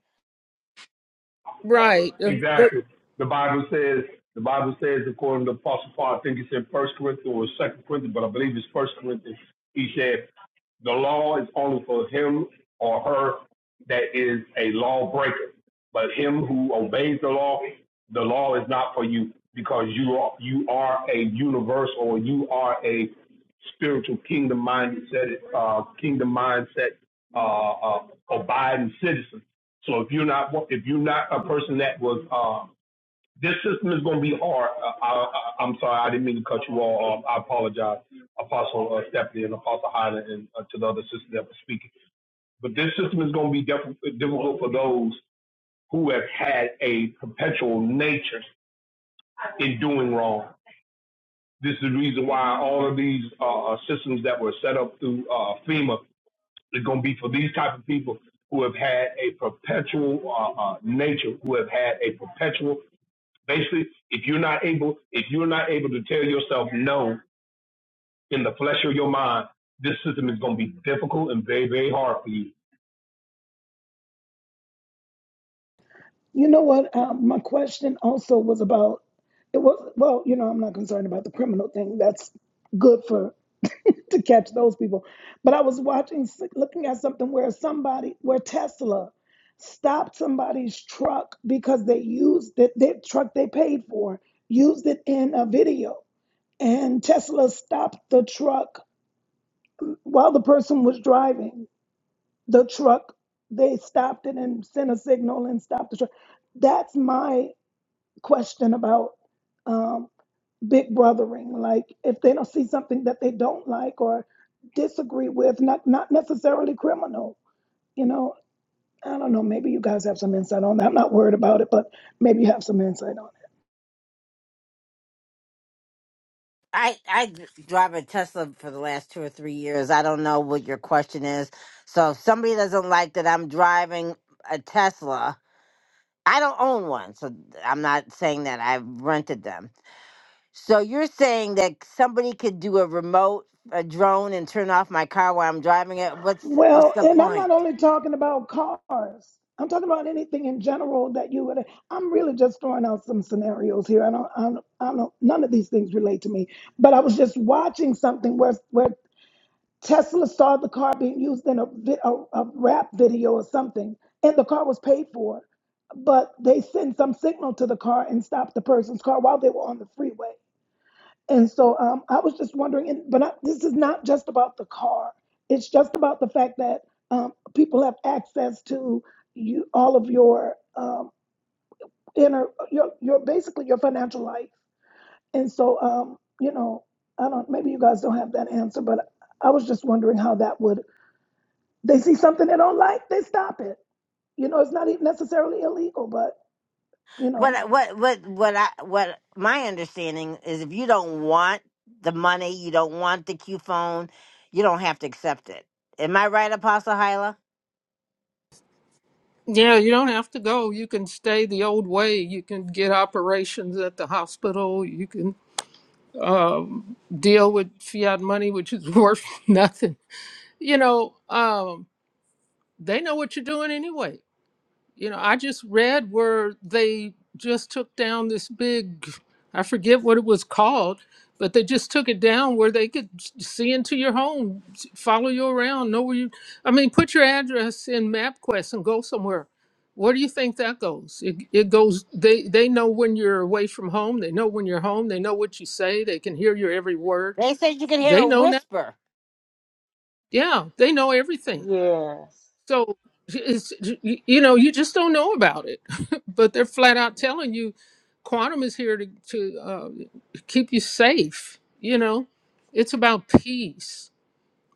B: right uh, the-
S: Exactly. The Bible says the Bible says according to Apostle Paul, I think it's in First Corinthians or Second Corinthians, but I believe it's First Corinthians. He said The law is only for him or her that is a lawbreaker. But him who obeys the law, the law is not for you because you are you are a universal you are a spiritual kingdom mindset uh kingdom mindset uh, uh abiding citizen. So if you're not if you're not a person that was uh, this system is going to be hard. I, I, I'm sorry, I didn't mean to cut you all off. Um, I apologize, Apostle uh, Stephanie and Apostle Hyland and uh, to the other sisters that were speaking. But this system is going to be def- difficult for those who have had a perpetual nature in doing wrong. This is the reason why all of these uh, uh, systems that were set up through uh, FEMA is going to be for these type of people who have had a perpetual uh, uh, nature, who have had a perpetual Basically, if you're not able, if you're not able to tell yourself no in the flesh of your mind, this system is going to be difficult and very, very hard for you.
C: You know what? Um, my question also was about it was well, you know, I'm not concerned about the criminal thing. That's good for [LAUGHS] to catch those people. But I was watching, looking at something where somebody, where Tesla stopped somebody's truck because they used it, their truck they paid for, used it in a video. And Tesla stopped the truck while the person was driving the truck. They stopped it and sent a signal and stopped the truck. That's my question about um, big brothering. Like if they don't see something that they don't like or disagree with, not not necessarily criminal. You know, I don't know. Maybe you guys have some insight on that. I'm not worried about it, but maybe you have some insight on it.
A: I I drive a Tesla for the last two or three years. I don't know what your question is. So if somebody doesn't like that I'm driving a Tesla, I don't own one, so I'm not saying that I've rented them. So you're saying that somebody could do a remote a drone and turn off my car while I'm driving it? What's what's
C: Well,
A: the
C: and I'm
A: point?
C: not only talking about cars. I'm talking about anything in general that you would. I'm really just throwing out some scenarios here. I don't. I don't. I don't none of these things relate to me. But I was just watching something where where Tesla saw the car being used in a, vi- a, a rap video or something, and the car was paid for, but they sent some signal to the car and stopped the person's car while they were on the freeway. And so um, I was just wondering, and, but I, this is not just about the car. It's just about the fact that um, people have access to you, all of your um, inner, your, your basically your financial life. And so, um, you know, I don't. Maybe you guys don't have that answer, but I was just wondering how that would they see something they don't like, they stop it. You know, it's not even necessarily illegal, but you
A: what
C: know,
A: I- what what what I what my understanding is if you don't want the money, you don't want the Q phone, you don't have to accept it. Am I right, Apostle Hyla?
B: yeah you don't have to go you can stay the old way you can get operations at the hospital you can um, deal with fiat money which is [LAUGHS] worth nothing you know, um, they know what you're doing anyway. You know, I just read where they just took down this big, I forget what it was called, but they just took it down where they could s- see into your home, s- follow you around, know where you, I mean, put your address in MapQuest and go somewhere. Where do you think that goes? It, it goes, they, they know when you're away from home. They know when you're home. They know what you say. They can hear your every word.
A: They said you can hear
B: They
A: a
B: know now.
A: whisper.
B: Yeah, they know everything
L: Yes.
B: So it's you know you just don't know about it, [LAUGHS] but they're flat out telling you quantum is here to to uh, keep you safe. You know, it's about peace.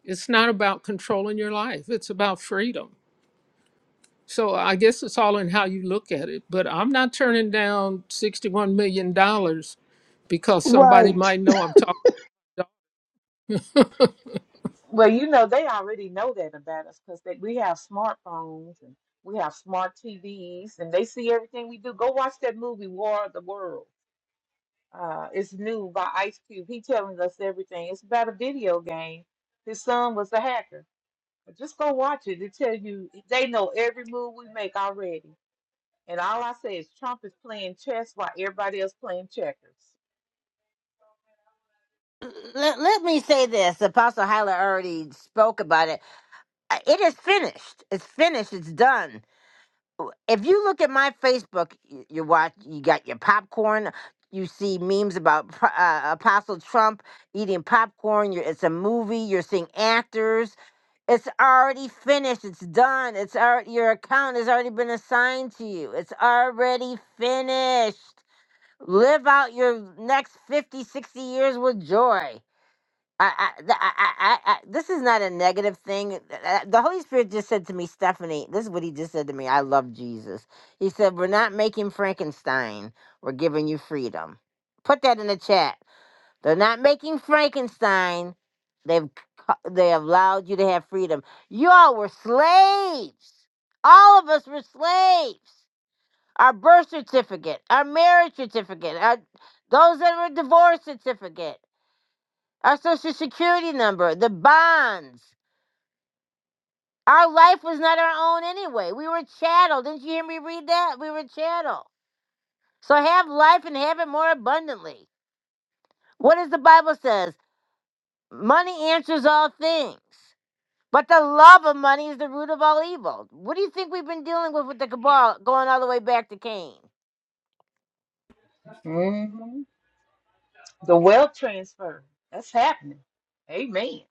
B: It's not about controlling your life. It's about freedom. So I guess it's all in how you look at it. But I'm not turning down sixty-one million dollars because somebody
C: right.
B: might know I'm talking. about
L: Well, you know, they already know that about us because we have smartphones and we have smart TVs and they see everything we do. Go watch that movie, War of the World. uh, It's New by Ice Cube. He telling us everything. It's about a video game. His son was a hacker. But Just go watch it. They tell you they know every move we make already. And all I say is Trump is playing chess while everybody else playing checkers.
A: Let, let me say this. Apostle Hyla already spoke about it. Uh, It is finished. It's finished. It's done. w- if you look at my Facebook, you, you watch, you got your popcorn. You see memes about Pro- uh, Apostle Trump eating popcorn. You're, it's a movie. You're seeing actors. It's already finished. It's done. It's already your account has already been assigned to you. It's already finished. Live out your next 50, 60 years with joy. I, I, th- I, I, I, I- this is not a negative thing. Th- th- The Holy Spirit just said to me, Stephanie, this is what he just said to me. I love Jesus. He said, We're not making Frankenstein, we're giving you freedom. Put that in the chat. They're not making Frankenstein, they've, cu- they have allowed you to have freedom. Y'all were slaves. All of us were slaves. Our birth certificate, our marriage certificate, our, those that were divorce certificate our social security number, the bonds. Our life was not our own anyway. We were chattel. Didn't you hear me read that? We were chattel. So have life and have it more abundantly. What does the Bible says? Money answers all things. But the love of money is the root of all evil. What do you think we've been dealing with with the cabal going all the way back to Cain?
L: hmm The wealth transfer that's happening. Amen.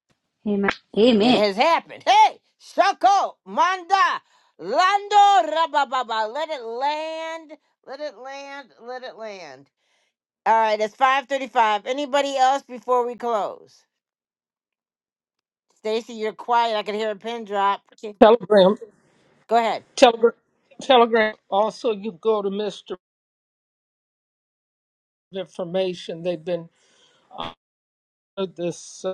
F: Amen.
A: It
F: Amen.
A: has happened. Hey, Shako, Manda, Lando, Rabababa. Let it land, let it land, let it land. All right, it's five thirty-five. Anybody else before we close? Stacy, you're quiet. I can hear a pin drop. Okay.
B: Telegram,
A: Go ahead.
B: Telegram, Telegram. Also, you go to Mister Information. They've been uh, this. uh,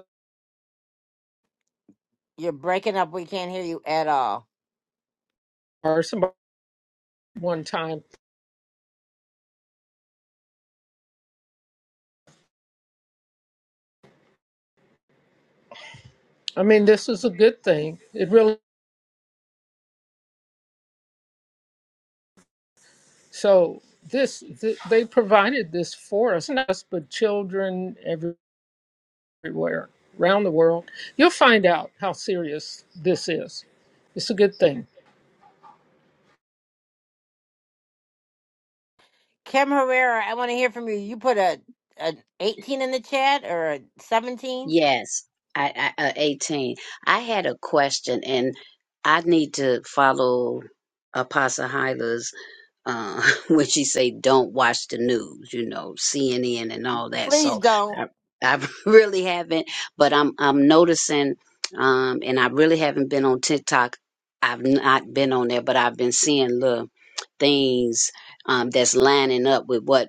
A: You're breaking up. We can't hear you at all.
B: or somebody one time. I mean, this is a good thing. It really so this th- they provided this for us, not us, but children everywhere around the world. You'll find out how serious this is. It's a good thing.
A: Kim Herrera, I want to hear from you. You put a an eighteen in the chat or a seventeen?
V: Yes, I, I uh, 18. I had a question and I need to follow Apostle Hyla's uh, [LAUGHS] when she say don't watch the news, you know, CNN and all that.
A: Please
V: So
A: don't.
V: I, I [LAUGHS] really haven't, but I'm I'm noticing, um, and I really haven't been on TikTok. I've not been on there, but I've been seeing little things um, that's lining up with what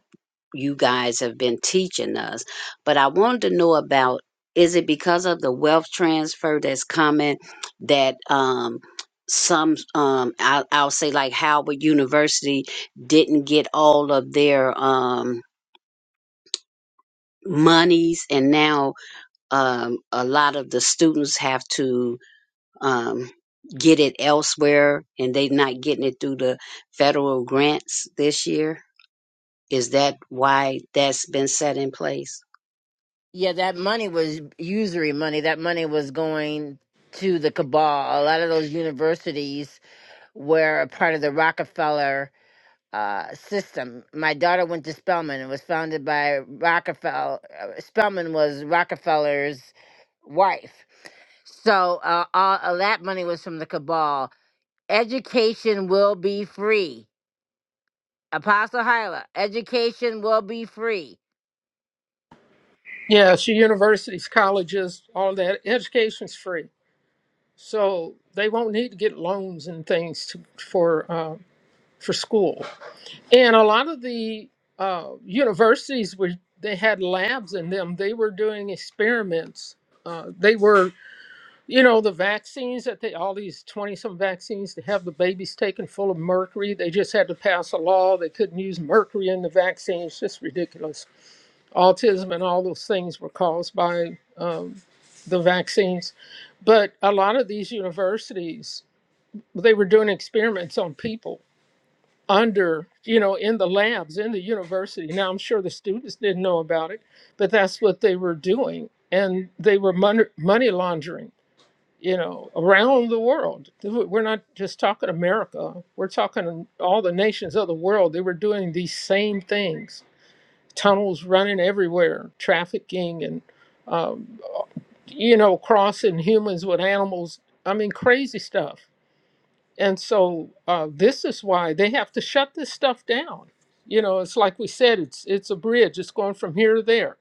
V: you guys have been teaching us. But I wanted to know about is it because of the wealth transfer that's coming that um, some um, I'll, I'll say like Howard University didn't get all of their um, monies, and now um, a lot of the students have to um, get it elsewhere, and they're not getting it through the federal grants this year. Is that why that's been set in place?
A: Yeah, that money was usury money. That money was going to the cabal. A lot of those universities were a part of the Rockefeller uh, system. My daughter went to Spelman. It was founded by Rockefeller. uh, Spelman was Rockefeller's wife. So uh, all uh, that money was from the cabal. Education will be free. Apostle Hyla, education will be free.
B: Yeah, so universities, colleges, all that education's free, so they won't need to get loans and things to, for uh, for school. And a lot of the uh, universities were they had labs in them. They were doing experiments. Uh, they were, you know, the vaccines that they all these twenty some vaccines to have the babies taken full of mercury. They just had to pass a law they couldn't use mercury in the vaccines. Just ridiculous. Autism and all those things were caused by um, the vaccines. But a lot of these universities, they were doing experiments on people under, you know, in the labs, in the university. Now, I'm sure the students didn't know about it, but that's what they were doing. And they were money, money laundering, you know, around the world. We're not just talking America, we're talking all the nations of the world. They were doing these same things tunnels running everywhere, trafficking, and, um, you know, crossing humans with animals. I mean, crazy stuff and so uh, this is why they have to shut this stuff down. You know, it's like we said, it's it's a bridge. It's going from here to there.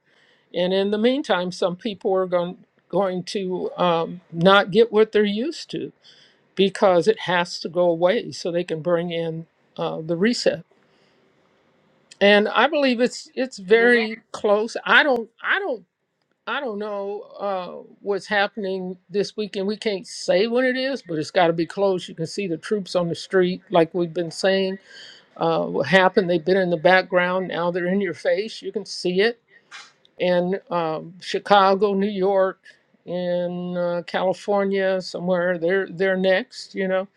B: And in the meantime, some people are going going to um, not get what they're used to because it has to go away so they can bring in uh, the reset. And I believe it's it's
A: You're right.
B: very close. I don't I don't I don't know uh, what's happening this weekend. We can't say when it is, but it's got to be close. You can see the troops on the street, like we've been saying. Uh, what happened? They've been in the background. Now they're in your face. You can see it in um, Chicago, New York, in uh, California, somewhere. They're they're next, you know.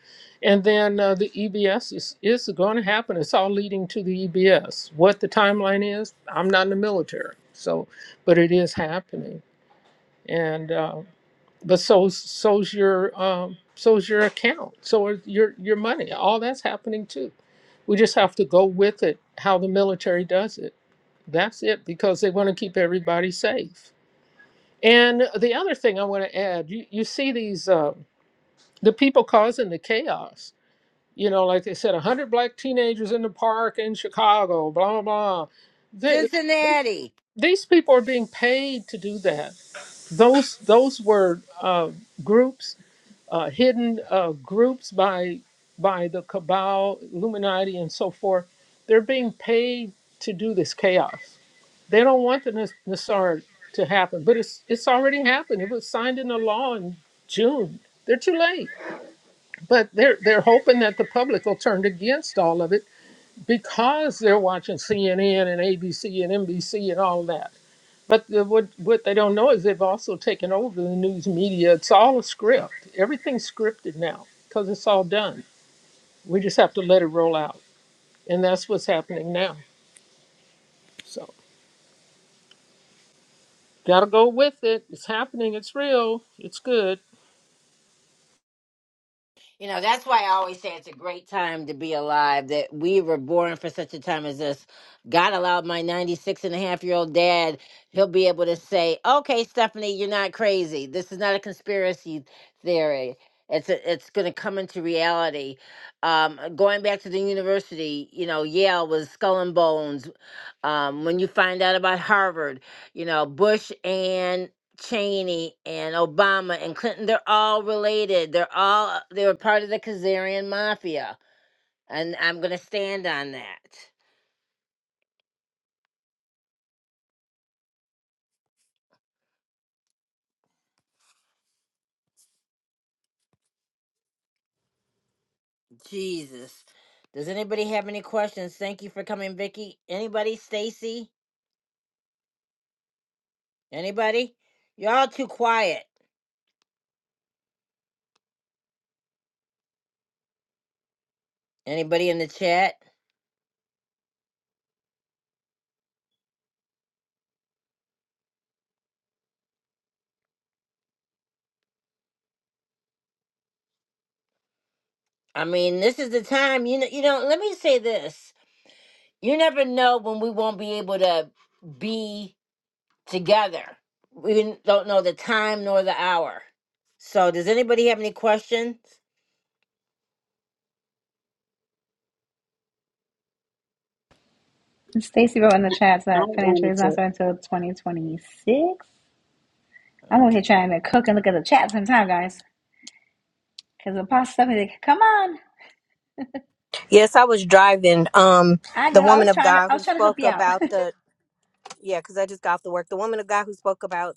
B: And then uh, the EBS is is going to happen. It's all leading to the EBS. What the timeline is, I'm not in the military, so but it is happening and uh, but so so's your um, so's your account, so is your your money. All that's happening too. We just have to go with it. How the military does it. That's it because they want to keep everybody safe. And the other thing I want to add, you you see these uh, the people causing the chaos. You know, like they said, a hundred black teenagers in the park in Chicago. Blah blah blah. They,
A: Cincinnati.
B: these people are being paid to do that. Those those were uh, groups uh, hidden uh, groups by by the cabal, Illuminati, and so forth. They're being paid to do this chaos. They don't want the Nas- Nassar to happen, but it's it's already happened. It was signed into law in June. They're too late, but they're they're hoping that the public will turn against all of it because they're watching CNN and ABC and NBC and all that. But the, what what they don't know is they've also taken over the news media. It's all a script. Everything's scripted now because it's all done. We just have to let it roll out, and that's what's happening now. So gotta go with it. It's happening. It's real. It's good.
A: You know, that's why I always say it's a great time to be alive, that we were born for such a time as this. God allowed my 96 and a half year old dad, he'll be able to say, okay, Stephanie, you're not crazy. This is not a conspiracy theory. It's a, it's going to come into reality. Um, going back to the university, you know, Yale was skull and bones. Um, when you find out about Harvard, you know, Bush and Cheney and Obama and Clinton, they're all related. They're all they were part of the Kazarian mafia. And I'm gonna stand on that. Jesus. Does anybody have any questions? Thank you for coming, Vicky. Anybody? Stacy? Anybody? You're all too quiet. Anybody in the chat? I mean, this is the time, you know you know, let me say this. You never know when we won't be able to be together. We didn't- don't know the time nor the hour. So, does anybody have any questions?
F: Stacy wrote in the chat
V: I
F: that financial
V: wanted
F: is not
V: to
F: starting until 2026. I'm over here trying to cook and look at the chat sometime, guys. Because Apostle Stephanie, like, come on.
W: Yes, I was driving. Um,
F: I
W: the
F: know. I
W: woman
F: was
W: of
F: trying to.
W: God
F: I
W: who
F: was trying to help
W: spoke
F: you out.
W: about the yeah, because I just got off the work. The woman of God who spoke about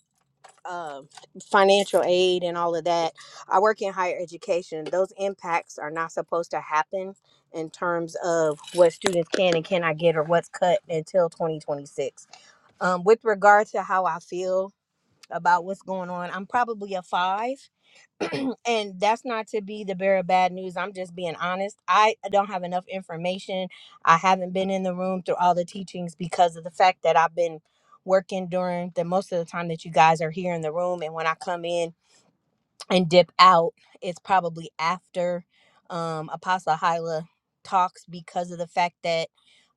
W: uh, financial aid and all of that. I work in higher education. Those impacts are not supposed to happen in terms of what students can and cannot get or what's cut until 2026. Um, with regard to how I feel about what's going on, I'm probably a five [CLEARS THROAT] and that's not to be the bearer of bad news. I'm just being honest. I don't have enough information. I haven't been in the room through all the teachings because of the fact that I've been working during the most of the time that you guys are here in the room. And when I come in and dip out, it's probably after um, Apostle Hyla talks because of the fact that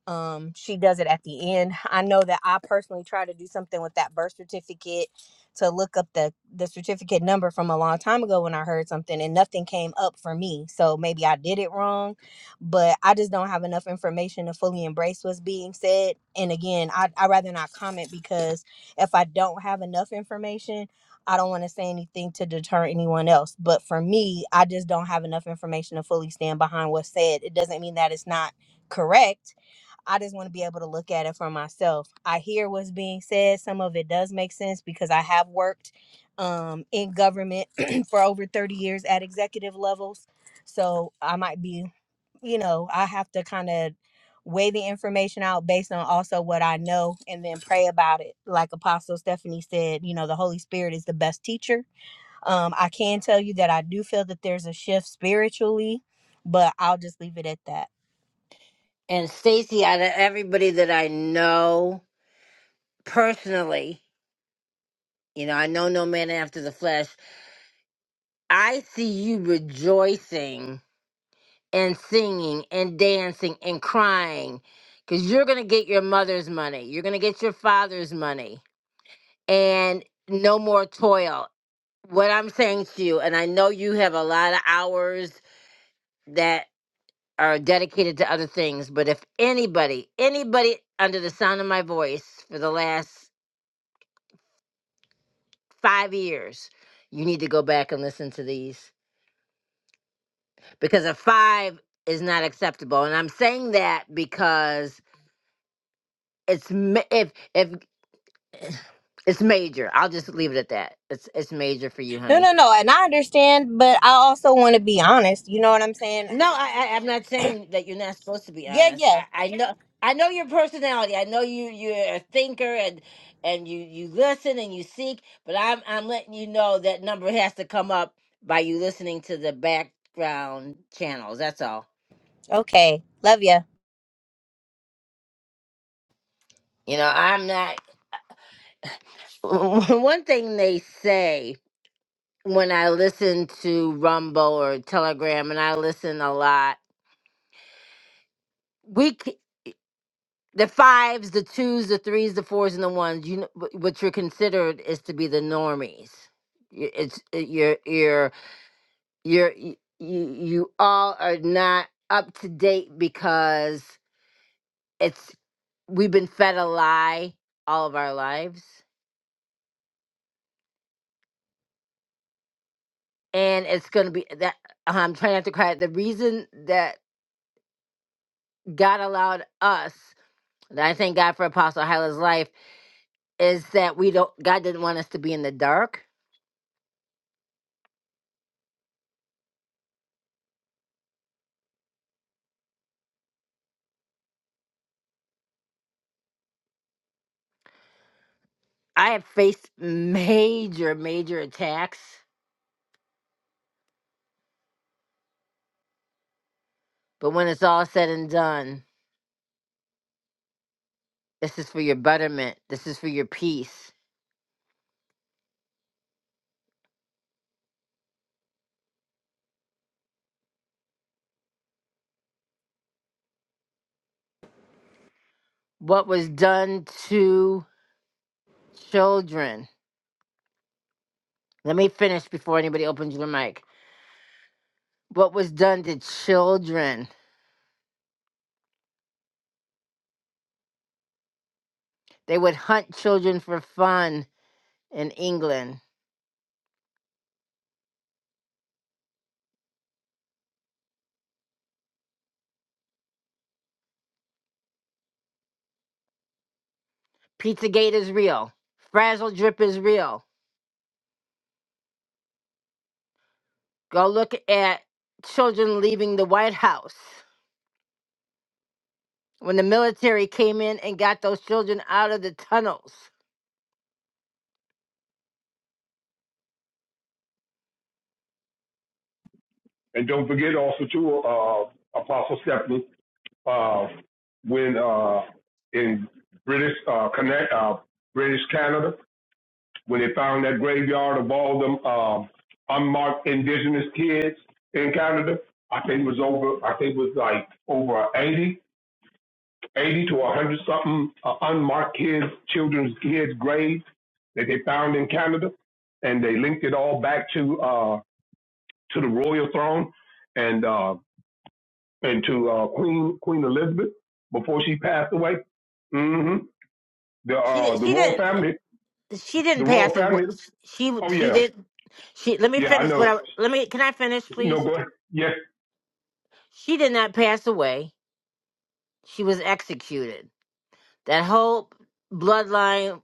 W: um she does it at the end i know that i personally try to do something with that birth certificate to look up the the certificate number from a long time ago when i heard something and nothing came up for me so maybe i did it wrong but i just don't have enough information to fully embrace what's being said and again i i rather not comment because if i don't have enough information I don't want to say anything to deter anyone else, but for me, I just don't have enough information to fully stand behind what's said. It doesn't mean that it's not correct I just want to be able to look at it for myself. I hear what's being said. Some of it does make sense because I have worked um, in government [CLEARS THROAT] for over 30 years at executive levels. So I might be, you know, I have to kind of weigh the information out based on also what I know and then pray about it. Like Apostle Stephanie said, you know, the Holy Spirit is the best teacher um, I can tell you that I do feel that there's a shift spiritually, but I'll just leave it at that.
A: And Stacy, out of everybody that I know personally, you know, I know no man after the flesh. I see you rejoicing and singing and dancing and crying because you're going to get your mother's money. You're going to get your father's money and no more toil what I'm saying to you, and I know you have a lot of hours that are dedicated to other things, but if anybody, anybody under the sound of my voice for the last five years, you need to go back and listen to these because a five is not acceptable. And I'm saying that because it's ma- if if [SIGHS] it's major. I'll just leave it at that. It's it's major for you,
W: No,
A: honey
W: no, no. And I understand, but I also want to be honest. You know what I'm saying?
A: No, I, I I'm not saying that you're not supposed to be
W: Yeah,
A: honest.
W: yeah.
A: I, I know I know your personality. I know you you're a thinker and and you you listen and you seek, but I'm I'm letting you know that number has to come up by you listening to the background channels. That's all.
W: Okay. Love ya.
A: You know, I'm not [LAUGHS] one thing they say when I listen to Rumble or Telegram and I listen a lot. We c- the fives, the twos, the threes, the fours, and the ones. You know, wh- what you're considered is to be the normies. Y- It's uh, you're you're you're y- you you all are not up to date because it's we've been fed a lie all of our lives, and it's gonna be that uh-huh, I'm trying not to cry. The reason that God allowed us, and I thank God for Apostle Hyla's life, is that we don't. God didn't want us to be in the dark I have faced major, major attacks, but when it's all said and done, this is for your betterment. This is for your peace. What was done to children? Let me finish before anybody opens your mic. What was done to children? They would hunt children for fun in England. Pizzagate is real. Frazzle drip is real. Go look at children leaving the White House. when the military came in and got those children out of the tunnels.
S: And don't forget also too, uh, Apostle Stephanie, uh, when uh, in British uh, Connect, uh, British Canada, when they found that graveyard of all them um, unmarked indigenous kids in Canada, I think it was over. I think it was like over 80 80 to 100 something uh, unmarked kids, children's kids' graves that they found in Canada, and they linked it all back to uh, to the royal throne and uh, and to uh, Queen Queen Elizabeth before she passed away. hmm The
A: She
S: uh,
A: didn't.
S: the
A: She
S: royal
A: didn't.
S: family,
A: She
S: the
A: didn't
S: royal
A: pass it. What-
S: family.
A: She
S: Oh
A: she
S: yeah,
A: did. She let me
S: yeah, I
A: finish. What
S: know.
A: I let me can I finish,
S: No,
A: please?
S: go ahead. Yes.
A: She did not pass away. She was executed. That whole bloodline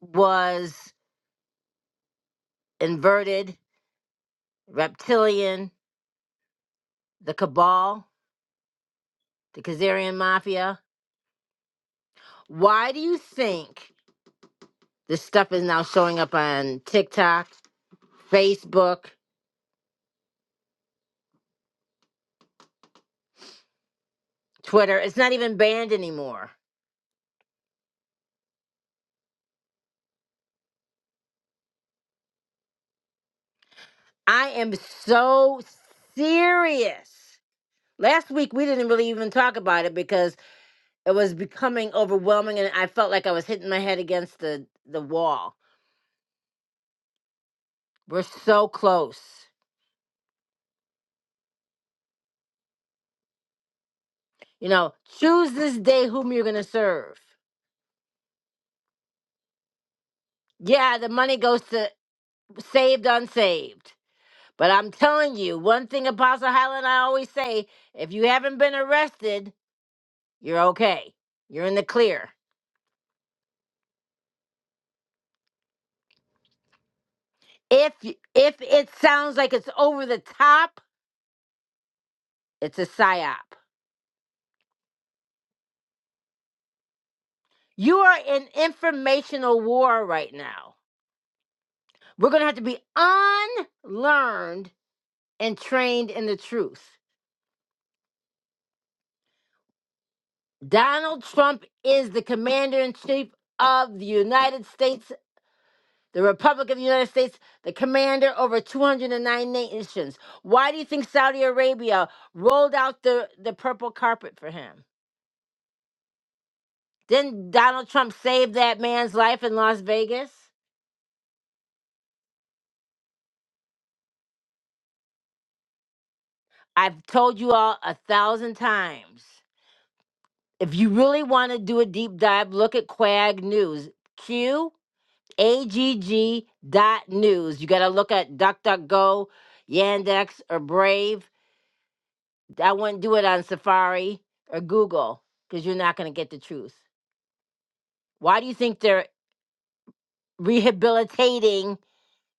A: was inverted, reptilian, the cabal, the Khazarian mafia. Why do you think this stuff is now showing up on TikTok, Facebook? Twitter. It's not even banned anymore. I am so serious. Last week we didn't really even talk about it because it was becoming overwhelming and I felt like I was hitting my head against the, the wall. We're so close. You know, choose this day whom you're going to serve. Yeah, the money goes to saved, unsaved. But I'm telling you, one thing Apostle Highland and I always say if you haven't been arrested, you're okay. You're in the clear If y- if it sounds like it's over the top, it's a psyop. You are in informational war right now. We're going to have to be unlearned and trained in the truth. Donald Trump is the commander in chief of the United States, the Republic of the United States, the commander over 209 nations. Why do you think Saudi Arabia rolled out the, the purple carpet for him? Didn't Donald Trump save that man's life in Las Vegas? I've told you all a thousand times. If you really want to do a deep dive, look at Quag News. Q A G G dot news. You got to look at DuckDuckGo, Yandex, or Brave. I wouldn't do it on Safari or Google because you're not going to get the truth. Why do you think they're rehabilitating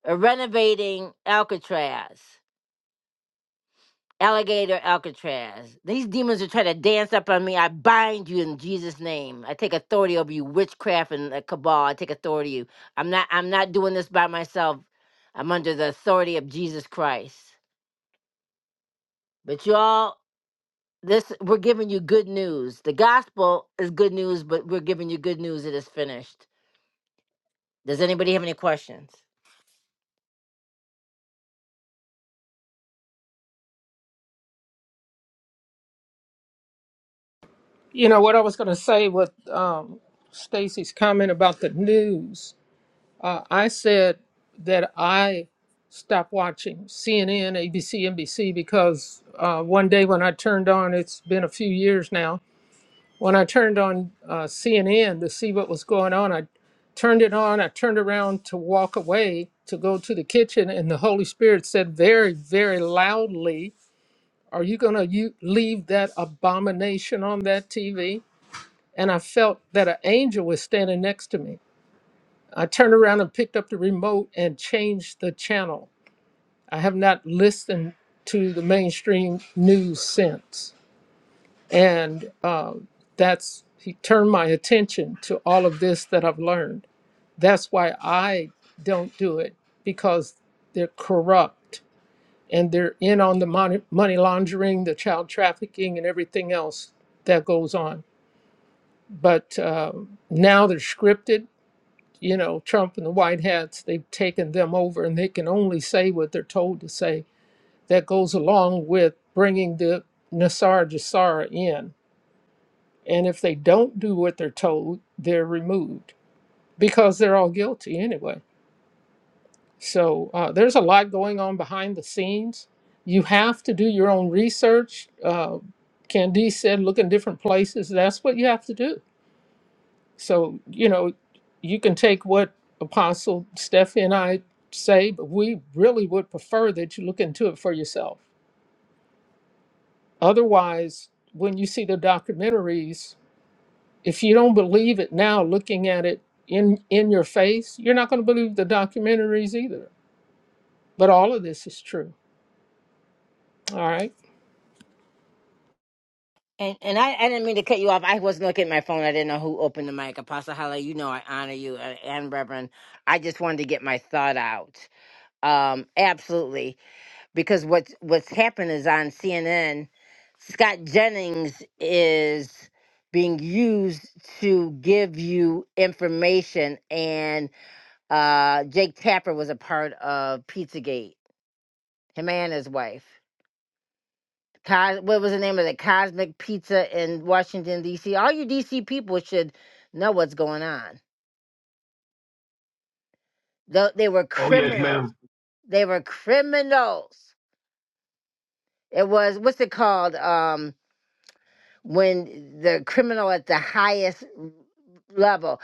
A: or renovating Alcatraz? Alligator Alcatraz. These demons are trying to dance up on me. I bind you in Jesus' name. I take authority over you, witchcraft and uh, cabal. I take authority. You. I'm not. I'm not doing this by myself. I'm under the authority of Jesus Christ. But y'all, this we're giving you good news. The gospel is good news, but we're giving you good news. It is finished. Does anybody have any questions?
B: You know what I was gonna say with um, Stacy's comment about the news. Uh, I said that I stopped watching CNN, ABC, NBC because uh, one day when I turned on, it's been a few years now When I turned on uh, CNN to see what was going on, I turned it on. I turned around to walk away to go to the kitchen, and the Holy Spirit said very, very loudly, Are you going to you leave that abomination on that TV? And I felt that an angel was standing next to me. I turned around and picked up the remote and changed the channel. I have not listened to the mainstream news since. And um, that's, he turned my attention to all of this that I've learned. That's why I don't do it because they're corrupt and they're in on the money, money laundering, the child trafficking, and everything else that goes on. But um, now they're scripted. You know, Trump and the White Hats, they've taken them over and they can only say what they're told to say. That goes along with bringing the Nassar Jassar in And if they don't do what they're told, they're removed because they're all guilty anyway. So uh, there's a lot going on behind the scenes. You have to do your own research. Uh, Candice said, look in different places. That's what you have to do. So, you know, you can take what Apostle Steffi and I say, but we really would prefer that you look into it for yourself. Otherwise, when you see the documentaries, If you don't believe it now, looking at it in in your face, you're not going to believe the documentaries either. But all of this is true. All right.
A: And and I, I didn't mean to cut you off. I wasn't looking at my phone. I didn't know who opened the mic. Apostle hala? you know I honor you and, and Reverend. I just wanted to get my thought out. Um, absolutely, because what's what's happened is on CNN, Scott Jennings is being used to give you information, and uh, Jake Tapper was a part of Pizzagate, him and his wife. Cos- what was the name of it? Cosmic Pizza in Washington D.C. All you D.C. people should know what's going on. They, they were
S: Oh yes,
A: criminals.
S: ma'am.
A: They were criminals. It was what's it called? Um, when the criminal at the highest level.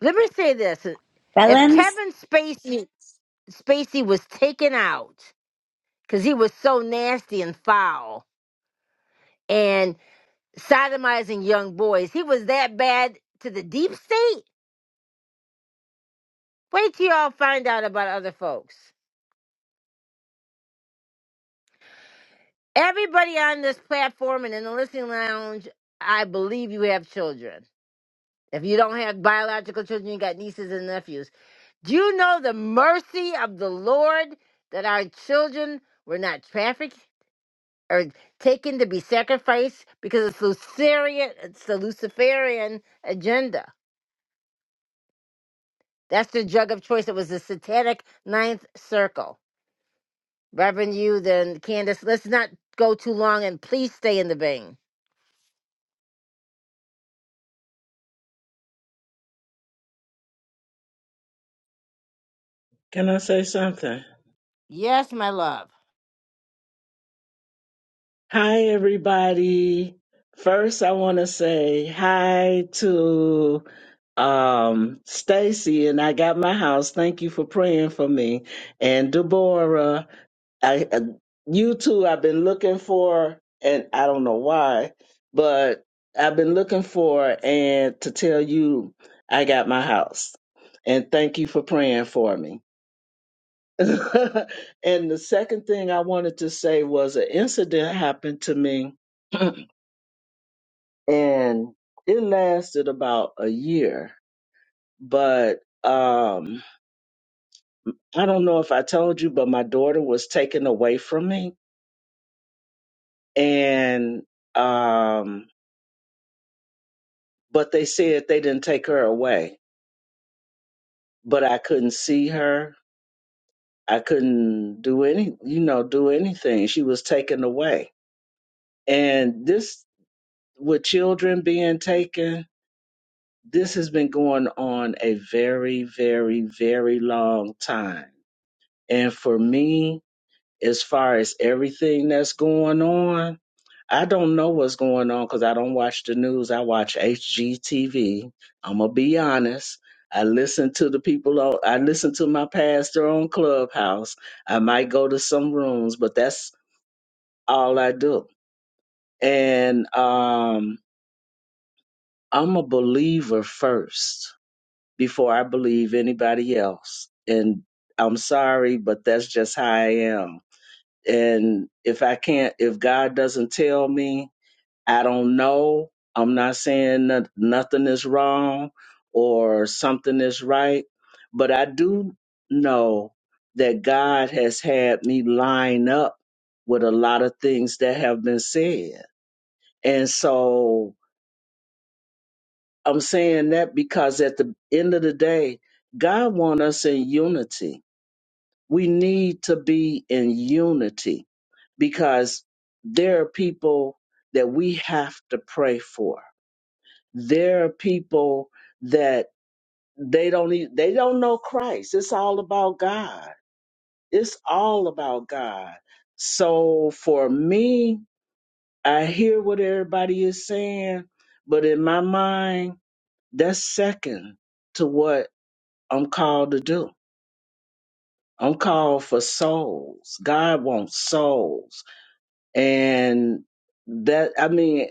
A: Let me say this:
F: [LAUGHS]
A: if
F: Felons.
A: Kevin Spacey Spacey was taken out because he was so nasty and foul and sodomizing young boys, he was that bad to the deep state Wait till y'all find out about other folks. Everybody on this platform and in the listening lounge, I believe you have children. If you don't have biological children, you got nieces and nephews. Do you know the mercy of the Lord that our children were not trafficked or taken to be sacrificed because it's Luciferian, it's the Luciferian agenda. That's the drug of choice. It was the satanic ninth circle. Reverend you, then Candace. Let's not go too long and please stay in the vein.
X: Can I say something?
A: Yes, my love.
X: Hi, everybody. First, I want to say hi to um, Stacy, and I got my house. Thank you for praying for me. And Deborah, I, uh, you two, I've been looking for, and I don't know why, but I've been looking for, and to tell you, I got my house. And thank you for praying for me. [LAUGHS] and the second thing I wanted to say was an incident happened to me [CLEARS THROAT] and it lasted about a year. But um, I don't know if I told you, but my daughter was taken away from me. And, um, but they said they didn't take her away, but I couldn't see her. I couldn't do any, you know, do anything. She was taken away. And this, with children being taken, this has been going on a very, very, very long time. And for me, as far as everything that's going on, I don't know what's going on because I don't watch the news. I watch HGTV. I'm going to be honest. I listen to the people, on, I listen to my pastor on Clubhouse. I might go to some rooms, but that's all I do. And um, I'm a believer first before I believe anybody else. And I'm sorry, but that's just how I am. And if I can't, if God doesn't tell me, I don't know. I'm not saying that nothing is wrong or something is right, but I do know that God has had me line up with a lot of things that have been said. And so I'm saying that because at the end of the day, God wants us in unity. We need to be in unity because there are people that we have to pray for. There are people that they don't need, they don't know Christ. It's all about God. It's all about God. So for me, I hear what everybody is saying, but in my mind, that's second to what I'm called to do. I'm called for souls. God wants souls. And that I mean,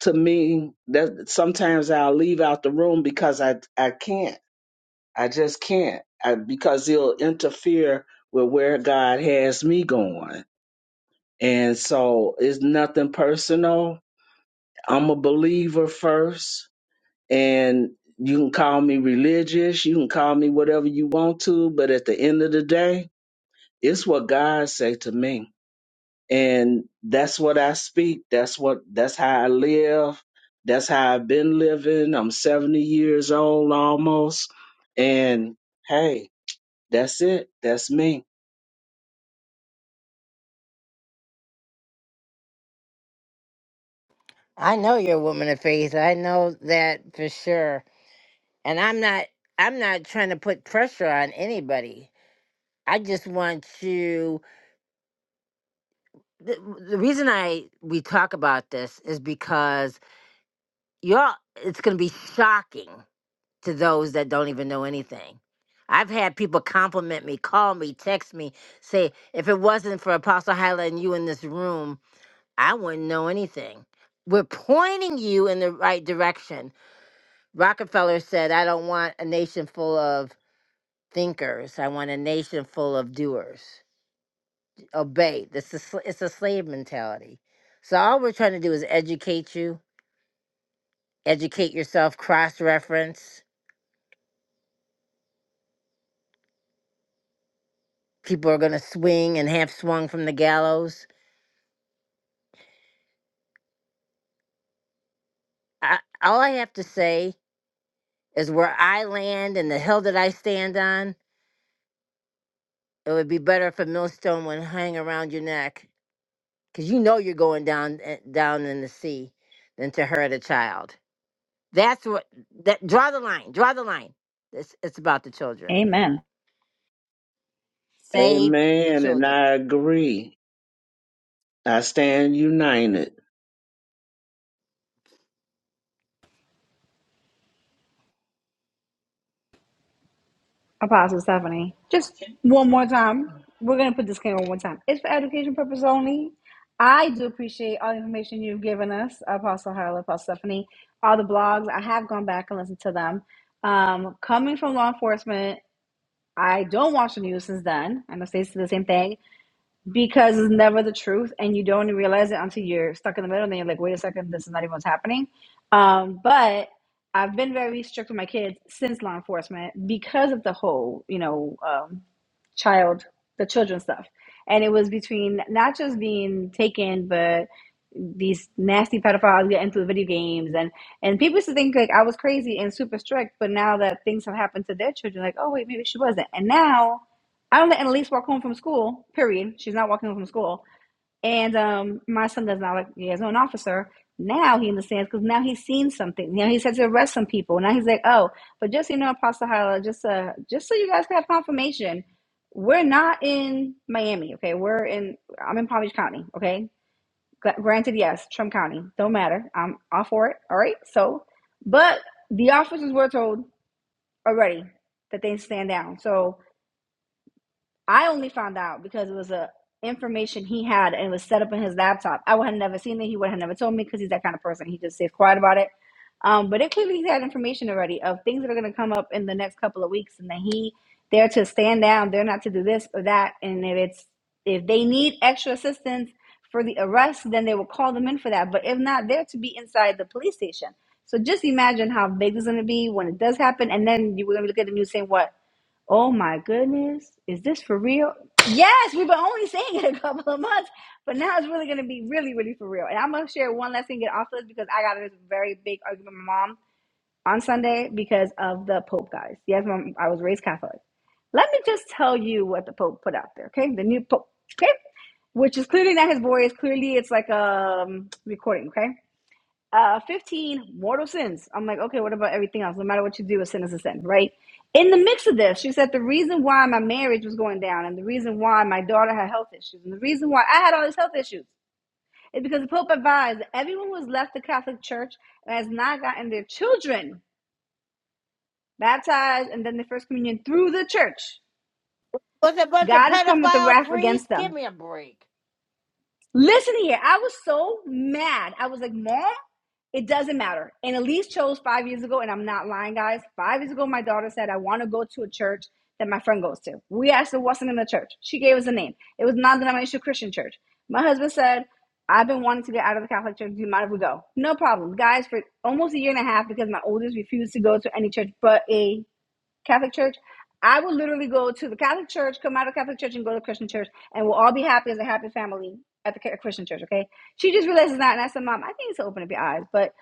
X: to me, that sometimes I'll leave out the room because I I can't. I just can't. I, because it'll interfere with where God has me going. And so it's nothing personal. I'm a believer first. And you can call me religious, you can call me whatever you want to, but at the end of the day, It's what God said to me. And that's what I speak. That's what that's how I live. That's how I've been living. I'm 70 years old almost. And hey, that's it. That's me.
A: I know you're a woman of faith. I know that for sure. And I'm not I'm not trying to put pressure on anybody. I just want you the, the reason I we talk about this is because you're it's going to be shocking to those that don't even know anything. I've had people compliment me, call me, text me, say if it wasn't for Apostle Hyla and you in this room, I wouldn't know anything. We're pointing you in the right direction. Rockefeller said, I don't want a nation full of thinkers. I want a nation full of doers. Obey. This is, sl- it's a slave mentality. So all we're trying to do is educate you, educate yourself, cross reference. People are going to swing and have swung from the gallows. I, all I have to say is where I land and the hill that I stand on, it would be better if a millstone would hang around your neck because you know you're going down eh, down in the sea than to hurt a child. That's what that draw the line. Draw the line. It's it's about the children.
F: Amen.
A: Save the
X: Amen. And
A: children.
X: I agree. I stand united.
F: Apostle Stephanie, just one more time. We're going to put this disclaimer one more time. It's for education purpose only. I do appreciate all the information you've given us, Apostle Harlow, Apostle Stephanie, all the blogs. I have gone back and listened to them. Um, coming from law enforcement, I don't watch the news since then. I know Stacy did the same thing because it's never the truth and you don't realize it until you're stuck in the middle and then you're like wait a second this is not even what's happening um, but i've been very strict with my kids since law enforcement because of the whole you know um, child the children stuff and it was between not just being taken but these nasty pedophiles get into the video games and and people used to think like i was crazy and super strict but now that things have happened to their children like oh wait maybe she wasn't and now I don't let Annalise walk home from school, period. She's not walking home from school. And um, my son does not like, he has an officer. Now he understands because now he's seen something. Now he's had to arrest some people. Now he's like, oh, but just so you know, Apostle Hyla, just, uh, just so you guys can have confirmation, we're not in Miami, okay? We're in, I'm in Palm Beach County, okay? Gr- Granted, yes, Trump County, don't matter. I'm all for it, all right? So, but the officers were told already that they stand down. So, I only found out because it was a information he had and it was set up in his laptop. I would have never seen it. He would have never told me because he's that kind of person. He just stays quiet about it. Um, but it clearly he had information already of things that are going to come up in the next couple of weeks, and that he they're to stand down. They're not to do this or that. And if it's if they need extra assistance for the arrest, then they will call them in for that. But if not, they're to be inside the police station. So just imagine how big it's going to be when it does happen, and then you were going to look at the news saying what Oh my goodness, is this for real? Yes, we've been only saying it a couple of months, but now it's really going to be really, really for real. And I'm going to share one last thing, get off this because I got in this very big argument with my mom on Sunday because of the Pope, guys. Yes, mom, I was raised Catholic. Let me just tell you what the Pope put out there, okay? The new Pope, okay? Which is clearly not his voice. Clearly, it's like a um, recording, okay? uh, 15 mortal sins. I'm like, okay, what about everything else? No matter what you do, a sin is a sin, right? In the mix of this, she said the reason why my marriage was going down and the reason why my daughter had health issues and the reason why I had all these health issues is because the Pope advised that everyone who has left the Catholic Church and has not gotten their children baptized and then the first communion through the church.
A: With a bunch of
F: God has come with the
A: pedophile
F: wrath
A: priests,
F: against
A: give
F: them.
A: me a break.
F: Listen here, I was so mad. I was like, Mom, it doesn't matter. And Elise chose five years ago, and I'm not lying, guys. Five years ago, my daughter said, I want to go to a church that my friend goes to. We asked her what's the name of the church. She gave us a name. It was non denominational Christian church. My husband said, I've been wanting to get out of the Catholic Church. Do you mind if we go? No problem. Guys, for almost a year and a half, because my oldest refused to go to any church but a Catholic church, I will literally go to the Catholic church, come out of Catholic church, and go to Christian church, and we'll all be happy as a happy family at the Ca- Christian church. Okay? She just realizes that, and I said, Mom, I think it's so open up your eyes. But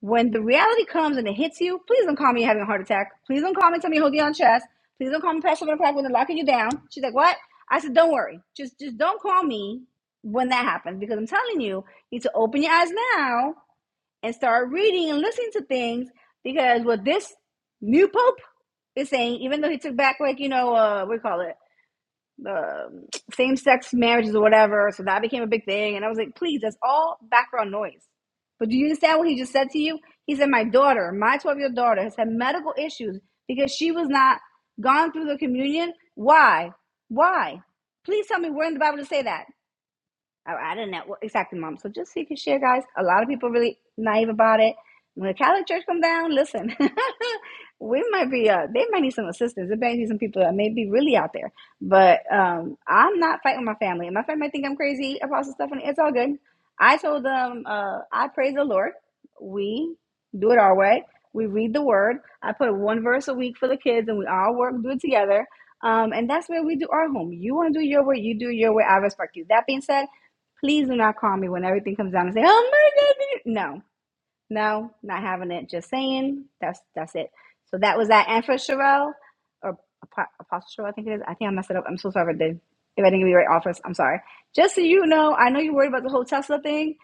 F: when the reality comes and it hits you, please don't call me having a heart attack. Please don't call me and tell me holding on chest. Please don't call me past seven o'clock when they're locking you down. She's like, What? I said, Don't worry. Just just don't call me when that happens because I'm telling you, you need to open your eyes now and start reading and listening to things because what this new pope is saying, even though he took back like you know uh, what do you call it the same sex marriages or whatever, so that became a big thing. And I was like, please, that's all background noise. But do you understand what he just said to you? He said, my daughter, my twelve year old daughter, has had medical issues because she was not gone through the communion. Why? Why? Please tell me where in the Bible to say that. I, don't know well, exactly, mom. So just so you can share, guys. A lot of people really naive about it. When the Catholic Church come down, listen, [LAUGHS] we might be uh, they might need some assistance. There might be some people that may be really out there. But um, I'm not fighting my family, and my family might think I'm crazy, Apostle Stephanie. It's all good. I told them, uh, I praise the Lord. We do it our way. We read the Word. I put one verse a week for the kids, and we all work do it together. Um, and that's where we do our home. You want to do your way, you do your way. I respect you. That being said. Please do not call me when everything comes down and say, "Oh my God!" No, no, not having it. Just saying. That's that's it. So that was that. And for Sherelle or Apo- Apostle Sherelle, I think it is. I think I messed it up. I'm so sorry if I did. If I didn't give you the right office, I'm sorry. Just so you know, I know you're worried about the whole Tesla thing.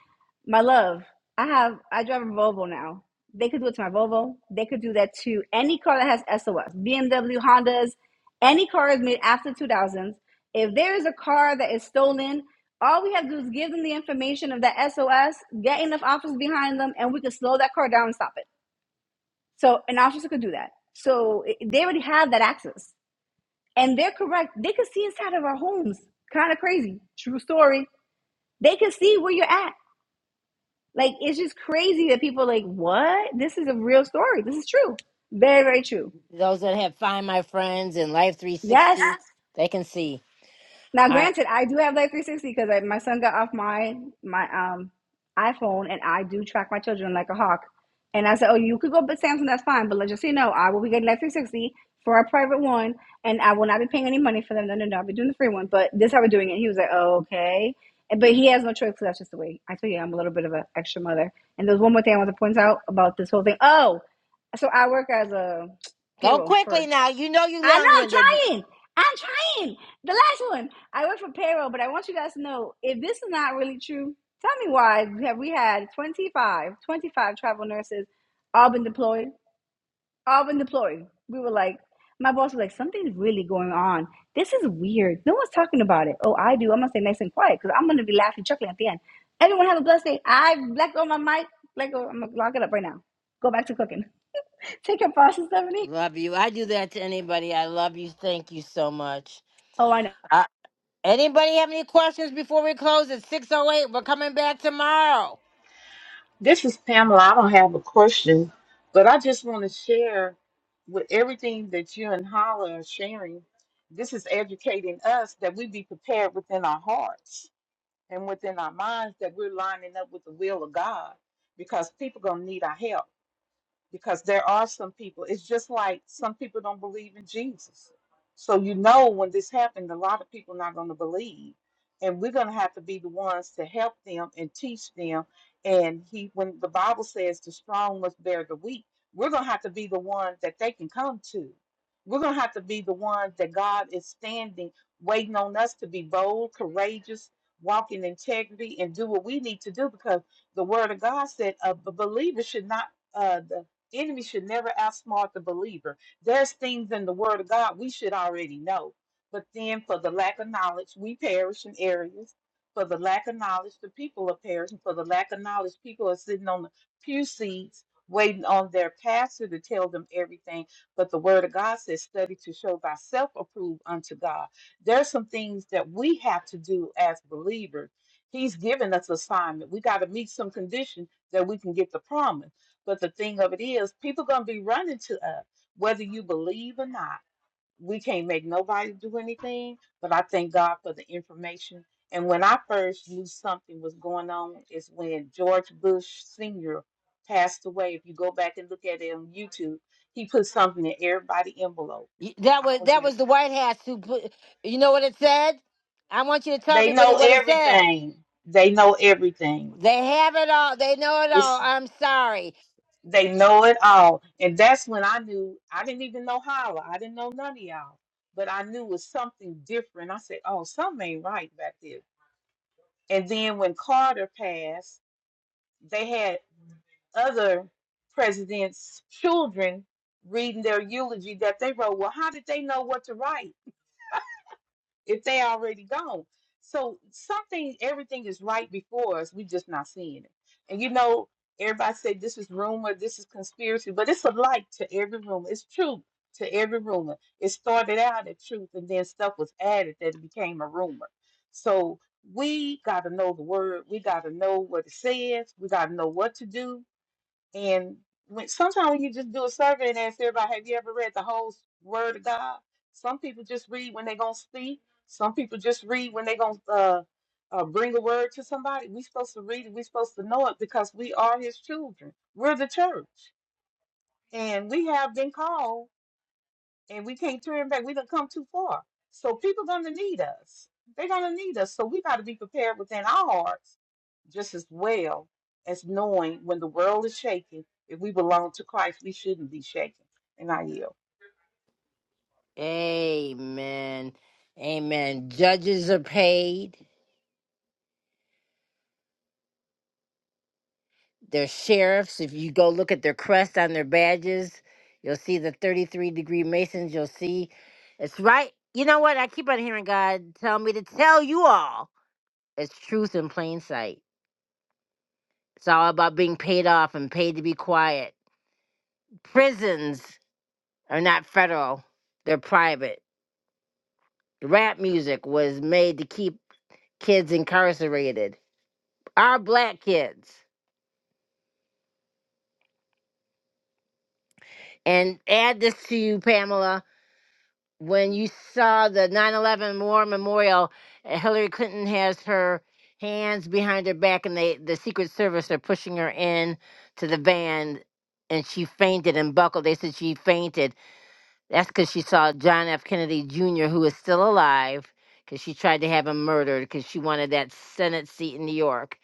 F: My love, I have I drive a Volvo now. They could do it to my Volvo. They could do that to any car that has SOS, BMW, Hondas, any car is made after 2000s. If there is a car that is stolen all we have to do is give them the information of that SOS, get enough officers behind them, and we can slow that car down and stop it. So an officer could do that. So i- they already have that access. And they're correct. They can see inside of our homes. Kind of crazy. True story. They can see where you're at. Like it's just crazy that people are like, what? This is a real story. This is true. Very, very true.
A: Those that have Find My Friends and Life 360,
F: Yes.
A: Yes. they can see.
F: Now,
A: All right,
F: granted, I do have Life 360 because my son got off my my um iPhone, and I do track my children like a hawk. And I said, "Oh, you could go, with Samsung, that's fine. But let's just say no. I will be getting Life 360 for a private one, and I will not be paying any money for them. No, no, no. I'll be doing the free one. But this is how we're doing it." He was like, oh, "Okay," And- but he has no choice because that's just the way. I tell you, I'm a little bit of an extra mother. And there's one more thing I want to point out about this whole thing. Oh, so I work as a
A: go
F: payroll
A: quickly
F: for
A: now. You know you
F: I know
A: long
F: I'm
A: winded.
F: trying. I'm trying. The last one. I work for payroll, but I want you guys to know if this is not really true, tell me why have we had 25, 25 travel nurses all been deployed? All been deployed. We were like, my boss was like, something's really going on. This is weird. No one's talking about it. Oh, I do. I'm gonna stay nice and quiet because I'm gonna be laughing, chuckling at the end. Everyone have a blessed day. I blacked on my mic. Black on, I'm gonna lock it up right now. Go back to cooking. [LAUGHS] Take your pasta, Stephanie.
A: Love you. I do that to anybody. I love you. Thank you so much.
F: Oh, I know.
A: Uh, anybody have any questions before we close at six oh eight? We're coming back tomorrow.
L: This is Pamela. I don't have a question, but I just want to share with everything that you and Hala are sharing. This is educating us that we be prepared within our hearts and within our minds that we're lining up with the will of God because people going to need our help because there are some people it's just like some people don't believe in jesus so you know when this happened a lot of people not going to believe and we're going to have to be the ones to help them and teach them and he when the bible says the strong must bear the weak we're going to have to be the one that they can come to we're going to have to be the ones that god is standing waiting on us to be bold courageous walk in integrity and do what we need to do because the word of god said a b- believer should not uh, the enemy should never outsmart the believer. There's things in the Word of God we should already know, but then for the lack of knowledge, we perish in areas. For the lack of knowledge, the people are perishing. For the lack of knowledge, people are sitting on the pew seats waiting on their pastor to tell them everything. But the Word of God says, study to show thyself approved unto God. There's some things that we have to do as believers. He's given us assignment. We got to meet some condition that we can get the promise but the thing of it is, people gonna be running to us, whether you believe or not. We can't make nobody do anything, but I thank God for the information. And when I first knew something was going on is when George Bush Sr. passed away. If you go back and look at it on YouTube, he put something in everybody's envelope.
A: Y- That
L: I
A: was
L: was
A: that
L: like,
A: was the White House who put. You know what it said? I want you to tell
L: they
A: everybody
L: know
A: what it said.
L: everything. They know everything.
A: They have it all. They know it all.
L: It's
A: I'm sorry.
L: They know it all. And that's when I knew I didn't even know holla. I didn't know none of y'all. But I knew it was something different. I said, oh, something ain't right back there. And then when Carter passed, they had other presidents' children reading their eulogy that they wrote. Well, how did they know what to write? [LAUGHS] if they already gone. So something, everything is right before us. we just not seeing it. And you know, everybody say this is rumor, this is conspiracy, but it's a light to every rumor. It's truth to every rumor. It started out as truth, and then stuff was added that it became a rumor. So we got to know the word. We got to know what it says. We got to know what to do and when sometimes when you just do a survey and ask everybody, have you ever read the whole Word of God? Some people just read when they're gonna speak. Some people just read when they're gonna uh, uh, bring a word to somebody. we are supposed to read it. we are supposed to know it because we are His children. We're the church, and we have been called, and we can't turn back. We done come too far. So people gonna need us. They're gonna need us. So we got to be prepared within our hearts just as well as knowing when the world is shaking, if we belong to Christ, we shouldn't be shaken. And I yield.
A: Amen. Amen. Judges are paid. They're sheriffs. If you go look at their crest on their badges, you'll see the 33 degree Masons. You'll see it's right. You know what? I keep on hearing God tell me to tell you all. It's truth in plain sight. It's all about being paid off and paid to be quiet prisons are not federal, they're private. Rap music was made to keep kids incarcerated, our black kids. And add this to you, Pamela. When you saw the 9 11 War Memorial, uh, Hillary Clinton has her hands behind her back, and they, the Secret Service are pushing her in to the van, and she fainted and buckled. They said she fainted. That's because she saw John F. Kennedy Jr., who is still alive, because she tried to have him murdered because she wanted that Senate seat in New York.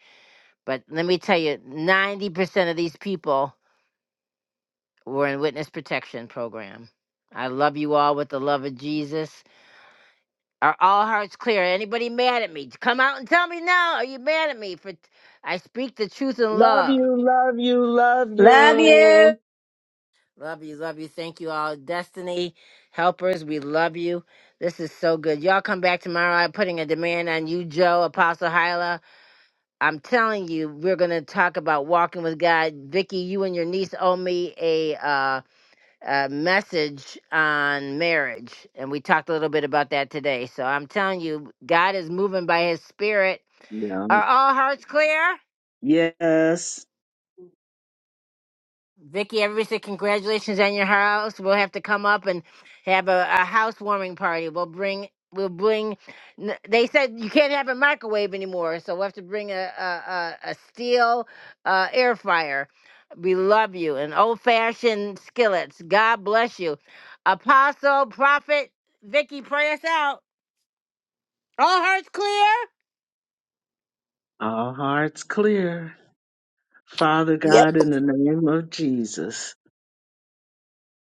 A: But let me tell you, 90% of these people were in witness protection program. I love you all with the love of Jesus. Are all hearts clear? Anybody mad at me? Come out and tell me now. Are you mad at me for I speak the truth in
X: Love
A: love?
X: you, love you, love
F: Love you.
X: you.
A: Love you, love you. Thank you all. Destiny helpers, we love you. This is so good. Y'all come back tomorrow. I'm putting a demand on you, Joe, Apostle Hyla. I'm telling you, we're gonna talk about walking with God. Vicky, you and your niece owe me a uh a message on marriage. And we talked a little bit about that today. So I'm telling you, God is moving by his spirit.
X: Yeah.
A: Are all hearts clear?
X: Yes.
A: Vicky, everybody said congratulations on your house. We'll have to come up and have a, a housewarming party. We'll bring we'll bring. n- They said you can't have a microwave anymore, so we'll have to bring a a, a, a steel uh, air fryer. We love you and old fashioned skillets. God bless you, Apostle Prophet Vicky. Pray us out. All hearts clear.
X: All hearts clear. Father
W: Yep.
X: God, in the name of Jesus.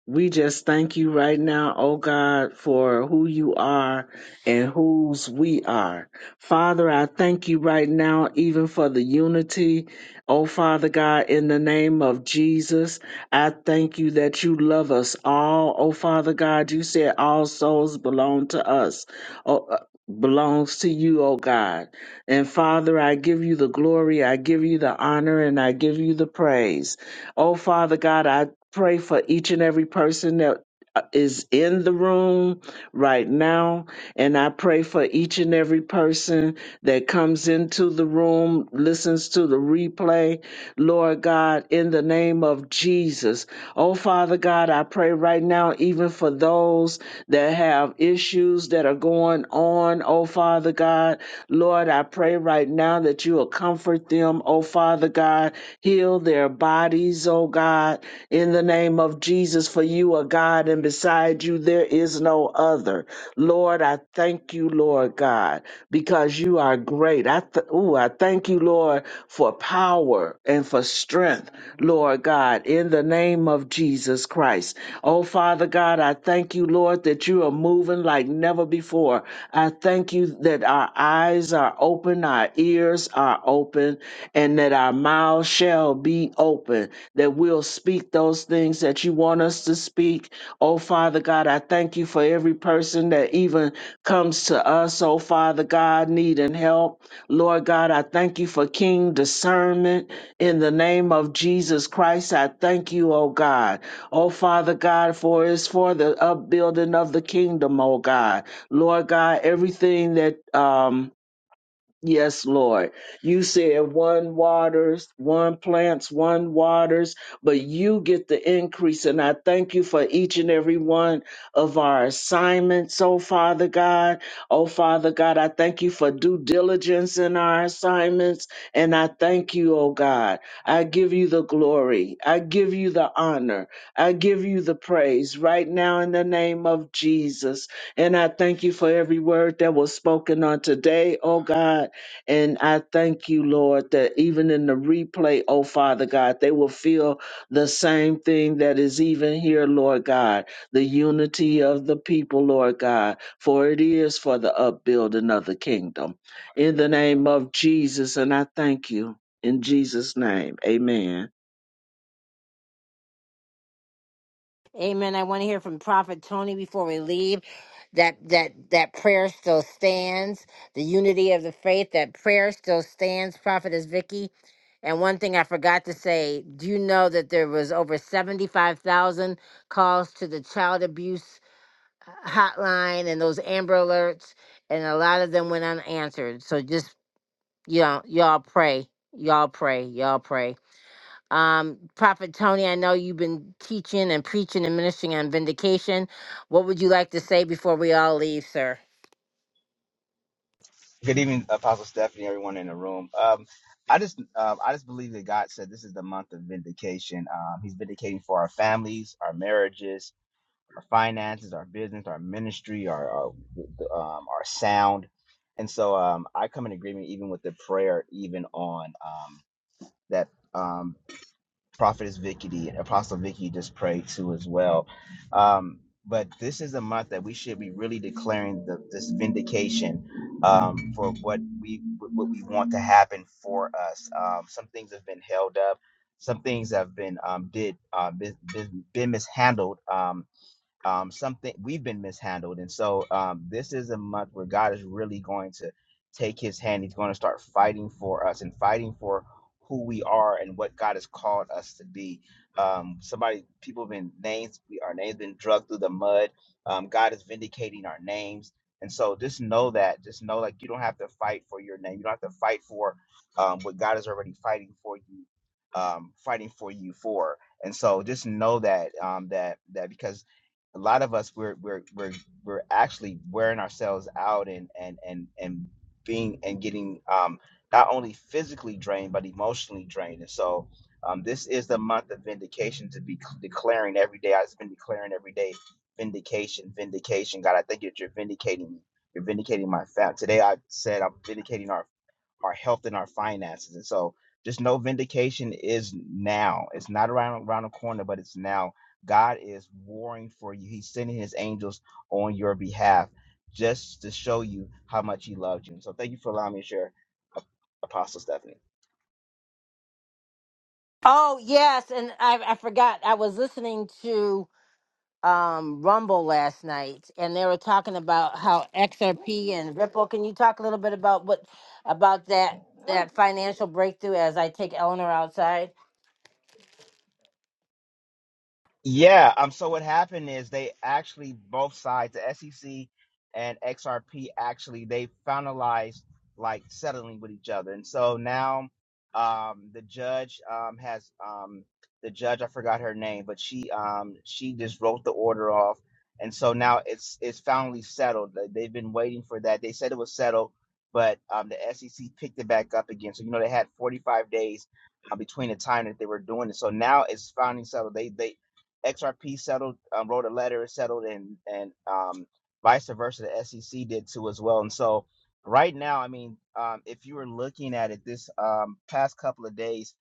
X: We just thank you right now, oh God, for who you are and whose we are. Father, I thank you right now, even for the unity. Oh Father God, in the name of Jesus, I thank you that you love us all. Oh Father God, you said all souls belong to us. Oh, uh, belongs to you, oh God. And Father, I give you the glory, I give you the honor, and I give you the praise. Oh, Father God, I pray for each and every person that uh, is in the room right now. And I pray for each and every person that comes into the room, listens to the replay. Lord God, in the name of Jesus. Oh, Father God, I pray right now, even for those that have issues that are going on. Oh, Father God, Lord, I pray right now that you will comfort them. Oh, Father God, heal their bodies, oh God. God, in the name of Jesus, for you are God, and beside you there is no other. Lord, I thank you, Lord God, because you are great. I th- ooh, I thank you, Lord, for power and for strength, Lord God, in the name of Jesus Christ. Oh, Father God, I thank you, Lord, that you are moving like never before. I thank you that our eyes are open, our ears are are open and that our mouths shall be open, that we'll speak those things that you want us to speak. Oh, Father God, I thank you for every person that even comes to us, oh, Father God, needing help. Lord God, I thank you for King discernment in the name of Jesus Christ. I thank you, oh God. Oh, Father God, for it's for the upbuilding of the kingdom, oh God. Lord God, everything that, um, Yes, Lord. You said one waters, one plants, one waters, but you get the increase. And I thank you for each and every one of our assignments, oh Father God. Oh Father God, I thank you for due diligence in our assignments. And I thank you, oh God. I give you the glory. I give you the honor. I give you the praise right now in the name of Jesus. And I thank you for every word that was spoken on today, oh God. And I thank you, Lord, that even in the replay, oh Father God, they will feel the same thing that is even here, Lord God, the unity of the people, Lord God, for it is for the upbuilding of the kingdom. In the name of Jesus, and I thank you. In Jesus' name, amen.
A: Amen. I want to hear from Prophet Tony before we leave. That that that prayer still stands. The unity of the faith. That prayer still stands. Prophetess Vicky. And one thing I forgot to say. Do you know that there was over seventy five thousand calls to the child abuse hotline and those Amber alerts, and a lot of them went unanswered. So just you know, y'all pray, y'all pray, y'all pray. Um, Prophet Tony, I know you've been teaching and preaching and ministering on vindication. What would you like to say before we all leave, sir?
Y: Good evening, Apostle Stephanie, everyone in the room. Um, I just, um, I just believe that God said this is the month of vindication. Um, he's vindicating for our families, our marriages, our finances, our business, our ministry, our, our, um, our sound. And so, um, I come in agreement even with the prayer, even on um, that. um, prophetess Vicky and Apostle Vicky just prayed to as well. Um, but this is a month that we should be really declaring the, this vindication um, for what we what we want to happen for us. Um, some things have been held up. Some things have been um, did uh, been, been been mishandled. Um, um, something we've been mishandled. And so um, this is a month where God is really going to take his hand. He's going to start fighting for us and fighting for who we are and what God has called us to be. Um, somebody, people have been names, we, our names been drugged through the mud. Um, God is vindicating our names. And so just know that, just know like you don't have to fight for your name. You don't have to fight for um, what God is already fighting for you, um, fighting for you for. And so just know that, um, that, that because a lot of us we're we're we're we're actually wearing ourselves out and and and and being and getting um not only physically drained but emotionally drained and so um this is the month of vindication to be c- declaring every day i've been declaring every day vindication vindication god i thank you that you're vindicating me you're vindicating my family today i said i'm vindicating our our health and our finances. And so just know vindication is now. It's not around around the corner, but it's now. God is warring for you. He's sending his angels on your behalf just to show you how much he loved you. And so thank you for allowing me to share, Apostle Stephanie.
A: Oh, yes. And I, I forgot, I was listening to um, Rumble last night, and they were talking about how XRP and Ripple. Can you talk a little bit about what about that that financial breakthrough as I take Eleanor outside?
Y: Yeah. Um. So what happened is they actually both sides, the SEC and XRP, actually they finalized like settling with each other, and so now, um, the judge um has um the judge I forgot her name, but she um she just wrote the order off, and so now it's it's finally settled. They- They've been waiting for that. They said it was settled, but um the SEC picked it back up again. So you know they had 45 days uh, between the time that they were doing it. So now it's finally settled. They they XRP settled, um, wrote a letter, it settled, and and um, vice versa, the SEC did too as well. And so, right now, I mean, um, if you were looking at it this um, past couple of days,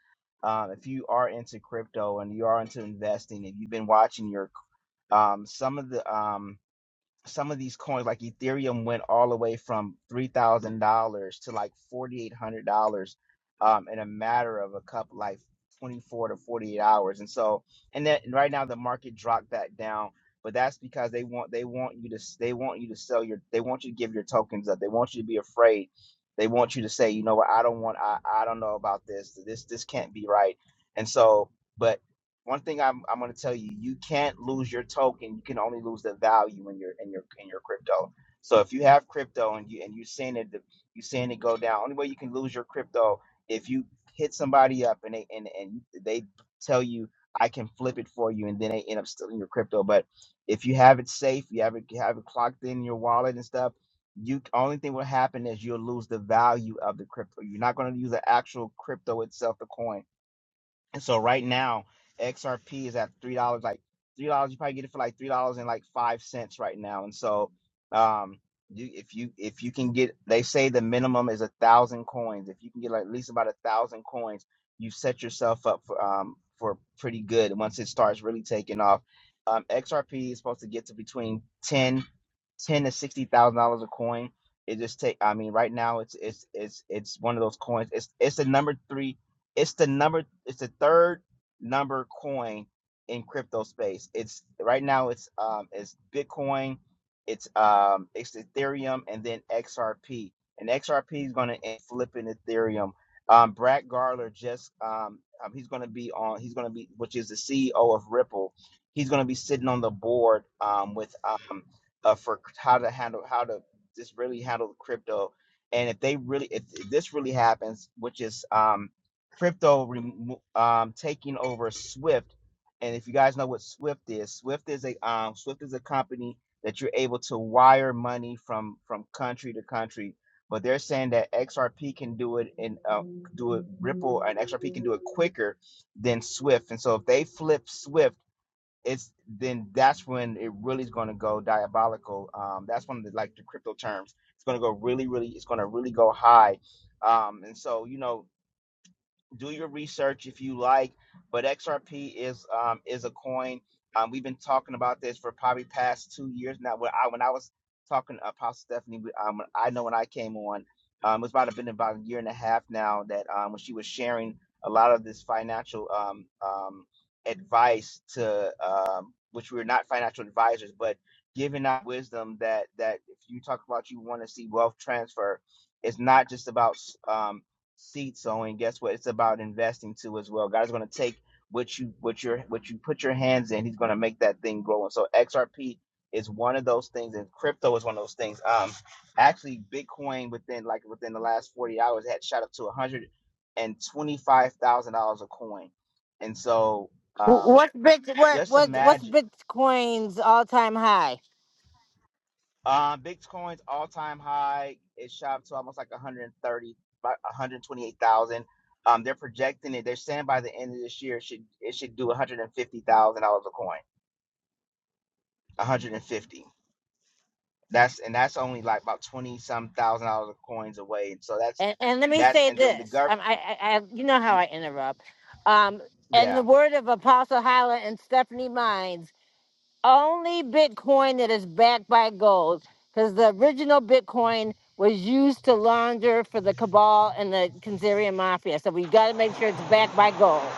Y: um, if you are into crypto and you are into investing, and you've been watching your um, some of the um, some of these coins like ethereum went all the way from $3000 to like $4800 um, in a matter of a couple like 24 to 48 hours and so and then right now the market dropped back down but that's because they want they want you to s- they want you to sell your they want you to give your tokens up they want you to be afraid they want you to say you know what i don't want i, I don't know about this this this can't be right and so but one thing I'm I'm gonna tell you, you can't lose your token. You can only lose the value in your in your in your crypto. So if you have crypto and you and you are seeing it you seeing it go down, only way you can lose your crypto if you hit somebody up and they and, and they tell you I can flip it for you and then they end up stealing your crypto. But if you have it safe, you have it you have it clocked in your wallet and stuff, you only thing will happen is you'll lose the value of the crypto. You're not gonna use the actual crypto itself, the coin and so right now, XRP is at three dollars, like three dollars. You probably get it for like three dollars and like five cents right now. And so, um, you if you if you can get, they say the minimum is a thousand coins. If you can get like at least about a thousand coins, you set yourself up for um for pretty good once it starts really taking off. Um, XRP is supposed to get to between ten ten to sixty thousand dollars a coin. It just take. I mean, right now it's it's it's it's one of those coins. It's it's the number three it's the number. It's the third number coin in crypto space. It's right now. It's um. It's Bitcoin. It's um. It's Ethereum and then XRP. And XRP is going to end flipping Ethereum. Um, Brad Garler just um, um he's going to be on. He's going to be which is the CEO of Ripple. He's going to be sitting on the board um with um uh, for how to handle how to just really handle crypto and if they really if, if this really happens which is um crypto remo- um, taking over Swift. And if you guys know what Swift is, Swift is a um, Swift is a company that you're able to wire money from from country to country. But they're saying that XRP can do it and uh, do it Ripple and XRP can do it quicker than Swift. And so if they flip Swift, it's then that's when it really is going to go diabolical. Um, that's one of the like the crypto terms. It's going to go really, really. It's going to really go high. Um, and so you know do your research if you like. But XRP is um, is a coin. Um, we've been talking about this for probably past two years now. When I when I was talking to Apostle Stephanie, um, I know when I came on, um, it's about been about a year and a half now that um, when she was sharing a lot of this financial um, um, advice to um, which we're not financial advisors, but giving out wisdom that that if you talk about you want to see wealth transfer, it's not just about um, seed sowing, guess what? It's about investing too as well. God's going to take what you what your what you put your hands in. He's going to make that thing grow. And so XRP is one of those things, and crypto is one of those things. Um, actually, Bitcoin within like within the last forty hours had shot up to one hundred and twenty five thousand dollars a coin. And so,
A: Wh-
Y: um,
A: What's bit what
Y: just
A: what what's
Y: imagine.
A: Bitcoin's all time high?
Y: Uh, Bitcoin's all time high. It shot up to almost like 130, about 128,000. Um, they're projecting it. They're saying by the end of this year, it should it should do 150,000 dollars a coin. 150. That's and that's only like about 20 some thousand dollars of coins away. And so that's
A: And, and let me
Y: that's
A: say
Y: and then the
A: this:
Y: gov.
A: um, I, I, I, you know how I interrupt. Um, and
Y: Yeah,
A: the word of Apostle Hyla and Stephanie Mines: only Bitcoin that is backed by gold, because the original Bitcoin was used to launder for the cabal and the Kanzerian mafia. So we got to make sure it's backed by gold.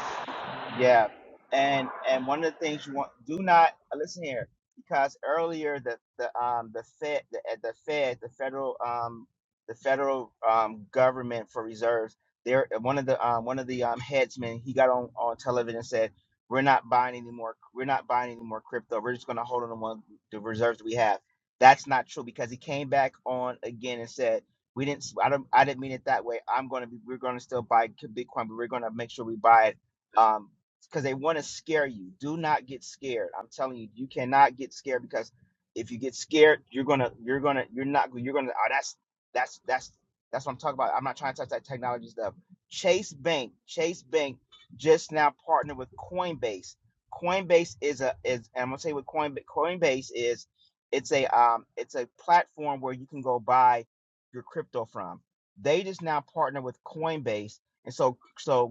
Y: Yeah, and and one of the things you want do not uh, listen here because earlier the the um the Fed the uh, the Fed the federal um the federal um government for reserves there uh, one of the um one of the um headsmen he got on on television and said we're not buying any more we're not buying any more crypto we're just going to hold on to one the reserves we have that's not true because he came back on again and said we didn't s- I don't I didn't mean it that way I'm going to be we're going to still buy Bitcoin but we're going to make sure we buy it um because they want to scare you. Do not get scared. I'm telling you, you cannot get scared because if you get scared, you're gonna, you're gonna, you're not, you're gonna. Oh, that's that's that's that's what I'm talking about. I'm not trying to touch that technology stuff. Chase Bank, Chase Bank, just now partnered with Coinbase. Coinbase is a is, and I'm gonna say what Coinbase Coinbase is. It's a um, it's a platform where you can go buy your crypto from. They just now partner with Coinbase, and so so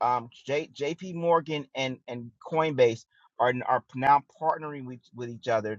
Y: um, JP Morgan and, and Coinbase are, are now partnering with, with each other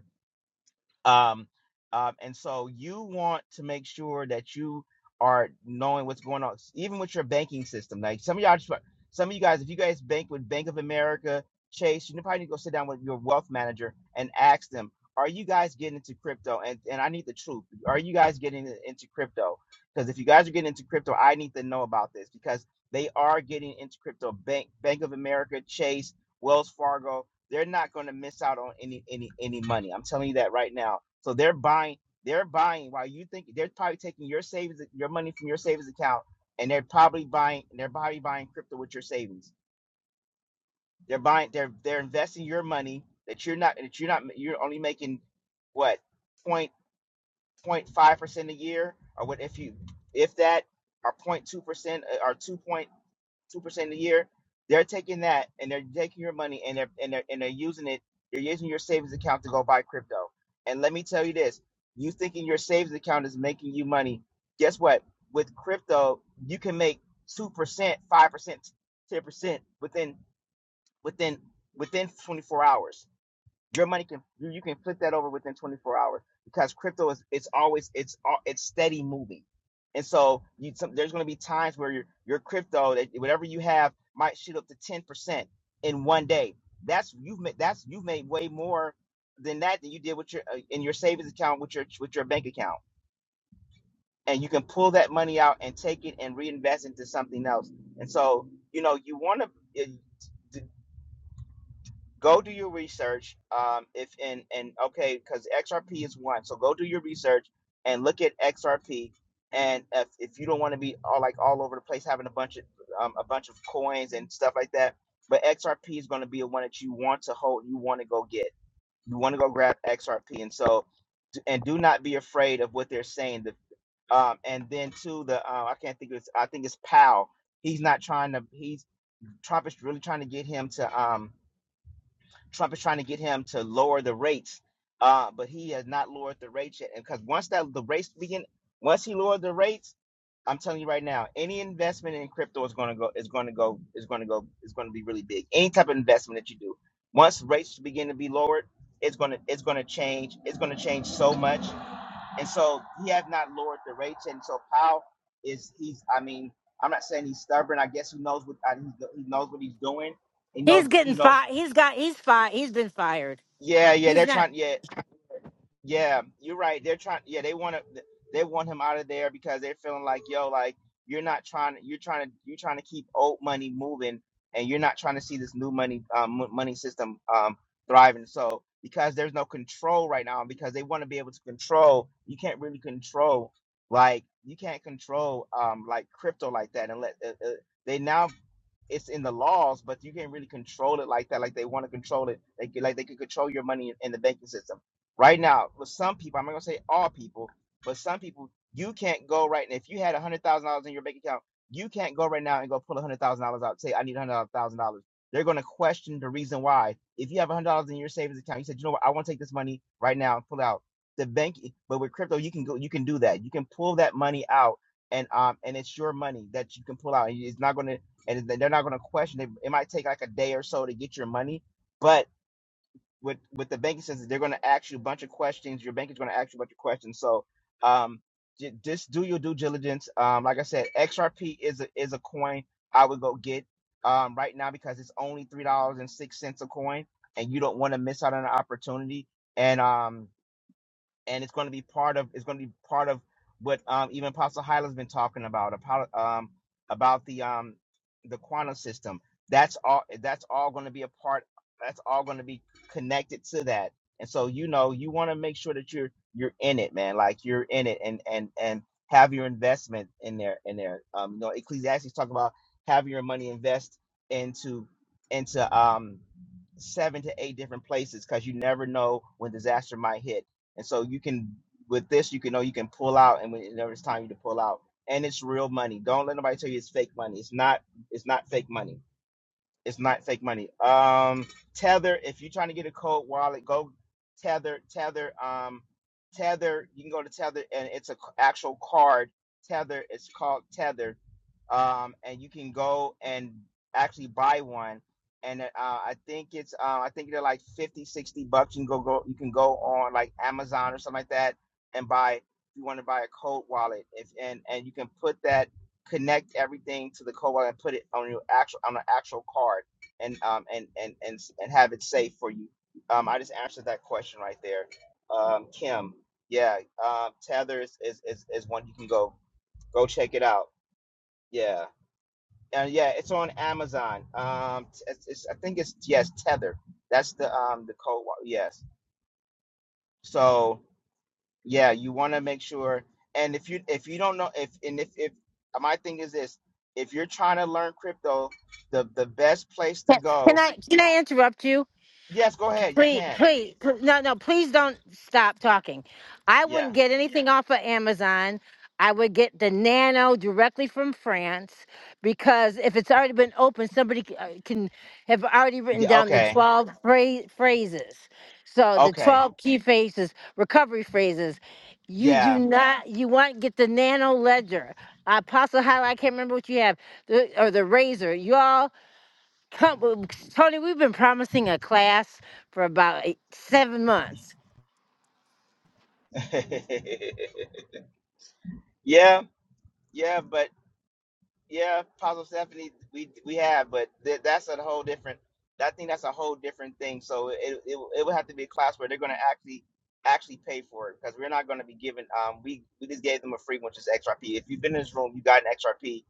Y: um, um, and so you want to make sure that you are knowing what's going on, even with your banking system. Like some of y'all, just- some of you guys, if you guys bank with Bank of America, Chase, you probably need to go sit down with your wealth manager and ask them, are you guys getting into crypto? And and I need the truth. Are you guys getting in- into crypto? Because if you guys are getting into crypto, I need to know about this because they are getting into crypto. Bank Bank of America, Chase, Wells Fargo, they're not going to miss out on any any any money. I'm telling you that right now. So they're buying they're buying while you think they're probably taking your savings your money from your savings account and they're probably buying they're probably buying crypto with your savings. They're buying they're they're investing your money that you're not that you're not you're only making what point point five percent a year or what if you if that or point two percent uh, or 2.0 point two percent a year, they're taking that and they're taking your money and they're and they're and they're using it. They're using your savings account to go buy crypto. And let me tell you this: you thinking your savings account is making you money? Guess what? With crypto, you can make two percent, five percent, ten percent within within within 24 hours. Your money can you, you can flip that over within 24 hours because crypto is it's always it's uh, it's steady moving, and so you some, there's going to be times where your your crypto that whatever you have might shoot up to 10 percent in one day. That's you've made that's you've made way more than that than you did with your uh, in your savings account with your with your bank account, and you can pull that money out and take it and reinvest into something else. And so you know you want to go do your research um if and and okay because xrp is one so go do your research and look at xrp and if, if you don't want to be all like all over the place having a bunch of um, a bunch of coins and stuff like that but xrp is going to be one that you want to hold you want to go get you want to go grab xrp and so and do not be afraid of what they're saying the um and then too the uh, i can't think of it's i think it's Powell. he's not trying to he's Trump is really trying to get him to um Trump is trying to get him to lower the rates, uh, but he has not lowered the rates yet. And because once that the rates begin, once he lowered the rates, I'm telling you right now, any investment in crypto is going to go is going to go is going to go is going to be really big. Any type of investment that you do, once rates begin to be lowered, it's going to it's going to change. It's going to change so much. And so he has not lowered the rates. And so Powell is he's I mean I'm not saying he's stubborn. I guess he knows what I, he knows what he's doing. He
A: He's
Y: knows that, you
A: getting
Y: know
A: fired. He's got. He's fired. He's been fired.
Y: yeah, yeah,
A: He's
Y: they're
A: not.
Y: trying. Yeah, yeah, you're right. They're trying. Yeah, they want to. They want him out of there because they're feeling like, yo, like you're not trying. You're trying to. You're trying to keep old money moving, and you're not trying to see this new money um, mo- money system um, thriving. So because there's no control right now, and because they want to be able to control, you can't really control. Like you can't control um, like crypto like that, and let uh, uh, they now it's in the laws, but you can't really control it like that. Like they want to control it, like like they can control your money in the banking system. Right now, with some people, I'm not gonna say all people, but some people, you can't go right now. If you had a hundred thousand dollars in your bank account, you can't go right now and go pull a hundred thousand dollars out. Say, I need a hundred thousand dollars. They're gonna question the reason why. If you have a hundred dollars in your savings account, you said, you know what, I want to take this money right now and pull it out the bank. But with crypto, you can go, you can do that. You can pull that money out, and um, and it's your money that you can pull out. And It's not gonna, and they're not gonna question it. It might take like a day or so to get your money, but with with the banking system, they're going to ask you a bunch of questions. Your bank is going to ask you a bunch of questions. So, um, j- just do your due diligence. Um, like I said, XRP is a is a coin I would go get um right now because it's only three dollars and six cents a coin, and you don't want to miss out on an opportunity. And um, and it's going to be part of it's going to be part of what um, even Apostle Hyla's been talking about about um, about the um, the quantum system. That's all. That's all going to be a part. That's all going to be connected to that. And so you know you want to make sure that you're you're in it, man. Like you're in it, and and and have your investment in there in there. Um, you know Ecclesiastes talk about have your money invest into into um seven to eight different places because you never know when disaster might hit and so you can with this you can know you can pull out and whenever it's time you to pull out. And it's real money. Don't let nobody tell you it's fake money. It's not it's not fake money. It's not fake money. Um, Tether. If you're trying to get a cold wallet, go Tether. Tether. Um, Tether. You can go to Tether, and it's a c- actual card. Tether. It's called Tether. Um, and you can go and actually buy one. And uh, I think it's uh, I think they're like 50, 60 bucks. You can go go. You can go on like Amazon or something like that and buy. If you want to buy a cold wallet, if and and you can put that connect everything to the code and put it on your actual on an actual card and um and and and and have it safe for you. Um, I just answered that question right there. Um, Kim, yeah, uh, Tether is, is is is one you can go go check it out. Yeah, and yeah, it's on Amazon. Um, it's, it's I think it's yes Tether. That's the um the code. wa- Yes. So yeah, you want to make sure. And if you if you don't know if and if if my thing is this, if you're trying to learn crypto, the the best place to
A: Can can
Y: go.
A: I? Can I interrupt you?
Y: Yes, go ahead. You
A: Please,
Y: can.
A: please, pl- no, no, please don't stop talking. I
Y: Yeah.
A: wouldn't get anything off of Amazon. I would get the Nano directly from France because if it's already been opened, somebody c- uh, can have already written
Y: Yeah.
A: down the
Y: Okay.
A: 12 phra- phrases. So the
Y: Okay.
A: 12 key phrases, recovery phrases. You do
Y: Yeah.
A: not, you want get the Nano Ledger. Apostle Highlight, I can't remember what you have, the, or the Razor. You all Come, uh, Tony, we've been promising a class for about eight, seven months.
Y: [LAUGHS] yeah. Yeah. But Yeah, Apostle Stephanie, we we have, but th- that's a whole different. I think that's a whole different thing. So it it, it will- it would have to be a class where they're going to actually actually pay for it because we're not going to be given. Um, we we just gave them a free, which is XRP. If you've been in this room, you got an XRP.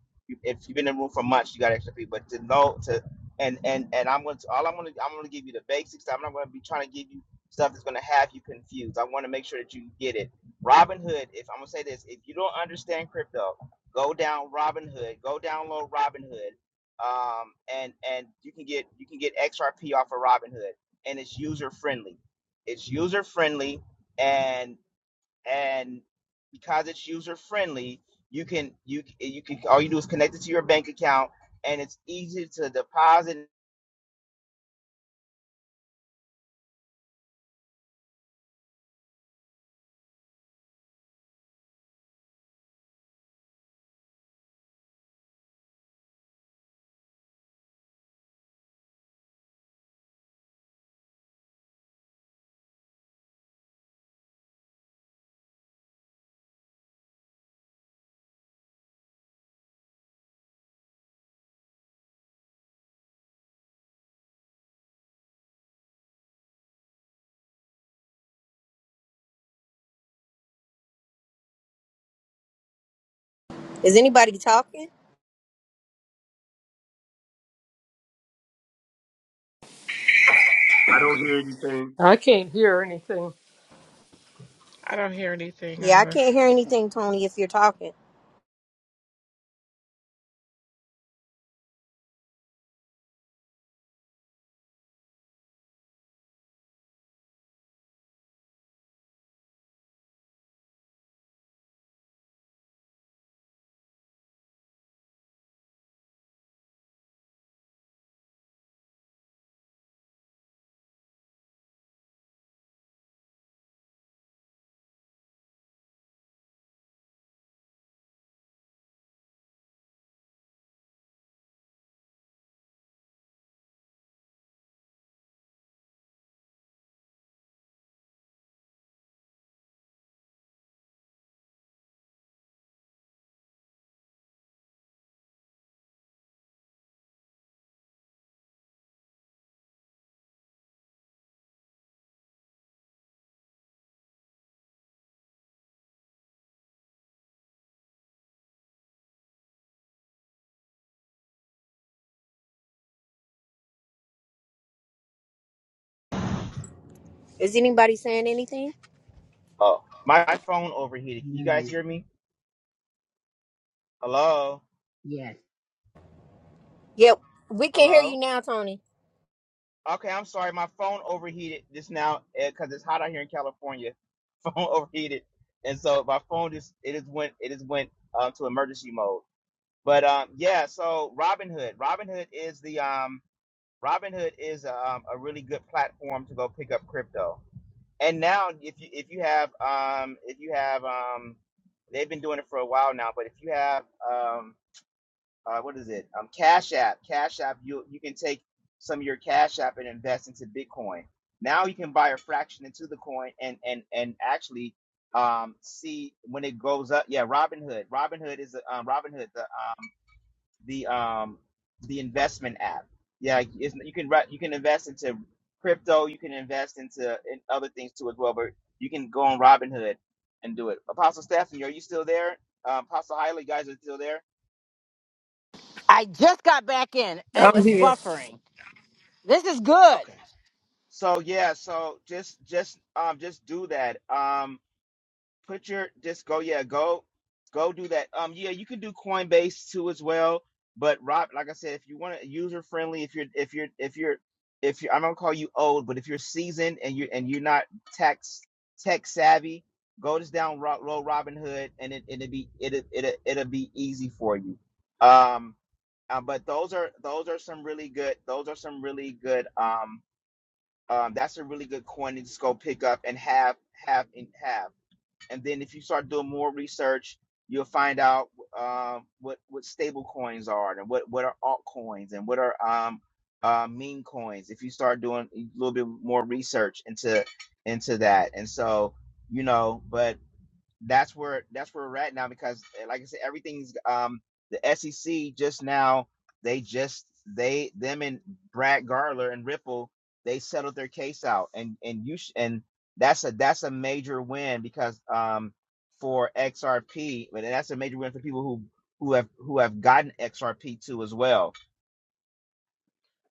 Y: If you've been in the room for months, you got XRP. But to know to and and and I'm going to all I'm going to I'm going to give you the basics. I'm not going to be trying to give you stuff that's going to have you confused. I want to make sure that you get it. Robinhood, if I'm gonna say this, if you don't understand crypto Go down Robinhood. Go download Robinhood, um, and and you can get you can get XRP off of Robinhood, and it's user friendly. It's user friendly, and and because it's user friendly, you can you you can all you do is connect it to your bank account, and it's easy to deposit.
W: Is anybody talking?
S: I don't hear anything.
Q: I can't hear anything.
H: I don't hear anything
W: Yeah, I
H: either.
W: can't hear anything, Tony, if you're talking. Is anybody saying anything?
Y: Oh, my, my phone overheated. Can you guys
V: know.
Y: hear me? Hello,
V: Yes.
W: Yep, we can hear you
Y: hello.
W: now, Tony.
Y: Okay, I'm sorry. My phone overheated just now because it's hot out here in California. [LAUGHS] Phone overheated, and so my phone just it is went it is went uh, to emergency mode. But um, yeah, so Robinhood, Robinhood is the um, Robinhood is um, a really good platform to go pick up crypto. And now, if you if you have um, if you have um, they've been doing it for a while now, but if you have um uh, what is it? Um, Cash App. Cash App. You you can take some of your Cash App and invest into Bitcoin. Now you can buy a fraction into the coin and and and actually um, see when it goes up. Yeah, Robinhood. Robinhood is a- um, Robinhood the um, the um, the investment app. Yeah, it's, you can re- you can invest into crypto. You can invest into in other things too as well. But you can go on Robinhood and do it. Apostle Stephanie, are you still there? Um, Apostle Hyla, you guys are still there?
A: I just got back in. It
Q: I'm
A: was
Q: here.
A: buffering. This is good.
Y: Okay. So yeah, so just just um just do that. Um put your just go yeah, go go do that. Um yeah, you can do Coinbase too as well, but Rob like I said if you want to user friendly if you're if you're if you're if you I'm are going to call you old, but if you're seasoned and you and you're not tech tech savvy, go just down Ro- low Robinhood and it it'll be it'll, it'll it'll be easy for you. Um uh, but those are those are some really good those are some really good um um, that's a really good coin to just go pick up and have, have, and have. And then if you start doing more research, you'll find out um, what what stable coins are and what what are altcoins and what are um, uh, meme coins. If you start doing a little bit more research into into that, and so you know, but that's where that's where we're at now because eh, like I said, everything's um the SEC just now they just they them and Brad Garler and Ripple they settled their case out and and you sh- and that's a that's a major win because um for XRP and that's a major win for people who who have who have gotten XRP too as well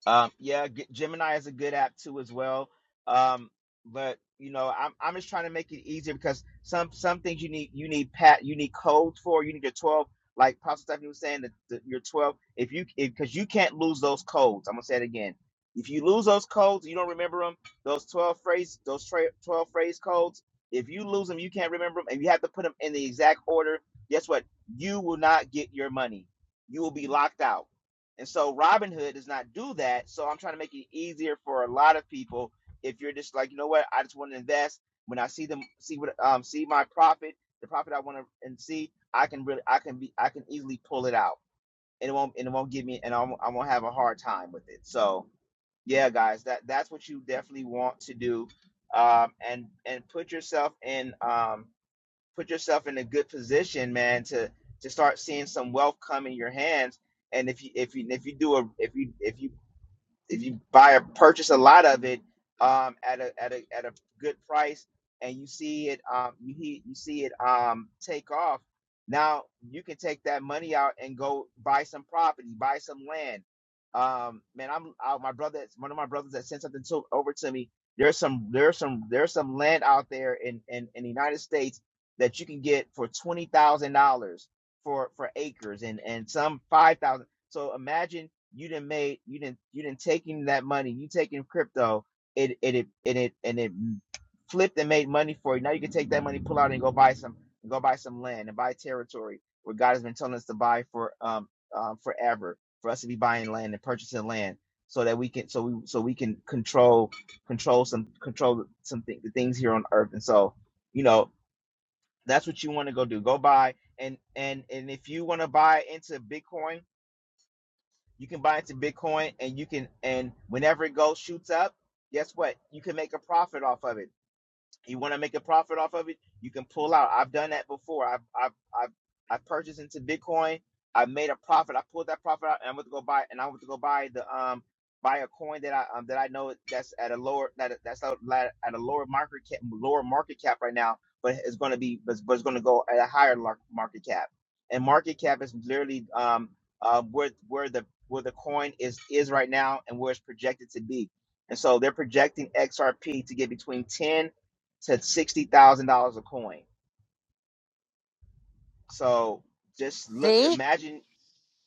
Y: um, yeah, G- Gemini is a good app too as well. Um, but you know, I'm I'm just trying to make it easier because some some things you need you need pat you need codes for you need your 12 like Pastor Stephanie was saying that the, your 12 if you because you can't lose those codes. I'm gonna say it again. If you lose those codes, you don't remember them. Those 12 phrase those tra- 12 phrase codes. If you lose them, you can't remember them, and you have to put them in the exact order. Guess what? You will not get your money. You will be locked out and so Robinhood does not do that. So I'm trying to make it easier for a lot of people. If you're just like, you know what, I just want to invest. When I see them, see what, um, see my profit, the profit I want to and see, I can really, I can be, I can easily pull it out, and it won't, and it won't give me, and I won't, I won't have a hard time with it. So yeah, guys, that that's what you definitely want to do, um, and and put yourself in, um, put yourself in a good position, man, to to start seeing some wealth come in your hands. And if you if you if you do a if you if you if you buy or purchase a lot of it um, at a at a at a good price and you see it um, you he- you see it um, take off, now you can take that money out and go buy some property, buy some land. Um, man, I'm I, my brother. One of my brothers that sent something to, over to me. There's some there's some there's some land out there in in, in the United States that you can get for twenty thousand dollars for for acres and and some five thousand. So imagine you didn't made you didn't you didn't taking that money you taking crypto it it it and it and it flipped and made money for you now you can take that money pull out and go buy some go buy some land and buy territory where god has been telling us to buy for um um uh, forever for us to be buying land and purchasing land so that we can so we so we can control control some control some th- the things here on earth and so you know that's what you want to go do go buy and and and if you want to buy into bitcoin you can buy into Bitcoin and you can and whenever it goes shoots up, guess what? You can make a profit off of it you want to make a profit off of it, you can pull out. I've done that before. I've I've I've I purchased into Bitcoin. I made a profit. I pulled that profit out, and I went to go buy. And I went to go buy the um buy a coin that I um that I know that's at a lower that that's out at a lower market cap, lower market cap right now, but it's going to be but, but it's going to go at a higher lar- market cap. And market cap is literally um uh where where the where the coin is is right now and where it's projected to be. And so they're projecting XRP to get between 10 to sixty thousand dollars a coin. So just look,
A: See?
Y: imagine,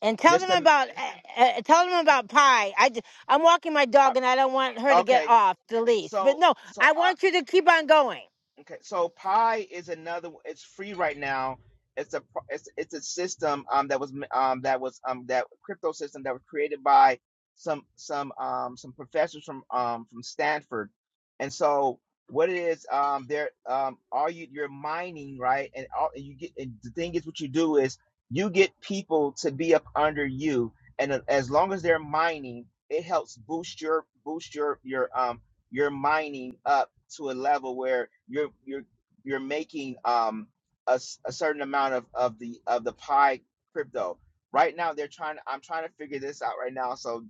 A: And tell
Y: just
A: them
Y: um,
A: about uh, uh, tell them about pie. i j- I'm walking my
Y: uh,
A: dog, and I don't want her to get
Y: okay.
A: off the leash. But
Y: So
A: no,
Y: so
A: I
Y: I.
A: want you to keep on going.
Y: Okay, so Pi is another. It's free right now. It's a pro- it's it's a system um that was um that was um that crypto system that was created by some some um some professors from um from Stanford, and so what it is um there um all you you're mining right and all and you get and the thing is what you do is you get people to be up under you and a- as long as they're mining it helps boost your boost your your um your mining up to a level where you're you're you're making um a a certain amount of of the of the pie crypto right now they're trying to, i'm trying to figure this out right now so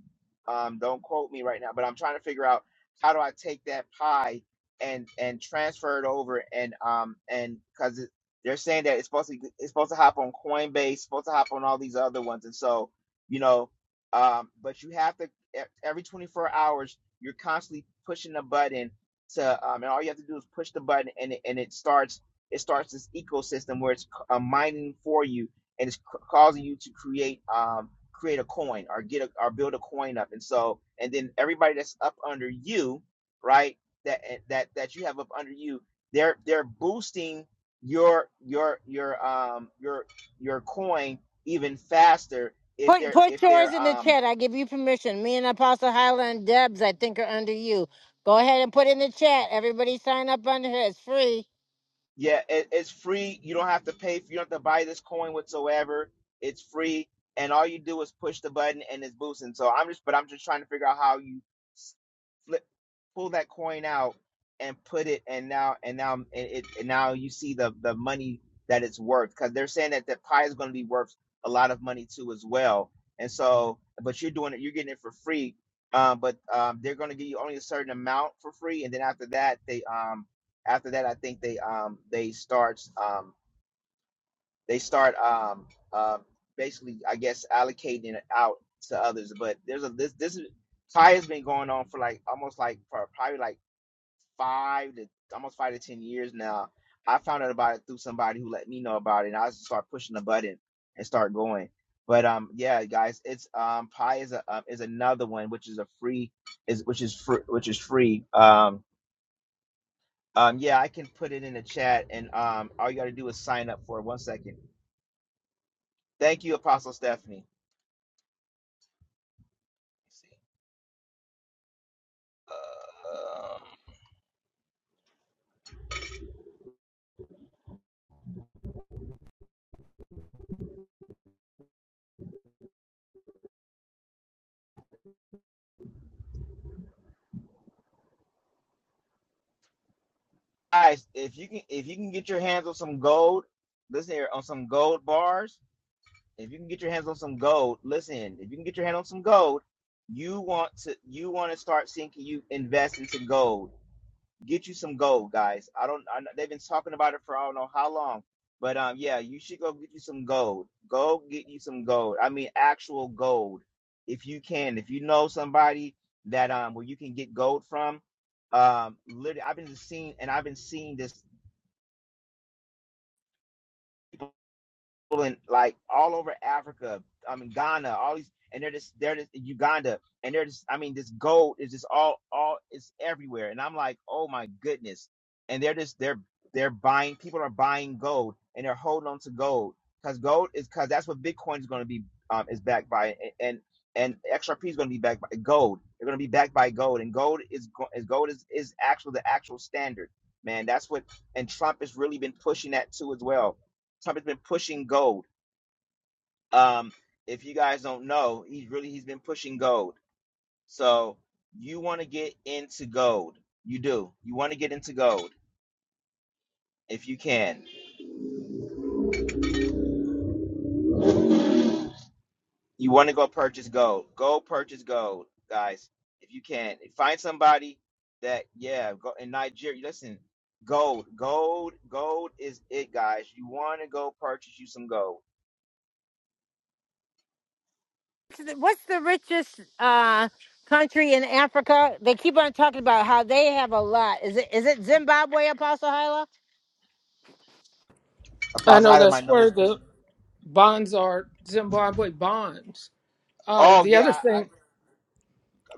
Y: um don't quote me right now but i'm trying to figure out how do i take that pie and and transfer it over and um and because they're saying that it's supposed to it's supposed to hop on coinbase supposed to hop on all these other ones and so you know um but you have to e- every 24 hours you're constantly pushing a button to um, and all you have to do is push the button and it, and it starts it starts this ecosystem where it's uh, mining for you and it's c- causing you to create um create a coin or get a, or build a coin up and so and then everybody that's up under you right that eh, that that you have up under you they're they're boosting your your your um your your coin even faster if
A: Put
Y: they're
A: put
Y: if
A: yours
Y: they're
A: in the
Y: um
A: chat. I give you permission. Me and Apostle Highland Debs, I think, are under you. Go ahead and put in the chat. Everybody sign up under here. It's free.
Y: Yeah, it, it's free. You don't have to pay. For, you don't have to buy this coin whatsoever. It's free, and all you do is push the button, and it's boosting. So I'm just, but I'm just trying to figure out how you flip pull that coin out and put it and now and now and it and now you see the the money that it's worth because they're saying that the pie is going to be worth a lot of money too as well and so but you're doing it you're getting it for free um, but um, they're going to give you only a certain amount for free and then after that they um after that i think they um they start um, they start um uh, basically I guess allocating it out to others. But there's a this this is Kai has been going on for like almost like for probably like five to almost five to ten years now. I found out about it through somebody who let me know about it and I just start pushing the button and start going. But um yeah guys it's um Pi is a um, is another one which is a free is which is free which is free. Um um yeah I can put it in the chat and um all you gotta do is sign up for it. one second. Thank you, Apostle Stephanie. Um, guys, if you can if you can get your hands on some gold, listen here on some gold bars. If you can get your hands on some gold, listen. If you can get your hand on some gold, you want to you want to start seeing you invest into gold. get you some gold, guys. I don't. I, they've been talking about it for I don't know how long, but um, yeah, you should go get you some gold. Go get you some gold. I mean, actual gold, if you can. If you know somebody that um, where you can get gold from, um, literally, I've been seeing and I've been seeing this. in like all over Africa, I mean Ghana, all these, and they're just they're just Uganda, and they're just I mean this gold is just all all it's everywhere, and I'm like, oh my goodness, and they're just they're they're buying people are buying gold and they're holding on to gold because gold is because that's what Bitcoin is going to be um is backed by and and XRP is going to be backed by gold. They're going to be backed by gold, and gold is is gold is is actual the actual standard, man. That's what and Trump has really been pushing that too as well Trump has been pushing gold. Um, if you guys don't know, he's really he's been pushing gold. So you want to get into gold. You do. You want to get into gold if you can. You want to go purchase gold. Go purchase gold, guys, if you can. Find somebody that yeah, go in Nigeria. Listen, gold, gold, gold is it, guys. You want to go purchase you some gold.
A: th- what's the richest uh country in Africa? They keep on talking about how they have a lot. Is it is it Zimbabwe, Apostle Hyla?
Q: I
Y: Apostle
Q: know
Y: Hyla might
Q: that's
Y: know
Q: where
Y: this
Q: the
Y: question.
Q: bonds are, Zimbabwe bonds. Uh,
Y: Oh
Q: the
Y: yeah,
Q: other
Y: I, I
Q: thing,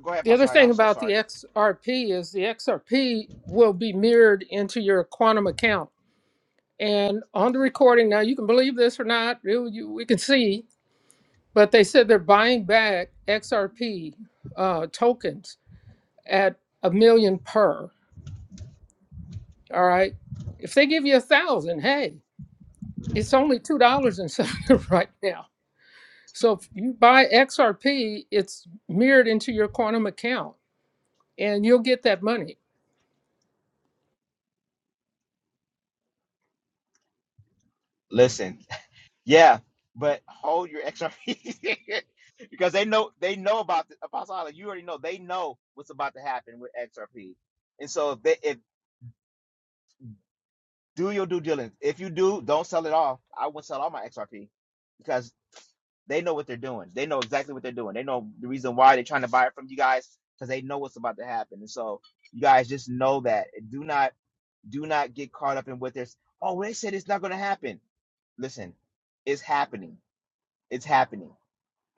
Y: go ahead,
Q: the other
Y: Apostle Hyla.
Q: thing
Y: I'm so
Q: about the
Y: sorry.
Q: XRP is the XRP will be mirrored into your quantum account. And on the recording now, you can believe this or not, you, you, we can see, but they said they're buying back XRP uh, tokens at a million per. All right. If they give you a thousand, hey, it's only two dollars and something [LAUGHS] right now. So if you buy XRP, it's mirrored into your quantum account and you'll get that money.
Y: Listen. Yeah, but hold your XRP [LAUGHS] because they know they know about the Apostle Isaac, You already know they know what's about to happen with XRP, and so if they if do your due diligence. If you do, don't sell it off. I wouldn't sell all my XRP because they know what they're doing. They know exactly what they're doing. They know the reason why they're trying to buy it from you guys because they know what's about to happen. And so you guys just know that. Do not do not get caught up in what they're. Oh, they said it's not going to happen listen, it's happening. It's happening.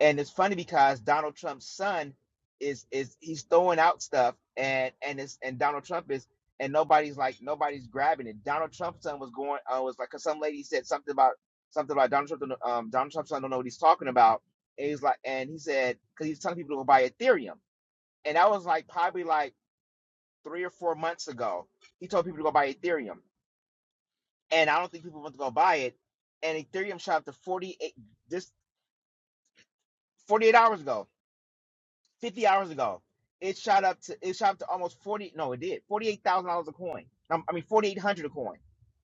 Y: and it's funny because Donald Trump's son is is he's throwing out stuff and and it's and Donald Trump is and nobody's like nobody's grabbing it. Donald Trump's son was going uh, was like 'cause some lady said something about something about Donald Trump. Um, Donald Trump's son don't know what he's talking about. And he's like, and he said because he's telling people to go buy Ethereum, and that was like probably like three or four months ago. He told people to go buy Ethereum, and I don't think people want to go buy it. And Ethereum shot up to forty eight just forty eight hours ago 50 hours ago. It shot up to it shot up to almost 40 no, it did. $48,000 a coin. Um, I mean 4800 a coin.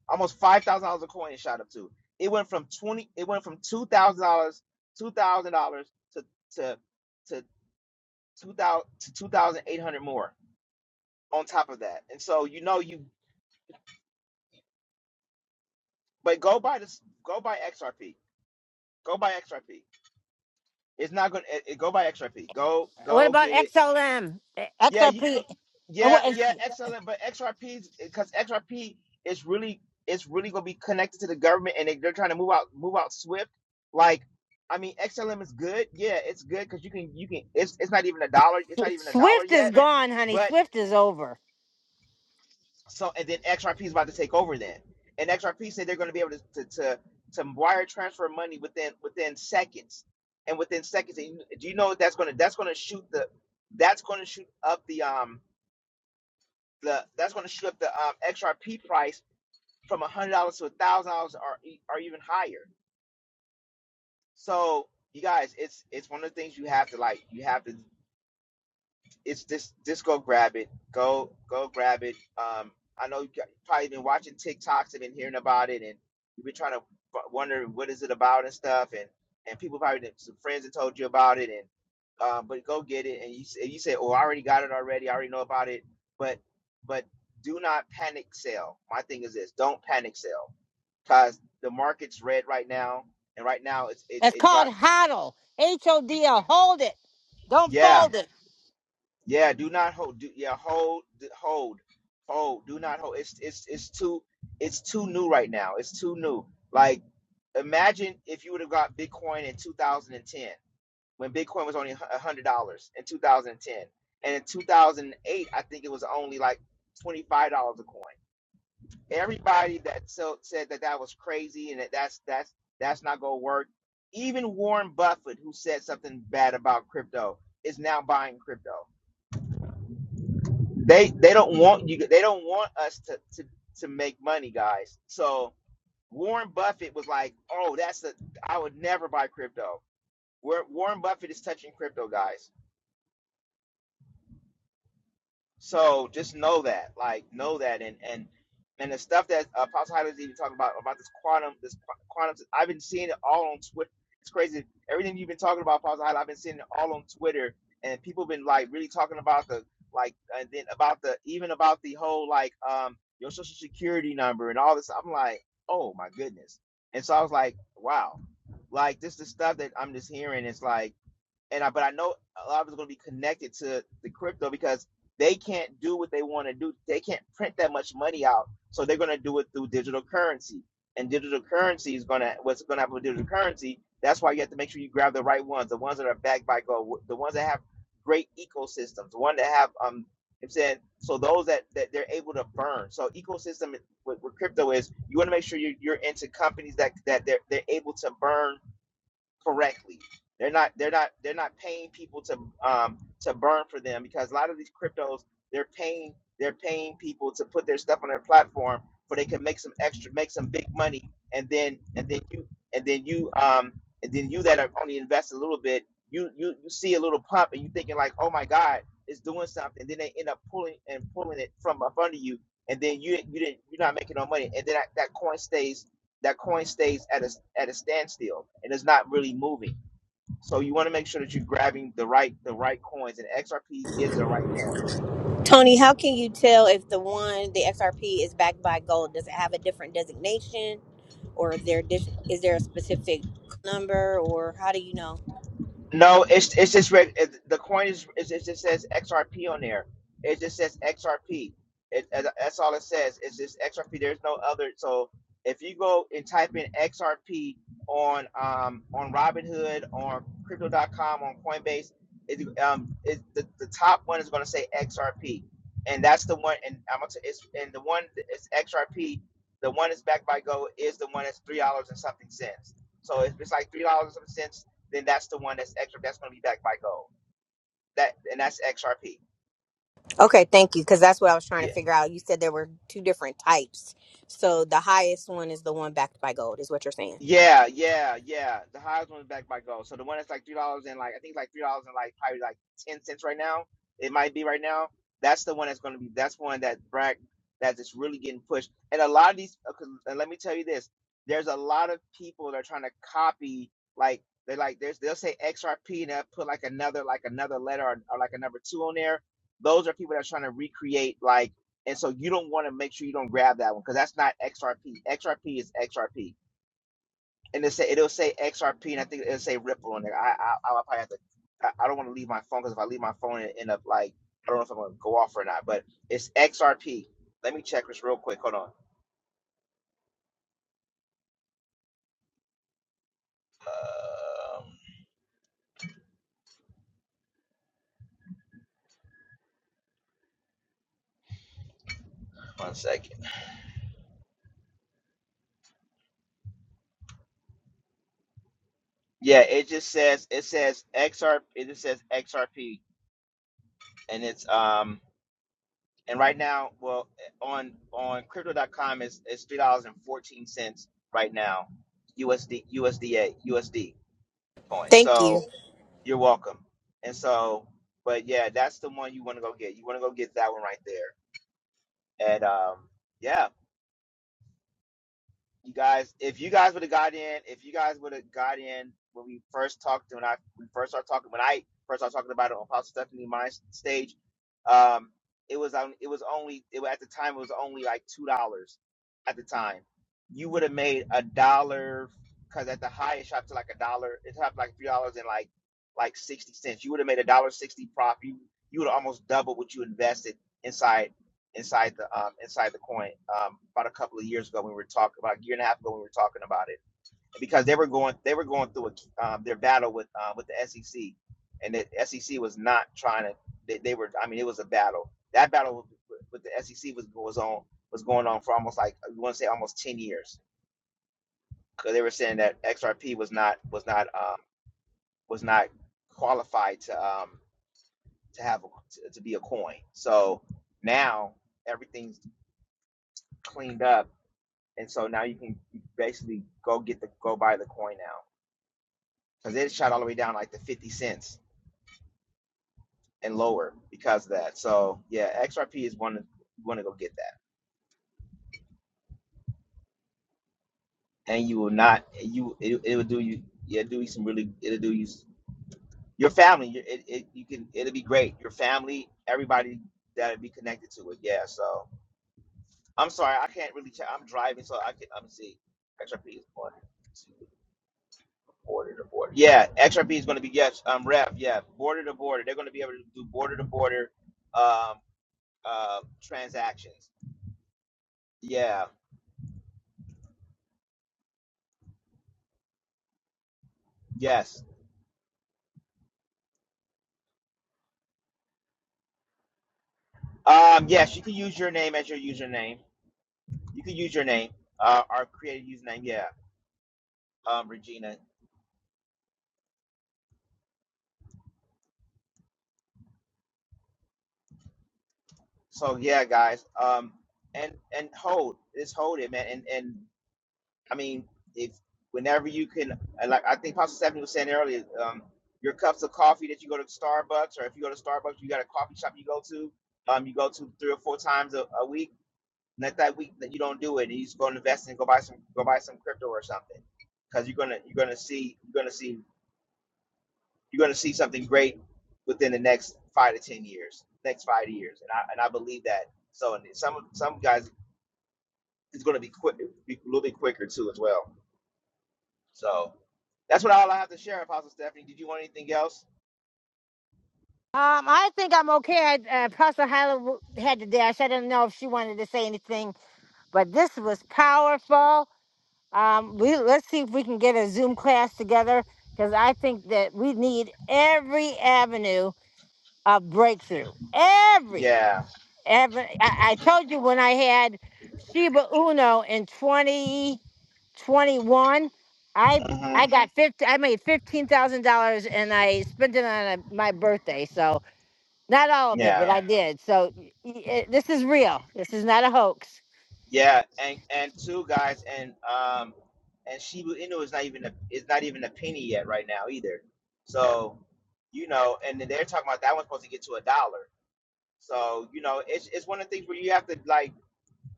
Y: Almost $5,000 a coin it shot up to. It went from 20 it went from $2,000 $2,000 to to to 2000 to 2800 more on top of that. And so you know you but go buy this go buy XRP. Go buy XRP. It's not going to go buy XRP. Go
A: What
Y: go
A: about
Y: get it
A: XLM, eh,
Y: Yeah, you can go.
A: XRP? And
Y: Yeah,
A: what?
Y: yeah,
A: is-
Y: excellent. But XRPs, because XRP is really, it's really gonna be connected to the government, and they, they're trying to move out, move out swift. Like, I mean, XLM is good. Yeah, it's good because you can, you can. It's, it's not even a dollar. It's not even a dollar
A: Swift is
Y: yet.
A: gone, honey.
Y: But
A: Swift is over.
Y: so, and then XRP is about to take over then, and XRP said they're gonna be able to to to, to wire transfer money within within seconds, and within seconds, and you, do you know that's gonna that's gonna shoot the that's gonna shoot up the um the that's going to slip the um, XRP price from a hundred dollars to a thousand dollars or e- or even higher. So you guys, it's it's one of the things you have to like. You have to. it's this. just go grab it. Go go grab it. Um, I know you've got- probably been watching TikToks and been hearing about it, and you've been trying to w- wonder what is it about and stuff, and and people probably did- some friends have told you about it, and um, but go get it, and you s- and you say, oh, I already got it already. I already know about it, but but do not panic sell. My thing is this: don't panic sell, cause the market's red right now, and right now it's it,
A: It's
Y: it
A: called
Y: dropped.
A: hodl. H O D L. Hold it. Don't
Y: Yeah,
A: fold it.
Y: Yeah, do not hold. Do, yeah, hold, d- hold, hold. Do not hold. It's it's it's too it's too new right now. It's too new. Like imagine if you would have got Bitcoin in 2010 when Bitcoin was only a hundred dollars in 2010, and ten, and in 2008 I think it was only like twenty five dollars a coin. Everybody that so, said that that was crazy and that that's that's that's not gonna work. Even Warren Buffett, who said something bad about crypto, is now buying crypto. they they don't want you they don't want us to to to make money guys so warren buffett was like oh that's a i would never buy crypto Where warren buffett is touching crypto guys So just know that, like, know that, and and and the stuff that uh, Apostle Hyde is even talking about about this quantum, this qu- quantum. I've been seeing it all on Twitter. It's crazy. Everything you've been talking about, Apostle Hyde, I've been seeing it all on Twitter, and people been like really talking about the like, and then about the even about the whole like um your social security number and all this. I'm like, oh my goodness. And so I was like, wow, like this the stuff that I'm just hearing. It's like and I, but I know a lot of it's going to be connected to the crypto because they can't do what they want to do. They can't print that much money out, so they're going to do it through digital currency. And digital currency is going to what's going to happen with digital currency. That's why you have to make sure you grab the right ones, the ones that are backed by gold, the ones that have great ecosystems, the one that have um. I'm saying so those that that they're able to burn. So ecosystem with, with crypto is you want to make sure you're, you're into companies that that they're they're able to burn correctly. They're not they're not they're not paying people to um to burn for them because a lot of these cryptos they're paying they're paying people to put their stuff on their platform so they can make some extra make some big money and then and then you and then you um and then you that are only invest a little bit you you you see a little pump and you thinking like oh my god it's doing something then they end up pulling and pulling it from up under you and then you you didn't you're not making no money and then that, that coin stays that coin stays at a at a standstill and is not really moving. So you want to make sure that you're grabbing the right the right coins, and XRP is the right coin.
W: Tony, how can you tell if the one, the XRP, is backed by gold? Does it have a different designation, or there dis- is there a specific number, or how do you know?
Y: No, it's it's just re- it, the coin is it, it just says XRP on there. It just says XRP. It, it- uh, that's all it says. It's just XRP. There's no other. So if you go and type in XRP on um on Robinhood on Crypto.com on Coinbase, it, um it, the the top one is going to say XRP, and that's the one. And I'm gonna t- it's and the one it's XRP. The one that's backed by Go is the one that's three dollars and something cents. So it's, it's like three dollars and something cents then that's the one that's extra. That's going to be backed by gold. That and that's XRP.
W: Okay, thank you, because that's what I was trying
Y: Yeah.
W: to figure out. You said there were two different types, so the highest one is the one backed by gold, is what you're saying.
Y: Yeah, yeah, yeah. The highest one is backed by gold. So the one that's like three dollars and like I think it's like three dollars and like probably like ten cents right now. It might be right now. That's the one that's going to be. That's one that Brack that is really getting pushed. And a lot of these. uh, 'cause- And let me tell you this: there's a lot of people that are trying to copy. Like they're like there's they'll say XRP and they'll put like another like another letter or, or like a number two on there. Those are people that's trying to recreate like. And so you don't want to make sure you don't grab that one because that's not XRP. XRP is XRP and it say it'll say XRP, and I think it'll say Ripple on there. I I I'll probably have to. I, I don't want to leave my phone because if I leave my phone, it end up like I don't know if I'm gonna go off or not. But it's XRP. Let me check this real quick. Hold on. Um, one second. Yeah, it just says it says XRP. It just says XRP, and it's um and right now, well, on on crypto.com is it's three dollars and fourteen cents right now, USD USDA USD coin.
W: Thank you.
Y: So. You're welcome. And so, but yeah, that's the one you want to go get. You want to go get that one right there. And um, yeah, you guys, if you guys would have got in, if you guys would have got in when we first talked, when I we first started talking, when I first started talking about it on Apostle Stephanie my stage, um, it was on. It was only. It was, at the time. It was only like two dollars. At the time, you would have made a dollar because at the highest shot to like a dollar. It shot to like three dollars and like like sixty cents. You would have made a dollar sixty profit. You you would have almost doubled what you invested inside inside the um, inside the coin um, about a couple of years ago. We were talking about a year and a half ago. We were talking about it because they were going they were going through a, um, their battle with uh, with the SEC, and the SEC was not trying to. They, they were. I mean, it was a battle. That battle with, with the SEC was was on was going on for almost like you want to say almost ten years because they were saying that XRP was not was not um, was not qualified to um, to have a, to, to be a coin. So now everything's cleaned up and so now you can basically go get the go buy the coin now because it shot all the way down like to 50 cents and lower because of that so yeah xrp is one you want to go get that and you will not you it, it will do you yeah do you some really it'll do you your family your- it, it you can it'll be great your family everybody that'll be connected to it yeah so i'm sorry i can't really ch- i'm driving so i can i'm see xrp is one Border to border. Yeah, XRP is going to be yes, um, Rev. Yeah, border to border. They're going to be able to do border to border, um, uh, transactions. Yeah. Yes. Um, yes, you can use your name as your username. You can use your name, uh, or create a username. Yeah. Um, Regina. So yeah, guys. Um, and and hold. Just hold it, man. And and I mean, if whenever you can, like I think Pastor Stephanie was saying earlier, um, your cups of coffee that you go to Starbucks, or if you go to Starbucks, you got a coffee shop you go to, um, you go to three or four times a, a week. And if that week that you don't do it, and you just go and invest and go buy some, go buy some crypto or something, because you're gonna you're gonna see you're gonna see you're gonna see something great within the next five to ten years, next five years, and I and I believe that. So and some some guys it's gonna be quick, be a little bit quicker too as well. So that's what all I have to share, Apostle Stephanie. Did you want anything else?
A: Um, I think I'm okay. I, uh, Apostle Hyla w- had to dash. I didn't know if she wanted to say anything, but this was powerful. Um, we let's see if we can get a Zoom class together because I think that we need every avenue of breakthrough. Every,
Y: Yeah.
A: every. I, I told you when I had Shiba Uno in 2021, I
Y: hmm
A: I got 50, I made fifteen thousand dollars and I spent it on a, my birthday. So not all of it,
Y: Yeah.
A: but I did. So y- y- it, this is real. This is not a hoax.
Y: Yeah. And and two guys, and um, and Shibu Inu is not even a is not even a penny yet right now either. So you know, and then they're talking about that one's supposed to get to a dollar. So you know, it's it's one of the things where you have to like,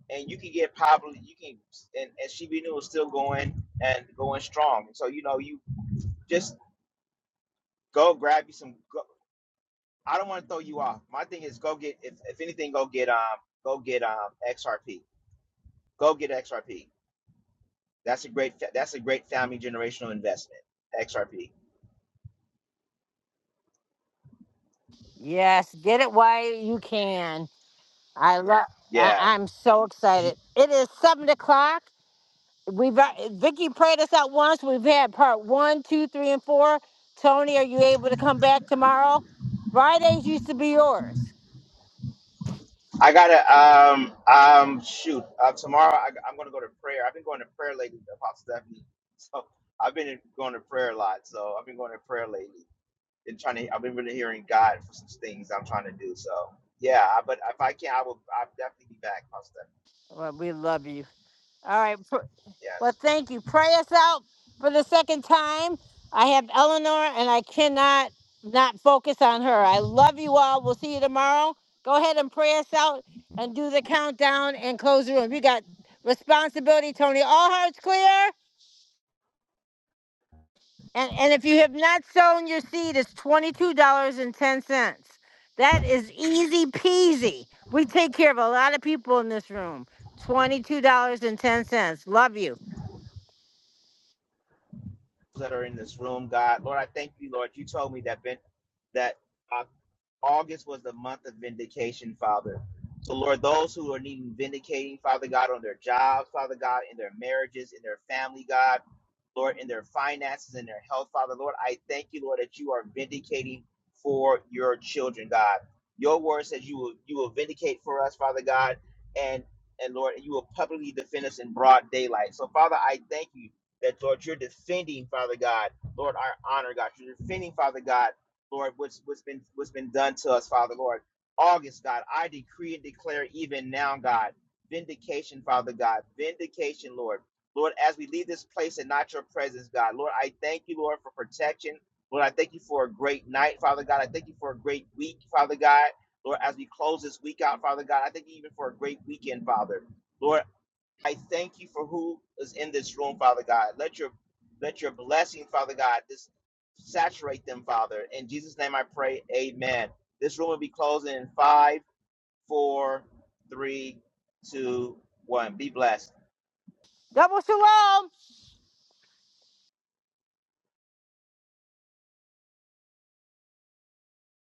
Y: and you can get probably you can, and and Shibu Inu is still going and going strong. So you know, you just go grab you some. I don't want to throw you off. My thing is go get if, if anything, go get um go get um XRP. Go get XRP. That's a great fa- that's a great family generational investment. XRP.
A: Yes, get it while you can. I love. I-
Y: Yeah,
A: I'm so excited. It is seven o'clock. We've uh, Vicky prayed us out once. We've had part one, two, three, and four. Tony, are you able to come back tomorrow? Fridays used to be yours.
Y: I gotta um um shoot uh, tomorrow. I, I'm gonna go to prayer. I've been going to prayer lately, Apostle Stephanie. [LAUGHS] So I've been going to prayer a lot. So I've been going to prayer lately and trying to. I've been really hearing God for some things I'm trying to do. So yeah, I- but if I can, I will. I'll definitely be back, Apostle Stephanie.
A: Well, we love you. All right. pr- Well,
Y: Yes.
A: thank you. Pray us out for the second time. I have Eleanor and I cannot not focus on her. I love you all. We'll see you tomorrow. Go ahead and pray us out and do the countdown and close the room. We got responsibility, Tony. All hearts clear. And, and if you have not sown your seed, it's $22.10. That is easy peasy. We take care of a lot of people in this room. $22.10. Love you.
Y: that are in this room, God. Lord, I thank you, Lord. You told me that Ben, that uh, August was the month of vindication, Father. So, Lord, those who are needing vindicating, Father God, on their jobs, Father God, in their marriages, in their family, God, Lord, in their finances, in their health, Father, Lord, I thank you, Lord, that you are vindicating for your children, God. Your word says you will you will vindicate for us, Father God, and and Lord, you will publicly defend us in broad daylight. So, Father, I thank you that Lord, you're defending, Father God, Lord, our honor, God. You're defending, Father God. Lord, what's what's been what's been done to us, Father, Lord. August, God, I decree and declare even now, God, vindication, Father God, vindication, Lord. Lord, as we leave this place and not your presence, God, Lord, I thank you, Lord, for protection. Lord, I thank you for a great night, Father God. I thank you for a great week, Father God. Lord, as we close this week out, Father God, I thank you even for a great weekend, Father. Lord, I thank you for who is in this room, Father God. Let your let your blessing, Father God, just saturate them, Father. In Jesus' name I pray, amen. This room will be closing in five, four, three, two, one. Be blessed.
A: Double shalom.